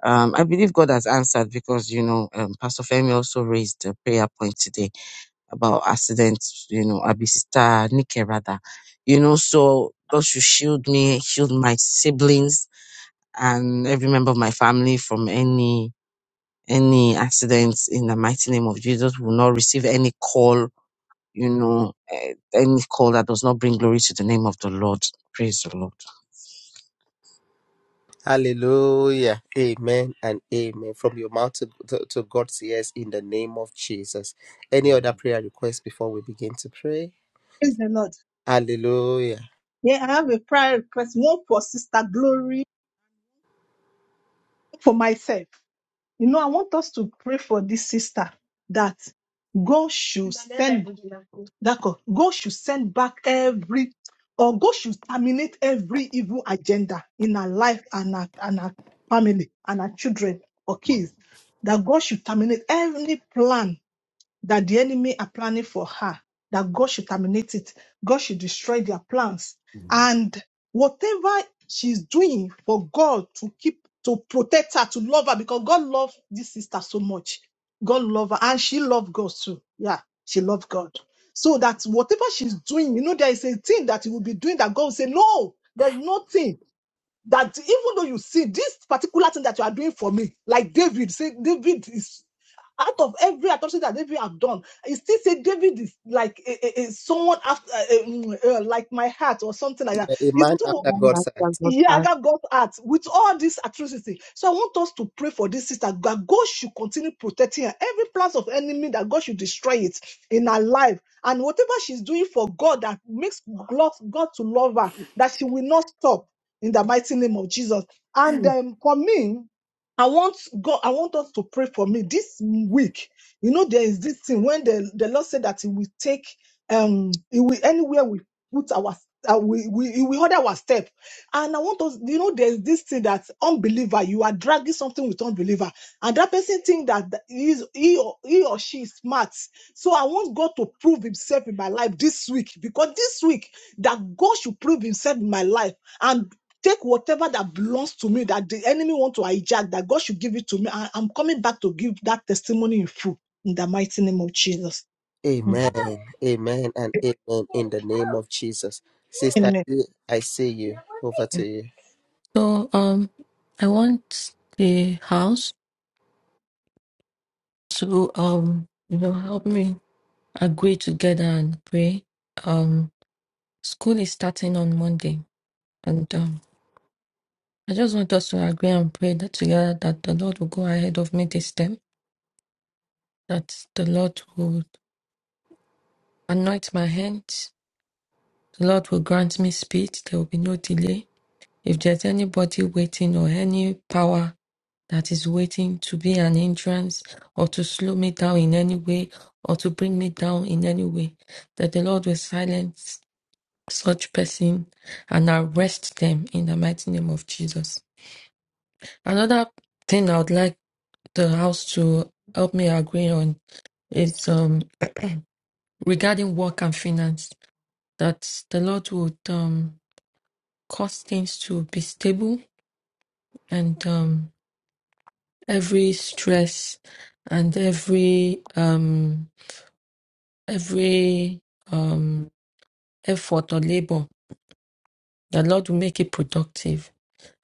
Speaker 8: Um, I believe God has answered because, you know, um, Pastor Femi also raised a prayer point today about accidents, you know, Abisita, Nike rather. You know, so God should shield me, shield my siblings and every member of my family from any, any accidents in the mighty name of Jesus. We will not receive any call you know, eh, any call that does not bring glory to the name of the Lord. Praise the Lord.
Speaker 1: Hallelujah. Amen and amen. From your mouth to, to, to God's ears in the name of Jesus. Any other prayer request before we begin to pray?
Speaker 6: Praise the Lord.
Speaker 1: Hallelujah.
Speaker 6: Yeah, I have a prayer request, one for Sister Glory, for myself. You know, I want us to pray for this sister that God should send D'accord. God should send back every, or God should terminate every evil agenda in her life and her and her family and her children or kids. That God should terminate every plan that the enemy are planning for her, that God should terminate it. God should destroy their plans. And whatever she's doing for God to keep, to protect her, to love her, because God loves this sister so much. God love her and she loved God too. Yeah, she loved God. So that whatever she's doing, you know, there is a thing that you will be doing that God will say, no, there's nothing that even though you see this particular thing that you are doing for me, like David, say David is out of every atrocity that David have done, he still say David is like a, a, a someone after uh, uh, like my heart or something like that.
Speaker 1: Yeah, A
Speaker 6: It's
Speaker 1: man
Speaker 6: so
Speaker 1: after
Speaker 8: That
Speaker 1: God's
Speaker 8: does
Speaker 1: heart.
Speaker 8: not pass.
Speaker 6: Yaga God's heart with all this atrocity. So I want us to pray for this sister that God should continue protecting her. Every plans of enemy that God should destroy it in her life. And whatever she's doing for God that makes God, God to love her, that she will not stop in the mighty name of Jesus. And um, for me, I want God, I want us to pray for me this week. You know, there is this thing when the, the Lord said that He will take um He will anywhere we put our uh, we, we He will order our step and I want us, you know, there's this thing that unbeliever, you are dragging something with unbeliever, and that person think that th- he is he or, he or she is smart. So I want God to prove Himself in my life this week, because this week that God should prove Himself in my life and take whatever that belongs to me that the enemy want to hijack, that God should give it to me. I, I'm coming back to give that testimony in full in the mighty name of Jesus.
Speaker 1: Amen. Amen and amen in the name of Jesus. Sister,
Speaker 6: Amen.
Speaker 1: E, I see you. Over to you.
Speaker 3: So um, I want the house to um, you know, help me agree together and pray. Um, school is starting on Monday, and um, I just want us to agree and pray that together that the Lord will go ahead of me this time. That the Lord will anoint my hands. The Lord will grant me speed. There will be no delay. If there's anybody waiting or any power that is waiting to be an entrance or to slow me down in any way or to bring me down in any way, that the Lord will silence such person and arrest them in the mighty name of Jesus. Another thing I would like the house to help me agree on is um, regarding work and finance, that the Lord would um, cause things to be stable and um, every stress and every um, every um, effort or labor, the Lord will make it productive,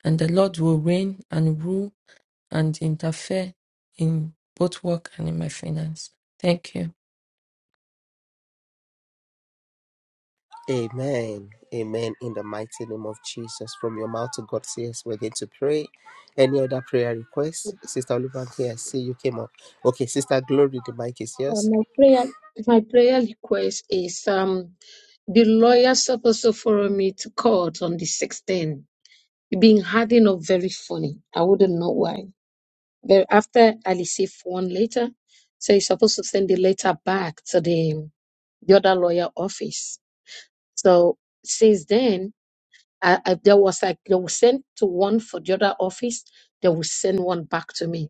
Speaker 3: and the Lord will reign and rule and interfere in both work and in my finance. Thank you.
Speaker 1: Amen. Amen. In the mighty name of Jesus. From your mouth to God, say yes. We're going to pray. Any other prayer request? Sister Olubanke, I see you came up. Okay, Sister Glory, the mic is
Speaker 7: Uh,
Speaker 1: yours.
Speaker 7: my prayer, my prayer request is um the lawyer supposed to follow me to court on the 16th. It's been adding up very funny. I wouldn't know why. Then after I received one letter, so you're supposed to send the letter back to the the other lawyer office. So since then, I, I, there was like they will send to one for the other office, they will send one back to me.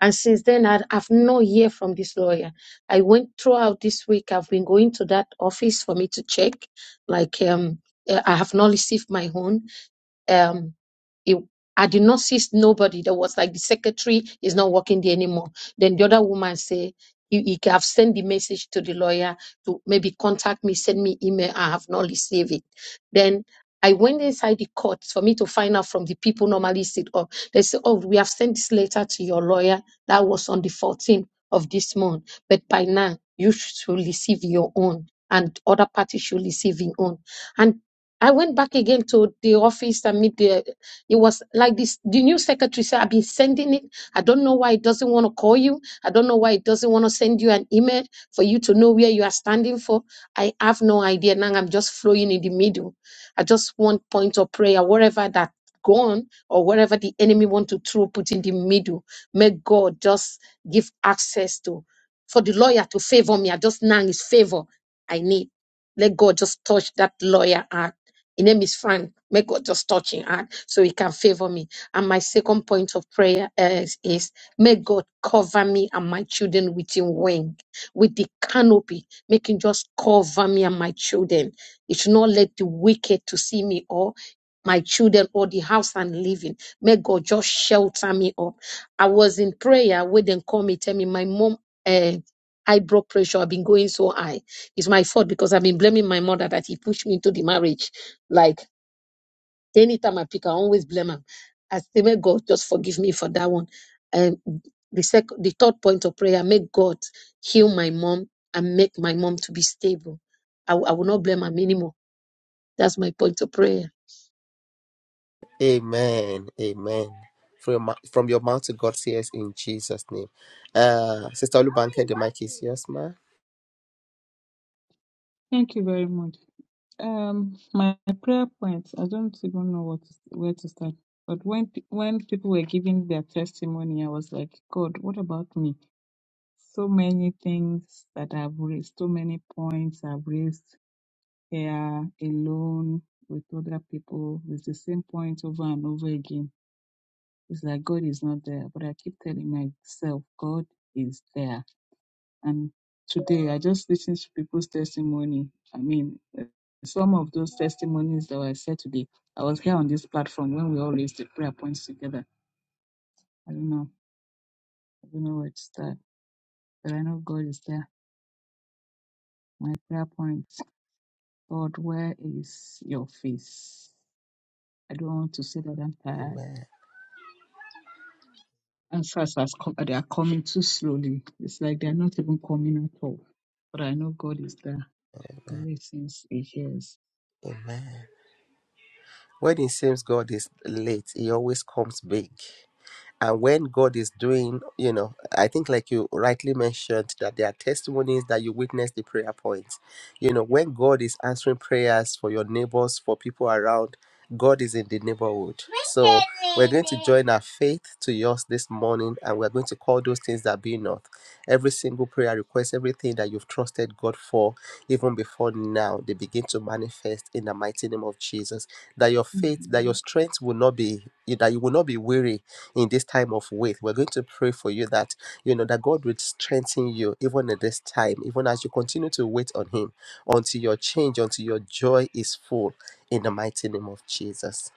Speaker 7: And since then, I have no hear from this lawyer. I went throughout this week. I've been going to that office for me to check. Like um, eh, I have not received my own. Um, it, I did not see nobody that was like the secretary is not working there anymore. Then the other woman say, you, you have sent the message to the lawyer to maybe contact me, send me email. I have not received it. Then I went inside the court for me to find out from the people normally sit up. They say, oh, we have sent this letter to your lawyer. That was on the 14th of this month. But by now, you should receive your own and other parties should receive your own. And I went back again to the office and meet the it was like this the new secretary said, I've been sending it. I don't know why it doesn't want to call you. I don't know why it doesn't want to send you an email for you to know where you are standing for. I have no idea. Now I'm just flowing in the middle. I just want point of prayer, wherever that gone or wherever the enemy want to throw put in the middle. May God just give access to for the lawyer to favor me. I just now is favor I need. Let God just touch that lawyer heart his name is Frank. May God just touch him, heart so he can favor me. And my second point of prayer is, is may God cover me and my children with his wing, with the canopy, make him just cover me and my children. It should not let the wicked to see me or my children or the house I'm living. May God just shelter me up. I was in prayer when they call me, tell me my mom uh high blood pressure. I've been going so high. It's my fault because I've been blaming my mother that he pushed me into the marriage like anytime I pick, I always blame him. I say, may God just forgive me for that one. And the second, the third point of prayer, make God heal my mom and make my mom to be stable. I, will- I will not blame him anymore. That's my point of prayer.
Speaker 1: Amen. Amen. From your, mou- from your mouth to God, say yes in Jesus' name. Uh, Sister Olubanke, the mic is yours, ma.
Speaker 9: Thank you very much. Um, my prayer points. I don't even know what to, where to start. But when pe- when people were giving their testimony, I was like, God, what about me? So many things that I've raised, so many points I've raised here alone with other people. It's the same point over and over again. It's like God is not there, but I keep telling myself, God is there. And today, I just listened to people's testimony. I mean, uh, some of those testimonies that were said today, I was here on this platform when we all raised the prayer points together. I don't know. I don't know where to start, but I know God is there. My prayer point God, where is your face? I don't want to say that I'm tired.
Speaker 1: Amen.
Speaker 9: Answers has come, they are coming too slowly. It's like they're not even coming at all. But I know God is there. He listens, He hears.
Speaker 1: Amen. When it seems God is late, He always comes big. And when God is doing, you know, I think like you rightly mentioned that there are testimonies that you witness the prayer points. You know, when God is answering prayers for your neighbors, for people around, God is in the neighborhood. So we're going to join our faith to yours this morning and we're going to call those things that be not. Every single prayer request, everything that you've trusted God for, even before now, they begin to manifest in the mighty name of Jesus. That your faith, that your
Speaker 9: Amen.
Speaker 1: strength will not be, that you will not be weary in this time of wait. We're going to pray for you that, you know, that God will strengthen you even at this time, even as you continue to wait on Him until your change, until your joy is full in the mighty name of Jesus.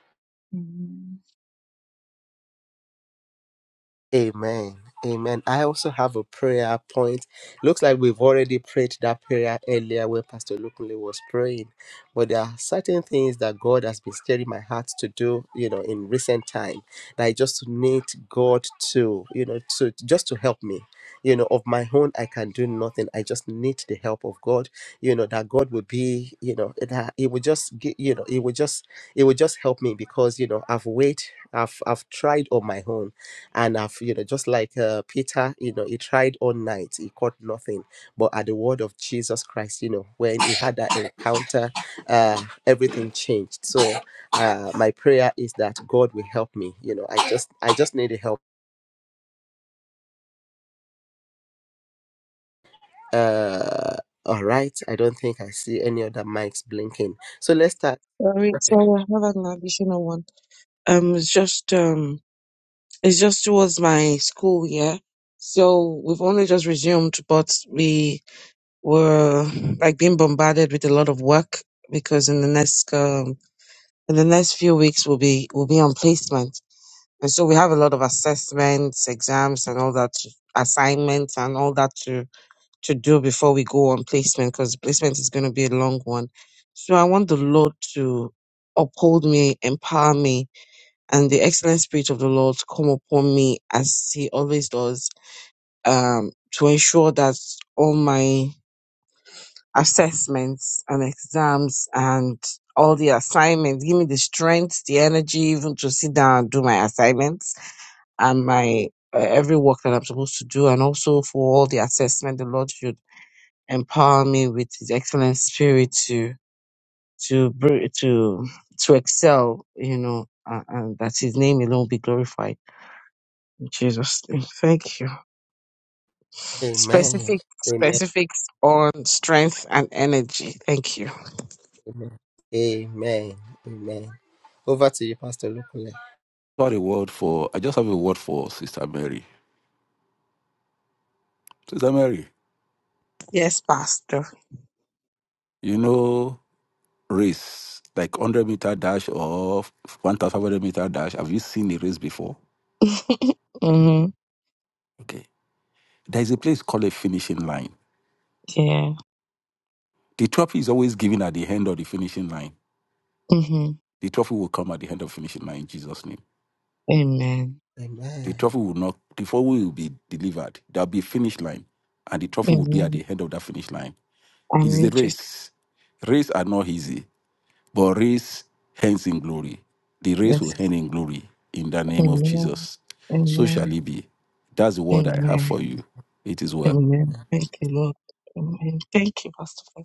Speaker 1: Amen. Amen. I also have a prayer point. Looks like we've already prayed that prayer earlier where Pastor Lukunle was praying. But there are certain things that God has been stirring my heart to do, you know, in recent time. That I just need God to, you know, to just to help me. You know, of my own, I can do nothing. I just need the help of God. You know, that God will be, you know, that He will just get, you know, He will just, He will just help me because, you know, I've waited, I've I've tried on my own and I've, you know, just like uh, Peter, you know, he tried all night, he caught nothing. But at the word of Jesus Christ, you know, when he had that encounter, uh, everything changed. So uh, my prayer is that God will help me. You know, I just, I just need the help. Uh, all right. I don't think I see any other mics blinking. So let's start.
Speaker 8: Sorry, sorry, I have an additional one. Um, it's just um, it's just towards my school, yeah. So we've only just resumed, but we were like being bombarded with a lot of work because in the next um, in the next few weeks we'll be we'll be on placement. And so we have a lot of assessments, exams, and all that, to- assignments, and all that to, to do before we go on placement, because placement is going to be a long one. So I want the Lord to uphold me, empower me, and the excellent spirit of the Lord to come upon me as He always does, um, to ensure that all my assessments and exams and all the assignments give me the strength, the energy, even to sit down and do my assignments and my uh, every work that I'm supposed to do, and also for all the assessment, the Lord should empower me with His excellent spirit to to br- to to excel, you know, uh, and that His name alone be glorified. In Jesus' name, thank you.
Speaker 1: Amen.
Speaker 8: Specific
Speaker 1: Amen.
Speaker 8: specifics on strength and energy. Thank you.
Speaker 1: Amen. Amen. Amen. Over to you, Pastor Lukule.
Speaker 5: Got a word for, I just have a word for Sister Mary. Sister Mary,
Speaker 8: Yes, Pastor.
Speaker 5: you know, race, like 100 meter dash or 1500 meter dash. Have you seen a race before?
Speaker 8: hmm
Speaker 5: Okay. There's a place called a finishing line.
Speaker 8: Yeah.
Speaker 5: The trophy is always given at the end of the finishing line.
Speaker 8: hmm
Speaker 5: The trophy will come at the end of finishing line in Jesus' name.
Speaker 8: Amen.
Speaker 5: The
Speaker 1: Amen.
Speaker 5: trophy will not, the trophy will be delivered. There'll be a finish line, and the trophy will be at
Speaker 8: Amen.
Speaker 5: the end of that finish line. It's the
Speaker 8: I'm just
Speaker 5: race. Race are not easy, but race hangs in glory. The race will
Speaker 8: yes.
Speaker 5: hang in glory in the name of
Speaker 8: Amen.
Speaker 5: Jesus. So
Speaker 8: Amen.
Speaker 5: shall it be. That's the word I have
Speaker 8: Amen.
Speaker 5: for you. It is well.
Speaker 8: Amen. Thank you, Lord. Amen. Thank you, Pastor. Femi.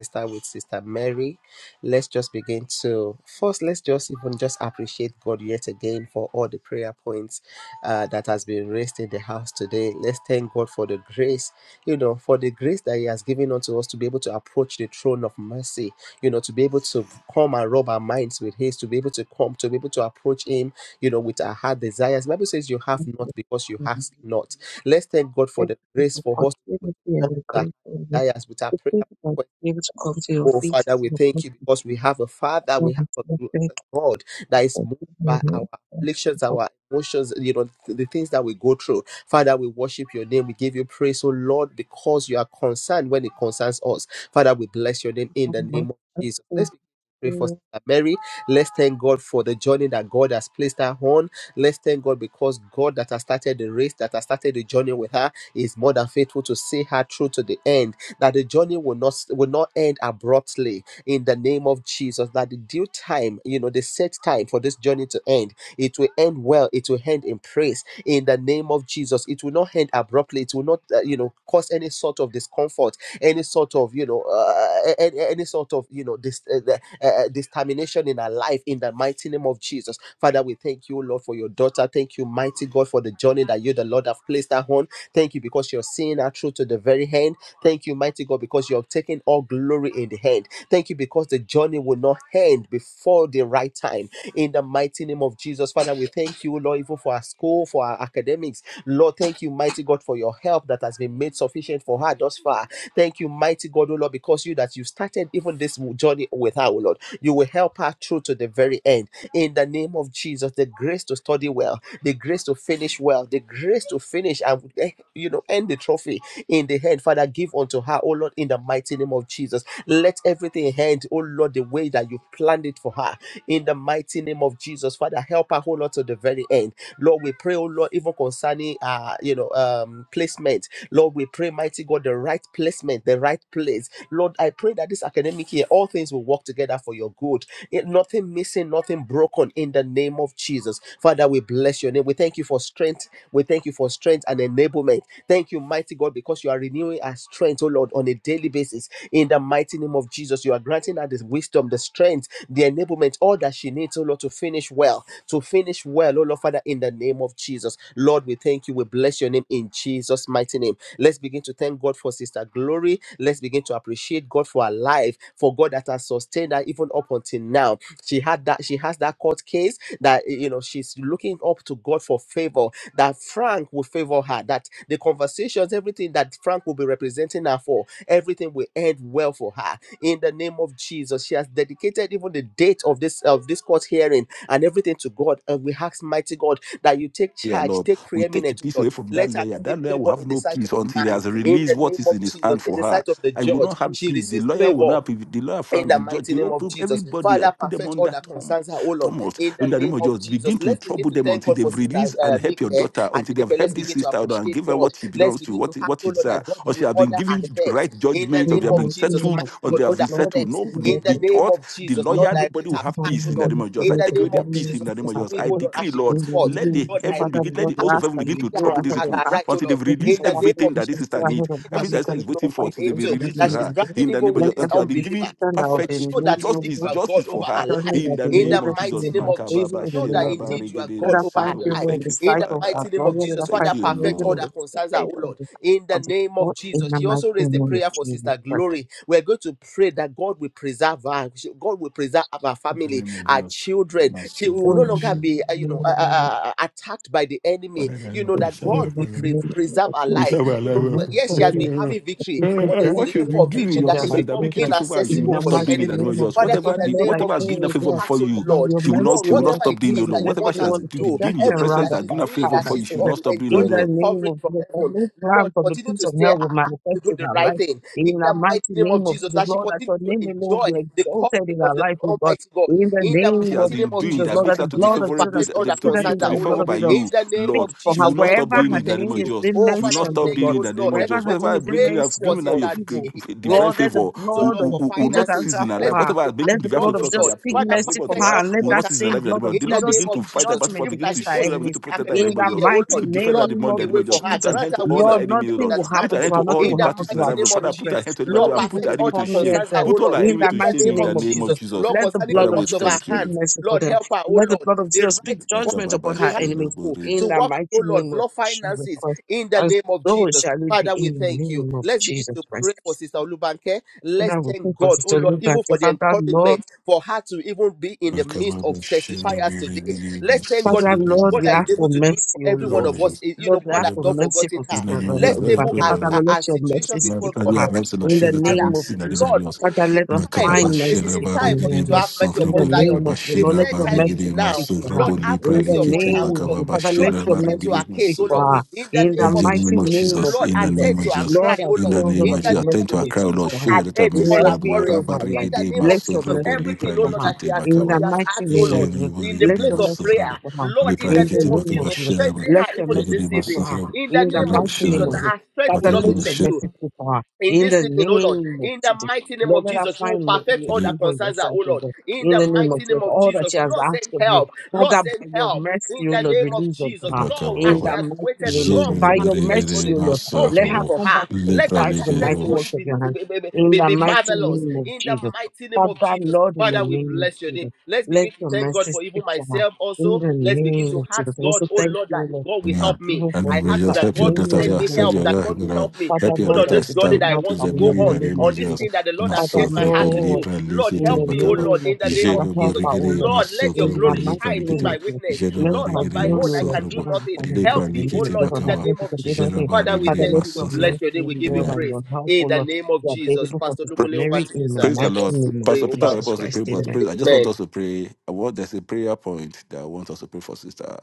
Speaker 1: Start with sister mary let's just begin to first let's just even just appreciate god yet again for all the prayer points uh, that has been raised in the house today let's thank god for the grace you know for the grace that he has given unto us to be able to approach the throne of mercy you know to be able to come and rub our minds with his to be able to come to be able to approach him you know with our heart desires The bible says you have not because you ask not let's thank god for
Speaker 8: Thank
Speaker 1: the
Speaker 8: you for
Speaker 1: grace
Speaker 8: the
Speaker 1: for us to come
Speaker 8: opportunity
Speaker 1: with
Speaker 8: and the
Speaker 1: our
Speaker 8: grace and the
Speaker 1: desires with our prayer
Speaker 8: opportunity that you able to come to your
Speaker 1: Oh,
Speaker 8: feet
Speaker 1: Father, we
Speaker 8: in the
Speaker 1: thank you because we have a Father, we
Speaker 8: platform.
Speaker 1: have
Speaker 8: and
Speaker 1: a
Speaker 8: say
Speaker 1: a God that is
Speaker 8: Thank
Speaker 1: moved
Speaker 8: you for your
Speaker 1: by our
Speaker 8: name. Thank you
Speaker 1: afflictions,
Speaker 8: for the
Speaker 1: our emotions, you know, th- the things that we go through. Father, we worship your name. We give you praise, oh Lord, because you are concerned when it concerns us. Father, we bless your name in
Speaker 8: love
Speaker 1: the
Speaker 8: of God.
Speaker 1: name of Jesus.
Speaker 8: Thank
Speaker 1: Let's begin to pray for
Speaker 8: you
Speaker 1: Sister Mary. Let's thank God for the journey that God has placed her on. Let's thank God because God that has started the race, that has started the journey with her, is more than faithful to see her through to the end. That the journey will not will not end abruptly in the name of Jesus. That the due time, you know, the set time for this journey to end, it will end well. It will end in praise in the name of Jesus. It will not end abruptly. It will not, uh, you know, cause any sort of discomfort, any sort of, you know, uh, any, any sort of, you know, this uh, the, uh, determination in our life in the the mighty name of Jesus. Father, we thank you, Lord, for your daughter. Thank you, mighty God, for the journey that you, the Lord, have placed her on. Thank you because you're seeing her through to the very end. Thank you, mighty God, because you're taking all glory in the hand. Thank you because the journey will not end before the right time. In the mighty name of Jesus, Father, we thank you, Lord, even for our school, for our academics. Lord, thank you, mighty God, for your help that has been made sufficient for her thus far. Thank you, mighty God, O Lord, because you that you started even this journey with with her, O Lord. You will help her through to the very end. In the name of Jesus, the grace to study well, the grace to finish well, the grace to finish and eh, you know end the trophy in the hand. Father, give unto her, O Lord, in the mighty name of Jesus. Let everything end, O Lord, the way that you planned it for her. In the mighty name of Jesus, Father, help her, O Lord, to the very end. Lord, we pray, O Lord, even concerning uh, you know, um placement. Lord, we pray, mighty God, the right placement, the right place Lord, I pray that this academic year, all things will work together for your good. It- nothing missing, nothing broken in the name of Jesus. Father, we bless your name. We thank you for strength. We thank you for strength and enablement. Thank you, mighty God, because you are renewing our strength, oh Lord, on a daily basis. In the mighty name of Jesus, you are granting her the wisdom, the strength, the enablement, all that she needs, oh Lord, to finish well, to finish well, oh Lord, Father, in the name of Jesus. Lord, we thank you. We bless your name in Jesus' mighty name. Let's begin begin to thank God for Sister Glory. Let's begin to appreciate God for her life, for God that has sustained her even up until now. She had that, she has that court case that you know she's looking up to God for favor, that Frank will favor her, that the conversations, everything that Frank will be representing her for, everything will end well for her. In the name of Jesus, she has dedicated even the date of this of this court hearing and everything to God. And we ask, mighty God, that you take
Speaker 5: Dear
Speaker 1: charge,
Speaker 5: Lord,
Speaker 1: take
Speaker 5: we take the
Speaker 1: preeminent,
Speaker 5: peace
Speaker 1: Lord
Speaker 5: away from that
Speaker 1: let her
Speaker 5: lawyer.
Speaker 1: receive
Speaker 5: That lawyer will
Speaker 1: favor
Speaker 5: have
Speaker 1: in the
Speaker 5: no
Speaker 1: sight of
Speaker 5: peace until he
Speaker 1: man,
Speaker 5: has
Speaker 1: in
Speaker 5: released
Speaker 1: the
Speaker 5: what
Speaker 1: name
Speaker 5: is in
Speaker 1: of
Speaker 5: his
Speaker 1: Jesus,
Speaker 5: hand
Speaker 1: in
Speaker 5: for
Speaker 1: the
Speaker 5: her.
Speaker 1: sight of the
Speaker 5: I will
Speaker 1: judge.
Speaker 5: not have
Speaker 1: She
Speaker 5: peace. The
Speaker 1: receives
Speaker 5: lawyer will
Speaker 1: favor
Speaker 5: not have peace. The lawyer,
Speaker 1: in
Speaker 5: Frank,
Speaker 1: the
Speaker 5: the judge,
Speaker 1: mighty
Speaker 5: they
Speaker 1: name
Speaker 5: all
Speaker 1: of
Speaker 5: put
Speaker 1: Jesus.
Speaker 5: everybody, I
Speaker 1: Father,
Speaker 5: put them
Speaker 1: perfect all
Speaker 5: under
Speaker 1: that
Speaker 5: tum-
Speaker 1: concerns her, oh Lord.
Speaker 5: tumult.
Speaker 1: In the
Speaker 5: In the name
Speaker 1: name
Speaker 5: of
Speaker 1: of
Speaker 5: Jesus,
Speaker 1: Jesus.
Speaker 5: begin to
Speaker 1: Let's begin
Speaker 5: trouble
Speaker 1: to
Speaker 5: them
Speaker 1: thank
Speaker 5: until
Speaker 1: God for
Speaker 5: they've
Speaker 1: Sister
Speaker 5: released
Speaker 1: uh,
Speaker 5: and help
Speaker 1: Nike.
Speaker 5: your
Speaker 1: And
Speaker 5: daughter, until they
Speaker 1: Nike,
Speaker 5: have
Speaker 1: let's
Speaker 5: helped this
Speaker 1: begin to
Speaker 5: sister out and
Speaker 1: appreciate
Speaker 5: give her
Speaker 1: God.
Speaker 5: what she
Speaker 1: Let's
Speaker 5: belongs to,
Speaker 1: begin
Speaker 5: what,
Speaker 1: to ask,
Speaker 5: what
Speaker 1: oh
Speaker 5: she's
Speaker 1: Lord, that
Speaker 5: her,
Speaker 1: God, you
Speaker 5: or she
Speaker 1: will
Speaker 5: has been
Speaker 1: order our
Speaker 5: given
Speaker 1: steps.
Speaker 5: right
Speaker 1: In the
Speaker 5: judgment, or
Speaker 8: for
Speaker 5: they
Speaker 1: name
Speaker 8: the
Speaker 5: have
Speaker 1: of
Speaker 5: been
Speaker 8: mighty
Speaker 1: Jesus.
Speaker 8: name
Speaker 5: settled,
Speaker 1: Mighty
Speaker 8: of
Speaker 5: or
Speaker 1: God,
Speaker 5: they have
Speaker 8: Jesus,
Speaker 1: order
Speaker 5: been
Speaker 1: our
Speaker 8: Lord.
Speaker 5: settled.
Speaker 8: Thank
Speaker 1: steps.
Speaker 5: No, the,
Speaker 1: In
Speaker 8: you,
Speaker 1: the
Speaker 5: the
Speaker 1: name
Speaker 5: thought
Speaker 1: of
Speaker 5: the
Speaker 1: Jesus.
Speaker 8: Lord.
Speaker 1: Lord,
Speaker 5: lawyer, nobody
Speaker 1: direct
Speaker 5: will
Speaker 1: her
Speaker 5: have
Speaker 1: path,
Speaker 8: Father,
Speaker 5: peace
Speaker 1: oh
Speaker 5: in
Speaker 8: Lord,
Speaker 5: the
Speaker 1: Lord.
Speaker 5: name of Jesus.
Speaker 1: In
Speaker 5: I
Speaker 1: the
Speaker 5: take away
Speaker 1: name
Speaker 5: their
Speaker 1: of
Speaker 5: peace in
Speaker 1: Jesus.
Speaker 5: the name
Speaker 1: This
Speaker 5: of Jesus.
Speaker 1: week,
Speaker 5: I
Speaker 1: oh Lord, as
Speaker 5: decree,
Speaker 1: she
Speaker 5: Lord,
Speaker 1: goes forth,
Speaker 5: let the
Speaker 1: Lord, direct
Speaker 5: heaven begin,
Speaker 1: her
Speaker 5: let the
Speaker 8: we
Speaker 1: path.
Speaker 5: host of
Speaker 8: ask
Speaker 5: heaven
Speaker 8: that
Speaker 5: begin
Speaker 1: Lead
Speaker 5: to
Speaker 8: you go
Speaker 1: her
Speaker 5: trouble these
Speaker 1: path,
Speaker 8: of
Speaker 1: her
Speaker 5: people
Speaker 8: us.
Speaker 1: right, oh
Speaker 5: until
Speaker 1: Lord.
Speaker 5: they've
Speaker 8: Even
Speaker 1: In
Speaker 5: released
Speaker 1: the name of
Speaker 5: everything that this
Speaker 1: Jesus.
Speaker 5: sister
Speaker 1: This
Speaker 5: needs.
Speaker 1: thing that
Speaker 5: Everything
Speaker 1: she
Speaker 5: that sister is
Speaker 1: you
Speaker 5: waiting
Speaker 1: know,
Speaker 5: for,
Speaker 8: us
Speaker 5: till they've
Speaker 8: straight
Speaker 5: been
Speaker 1: into
Speaker 8: for the
Speaker 5: released to
Speaker 1: that she's
Speaker 5: her
Speaker 8: name
Speaker 1: dragging
Speaker 5: in the
Speaker 1: even
Speaker 5: name of
Speaker 1: with
Speaker 5: Jesus.
Speaker 8: Let
Speaker 1: this
Speaker 5: Until I've
Speaker 8: every
Speaker 5: been
Speaker 1: unbeliever.
Speaker 5: giving
Speaker 8: decision that have
Speaker 1: Lord,
Speaker 8: been
Speaker 5: perfect
Speaker 1: show that
Speaker 8: made, O
Speaker 1: indeed
Speaker 5: justice,
Speaker 1: you
Speaker 8: Lord,
Speaker 1: are God
Speaker 5: justice
Speaker 1: over
Speaker 5: for
Speaker 8: every
Speaker 5: her
Speaker 1: our
Speaker 8: judgment
Speaker 1: life.
Speaker 8: that
Speaker 5: in
Speaker 8: have
Speaker 5: the
Speaker 8: been
Speaker 1: In
Speaker 5: name
Speaker 8: made,
Speaker 1: the
Speaker 5: of
Speaker 8: let it be
Speaker 1: mighty
Speaker 5: Jesus.
Speaker 8: in
Speaker 1: name
Speaker 8: her
Speaker 1: of Jesus,
Speaker 5: Makababa,
Speaker 8: favor in the
Speaker 1: show
Speaker 8: name
Speaker 1: that
Speaker 8: of
Speaker 5: Shendraba,
Speaker 8: Jesus.
Speaker 1: indeed you are
Speaker 5: Regede,
Speaker 8: Let
Speaker 1: God
Speaker 8: us
Speaker 1: over
Speaker 8: find
Speaker 1: our
Speaker 5: Masotrobo.
Speaker 8: favor
Speaker 1: life.
Speaker 8: in
Speaker 5: Thank
Speaker 8: the
Speaker 5: you,
Speaker 1: In
Speaker 8: sight
Speaker 1: the
Speaker 8: of
Speaker 5: Father.
Speaker 8: our
Speaker 1: mighty name of
Speaker 8: Lord. Let
Speaker 1: Jesus,
Speaker 8: us
Speaker 5: Thank
Speaker 8: find
Speaker 1: Father,
Speaker 5: you,
Speaker 8: favor
Speaker 1: perfect
Speaker 8: even
Speaker 1: all
Speaker 8: in
Speaker 5: Lord.
Speaker 8: the
Speaker 1: that concerns our
Speaker 8: sight
Speaker 1: O
Speaker 8: of
Speaker 1: Lord.
Speaker 8: the,
Speaker 1: In the
Speaker 8: of the
Speaker 1: name of
Speaker 8: Lord in
Speaker 1: Jesus,
Speaker 8: the
Speaker 1: She
Speaker 8: mighty
Speaker 1: also raised the
Speaker 8: name of
Speaker 1: prayer for
Speaker 8: Jesus
Speaker 1: Sister
Speaker 8: Christ.
Speaker 1: Glory. We're going to pray that God will preserve her. God will preserve our
Speaker 5: In the
Speaker 1: family
Speaker 5: name of
Speaker 1: our
Speaker 5: Jesus.
Speaker 1: children. Chi- We will no
Speaker 5: Masotrobo,
Speaker 1: longer
Speaker 8: Amen.
Speaker 1: be,
Speaker 5: Shendraba.
Speaker 1: uh, you know, uh, uh, uh, uh, attacked by the enemy.
Speaker 5: Father, I
Speaker 1: You
Speaker 5: will
Speaker 1: know that
Speaker 5: praise
Speaker 8: Lord, we
Speaker 1: God will
Speaker 8: thank
Speaker 5: you.
Speaker 8: you,
Speaker 1: pre-
Speaker 8: Lord, for
Speaker 1: preserve our
Speaker 8: your
Speaker 1: life.
Speaker 5: preserve
Speaker 8: goodness
Speaker 5: our
Speaker 1: You
Speaker 5: life
Speaker 8: and
Speaker 1: know,
Speaker 5: well
Speaker 8: your
Speaker 1: well,
Speaker 5: from
Speaker 1: yes, she
Speaker 8: mercy.
Speaker 1: has been
Speaker 5: fasting.
Speaker 1: having victory,
Speaker 5: Uh,
Speaker 8: You
Speaker 1: but
Speaker 5: uh,
Speaker 1: there's
Speaker 8: preserve
Speaker 5: what
Speaker 1: a
Speaker 8: the
Speaker 5: should you
Speaker 1: level
Speaker 8: life
Speaker 1: of
Speaker 5: do
Speaker 8: of
Speaker 5: in
Speaker 1: victory
Speaker 5: your
Speaker 1: that
Speaker 8: Olga
Speaker 1: she
Speaker 8: and our
Speaker 5: presence that
Speaker 1: become
Speaker 5: make you
Speaker 8: children.
Speaker 5: to favor? and You
Speaker 8: In
Speaker 5: will
Speaker 1: inaccessible
Speaker 8: the
Speaker 5: not
Speaker 1: for
Speaker 5: stop
Speaker 1: the
Speaker 8: mighty
Speaker 5: doing it at
Speaker 1: enemy.
Speaker 5: all.
Speaker 8: name of
Speaker 5: Just
Speaker 1: Father,
Speaker 8: Jesus,
Speaker 1: in
Speaker 5: whatever
Speaker 8: Father,
Speaker 1: the
Speaker 5: the,
Speaker 8: Lord, I
Speaker 1: name
Speaker 5: whatever
Speaker 1: of
Speaker 5: has
Speaker 8: pray,
Speaker 5: given her
Speaker 8: O
Speaker 1: Jesus, we
Speaker 5: favor
Speaker 8: God,
Speaker 1: ask,
Speaker 5: before
Speaker 1: oh
Speaker 5: you,
Speaker 8: that by
Speaker 1: Lord,
Speaker 8: your
Speaker 5: she will not
Speaker 1: Lord,
Speaker 8: mercy,
Speaker 5: she
Speaker 8: O
Speaker 5: will
Speaker 8: Lord,
Speaker 5: not
Speaker 8: that
Speaker 1: whatever
Speaker 8: you
Speaker 5: stop
Speaker 1: it
Speaker 5: doing
Speaker 8: give
Speaker 1: is
Speaker 5: it. Lord.
Speaker 1: that you
Speaker 8: us
Speaker 5: Whatever
Speaker 1: want
Speaker 8: every
Speaker 5: she
Speaker 1: her
Speaker 8: wall
Speaker 5: has
Speaker 1: to
Speaker 8: of
Speaker 5: do- been
Speaker 1: do,
Speaker 5: doing in
Speaker 8: protection
Speaker 5: your
Speaker 1: everything
Speaker 8: around
Speaker 5: presence
Speaker 1: that
Speaker 8: about
Speaker 5: that
Speaker 1: she's
Speaker 5: given her
Speaker 8: our
Speaker 1: doing,
Speaker 5: favor
Speaker 1: that
Speaker 8: Father. our
Speaker 5: before you,
Speaker 1: she's
Speaker 5: she will
Speaker 1: uh,
Speaker 8: children.
Speaker 5: not stop doing it.
Speaker 8: In
Speaker 1: enjoying the
Speaker 8: the
Speaker 5: alone.
Speaker 8: name
Speaker 1: covering
Speaker 8: of
Speaker 1: from
Speaker 8: Jesus, Christ,
Speaker 1: heaven,
Speaker 8: no
Speaker 1: Lord,
Speaker 8: plan from the
Speaker 1: continue
Speaker 8: pits
Speaker 1: to
Speaker 8: of
Speaker 1: stay her
Speaker 8: hell will
Speaker 1: heart to
Speaker 8: manifest
Speaker 1: do
Speaker 8: in
Speaker 1: the
Speaker 8: our
Speaker 1: right
Speaker 8: life.
Speaker 1: thing. In
Speaker 8: In the
Speaker 1: the mighty
Speaker 8: mighty
Speaker 1: name
Speaker 8: name
Speaker 1: of
Speaker 8: of
Speaker 1: Jesus,
Speaker 8: Jesus,
Speaker 1: that she
Speaker 8: Lord, that
Speaker 1: continue
Speaker 8: your
Speaker 1: to
Speaker 8: name alone
Speaker 1: enjoy
Speaker 8: be
Speaker 1: the
Speaker 8: exalted
Speaker 1: covering
Speaker 8: in our
Speaker 1: of the
Speaker 8: life, O God.
Speaker 1: Almighty God.
Speaker 8: In the
Speaker 1: In the
Speaker 5: she
Speaker 8: name
Speaker 5: has
Speaker 8: of
Speaker 1: mighty name
Speaker 5: been
Speaker 1: of
Speaker 5: doing
Speaker 8: Jesus,
Speaker 1: Jesus,
Speaker 5: that
Speaker 8: Lord,
Speaker 1: Father,
Speaker 5: makes
Speaker 8: that the
Speaker 5: her to be
Speaker 8: blood
Speaker 1: continue
Speaker 8: of
Speaker 1: to
Speaker 8: Jesus that
Speaker 5: favorable
Speaker 1: perfect all
Speaker 8: speaks
Speaker 1: that
Speaker 5: to
Speaker 8: sweeter
Speaker 5: be
Speaker 1: concerns
Speaker 8: things
Speaker 5: to
Speaker 1: us,
Speaker 8: than
Speaker 5: be
Speaker 1: oh
Speaker 8: the blood
Speaker 1: Lord.
Speaker 5: favored
Speaker 8: of
Speaker 5: by
Speaker 8: Abel
Speaker 1: In
Speaker 5: you,
Speaker 1: the name
Speaker 8: speak
Speaker 5: Lord.
Speaker 1: of
Speaker 8: for
Speaker 5: She
Speaker 8: her
Speaker 1: Jesus,
Speaker 5: will not
Speaker 1: mighty
Speaker 5: stop
Speaker 8: wherever
Speaker 1: God,
Speaker 5: doing
Speaker 1: we
Speaker 5: it
Speaker 8: her
Speaker 5: in the
Speaker 1: thank
Speaker 5: name
Speaker 8: name
Speaker 5: of
Speaker 8: is
Speaker 1: you.
Speaker 5: Jesus.
Speaker 8: being
Speaker 1: Oh,
Speaker 5: She will
Speaker 1: Father,
Speaker 5: not
Speaker 1: we
Speaker 8: mentioned,
Speaker 5: stop
Speaker 8: oh
Speaker 1: thank you,
Speaker 5: doing it
Speaker 8: Lord,
Speaker 5: in
Speaker 1: oh
Speaker 5: the
Speaker 1: Lord.
Speaker 5: name of
Speaker 1: Let's
Speaker 8: wherever
Speaker 5: Jesus.
Speaker 8: her
Speaker 1: begin
Speaker 5: Whatever
Speaker 1: to
Speaker 8: name is
Speaker 5: I'm
Speaker 8: being
Speaker 1: pray
Speaker 5: making her
Speaker 1: for
Speaker 8: mentioned
Speaker 5: giving her
Speaker 8: for
Speaker 5: your
Speaker 1: Sister
Speaker 8: evil.
Speaker 1: G.
Speaker 5: f-
Speaker 1: Let's
Speaker 5: divine
Speaker 8: Lord,
Speaker 1: begin
Speaker 8: let
Speaker 5: favor
Speaker 1: to
Speaker 8: the
Speaker 5: will,
Speaker 1: ask, oh
Speaker 8: blood
Speaker 1: Lord,
Speaker 8: of
Speaker 5: will,
Speaker 1: for
Speaker 5: will will
Speaker 8: Jesus
Speaker 5: not
Speaker 1: finances.
Speaker 5: cease
Speaker 8: answer
Speaker 5: in her
Speaker 8: for
Speaker 1: Let's
Speaker 5: life.
Speaker 8: her.
Speaker 1: begin
Speaker 5: Whatever
Speaker 1: to
Speaker 5: I'm
Speaker 1: ask
Speaker 5: making
Speaker 8: Let the
Speaker 5: divine
Speaker 1: God,
Speaker 8: blood of
Speaker 1: oh
Speaker 5: favor to
Speaker 8: Jesus
Speaker 5: be
Speaker 1: Lord.
Speaker 5: av-
Speaker 8: speak
Speaker 5: to be
Speaker 1: Father,
Speaker 8: mercy
Speaker 5: available
Speaker 8: for
Speaker 5: to
Speaker 1: perfect
Speaker 8: her
Speaker 5: her
Speaker 1: all
Speaker 8: and
Speaker 1: that
Speaker 8: let
Speaker 5: will
Speaker 8: that
Speaker 5: not
Speaker 1: concerns
Speaker 5: cease in her
Speaker 8: same
Speaker 5: life
Speaker 1: her.
Speaker 5: in the
Speaker 8: blood
Speaker 5: name of
Speaker 8: of
Speaker 1: In
Speaker 5: Jesus. The
Speaker 1: the
Speaker 5: Lord
Speaker 8: Jesus
Speaker 1: name
Speaker 5: begin to
Speaker 1: of
Speaker 8: speak
Speaker 5: fight her
Speaker 1: Jesus,
Speaker 5: battle for her,
Speaker 8: judgment
Speaker 1: even
Speaker 5: begin
Speaker 1: as
Speaker 5: to
Speaker 8: against
Speaker 1: she
Speaker 8: her
Speaker 1: goes
Speaker 5: shield her,
Speaker 1: into this
Speaker 5: begin
Speaker 8: enemies.
Speaker 5: to protect her in the
Speaker 8: In
Speaker 5: name
Speaker 1: academic
Speaker 5: of
Speaker 8: the
Speaker 5: Jesus.
Speaker 1: year, oh
Speaker 5: Begin
Speaker 8: mighty
Speaker 1: Lord,
Speaker 5: to defend her
Speaker 1: Lord,
Speaker 5: the
Speaker 8: name
Speaker 5: in
Speaker 8: of
Speaker 1: make
Speaker 5: the
Speaker 1: a
Speaker 5: name
Speaker 1: way
Speaker 5: of
Speaker 1: for
Speaker 5: Jesus.
Speaker 1: her.
Speaker 5: Put
Speaker 8: Jesus.
Speaker 5: an
Speaker 1: Grant
Speaker 5: end to
Speaker 1: her
Speaker 5: all her
Speaker 1: wisdom
Speaker 8: Lord,
Speaker 5: enemies,
Speaker 1: and
Speaker 8: nothing
Speaker 5: Lord.
Speaker 8: will
Speaker 5: Put
Speaker 8: happen
Speaker 5: an
Speaker 8: to
Speaker 1: understanding.
Speaker 5: end to
Speaker 8: her.
Speaker 5: all
Speaker 8: Nothing
Speaker 5: the
Speaker 1: In
Speaker 8: will
Speaker 1: the
Speaker 8: happen
Speaker 5: battles in
Speaker 8: to
Speaker 5: her
Speaker 8: her
Speaker 1: mighty
Speaker 5: life,
Speaker 1: name
Speaker 5: Lord.
Speaker 1: of
Speaker 5: Father, put
Speaker 8: children.
Speaker 5: an
Speaker 1: Jesus,
Speaker 5: end to the
Speaker 8: No
Speaker 1: Lord,
Speaker 5: battle and put
Speaker 8: evil
Speaker 5: her
Speaker 1: perfect
Speaker 8: will
Speaker 1: all
Speaker 5: enemy to
Speaker 8: come
Speaker 1: that
Speaker 8: near
Speaker 5: shame.
Speaker 1: concerns her,
Speaker 8: them.
Speaker 1: oh
Speaker 5: Put all
Speaker 1: Lord.
Speaker 5: her
Speaker 8: In
Speaker 5: enemy
Speaker 1: In
Speaker 8: the
Speaker 5: to
Speaker 1: the
Speaker 5: shame
Speaker 8: mighty
Speaker 1: name
Speaker 5: in the
Speaker 8: name
Speaker 1: of
Speaker 8: of
Speaker 5: name of
Speaker 8: Jesus.
Speaker 1: Jesus,
Speaker 5: Jesus.
Speaker 1: Lord,
Speaker 8: Let the
Speaker 1: concerning the
Speaker 8: blood
Speaker 5: Father,
Speaker 8: of
Speaker 5: we
Speaker 1: works of
Speaker 8: Jesus
Speaker 1: our
Speaker 5: thank
Speaker 8: speak
Speaker 5: you.
Speaker 1: hands,
Speaker 8: mercy for
Speaker 1: Lord,
Speaker 8: them.
Speaker 1: help her, oh
Speaker 8: Let the
Speaker 1: Lord.
Speaker 8: blood of
Speaker 1: The
Speaker 8: Jesus speak
Speaker 1: right
Speaker 8: judgment
Speaker 1: contract,
Speaker 8: upon
Speaker 1: the
Speaker 8: her
Speaker 1: right
Speaker 8: enemies
Speaker 1: people
Speaker 5: Makababashenobori-
Speaker 1: to
Speaker 8: in the
Speaker 1: work,
Speaker 8: mighty
Speaker 1: with, oh Lord,
Speaker 8: name of
Speaker 1: Lord,
Speaker 8: Jesus
Speaker 1: finances
Speaker 8: Christ.
Speaker 1: in the
Speaker 8: And
Speaker 1: name of
Speaker 8: so
Speaker 1: Jesus.
Speaker 8: shall it be
Speaker 1: Father, we
Speaker 8: in the
Speaker 1: thank you.
Speaker 8: name of
Speaker 1: Let's begin
Speaker 8: Jesus
Speaker 1: to pray
Speaker 8: Christ.
Speaker 1: for Sister Olubanke.
Speaker 8: Lord,
Speaker 1: Let's
Speaker 8: I will pray
Speaker 1: thank
Speaker 8: for
Speaker 1: God, oh
Speaker 8: Sister
Speaker 1: Lord,
Speaker 8: Luke and
Speaker 1: even
Speaker 8: say,
Speaker 1: for the
Speaker 8: Father, Lord.
Speaker 1: encouragement for her to even be in the midst of testifiers
Speaker 5: Makababashenobori- Makababashenobori- Makababashenobori- Makababashenobori- Makababashenobori-
Speaker 1: today. Let's thank
Speaker 5: Makababashenobori- Makababashenobori- Makababashenobori- Makababashenobori- Makababashenobori-
Speaker 1: God
Speaker 8: Father,
Speaker 1: because
Speaker 8: Lord,
Speaker 1: God
Speaker 8: we
Speaker 1: that is
Speaker 8: ask
Speaker 1: able
Speaker 8: for
Speaker 1: to do it for
Speaker 8: mercy, O
Speaker 1: every one
Speaker 8: Lord.
Speaker 1: of
Speaker 5: Makababashenobori-
Speaker 1: us.
Speaker 5: Makababashenobori-
Speaker 1: You know,
Speaker 8: Lord, we
Speaker 1: God
Speaker 8: ask
Speaker 1: has
Speaker 8: for
Speaker 1: not
Speaker 8: mercy
Speaker 1: forgotten
Speaker 8: for
Speaker 1: her.
Speaker 8: Sister
Speaker 5: Makababashenobori-
Speaker 1: Let's
Speaker 5: Makababashenobori-
Speaker 1: table
Speaker 8: Lubake.
Speaker 1: our,
Speaker 8: Father,
Speaker 5: Makababashenobori-
Speaker 1: our,
Speaker 8: Lord, let
Speaker 1: our
Speaker 8: your
Speaker 1: situation
Speaker 8: mercy speak
Speaker 1: before
Speaker 8: for
Speaker 1: God
Speaker 5: Maria
Speaker 8: her.
Speaker 1: Almighty.
Speaker 5: Rex and
Speaker 8: In
Speaker 1: Jesus,
Speaker 8: the
Speaker 5: Ashera
Speaker 8: name
Speaker 1: Father,
Speaker 8: of
Speaker 5: Tabnesina de
Speaker 8: Jesus.
Speaker 1: Lord,
Speaker 5: Mayos,
Speaker 1: it
Speaker 8: Father,
Speaker 1: is
Speaker 8: let her
Speaker 1: time. The
Speaker 5: Macababa
Speaker 1: Bible
Speaker 8: find
Speaker 1: says it
Speaker 5: Shera
Speaker 1: is
Speaker 8: mercy from
Speaker 1: time
Speaker 8: you,
Speaker 1: for you
Speaker 5: Barrigade
Speaker 8: O
Speaker 1: to
Speaker 8: Lord.
Speaker 1: have mercy
Speaker 8: In
Speaker 5: Masofra
Speaker 8: the
Speaker 1: upon Zion.
Speaker 5: Bolivra
Speaker 8: name of the
Speaker 1: They
Speaker 8: Lord,
Speaker 5: Bashena
Speaker 8: let
Speaker 1: said
Speaker 8: your
Speaker 1: time is
Speaker 5: Barrigade
Speaker 8: mercy speak
Speaker 1: now.
Speaker 8: for
Speaker 5: Masofra
Speaker 8: her.
Speaker 1: Lord, have
Speaker 5: Bolivra
Speaker 8: In
Speaker 1: mercy
Speaker 8: the
Speaker 1: upon her,
Speaker 5: Likete
Speaker 1: oh
Speaker 8: name of
Speaker 1: Lord.
Speaker 8: the
Speaker 5: Macababa
Speaker 8: Father,
Speaker 1: Lord,
Speaker 8: let
Speaker 5: Shena
Speaker 8: your
Speaker 1: attend to
Speaker 8: mercy
Speaker 1: her
Speaker 5: Barrigade
Speaker 1: case,
Speaker 8: speak
Speaker 1: oh
Speaker 8: for
Speaker 1: Lord.
Speaker 8: her.
Speaker 5: Masofra
Speaker 1: In the
Speaker 8: In the
Speaker 5: in
Speaker 1: name of
Speaker 5: the name
Speaker 8: mighty
Speaker 5: of
Speaker 1: Jesus,
Speaker 8: name of
Speaker 5: Jesus,
Speaker 1: Lord,
Speaker 5: in the
Speaker 8: Jesus.
Speaker 1: attend
Speaker 5: name of
Speaker 1: to her
Speaker 5: Jesus,
Speaker 1: cry,
Speaker 8: Lord, I
Speaker 1: oh
Speaker 5: in
Speaker 8: pray
Speaker 1: Lord.
Speaker 5: the
Speaker 8: also
Speaker 5: name
Speaker 8: that
Speaker 1: In
Speaker 5: of
Speaker 1: the
Speaker 8: your
Speaker 5: Jesus,
Speaker 1: name
Speaker 8: mercy
Speaker 1: of
Speaker 5: attend to our
Speaker 8: will
Speaker 5: cry, O
Speaker 1: Jesus,
Speaker 8: speak
Speaker 5: Lord,
Speaker 1: put
Speaker 8: for
Speaker 5: show
Speaker 8: her.
Speaker 1: an
Speaker 5: your little
Speaker 1: end to
Speaker 8: In
Speaker 1: all
Speaker 5: mercy,
Speaker 1: her
Speaker 5: Lord.
Speaker 8: every area
Speaker 1: worries.
Speaker 8: of
Speaker 5: Maraba
Speaker 8: her
Speaker 1: In
Speaker 8: life,
Speaker 1: the
Speaker 5: rigide
Speaker 1: name of
Speaker 8: let your
Speaker 1: Jesus,
Speaker 5: masotrobo
Speaker 8: mercy speak
Speaker 1: everything,
Speaker 5: lipra
Speaker 1: oh
Speaker 8: for
Speaker 1: Lord,
Speaker 8: her.
Speaker 1: that she
Speaker 5: likete
Speaker 1: has,
Speaker 8: In the
Speaker 1: she
Speaker 5: makaba.
Speaker 1: has
Speaker 8: mighty
Speaker 1: asked, oh
Speaker 8: name of
Speaker 1: Lord,
Speaker 8: Jesus.
Speaker 5: Jenubo
Speaker 1: in the
Speaker 8: Let
Speaker 5: rigide
Speaker 1: place
Speaker 8: your mercy
Speaker 1: of prayer.
Speaker 5: masotrobo
Speaker 8: speak for her.
Speaker 1: Lord, in
Speaker 5: lipra
Speaker 1: the
Speaker 8: In the
Speaker 5: likete
Speaker 1: name of
Speaker 8: name of
Speaker 5: makaba
Speaker 1: Jesus,
Speaker 8: Jesus,
Speaker 5: shenaba
Speaker 1: strengthen
Speaker 8: let
Speaker 1: her
Speaker 8: your
Speaker 1: even in
Speaker 8: mercy
Speaker 1: this
Speaker 5: rigide
Speaker 8: speak for
Speaker 1: season.
Speaker 8: her.
Speaker 5: masotrobo
Speaker 1: In the
Speaker 8: In the
Speaker 1: name
Speaker 5: lipra
Speaker 1: of
Speaker 8: mighty name
Speaker 1: Jesus,
Speaker 8: of Jesus,
Speaker 5: shenaba
Speaker 1: her strength will
Speaker 8: Father,
Speaker 1: not
Speaker 8: let
Speaker 1: be
Speaker 8: your
Speaker 5: makaba
Speaker 1: little.
Speaker 8: mercy speak for her.
Speaker 1: In
Speaker 8: In
Speaker 1: this
Speaker 8: the
Speaker 1: season, oh Lord,
Speaker 8: name of
Speaker 1: in the
Speaker 8: Jesus,
Speaker 1: mighty name
Speaker 8: Lord,
Speaker 1: of
Speaker 8: let her
Speaker 1: Jesus, you will
Speaker 8: find
Speaker 1: perfect
Speaker 8: the
Speaker 1: all that
Speaker 8: favor in your
Speaker 1: concerns us,
Speaker 8: sight,
Speaker 1: oh
Speaker 8: O
Speaker 1: Lord.
Speaker 8: God.
Speaker 1: In
Speaker 8: In
Speaker 1: the
Speaker 8: the name of
Speaker 1: mighty
Speaker 8: Jesus,
Speaker 1: name of
Speaker 8: all that
Speaker 1: Jesus,
Speaker 8: she has
Speaker 1: Lord,
Speaker 8: asked
Speaker 1: send
Speaker 8: of you,
Speaker 1: help. Lord,
Speaker 8: Father, by
Speaker 1: send
Speaker 8: your
Speaker 1: help. In
Speaker 8: mercy, O
Speaker 1: the
Speaker 8: Lord,
Speaker 1: name of
Speaker 8: release unto
Speaker 1: Jesus,
Speaker 8: her.
Speaker 1: Lord, as
Speaker 8: In
Speaker 1: she
Speaker 8: the
Speaker 5: Bakababa,
Speaker 1: has
Speaker 8: mighty
Speaker 1: waited
Speaker 8: name of Jesus,
Speaker 1: long
Speaker 5: Jene
Speaker 1: to
Speaker 8: by
Speaker 1: have
Speaker 8: your
Speaker 1: this
Speaker 5: Beregere
Speaker 8: mercy, O
Speaker 1: testimony,
Speaker 8: Lord,
Speaker 1: come
Speaker 8: let
Speaker 1: big
Speaker 8: her
Speaker 5: Masaro,
Speaker 1: for
Speaker 8: come
Speaker 1: her.
Speaker 8: back to
Speaker 1: Let
Speaker 5: Lepra
Speaker 1: her
Speaker 8: testify to the
Speaker 1: tes-
Speaker 8: mighty
Speaker 5: Lego,
Speaker 8: works
Speaker 1: testimony
Speaker 8: of
Speaker 1: be,
Speaker 8: your hand.
Speaker 1: be, be,
Speaker 8: In
Speaker 1: be,
Speaker 8: the
Speaker 1: be
Speaker 8: mighty
Speaker 1: marvelous.
Speaker 8: name of
Speaker 1: In the
Speaker 8: Jesus,
Speaker 1: mighty name of
Speaker 8: Father,
Speaker 1: Jesus,
Speaker 8: Lord, in the
Speaker 1: Father, we
Speaker 8: name of
Speaker 1: bless your name.
Speaker 8: Jesus.
Speaker 1: Let's
Speaker 8: Let
Speaker 1: begin to
Speaker 8: your
Speaker 1: thank God
Speaker 8: mercy
Speaker 1: for even
Speaker 8: speak for her.
Speaker 1: myself
Speaker 8: In
Speaker 1: also.
Speaker 8: the
Speaker 1: Let's begin
Speaker 8: name
Speaker 1: to
Speaker 8: of Jesus,
Speaker 1: ask
Speaker 8: I
Speaker 1: God,
Speaker 8: also
Speaker 1: oh
Speaker 8: thank
Speaker 1: Lord,
Speaker 8: you,
Speaker 1: that
Speaker 8: Lord,
Speaker 1: God will help
Speaker 5: Shinyan.
Speaker 1: me.
Speaker 8: even
Speaker 5: And
Speaker 8: for
Speaker 5: you
Speaker 1: I
Speaker 8: this
Speaker 5: may
Speaker 1: ask
Speaker 8: time.
Speaker 5: just
Speaker 1: that
Speaker 5: help your
Speaker 8: May
Speaker 1: God
Speaker 8: you
Speaker 1: will
Speaker 5: daughter,
Speaker 8: Lord,
Speaker 5: she
Speaker 1: send
Speaker 8: in
Speaker 5: has
Speaker 1: me
Speaker 8: the
Speaker 5: said
Speaker 8: name
Speaker 1: help,
Speaker 5: your
Speaker 8: of
Speaker 1: that
Speaker 5: daughter,
Speaker 8: Jesus.
Speaker 1: God
Speaker 5: you
Speaker 1: will
Speaker 5: know,
Speaker 1: help me.
Speaker 8: Father,
Speaker 5: help your
Speaker 1: Even
Speaker 8: Lord,
Speaker 1: on
Speaker 8: that
Speaker 5: daughter
Speaker 1: this
Speaker 8: you
Speaker 1: journey
Speaker 5: start
Speaker 1: that
Speaker 8: will
Speaker 1: I
Speaker 8: help
Speaker 1: want
Speaker 8: our
Speaker 1: to
Speaker 5: the
Speaker 1: go
Speaker 5: married
Speaker 1: on,
Speaker 8: in
Speaker 5: and
Speaker 8: the name of
Speaker 1: on this
Speaker 5: images,
Speaker 8: Jesus.
Speaker 1: thing that the Lord has
Speaker 8: Father,
Speaker 1: set my
Speaker 5: Masotrobo,
Speaker 1: heart to
Speaker 8: Lord,
Speaker 1: do.
Speaker 5: Lepra
Speaker 1: Lord,
Speaker 8: in
Speaker 5: Likite
Speaker 8: the
Speaker 1: help me, oh
Speaker 5: Bakaba,
Speaker 1: Lord,
Speaker 8: name of
Speaker 1: in the
Speaker 8: Jesus.
Speaker 1: name of
Speaker 8: Father,
Speaker 5: Jene
Speaker 8: help
Speaker 1: Jesus.
Speaker 8: our own
Speaker 5: Beregere
Speaker 8: Lord.
Speaker 1: Lord, let your
Speaker 8: In the
Speaker 5: Masotrobo,
Speaker 1: glory
Speaker 8: mighty
Speaker 5: Lepra
Speaker 1: shine through
Speaker 8: name of
Speaker 1: my
Speaker 5: Likite,
Speaker 8: Jesus.
Speaker 1: witness.
Speaker 5: Jene
Speaker 8: Let
Speaker 1: Lord,
Speaker 8: our
Speaker 1: of
Speaker 5: Beregere
Speaker 1: my
Speaker 8: glory,
Speaker 1: own, I
Speaker 8: Lord,
Speaker 1: can do
Speaker 5: Masotrobo,
Speaker 8: shine
Speaker 1: nothing.
Speaker 8: before him.
Speaker 5: Lepra
Speaker 8: Bless
Speaker 1: Help
Speaker 8: in the
Speaker 1: me, oh
Speaker 8: name of
Speaker 5: Likite
Speaker 1: Lord,
Speaker 8: Jesus.
Speaker 1: in
Speaker 8: Now,
Speaker 1: the
Speaker 5: Bakaba,
Speaker 8: our
Speaker 1: name
Speaker 8: You
Speaker 1: of
Speaker 8: can do
Speaker 1: Jesus.
Speaker 5: Jene
Speaker 8: nothing.
Speaker 1: Father, we
Speaker 8: Father,
Speaker 5: Beregere
Speaker 1: thank
Speaker 8: let
Speaker 1: you. We
Speaker 8: your
Speaker 5: Masotrobo.
Speaker 1: bless your name. We
Speaker 8: mercy,
Speaker 1: give you
Speaker 8: Lord,
Speaker 5: Yeah.
Speaker 8: and
Speaker 1: praise.
Speaker 8: your help, O
Speaker 1: In the
Speaker 8: Lord,
Speaker 1: name of
Speaker 8: be
Speaker 1: Jesus.
Speaker 8: available for
Speaker 1: Pastor
Speaker 8: Sister
Speaker 1: Lukunle, over
Speaker 8: Mary
Speaker 1: to you,
Speaker 8: in the
Speaker 1: sir.
Speaker 5: Praise the
Speaker 8: mighty
Speaker 1: Help
Speaker 5: Lord.
Speaker 1: us
Speaker 8: name of
Speaker 1: pray
Speaker 5: Pastor Peter will
Speaker 1: over.
Speaker 5: help
Speaker 8: Jesus
Speaker 5: us to pray,
Speaker 8: Christ.
Speaker 1: the
Speaker 5: but
Speaker 8: Amen.
Speaker 5: praise, I just want us to pray. I want, there's a prayer point that I want us to pray for Sister.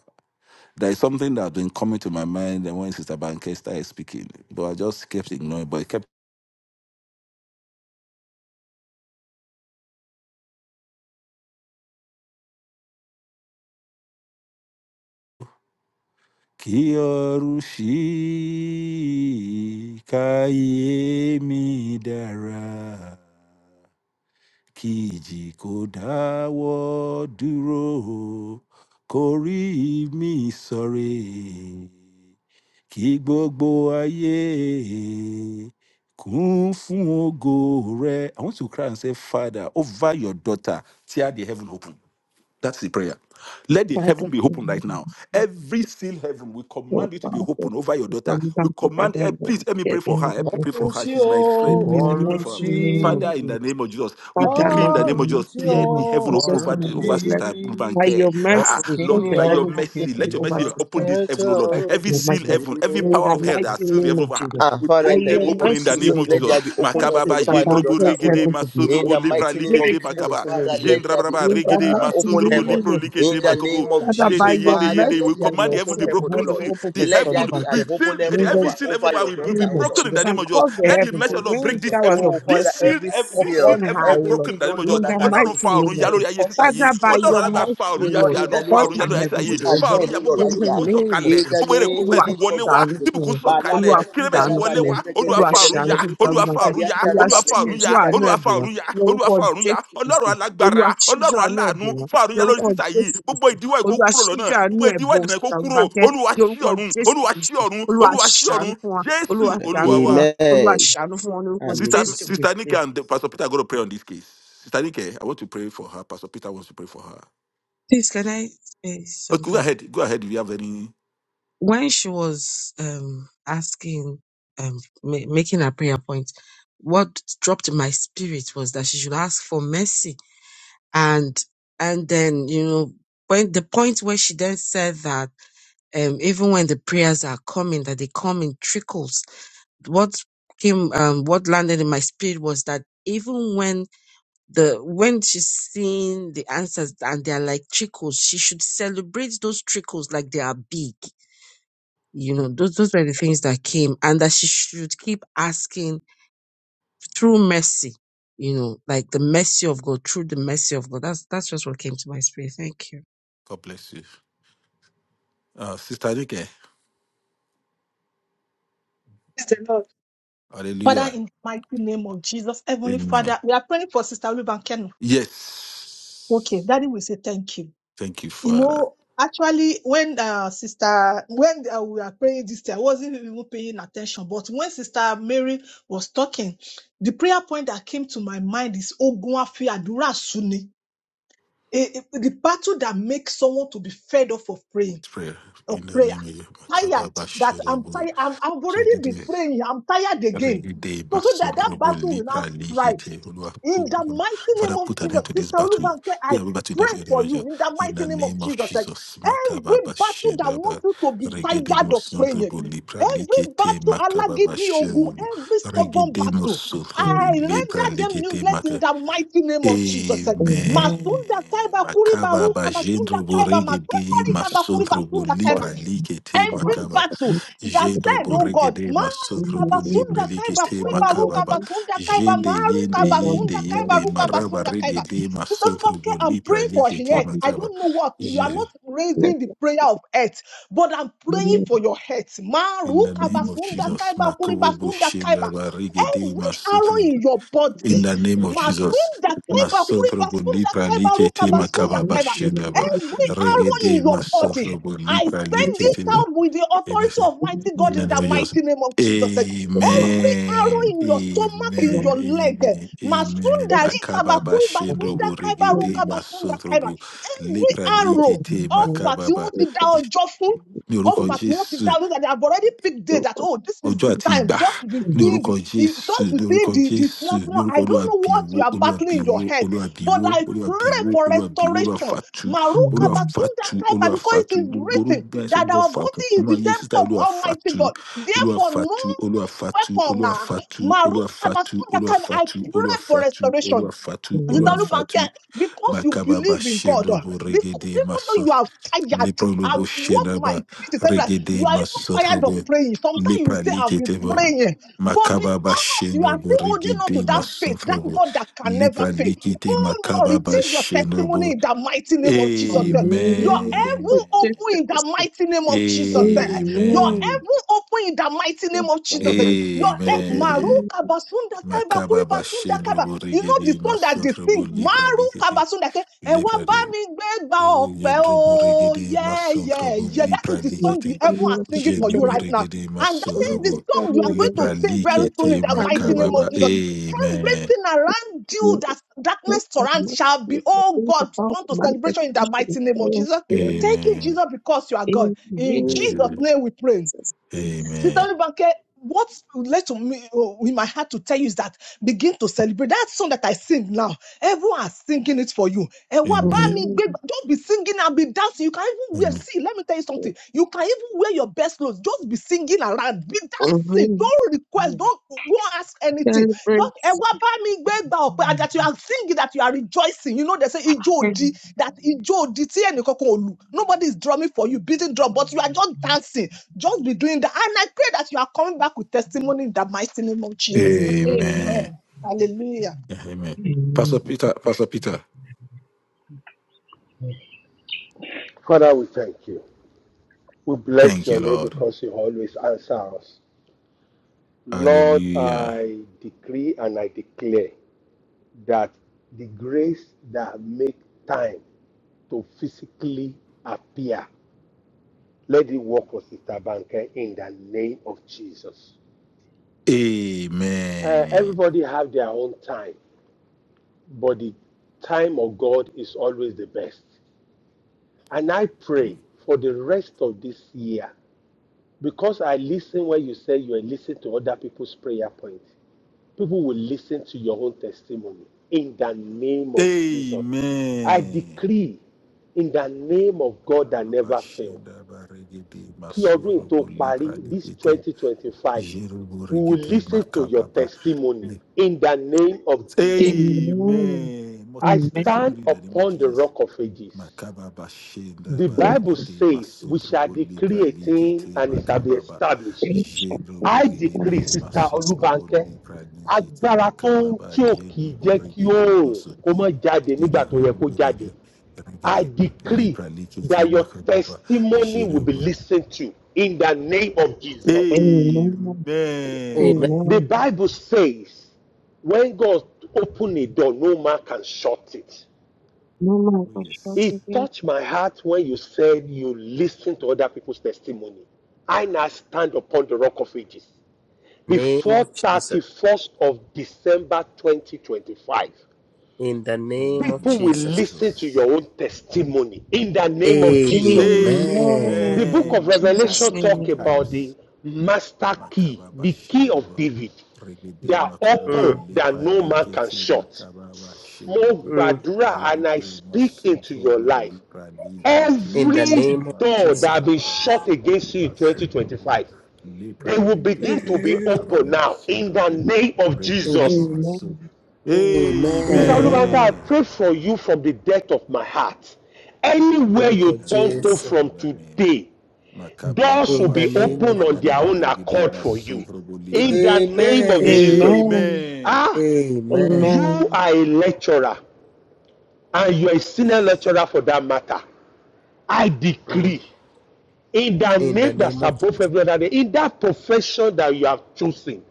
Speaker 5: There is something that has been coming to my mind and when Sister Bankesta is speaking, but I just kept ignoring, but I kept. Kiyorushi kaye mi dara. kìjì kò dáwọ́ dúró o, kò rí mi sọ̀rẹ́ kí gbogbo ayé kún fún ògo rẹ. I want to cry and say, Father, over your daughter, tear the heaven open. That's the prayer. Let the
Speaker 8: Father,
Speaker 5: heaven be open
Speaker 8: amen.
Speaker 5: right now. Every seal heaven, we
Speaker 8: Oh,
Speaker 5: command you to be
Speaker 8: Father,
Speaker 5: open over your daughter.
Speaker 8: because we
Speaker 5: We
Speaker 8: thank you,
Speaker 5: command,
Speaker 8: Father,
Speaker 5: eh,
Speaker 8: Lord.
Speaker 5: please help me
Speaker 8: Yes,
Speaker 5: pray for her.
Speaker 8: Lord,
Speaker 5: Help me pray for her. She's my friend.
Speaker 8: in the
Speaker 5: Please help me pray
Speaker 8: mighty
Speaker 5: for her.
Speaker 8: name
Speaker 1: Amen.
Speaker 8: of
Speaker 5: Father, in
Speaker 8: Jesus.
Speaker 5: the name of Jesus, we
Speaker 8: Father,
Speaker 5: decree in
Speaker 8: Lord,
Speaker 5: the
Speaker 8: in
Speaker 5: name
Speaker 8: the
Speaker 1: ọ̀run
Speaker 5: of Jesus,
Speaker 1: sí
Speaker 8: mighty
Speaker 1: ọ
Speaker 5: tear
Speaker 8: name
Speaker 5: the
Speaker 8: of
Speaker 5: heaven open
Speaker 8: Jesus,
Speaker 5: over,
Speaker 1: ọ̀run
Speaker 8: Father,
Speaker 5: the,
Speaker 1: sí
Speaker 5: over
Speaker 8: Lord,
Speaker 1: i
Speaker 5: Sister
Speaker 8: by
Speaker 5: Care.
Speaker 8: your
Speaker 1: ọ̀run
Speaker 5: Ah,
Speaker 8: mercy, cause
Speaker 1: kìíní
Speaker 5: Lord,
Speaker 8: the
Speaker 5: by your
Speaker 8: heavens
Speaker 1: ọ̀run
Speaker 8: to
Speaker 5: mercy,
Speaker 8: open
Speaker 5: let
Speaker 1: kejì
Speaker 5: your
Speaker 8: over
Speaker 5: mercy
Speaker 1: ọ̀run
Speaker 5: open
Speaker 8: Sister,
Speaker 5: this
Speaker 1: kẹta
Speaker 5: heaven, oh Lord.
Speaker 8: Sister
Speaker 1: ọ̀run
Speaker 5: Every seal
Speaker 8: Michael.
Speaker 1: kejì
Speaker 5: heaven, every
Speaker 8: In
Speaker 5: power
Speaker 8: the
Speaker 5: of hell that has
Speaker 8: mighty
Speaker 5: sealed the
Speaker 8: name
Speaker 5: heaven
Speaker 8: of
Speaker 5: over her,
Speaker 8: Jesus.
Speaker 1: Ah,
Speaker 5: we
Speaker 1: Father,
Speaker 8: By
Speaker 5: break
Speaker 1: in
Speaker 5: break
Speaker 1: the
Speaker 8: your
Speaker 5: them
Speaker 1: name of
Speaker 5: open in the
Speaker 8: mercy, O
Speaker 1: Jesus,
Speaker 5: name of
Speaker 1: let
Speaker 8: Lord,
Speaker 5: Jesus.
Speaker 1: there be open
Speaker 8: cause
Speaker 1: heaven
Speaker 5: Makababa,
Speaker 8: Sister
Speaker 1: over your
Speaker 5: Jendrobo,
Speaker 1: daughter,
Speaker 8: Banker's
Speaker 1: O
Speaker 5: Regede,
Speaker 1: Lord.
Speaker 8: heaven to be
Speaker 1: In
Speaker 5: Masundrobo,
Speaker 1: the
Speaker 8: open.
Speaker 5: Lipra,
Speaker 1: mighty name
Speaker 8: Here
Speaker 1: of
Speaker 5: Likete,
Speaker 8: it's open,
Speaker 1: Jesus,
Speaker 5: Makaba,
Speaker 8: O
Speaker 1: Father, let
Speaker 8: Lord.
Speaker 1: there be
Speaker 5: Jendrabraba,
Speaker 8: In
Speaker 1: uh,
Speaker 8: the
Speaker 5: Regede,
Speaker 1: uh,
Speaker 8: mighty
Speaker 1: open
Speaker 5: Masundrobo,
Speaker 1: heaven.
Speaker 8: name
Speaker 5: Lipro,
Speaker 8: of
Speaker 1: In
Speaker 5: Likete,
Speaker 1: the
Speaker 8: Jesus.
Speaker 1: name
Speaker 5: Makobo,
Speaker 1: of
Speaker 8: Father, by
Speaker 5: Jende,
Speaker 1: Jesus,
Speaker 8: your
Speaker 5: Yende,
Speaker 1: Father,
Speaker 5: Yende. We
Speaker 1: let
Speaker 8: mercy,
Speaker 1: there
Speaker 8: O
Speaker 1: be
Speaker 5: command the
Speaker 8: Lord,
Speaker 5: heaven
Speaker 1: open
Speaker 5: be
Speaker 8: set the
Speaker 1: heaven, O
Speaker 5: broken
Speaker 8: heaven
Speaker 1: Lord.
Speaker 5: to
Speaker 8: open
Speaker 5: the
Speaker 8: for
Speaker 1: Let
Speaker 8: Sister
Speaker 1: there
Speaker 5: heaven
Speaker 1: be
Speaker 5: be
Speaker 1: an
Speaker 8: Michael.
Speaker 1: open
Speaker 5: sealed, the
Speaker 1: heaven
Speaker 8: In the.
Speaker 5: heaven
Speaker 1: over,
Speaker 5: sealed
Speaker 1: over
Speaker 5: everywhere
Speaker 1: your
Speaker 5: will
Speaker 8: In
Speaker 5: be
Speaker 8: the
Speaker 1: daughter,
Speaker 8: name
Speaker 1: O
Speaker 8: of
Speaker 5: broken
Speaker 1: Lord.
Speaker 5: in
Speaker 8: Jesus
Speaker 5: the name
Speaker 8: and
Speaker 1: In
Speaker 5: of Jesus.
Speaker 1: the
Speaker 8: cause the
Speaker 5: Let
Speaker 1: mighty
Speaker 5: the
Speaker 8: heaven
Speaker 1: name
Speaker 5: mercy
Speaker 1: of
Speaker 8: to
Speaker 5: of Lord break
Speaker 8: rain
Speaker 5: this
Speaker 1: Jesus.
Speaker 8: showers
Speaker 5: heaven.
Speaker 8: of
Speaker 1: Oh,
Speaker 5: This
Speaker 1: Father,
Speaker 8: blessings
Speaker 5: sealed
Speaker 1: every
Speaker 5: heaven, this
Speaker 8: upon
Speaker 5: sealed
Speaker 1: seal,
Speaker 5: heaven
Speaker 8: her,
Speaker 5: be
Speaker 8: O Lord,
Speaker 5: broken in
Speaker 1: everything,
Speaker 5: the
Speaker 1: oh
Speaker 5: name of Jesus.
Speaker 1: Lord,
Speaker 8: in
Speaker 1: that
Speaker 8: the
Speaker 1: has
Speaker 8: mighty
Speaker 1: been
Speaker 5: Ọlọ́run fa
Speaker 1: se-
Speaker 8: name
Speaker 5: ọ̀run ya
Speaker 8: of
Speaker 1: eh,
Speaker 5: lórí
Speaker 8: Jesus.
Speaker 5: ayé
Speaker 1: caused a
Speaker 5: sísá yìí.
Speaker 8: Father,
Speaker 1: seal
Speaker 8: by
Speaker 5: Ọlọ́run
Speaker 8: your
Speaker 1: over her.
Speaker 5: alágbára
Speaker 8: mercy,
Speaker 5: fa ọ̀run
Speaker 8: O
Speaker 5: ya
Speaker 1: Lord,
Speaker 5: sí
Speaker 8: Lord,
Speaker 1: in the
Speaker 5: àánú fa
Speaker 1: name
Speaker 8: cause
Speaker 1: of
Speaker 5: ya
Speaker 8: her
Speaker 5: lórí
Speaker 1: Jesus,
Speaker 5: àṣà
Speaker 8: heaven to
Speaker 5: yìí
Speaker 1: put
Speaker 8: be
Speaker 1: an
Speaker 5: fa
Speaker 8: open
Speaker 1: end, oh
Speaker 5: ya
Speaker 1: Lord,
Speaker 5: gbogbo
Speaker 1: like
Speaker 8: in the
Speaker 5: ìbùkún kò
Speaker 1: that.
Speaker 8: name of
Speaker 1: In
Speaker 5: sọ̀kalẹ̀
Speaker 8: Jesus.
Speaker 1: the
Speaker 5: gbogbo èrè kò bẹ̀rẹ̀
Speaker 8: Olúwa
Speaker 5: sí
Speaker 1: name
Speaker 5: wọlé
Speaker 1: of
Speaker 5: wá
Speaker 8: ṣàánú
Speaker 1: Jesus.
Speaker 8: fún
Speaker 5: ìbùkún
Speaker 8: un.
Speaker 5: sọ̀kalẹ̀
Speaker 8: Olúwa
Speaker 1: Malaka
Speaker 5: kí lè bẹ̀rẹ̀
Speaker 1: shida
Speaker 5: sí
Speaker 1: la
Speaker 8: ṣàánú
Speaker 1: ba
Speaker 5: wọlé
Speaker 8: fún
Speaker 5: wá
Speaker 8: un.
Speaker 1: lebre
Speaker 5: olúwa
Speaker 8: Olúwa
Speaker 5: fa
Speaker 1: gezegede
Speaker 8: ṣàánú
Speaker 1: lebe
Speaker 5: ya
Speaker 8: fún
Speaker 1: li
Speaker 5: olúwa fa
Speaker 8: ìtàgùnmọ̀kẹ́.
Speaker 5: ya
Speaker 1: yanta la
Speaker 8: Olúwa
Speaker 1: ba
Speaker 5: olúwa fa
Speaker 1: leke
Speaker 8: ṣíjú
Speaker 5: ya
Speaker 8: àánú
Speaker 5: olúwa
Speaker 1: zidaria.
Speaker 5: fa
Speaker 8: ẹ̀bùn wọn
Speaker 5: ya
Speaker 8: ní
Speaker 5: olúwa
Speaker 8: orúkọ
Speaker 5: fa ya
Speaker 8: Jésù
Speaker 5: ọlọ́run
Speaker 8: Kristì.
Speaker 5: alágbára
Speaker 8: Olúwa ṣíjú
Speaker 5: ọlọ́run
Speaker 8: àánú
Speaker 5: aláàánú
Speaker 8: ẹ̀bùn wọn
Speaker 5: fa
Speaker 8: ní
Speaker 5: ya lórí
Speaker 8: orúkọ
Speaker 5: sísà yìí
Speaker 8: Jésù
Speaker 5: gbogbo
Speaker 8: Kristì.
Speaker 5: ìdíwọ́ ìkó
Speaker 8: Olúwa
Speaker 5: kúrò lọ́nà
Speaker 8: ṣíjú àánú
Speaker 5: gbogbo ìdíwọ́
Speaker 8: ẹ̀bùn
Speaker 5: ìdènà ìkó kúrò
Speaker 8: ìtàgùnmọ̀kẹ́
Speaker 5: olúwa
Speaker 8: ní
Speaker 5: sí
Speaker 8: orúkọ
Speaker 5: ọ̀run
Speaker 8: Jésù
Speaker 5: olúwa sí
Speaker 8: Kristì.
Speaker 5: ọ̀run
Speaker 8: Olúwa
Speaker 5: olúwa sí
Speaker 8: ṣàánú
Speaker 5: ọ̀run
Speaker 8: fún wọn.
Speaker 5: jésù
Speaker 8: Olúwa ṣàánú
Speaker 5: olúwa
Speaker 8: fún
Speaker 5: wa.
Speaker 8: wọn. Olúwa
Speaker 1: Amen.
Speaker 8: ṣàánú fún wọn ní orúkọ
Speaker 1: Amen.
Speaker 5: Sister,
Speaker 8: Jésù
Speaker 1: Jesus.
Speaker 5: Sister
Speaker 8: Kristì.
Speaker 5: Nike and Pastor Peter are going to pray on this case. Sister Nike, I want to pray for her. Pastor Peter wants to pray for her.
Speaker 8: Please, can I say
Speaker 5: Okay, go
Speaker 8: something?
Speaker 5: ahead. Go ahead if you have any.
Speaker 8: When she was um, asking, um, ma- making her prayer point, what dropped in my spirit was that she should ask for mercy, and and then you know when the point where she then said that um, even when the prayers are coming, that they come in trickles. What came, um, what landed in my spirit was that even when the when she's seeing the answers and they're like trickles, she should celebrate those trickles like they are big. You know, those those were the things that came, and that she should keep asking through mercy. You know, like the mercy of God, through the mercy of God. That's that's just what came to my spirit. Thank you.
Speaker 5: God bless you. Uh, Sister Rike,
Speaker 6: Praise the Lord. Father,
Speaker 5: hallelujah.
Speaker 6: in the mighty name of Jesus, Heavenly
Speaker 5: Amen.
Speaker 6: Father, we are praying for Sister Ruben Kenu. Okay,
Speaker 5: Yes.
Speaker 6: Daddy will say thank you.
Speaker 5: Thank you,
Speaker 6: You
Speaker 5: Father.
Speaker 6: know, actually, when uh, Sister, when uh, we were praying this day, I wasn't even paying attention. But when Sister Mary was talking, the prayer point that came to my mind is Ogunwafi Adura Suni. Eh, eh, The battle that makes someone to be fed up of praying
Speaker 5: Prayer
Speaker 6: or
Speaker 5: in the
Speaker 6: prayer.
Speaker 5: name of
Speaker 6: Tired that I'm
Speaker 5: Kababashirabu.
Speaker 6: tired. I'm, I've already been praying. I'm tired again.
Speaker 5: Rigide
Speaker 6: So, so that that
Speaker 5: masondrobo
Speaker 6: battle will
Speaker 5: lipra
Speaker 6: not strike.
Speaker 5: lihete Oluwa, pu-
Speaker 6: In the mighty name
Speaker 5: Father,
Speaker 6: of
Speaker 5: put an end
Speaker 6: Jesus,
Speaker 5: to this
Speaker 6: Sister
Speaker 5: battle.
Speaker 6: Olubanke,
Speaker 5: Put
Speaker 6: I
Speaker 5: an end to
Speaker 6: pray
Speaker 5: this
Speaker 6: for you
Speaker 5: battle
Speaker 6: in the
Speaker 5: In the
Speaker 6: mighty name of
Speaker 5: name of
Speaker 6: Jesus. Like
Speaker 5: Jesus. Makababa
Speaker 6: every battle that
Speaker 5: Shenaba.
Speaker 6: wants you to be
Speaker 5: Regede
Speaker 6: tired of praying,
Speaker 5: masondrobo lipra
Speaker 6: every
Speaker 5: likete
Speaker 6: battle, Allah give
Speaker 5: makababa
Speaker 6: you ogun,
Speaker 5: shen.
Speaker 6: every stubborn
Speaker 5: Regede
Speaker 6: battle,
Speaker 5: masondrobo
Speaker 8: Yes,
Speaker 6: I
Speaker 5: lipra
Speaker 6: render them
Speaker 5: likete
Speaker 6: useless
Speaker 5: maka.
Speaker 6: in the mighty name of Jesus. Like,
Speaker 5: Amen.
Speaker 8: Amen.
Speaker 6: Masunda kaiba kuri
Speaker 5: Makaba
Speaker 6: baru kaba
Speaker 5: bajendro
Speaker 6: sunda kaiba masunda
Speaker 5: boregede
Speaker 6: kaiba kuri
Speaker 5: masondro bo
Speaker 6: basunda
Speaker 8: God,
Speaker 6: kaiba.
Speaker 5: libra likete
Speaker 8: Father,
Speaker 6: Every
Speaker 5: makaba.
Speaker 6: battle
Speaker 8: let
Speaker 6: that
Speaker 5: Jendro
Speaker 6: said,
Speaker 8: me
Speaker 6: oh God,
Speaker 5: boregede
Speaker 6: "Ma-
Speaker 5: masondro
Speaker 8: be
Speaker 5: bo
Speaker 8: in you.
Speaker 5: libra
Speaker 6: Kabasunda Kaiba,
Speaker 5: likete
Speaker 8: Supply your
Speaker 6: Kuribaru
Speaker 5: makaba ba.
Speaker 8: needs,
Speaker 6: Kabasunda Kaiba,
Speaker 5: Jende
Speaker 6: Maru
Speaker 5: yende
Speaker 8: let our
Speaker 5: yende
Speaker 6: Kabasunda
Speaker 8: prayer
Speaker 6: Kaiba,
Speaker 5: yende
Speaker 6: Ru
Speaker 8: be
Speaker 5: maraba
Speaker 6: Kabasunda Kaiba.
Speaker 5: regede
Speaker 6: Sister
Speaker 5: masondro
Speaker 6: Funke,
Speaker 5: bo
Speaker 6: I'm
Speaker 5: libra
Speaker 6: praying for
Speaker 5: likete
Speaker 6: health.
Speaker 8: found.
Speaker 6: I
Speaker 5: makaba.
Speaker 6: don't know what. You are
Speaker 5: Je-
Speaker 6: not
Speaker 8: Let me
Speaker 6: raising the prayer of health, but I'm
Speaker 8: be in
Speaker 6: praying
Speaker 8: you.
Speaker 6: for your health.
Speaker 5: In
Speaker 6: Maru
Speaker 5: the name of
Speaker 6: Kabasunda
Speaker 5: Jesus,
Speaker 6: Kaiba,
Speaker 5: makobo bo
Speaker 6: Kuribasunda
Speaker 5: shendra
Speaker 6: Kaiba.
Speaker 5: ba regede
Speaker 6: Every arrow
Speaker 5: masondro.
Speaker 6: in your
Speaker 5: In
Speaker 6: body,
Speaker 5: the name
Speaker 8: Let
Speaker 5: of
Speaker 8: me be in
Speaker 5: Jesus.
Speaker 6: Masunda
Speaker 8: you.
Speaker 6: Kaiba,
Speaker 5: Masotrobo
Speaker 6: Kuribasunda
Speaker 5: lipa
Speaker 6: Kaiba,
Speaker 5: like
Speaker 6: Ru
Speaker 5: te
Speaker 8: Amen.
Speaker 6: Kabasunda
Speaker 5: makaba
Speaker 6: Kaiba.
Speaker 5: bashendaba.
Speaker 6: Every arrow in
Speaker 5: Regede
Speaker 6: your body.
Speaker 5: masotrobo
Speaker 6: I
Speaker 5: lipa like
Speaker 6: send it
Speaker 5: te ne-
Speaker 6: out with the
Speaker 5: In
Speaker 6: authority
Speaker 5: the
Speaker 6: of mighty
Speaker 5: in
Speaker 6: God
Speaker 5: the
Speaker 6: in
Speaker 5: name
Speaker 6: the
Speaker 5: of Jesus.
Speaker 6: mighty name of Jesus. Eh, Every arrow
Speaker 5: Amen.
Speaker 6: in your stomach, in
Speaker 5: Amen.
Speaker 6: your leg, eh,
Speaker 5: Amen. Amen.
Speaker 6: masunda ri
Speaker 5: Makaba
Speaker 6: kabakuri basunda
Speaker 5: bashendrobo
Speaker 6: kaibaru
Speaker 5: regede
Speaker 6: kabasunda kaiba.
Speaker 5: masotrobo
Speaker 6: Every
Speaker 5: lepra like
Speaker 6: arrow
Speaker 5: te
Speaker 6: ọfà tí
Speaker 5: makaba ba.
Speaker 6: wọ́n ti dá ọjọ́ fún
Speaker 5: Ní orúkọ
Speaker 6: ọfà tí wọ́n ti
Speaker 5: Jésù
Speaker 6: dá lórí that they have already picked day that oh this is
Speaker 5: ọjọ́
Speaker 6: the
Speaker 5: àti
Speaker 6: time
Speaker 5: ìgbà
Speaker 6: just be
Speaker 5: ní
Speaker 6: seeing
Speaker 5: orúkọ
Speaker 6: the e-
Speaker 5: jésù
Speaker 6: just be
Speaker 5: ní
Speaker 6: seeing
Speaker 5: orúkọ
Speaker 6: the the
Speaker 5: jésù
Speaker 6: small
Speaker 5: ní
Speaker 6: small
Speaker 5: orúkọ
Speaker 6: I don't know what
Speaker 5: olúwàbíwó
Speaker 6: you are battling in your
Speaker 5: olúwàbíwó
Speaker 6: head but
Speaker 5: olúwàbíwó
Speaker 6: I pray
Speaker 5: olúwàbíwó
Speaker 6: for
Speaker 5: olúwàbíwó
Speaker 6: restoration
Speaker 5: olúwàfàtú
Speaker 6: Maruka Basunda
Speaker 5: olúwàfàtú
Speaker 6: Kaiba, because it
Speaker 5: olúwàfàtú
Speaker 6: is
Speaker 5: gbogbo
Speaker 6: written
Speaker 5: orúgbà ẹ̀sọ́
Speaker 6: that
Speaker 5: gbọ́
Speaker 6: our
Speaker 5: fa
Speaker 6: body
Speaker 5: òkùnkùn
Speaker 6: is
Speaker 5: náà
Speaker 6: the
Speaker 5: yé sísá
Speaker 6: temple of Almighty
Speaker 5: olúwàfàtú
Speaker 6: God. Therefore, no
Speaker 5: olúwàfàtú olúwàfàtú
Speaker 6: weapon. ah,
Speaker 5: olúwàfàtú
Speaker 6: Maruka
Speaker 5: olúwàfàtú
Speaker 6: Basunda Kaiba, I
Speaker 5: olúwàfàtú
Speaker 6: pray for
Speaker 5: olúwàfàtú
Speaker 6: restoration.
Speaker 5: olúwàfàtú
Speaker 6: Sister
Speaker 5: olúwàfàtú
Speaker 6: Lubanke, because you
Speaker 5: makababa
Speaker 6: believe in God, uh,
Speaker 5: ṣẹ́ńdọ̀bọ̀
Speaker 6: because
Speaker 5: rẹ́gẹ́dẹ́
Speaker 6: even though
Speaker 5: masọ̀.
Speaker 6: you are tired,
Speaker 5: Liprobo
Speaker 6: and what my
Speaker 5: Shenaba
Speaker 6: spirit is telling me, that
Speaker 5: Regede
Speaker 6: you are even
Speaker 5: Masotro
Speaker 6: tired of praying. Sometimes you will
Speaker 5: Lipa
Speaker 6: say, I've been
Speaker 5: likitebo.
Speaker 6: praying. But
Speaker 5: Makaba
Speaker 6: because you
Speaker 5: basheno
Speaker 6: are
Speaker 5: bo
Speaker 6: still holding on
Speaker 5: rigidi
Speaker 6: to that faith, that
Speaker 5: masofobo.
Speaker 6: God that can never
Speaker 5: Lipa
Speaker 6: fail.
Speaker 5: likite
Speaker 6: Oh Lord,
Speaker 5: makaba
Speaker 6: receive your
Speaker 5: basheno
Speaker 6: testimony
Speaker 5: bo.
Speaker 6: in the mighty name of Jesus. eh. Your heaven
Speaker 5: Amen.
Speaker 6: open in the mighty name of Jesus. eh. Your
Speaker 5: Amen.
Speaker 6: heaven open in the mighty
Speaker 8: Yes,
Speaker 6: name of
Speaker 8: by the
Speaker 6: Jesus. eh.
Speaker 8: mercy
Speaker 6: Your
Speaker 8: of God,
Speaker 6: he-
Speaker 8: I
Speaker 5: Amen.
Speaker 8: believe
Speaker 6: Maruka basunda kaiba kuri
Speaker 5: Makaba
Speaker 6: basunda
Speaker 5: basheno
Speaker 6: kaiba.
Speaker 5: bo
Speaker 6: You know the
Speaker 5: rigidi
Speaker 6: song that they
Speaker 5: masofobo.
Speaker 6: sing, Maru
Speaker 5: Lipa likite.
Speaker 6: Kabasundake, and what Bami Beba Ope, oh,
Speaker 5: Yendroburegede
Speaker 6: yeah, yeah,
Speaker 5: masontrobo
Speaker 6: yeah. That is
Speaker 5: lipra
Speaker 6: the
Speaker 8: in my
Speaker 6: song the
Speaker 5: likete.
Speaker 6: everyone is
Speaker 8: family, the
Speaker 6: singing for
Speaker 8: future
Speaker 6: you
Speaker 8: of
Speaker 6: right
Speaker 8: my
Speaker 6: now.
Speaker 5: Jenoburegede
Speaker 6: And that
Speaker 8: family,
Speaker 6: is
Speaker 8: the
Speaker 6: the
Speaker 5: masontrobo
Speaker 6: song you
Speaker 8: family
Speaker 6: are going to
Speaker 8: of
Speaker 5: lipra
Speaker 6: sing
Speaker 8: my
Speaker 6: very
Speaker 8: family, the
Speaker 6: soon in
Speaker 5: likete
Speaker 6: the mighty name
Speaker 8: family
Speaker 6: of
Speaker 5: makababa.
Speaker 6: Jesus.
Speaker 8: of
Speaker 5: Amen.
Speaker 6: Everything around
Speaker 8: my
Speaker 6: you
Speaker 8: family, the
Speaker 6: that
Speaker 8: place
Speaker 6: darkness
Speaker 8: of
Speaker 6: surrounds
Speaker 8: mercy,
Speaker 6: shall be,
Speaker 8: the
Speaker 6: oh
Speaker 8: things
Speaker 6: God,
Speaker 8: about
Speaker 6: come
Speaker 8: the
Speaker 6: to celebration in the
Speaker 8: manifestation
Speaker 6: mighty name of
Speaker 8: of
Speaker 6: Jesus.
Speaker 8: prayer.
Speaker 6: Thank you,
Speaker 5: Amen.
Speaker 6: Jesus, because you are God.
Speaker 8: In the
Speaker 6: In
Speaker 5: Thank
Speaker 8: name
Speaker 6: Jesus'
Speaker 5: you.
Speaker 8: of
Speaker 6: name we pray.
Speaker 8: Jesus.
Speaker 6: Sister
Speaker 5: Amen.
Speaker 6: Banke, what led to me oh, in my heart to tell you is that begin to celebrate that song that I sing now. Everyone is singing it for you. Everyone, buy
Speaker 5: Amen.
Speaker 6: me, babe,
Speaker 8: Amen.
Speaker 6: don't be singing and be dancing. You can even wear.
Speaker 5: Amen.
Speaker 6: See, let me tell you something. You can even wear your best clothes. Just be singing around. Be dancing.
Speaker 8: Amen.
Speaker 6: Don't request.
Speaker 9: Amen.
Speaker 6: Don't won't ask anything.
Speaker 8: Celebrate.
Speaker 6: Don't ewa ba mi gbe gba ope and that you are singing that you are rejoicing. You know they say ijo
Speaker 9: her
Speaker 6: odi that ijo odi ti enikankan olu. Nobody is drumming for you, beating drum, but you are just dancing. Just be doing that. And I pray that you are coming back with testimony in the mighty name of Jesus.
Speaker 5: Amen.
Speaker 8: Amen.
Speaker 6: Amen. Hallelujah.
Speaker 5: Yeah, Amen. Pastor
Speaker 8: Amen.
Speaker 5: Peter, Pastor Peter,
Speaker 10: Father, we thank you. We bless
Speaker 5: thank
Speaker 10: your
Speaker 5: you,
Speaker 10: name
Speaker 5: Lord.
Speaker 10: because you always answer us. Lord,
Speaker 5: Hallelujah.
Speaker 10: I decree and I declare that the grace that make time to physically appear, let it work for Sister Banker in the name of Jesus. Uh,
Speaker 5: Amen.
Speaker 10: everybody have their own time, but the time of God is always the best. And I pray for the rest of this year Because I listen when you say you are listening to other people's prayer point, people will listen to your own testimony in the name of Jesus. I
Speaker 5: Amen.
Speaker 10: decree in the name of God that
Speaker 5: Makababa
Speaker 10: never fail.
Speaker 5: shenda baregede
Speaker 10: Kí ọdún yìí tó
Speaker 5: masontrobo
Speaker 10: parí,
Speaker 5: lipra
Speaker 10: this
Speaker 5: likete.
Speaker 10: 2025, we will
Speaker 5: Jeruborekete
Speaker 10: listen to your
Speaker 5: makababa.
Speaker 10: testimony in the name of Jesus.
Speaker 8: Amen.
Speaker 5: Amen.
Speaker 10: I
Speaker 5: Multiple
Speaker 8: Amen.
Speaker 10: stand
Speaker 5: testimony in the name of
Speaker 10: upon the
Speaker 5: Jesus.
Speaker 10: rock of ages.
Speaker 5: Makababa shenda
Speaker 10: The
Speaker 8: Amen.
Speaker 10: Bible
Speaker 5: baregede
Speaker 10: says we
Speaker 5: masundru
Speaker 10: shall
Speaker 5: bolipa
Speaker 10: decree a thing
Speaker 5: likete
Speaker 10: and it shall be
Speaker 5: makababa
Speaker 10: established.
Speaker 5: jendru
Speaker 10: I decree sister
Speaker 5: masundru
Speaker 10: Olúbankẹ́
Speaker 5: bolipa likete
Speaker 10: agbára tó ń
Speaker 5: makababa
Speaker 10: tí ò kì
Speaker 5: jendru
Speaker 10: í jẹ́ kí oòrùn
Speaker 5: masu
Speaker 10: kó má jáde nígbà
Speaker 5: jendru
Speaker 10: tó yẹ kó jáde. I
Speaker 5: regede
Speaker 10: decree
Speaker 5: lipra likete
Speaker 10: that your
Speaker 5: makababa
Speaker 10: testimony will
Speaker 5: jendru
Speaker 10: be listened to in the name of Jesus.
Speaker 8: Amen.
Speaker 1: Amen.
Speaker 5: Amen.
Speaker 10: The
Speaker 8: Amen.
Speaker 10: Bible says, when God opened a door, no man can shut it.
Speaker 8: No man
Speaker 5: Oh
Speaker 8: can shout
Speaker 5: yes.
Speaker 10: It
Speaker 8: again.
Speaker 10: touched my heart when you said you listen to other people's testimony. I now stand upon the rock of ages.
Speaker 1: Name
Speaker 10: before
Speaker 1: of Jesus.
Speaker 10: 31st of December 2025.
Speaker 1: In the
Speaker 5: in
Speaker 1: name
Speaker 5: the
Speaker 1: of
Speaker 10: People
Speaker 5: name
Speaker 10: will
Speaker 5: of
Speaker 1: Jesus.
Speaker 10: listen to
Speaker 5: Jesus.
Speaker 10: your own testimony in the name of Jesus.
Speaker 1: Amen.
Speaker 8: Amen.
Speaker 10: The book
Speaker 8: In
Speaker 5: Amen.
Speaker 10: of
Speaker 5: Many times,
Speaker 8: Jesus'
Speaker 10: Revelation
Speaker 8: name.
Speaker 5: multiple
Speaker 10: talk about the
Speaker 5: times.
Speaker 10: master key,
Speaker 5: Makaba
Speaker 10: the key of
Speaker 5: Bashebo.
Speaker 10: David. They
Speaker 5: Regede
Speaker 10: are
Speaker 5: Makobobo
Speaker 1: Mm,
Speaker 10: open that
Speaker 5: Lepra
Speaker 10: no man can
Speaker 5: Likete
Speaker 10: shut.
Speaker 5: Makaba
Speaker 10: Mo
Speaker 5: Bashebo.
Speaker 1: mm.
Speaker 10: gbàdúrà and I
Speaker 5: Regede
Speaker 10: speak into your
Speaker 5: Masobobo
Speaker 10: life.
Speaker 5: Lepra Likete
Speaker 1: In the
Speaker 10: Every
Speaker 5: Makaba
Speaker 1: name of
Speaker 10: door that
Speaker 1: Jesus.
Speaker 10: have been
Speaker 5: Yendraba
Speaker 10: shut
Speaker 5: Regede
Speaker 10: against you in
Speaker 5: Masobobo
Speaker 10: 2025, they
Speaker 5: Lepra
Speaker 10: will begin to
Speaker 5: Likete
Speaker 10: be
Speaker 5: Makaba
Speaker 10: open now in the
Speaker 5: Bashebo.
Speaker 10: name of
Speaker 1: Amen.
Speaker 5: Regede
Speaker 10: Jesus.
Speaker 8: Amen.
Speaker 5: Masobobo.
Speaker 10: Sister
Speaker 1: Amen.
Speaker 10: Olubanka, I
Speaker 8: Amen.
Speaker 5: Amen.
Speaker 10: pray for you from the depth of my heart. Anywhere you
Speaker 1: Orúkọ
Speaker 5: In the
Speaker 10: turn
Speaker 5: name
Speaker 10: to
Speaker 5: that's
Speaker 1: Jesus.
Speaker 10: from
Speaker 5: above the name.
Speaker 10: today, doors
Speaker 5: Makababa
Speaker 10: will
Speaker 1: In
Speaker 5: ba
Speaker 1: the
Speaker 10: be
Speaker 1: name of
Speaker 10: open on their
Speaker 5: shedrabaraba
Speaker 10: own
Speaker 5: regede
Speaker 10: accord
Speaker 5: ba
Speaker 10: for you.
Speaker 5: sovrobo lipa.
Speaker 10: In the name of
Speaker 1: Amen.
Speaker 10: Jesus.
Speaker 1: Amen.
Speaker 8: Amen.
Speaker 5: Amen.
Speaker 10: Ah,
Speaker 1: Amen.
Speaker 5: Amen.
Speaker 10: you
Speaker 8: Amen.
Speaker 10: are a lecturer and you are a senior lecturer for that matter. I
Speaker 1: Mm.
Speaker 10: decree in the
Speaker 1: In the
Speaker 10: name
Speaker 1: name
Speaker 10: that's
Speaker 1: of
Speaker 10: above
Speaker 1: Jesus.
Speaker 10: every other name, in that profession that you have chosen,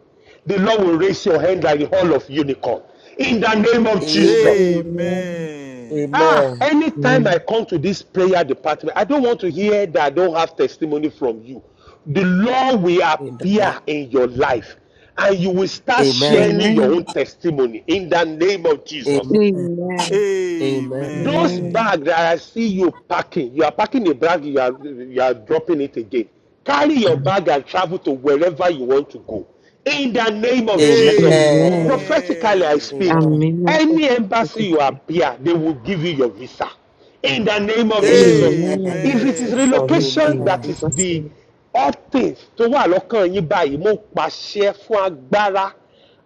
Speaker 10: the Lord will raise your hand like the hall of unicorn. In the name of
Speaker 1: Amen.
Speaker 10: Jesus.
Speaker 8: Amen.
Speaker 5: Amen.
Speaker 10: Ah,
Speaker 1: Amen.
Speaker 10: anytime
Speaker 8: Amen.
Speaker 10: I come to this prayer department, I don't want to hear that I don't have testimony from you. The Lord will
Speaker 1: In the name.
Speaker 10: appear in your life and you will start
Speaker 1: Amen.
Speaker 10: sharing your own
Speaker 8: Amen.
Speaker 10: testimony in the name of Jesus.
Speaker 1: Amen.
Speaker 8: Amen.
Speaker 1: Amen.
Speaker 10: Those
Speaker 8: Amen.
Speaker 5: Amen.
Speaker 10: bags that I see you packing, you are packing a bag, you are, you are dropping it again. Carry your bag and travel to wherever you want to go. In the name of Jesus,
Speaker 1: Amen.
Speaker 10: prophetically I
Speaker 5: Amen.
Speaker 10: speak,
Speaker 1: Amen.
Speaker 8: Amen.
Speaker 10: any embassy you
Speaker 8: Amém.
Speaker 10: appear, they will give you your visa in the name of Jesus.
Speaker 1: Amen.
Speaker 10: If
Speaker 8: Amen.
Speaker 10: it is
Speaker 8: Jesus, shall
Speaker 5: Amen.
Speaker 8: it
Speaker 10: relocation
Speaker 8: be.
Speaker 1: Amen.
Speaker 10: that is
Speaker 8: Jesus,
Speaker 10: the
Speaker 8: name,
Speaker 10: update tó wà lọ́kàn yín báyìí, mo pàṣẹ fún agbára,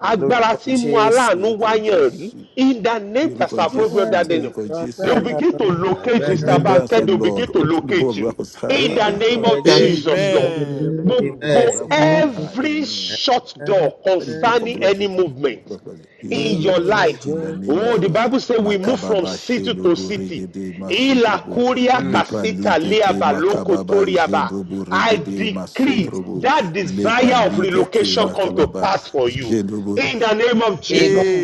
Speaker 5: Ní orúkọ
Speaker 10: agbára
Speaker 1: Lórúkọ
Speaker 10: tí ń mú
Speaker 5: Jésù,
Speaker 1: Jésù.
Speaker 5: ní
Speaker 10: aláàánú
Speaker 5: orúkọ
Speaker 10: wáyàn rí.
Speaker 5: Jésù,
Speaker 10: In the name
Speaker 5: ní
Speaker 10: that's
Speaker 5: orúkọ
Speaker 10: above
Speaker 1: Agbára
Speaker 5: Jésù,
Speaker 10: other
Speaker 5: ní
Speaker 1: tó
Speaker 10: name,
Speaker 5: orúkọ
Speaker 10: they will
Speaker 5: Jésù,
Speaker 1: lágbára
Speaker 10: begin to locate you,
Speaker 8: and
Speaker 10: Mr.
Speaker 5: Remembrance,
Speaker 10: Banker,
Speaker 5: O
Speaker 10: they will
Speaker 5: Lord,
Speaker 10: begin to
Speaker 8: it
Speaker 5: open the book
Speaker 10: locate
Speaker 5: of
Speaker 10: you.
Speaker 5: reconcile
Speaker 10: In the
Speaker 1: Nino
Speaker 5: her.
Speaker 10: name of
Speaker 8: shall
Speaker 1: Raja
Speaker 8: it
Speaker 10: Jesus,
Speaker 8: be in
Speaker 10: Lord.
Speaker 8: the
Speaker 5: Amen.
Speaker 8: name
Speaker 5: Let
Speaker 8: of
Speaker 5: the book of
Speaker 10: Gbogbo
Speaker 8: Jesus.
Speaker 5: record
Speaker 1: Amen.
Speaker 8: Amen.
Speaker 5: concerning her.
Speaker 10: every
Speaker 5: Amen.
Speaker 10: shut door
Speaker 5: Let the book of
Speaker 10: concerning
Speaker 5: records
Speaker 10: any
Speaker 5: open
Speaker 10: movement
Speaker 5: in the
Speaker 10: in
Speaker 5: name
Speaker 1: Nino
Speaker 10: your
Speaker 5: of Jesus.
Speaker 10: life.
Speaker 5: In the name of
Speaker 10: Oh, the
Speaker 5: Jesus.
Speaker 10: Bible says we move from
Speaker 5: Makababa
Speaker 10: city to
Speaker 5: Shendrobo
Speaker 10: city.
Speaker 5: Regede Masontrobo.
Speaker 1: Mm,
Speaker 5: Lepra Likete Makababa Jendrobo
Speaker 10: I
Speaker 5: Regede
Speaker 10: decree
Speaker 1: Yes.
Speaker 5: Masontrobo.
Speaker 10: that
Speaker 5: Lepra
Speaker 10: desire of
Speaker 5: Likete
Speaker 10: relocation come to
Speaker 5: Makababa
Speaker 10: pass for you
Speaker 5: Jendrobo.
Speaker 10: in the name of Jesus.
Speaker 1: Amen.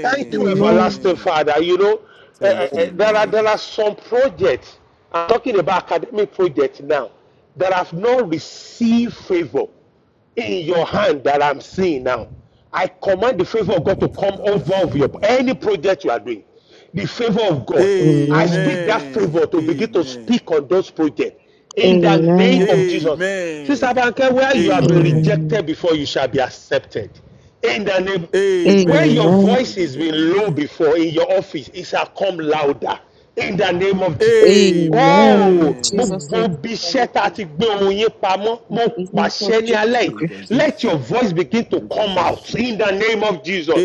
Speaker 10: Thank you, everlasting
Speaker 5: Amen.
Speaker 10: Father. You know, uh, uh,
Speaker 5: Thank
Speaker 10: uh,
Speaker 5: you,
Speaker 10: there are
Speaker 5: Lord.
Speaker 10: there are some projects. I'm talking about academic projects now that have not received favor in your hand that I'm seeing now. I command the favor of God to come
Speaker 5: Makababa
Speaker 10: over of your
Speaker 5: Shendrobo.
Speaker 10: any project you are doing. The favor of God. I
Speaker 8: Amen.
Speaker 10: speak that favor
Speaker 5: Amen.
Speaker 10: to begin to
Speaker 5: Amen.
Speaker 10: speak on those projects in the name
Speaker 8: Amen.
Speaker 10: of Jesus. Sister
Speaker 5: Amen.
Speaker 10: Banke, where you have been
Speaker 5: Amen.
Speaker 8: Amen.
Speaker 10: rejected before, you shall be accepted. In the name, where
Speaker 5: Amen.
Speaker 10: your
Speaker 5: I
Speaker 8: Amen. Amen.
Speaker 10: voice has
Speaker 5: celebrated.
Speaker 10: been low
Speaker 5: Amen.
Speaker 10: before in your office, it shall come louder. In the name of Jesus.
Speaker 8: Amen. In
Speaker 10: Oh,
Speaker 5: Amen.
Speaker 8: Jesus'
Speaker 10: gbogbo
Speaker 8: name,
Speaker 10: ibi
Speaker 8: so shall it
Speaker 10: iṣẹ́ tá a
Speaker 8: be.
Speaker 10: ti gbé ohun yín pamọ́, mo
Speaker 8: In the name of
Speaker 10: pàṣẹ ní
Speaker 8: Jesus
Speaker 10: alẹ́
Speaker 5: Ní
Speaker 10: yìí.
Speaker 5: orúkọ
Speaker 8: Christ.
Speaker 10: Let your
Speaker 5: Jésù.
Speaker 10: voice begin
Speaker 5: Ní
Speaker 10: to
Speaker 5: orúkọ
Speaker 10: come out
Speaker 5: Jésù.
Speaker 10: in the name of Jesus.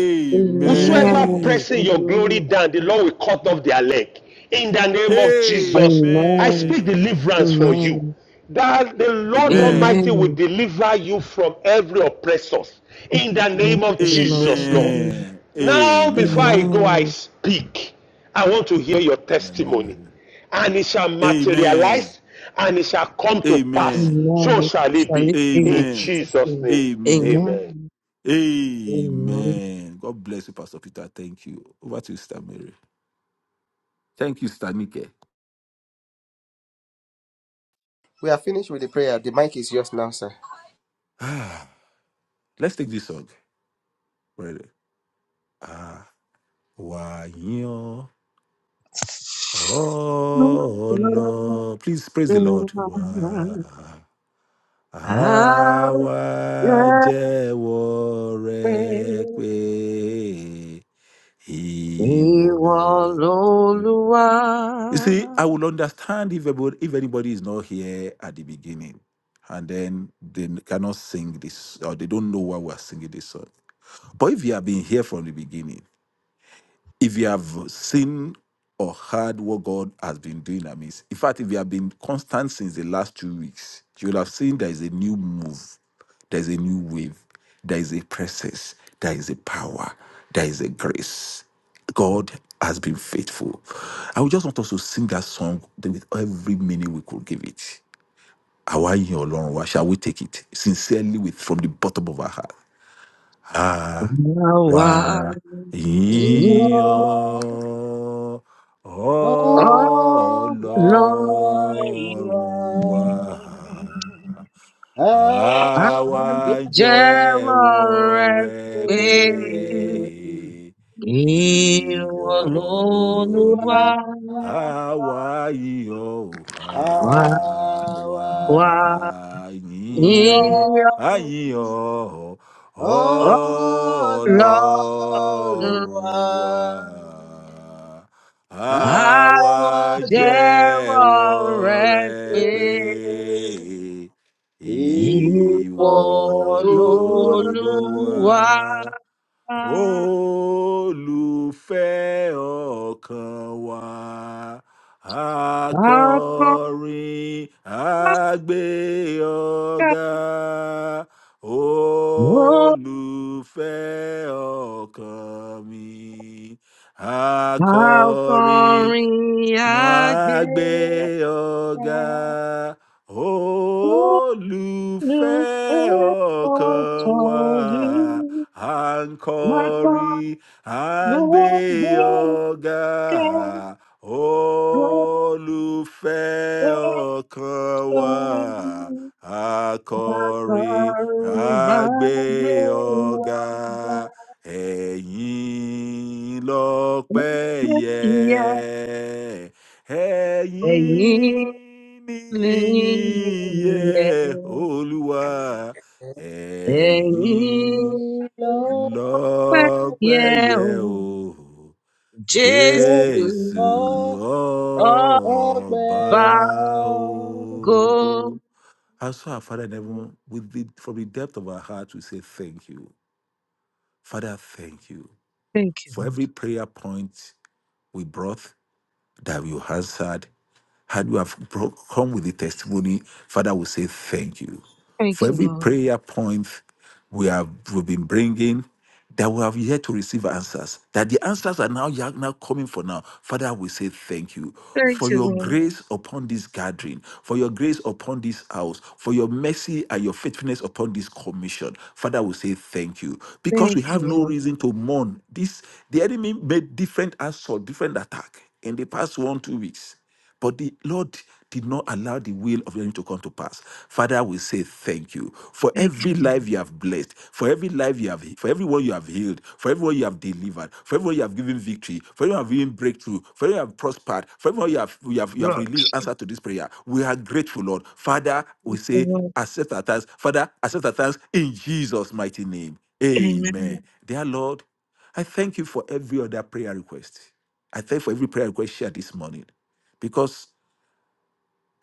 Speaker 10: Whosoever
Speaker 8: Amen.
Speaker 10: pressing
Speaker 8: In the
Speaker 10: your
Speaker 8: name
Speaker 10: glory
Speaker 8: of
Speaker 10: down, the
Speaker 8: Jesus.
Speaker 10: Lord will cut off their leg. In the name of Jesus, I
Speaker 8: Amen.
Speaker 10: speak
Speaker 5: Amen.
Speaker 10: deliverance for you.
Speaker 8: Amen.
Speaker 10: That the Lord Almighty
Speaker 5: Amen.
Speaker 10: will
Speaker 8: Amen.
Speaker 10: deliver you from every oppressor. In the
Speaker 8: Thank
Speaker 10: name of Jesus, Lord.
Speaker 8: Amen.
Speaker 5: Amen.
Speaker 10: Now, before I
Speaker 5: Amen.
Speaker 10: go, I
Speaker 8: Amen.
Speaker 10: speak. I want to hear your
Speaker 5: In the name of
Speaker 10: testimony.
Speaker 5: Jesus.
Speaker 10: And it shall
Speaker 5: Amen.
Speaker 10: materialize and it shall come to
Speaker 5: Amen.
Speaker 10: pass. So
Speaker 8: Amen. It
Speaker 10: shall it
Speaker 8: shall
Speaker 10: be.
Speaker 8: it be in
Speaker 10: In
Speaker 5: Amen.
Speaker 8: Jesus'
Speaker 10: Jesus'
Speaker 8: name.
Speaker 10: name.
Speaker 5: Amen.
Speaker 8: Amen.
Speaker 10: Amen.
Speaker 8: Amen.
Speaker 5: Amen. God bless you, Pastor Peter. Thank you. Over to you, Sister Mary. Thank you, Sister Nike.
Speaker 1: We are finished with the prayer. The mic is yours now, sir.
Speaker 5: Ah, let's take this song. Ready? Ah, Wayo oh Lord. Please praise the Lord. Wa
Speaker 8: I'll
Speaker 5: Awa jẹ́wọ́ rẹ̀
Speaker 8: pray.
Speaker 5: pé
Speaker 8: Ìwọ
Speaker 5: ìwọ
Speaker 8: l'Olúwa,
Speaker 5: You see, I will understand if everybody, if anybody is not here at the beginning, and then they cannot sing this, or they don't know why we're singing this song. But if you have been here from the beginning, if you have seen or heard what God has been doing amidst, in fact, if you have been constant since the last two weeks, you'll have seen there is a new move, there is a new wave, there is a presence, there is a power, there is a grace. God has been faithful. I would just want us to sing that song with every meaning we could give it. Àwa yin Ọlọ́run wa, Shall we take it sincerely with from the bottom of our heart? Awa
Speaker 8: àwa
Speaker 1: We
Speaker 8: yìí
Speaker 5: iyo
Speaker 1: are
Speaker 8: ọ̀nà
Speaker 1: all
Speaker 5: Ọlọ́run wa
Speaker 1: around. Our
Speaker 5: àwa
Speaker 8: àjẹ́wọ́
Speaker 5: jẹ́wọ́
Speaker 8: rẹ
Speaker 5: rẹ
Speaker 8: pé
Speaker 5: pé
Speaker 8: ìwọ
Speaker 5: ìwọ lolú
Speaker 8: l'Olúwa,
Speaker 5: àwa yíyọ ò,
Speaker 8: àwa
Speaker 5: àwa yìn
Speaker 8: yìí
Speaker 5: àyíyọ
Speaker 1: Ọlọ́run
Speaker 8: Lord,
Speaker 5: ọlọ́run wa
Speaker 8: I
Speaker 5: àwa
Speaker 1: àjẹ́
Speaker 8: jẹ́wọ́
Speaker 5: jẹ́wọ́ rẹ
Speaker 8: rẹ̀ pé
Speaker 5: pé
Speaker 8: ìwọ
Speaker 5: Ìwọ
Speaker 1: ìrọ̀rùn
Speaker 5: lolúwa
Speaker 8: lolúwa.
Speaker 5: olùfẹ́ ọkàn wa
Speaker 8: Àkọ́kọ́
Speaker 5: akọrin o ọ̀gá
Speaker 8: ló
Speaker 5: olùfẹ́ ọkàn mi akọrin
Speaker 8: àkọrin
Speaker 5: Wọ́n á gbé
Speaker 8: àgbẹ̀fẹ́
Speaker 5: ọ̀gá
Speaker 8: olùfẹ́
Speaker 5: olùfẹ́ ọkàn wa.
Speaker 8: ọ̀tọ̀ rí.
Speaker 5: À ń
Speaker 8: Màtọ́
Speaker 5: kọrin, à ń gbé
Speaker 8: gbogbo
Speaker 5: ọ̀gá
Speaker 8: kẹ́ gbogbo
Speaker 5: olùfẹ́ ọkàn wa.
Speaker 8: sọ̀rọ̀. Thank you,
Speaker 5: Akọrin,
Speaker 8: Lord.
Speaker 5: àgbé
Speaker 8: Thank
Speaker 5: ọ̀gá ẹ̀yìn lọ́pẹ́ yẹ ẹ̀yin níyìn yẹ olúwa ẹ̀yin lọ́pẹ́ yẹ o
Speaker 1: ìlọ́wọ́
Speaker 5: jésù
Speaker 1: ọpẹ́
Speaker 5: ọba
Speaker 1: yọ.
Speaker 5: ogo. And so, our Father in heaven, with the, from the depth of our hearts, we say thank you. Father, thank you for every prayer point we brought that you answered had you have pro- come with the testimony, Father will say thank you. For
Speaker 8: you,
Speaker 5: every
Speaker 8: Lord.
Speaker 5: prayer point we have we've been bringing that we have yet to receive answers, that the answers are now, ya- now coming for now. Father, we say thank you
Speaker 8: Thank
Speaker 5: for
Speaker 8: you,
Speaker 5: your
Speaker 8: Lord.
Speaker 5: grace upon this gathering, for your grace upon this house, for your mercy and your faithfulness upon this commission. Father, we say thank you because
Speaker 8: Thank
Speaker 5: we have
Speaker 8: you,
Speaker 5: no
Speaker 8: Lord.
Speaker 5: reason to mourn. This the enemy made different assault, different attack in the past one two weeks. But the Lord did not allow the will of the enemy to come to pass. Father, we say thank you for every life you have blessed, for every life you have, for everyone you have healed, for everyone you have delivered, for everyone you have given victory, for everyone you have given breakthrough, for everyone you have prospered, for everyone you have, you have, you have
Speaker 8: Lord,
Speaker 5: released answer to this prayer. We are grateful, Lord. Father, we say
Speaker 8: Lord.
Speaker 5: accept our thanks. Father, accept our thanks in Jesus' mighty name.
Speaker 8: Amen.
Speaker 5: Amen. Dear Lord, I thank you for every other prayer request. I thank you for every prayer request shared this morning. Because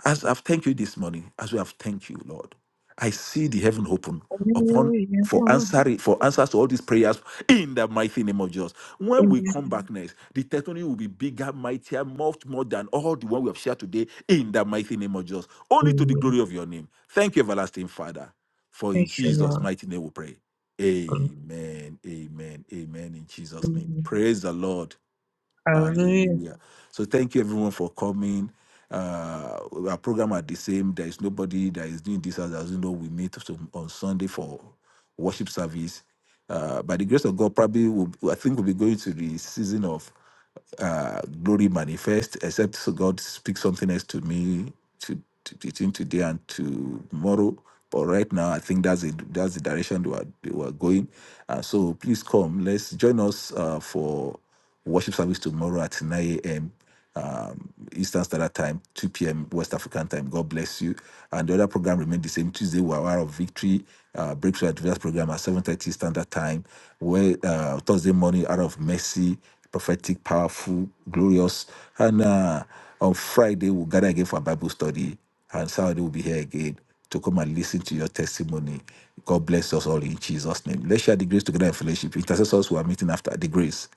Speaker 5: as I've thanked you this morning, as we have thanked you, Lord, I see the heaven open upon for
Speaker 8: Hallelujah.
Speaker 5: answering for answers to all these prayers in the mighty name of Jesus. When we
Speaker 8: Amen.
Speaker 5: come back next, the testimony will be bigger, mightier, much more than all the one we have shared today in the mighty name of Jesus. Only to the
Speaker 8: Amen.
Speaker 5: glory of your name. Thank you, everlasting Father. For in
Speaker 8: Thank you,
Speaker 5: Jesus'
Speaker 8: Lord.
Speaker 5: mighty name we pray. Amen. Amen. Amen. In Jesus' name.
Speaker 8: Amen.
Speaker 5: Praise the Lord.
Speaker 8: Hallelujah.
Speaker 5: Hallelujah. So thank you everyone for coming. Uh, our program are the same. There is nobody that is doing this as, as you know. We meet to- on Sunday for worship service. Uh, by the grace of God, probably we'll, I think we'll be going to the season of uh, glory manifest, except so God speaks something else to me to, to, between today and tomorrow. But right now, I think that's it. That's the direction we are, we are going. Uh, so please come. Let's join us uh, for worship service tomorrow at 9 a.m um, Eastern Standard Time, 2 p.m. West African time. God bless you. And the other program remained the same. Tuesday, we are Hour of Victory, uh, Breakthrough Advance program at 7.30 Standard Time. Where uh, Thursday morning, Hour of Mercy, Prophetic, Powerful, Glorious. And uh, on Friday, we'll gather again for a Bible study. And Saturday, we'll be here again to come and listen to your testimony. God bless us all in Jesus' name. Let's share the grace together in fellowship. Intercessors who are meeting after the grace.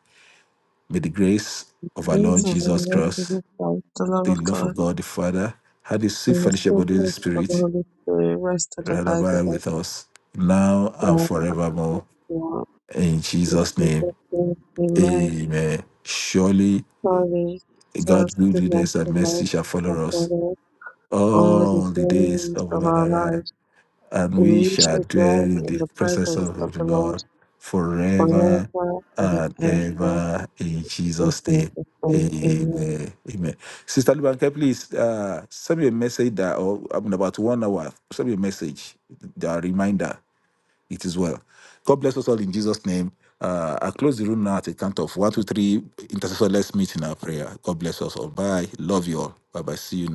Speaker 5: May the grace of our Lord
Speaker 8: Praise of the
Speaker 5: Jesus
Speaker 8: Lord
Speaker 5: Christ
Speaker 8: Jesus Christ, the love
Speaker 5: the
Speaker 8: of
Speaker 5: love of
Speaker 8: God,
Speaker 5: God the Father, had the sweet
Speaker 8: and the
Speaker 5: fellowship of
Speaker 8: spirit
Speaker 5: the Holy
Speaker 8: fellowship of the
Speaker 5: Spirit,
Speaker 8: Holy Spirit rest and
Speaker 5: right
Speaker 8: abide
Speaker 5: abide
Speaker 8: with us
Speaker 5: with us now and
Speaker 8: now and
Speaker 5: forevermore.
Speaker 8: forevermore.
Speaker 5: In
Speaker 8: In
Speaker 5: Jesus' name,
Speaker 8: Jesus' name, amen.
Speaker 5: amen. Surely
Speaker 8: Surely,
Speaker 5: God,
Speaker 8: God's goodness
Speaker 5: goodness and
Speaker 8: and
Speaker 5: mercy shall
Speaker 8: mercy shall
Speaker 5: follow us
Speaker 8: follow us all the
Speaker 5: all the days
Speaker 8: days
Speaker 5: of
Speaker 8: of
Speaker 5: our
Speaker 8: our
Speaker 5: life,
Speaker 8: lives,
Speaker 5: and
Speaker 8: and
Speaker 5: we
Speaker 8: we
Speaker 5: shall
Speaker 8: shall
Speaker 5: dwell
Speaker 8: dwell
Speaker 5: in
Speaker 8: in
Speaker 5: the
Speaker 8: the
Speaker 5: presence
Speaker 8: presence of
Speaker 5: of the
Speaker 8: the Lord
Speaker 5: Lord forever
Speaker 8: forever and
Speaker 5: and
Speaker 8: ever.
Speaker 5: ever in
Speaker 8: In
Speaker 5: Jesus' name.
Speaker 8: Jesus' name, amen.
Speaker 5: Amen. Amen. Sister Lubanke, please uh, send me a message that, or I mean, about one hour, send me a message, the reminder. It is well. God bless us all in Jesus' name. Uh, I close the room now at a count of one, two, three. Intercessor, let's meet in our prayer. God bless us all. Bye. Love you all. Bye bye. See you.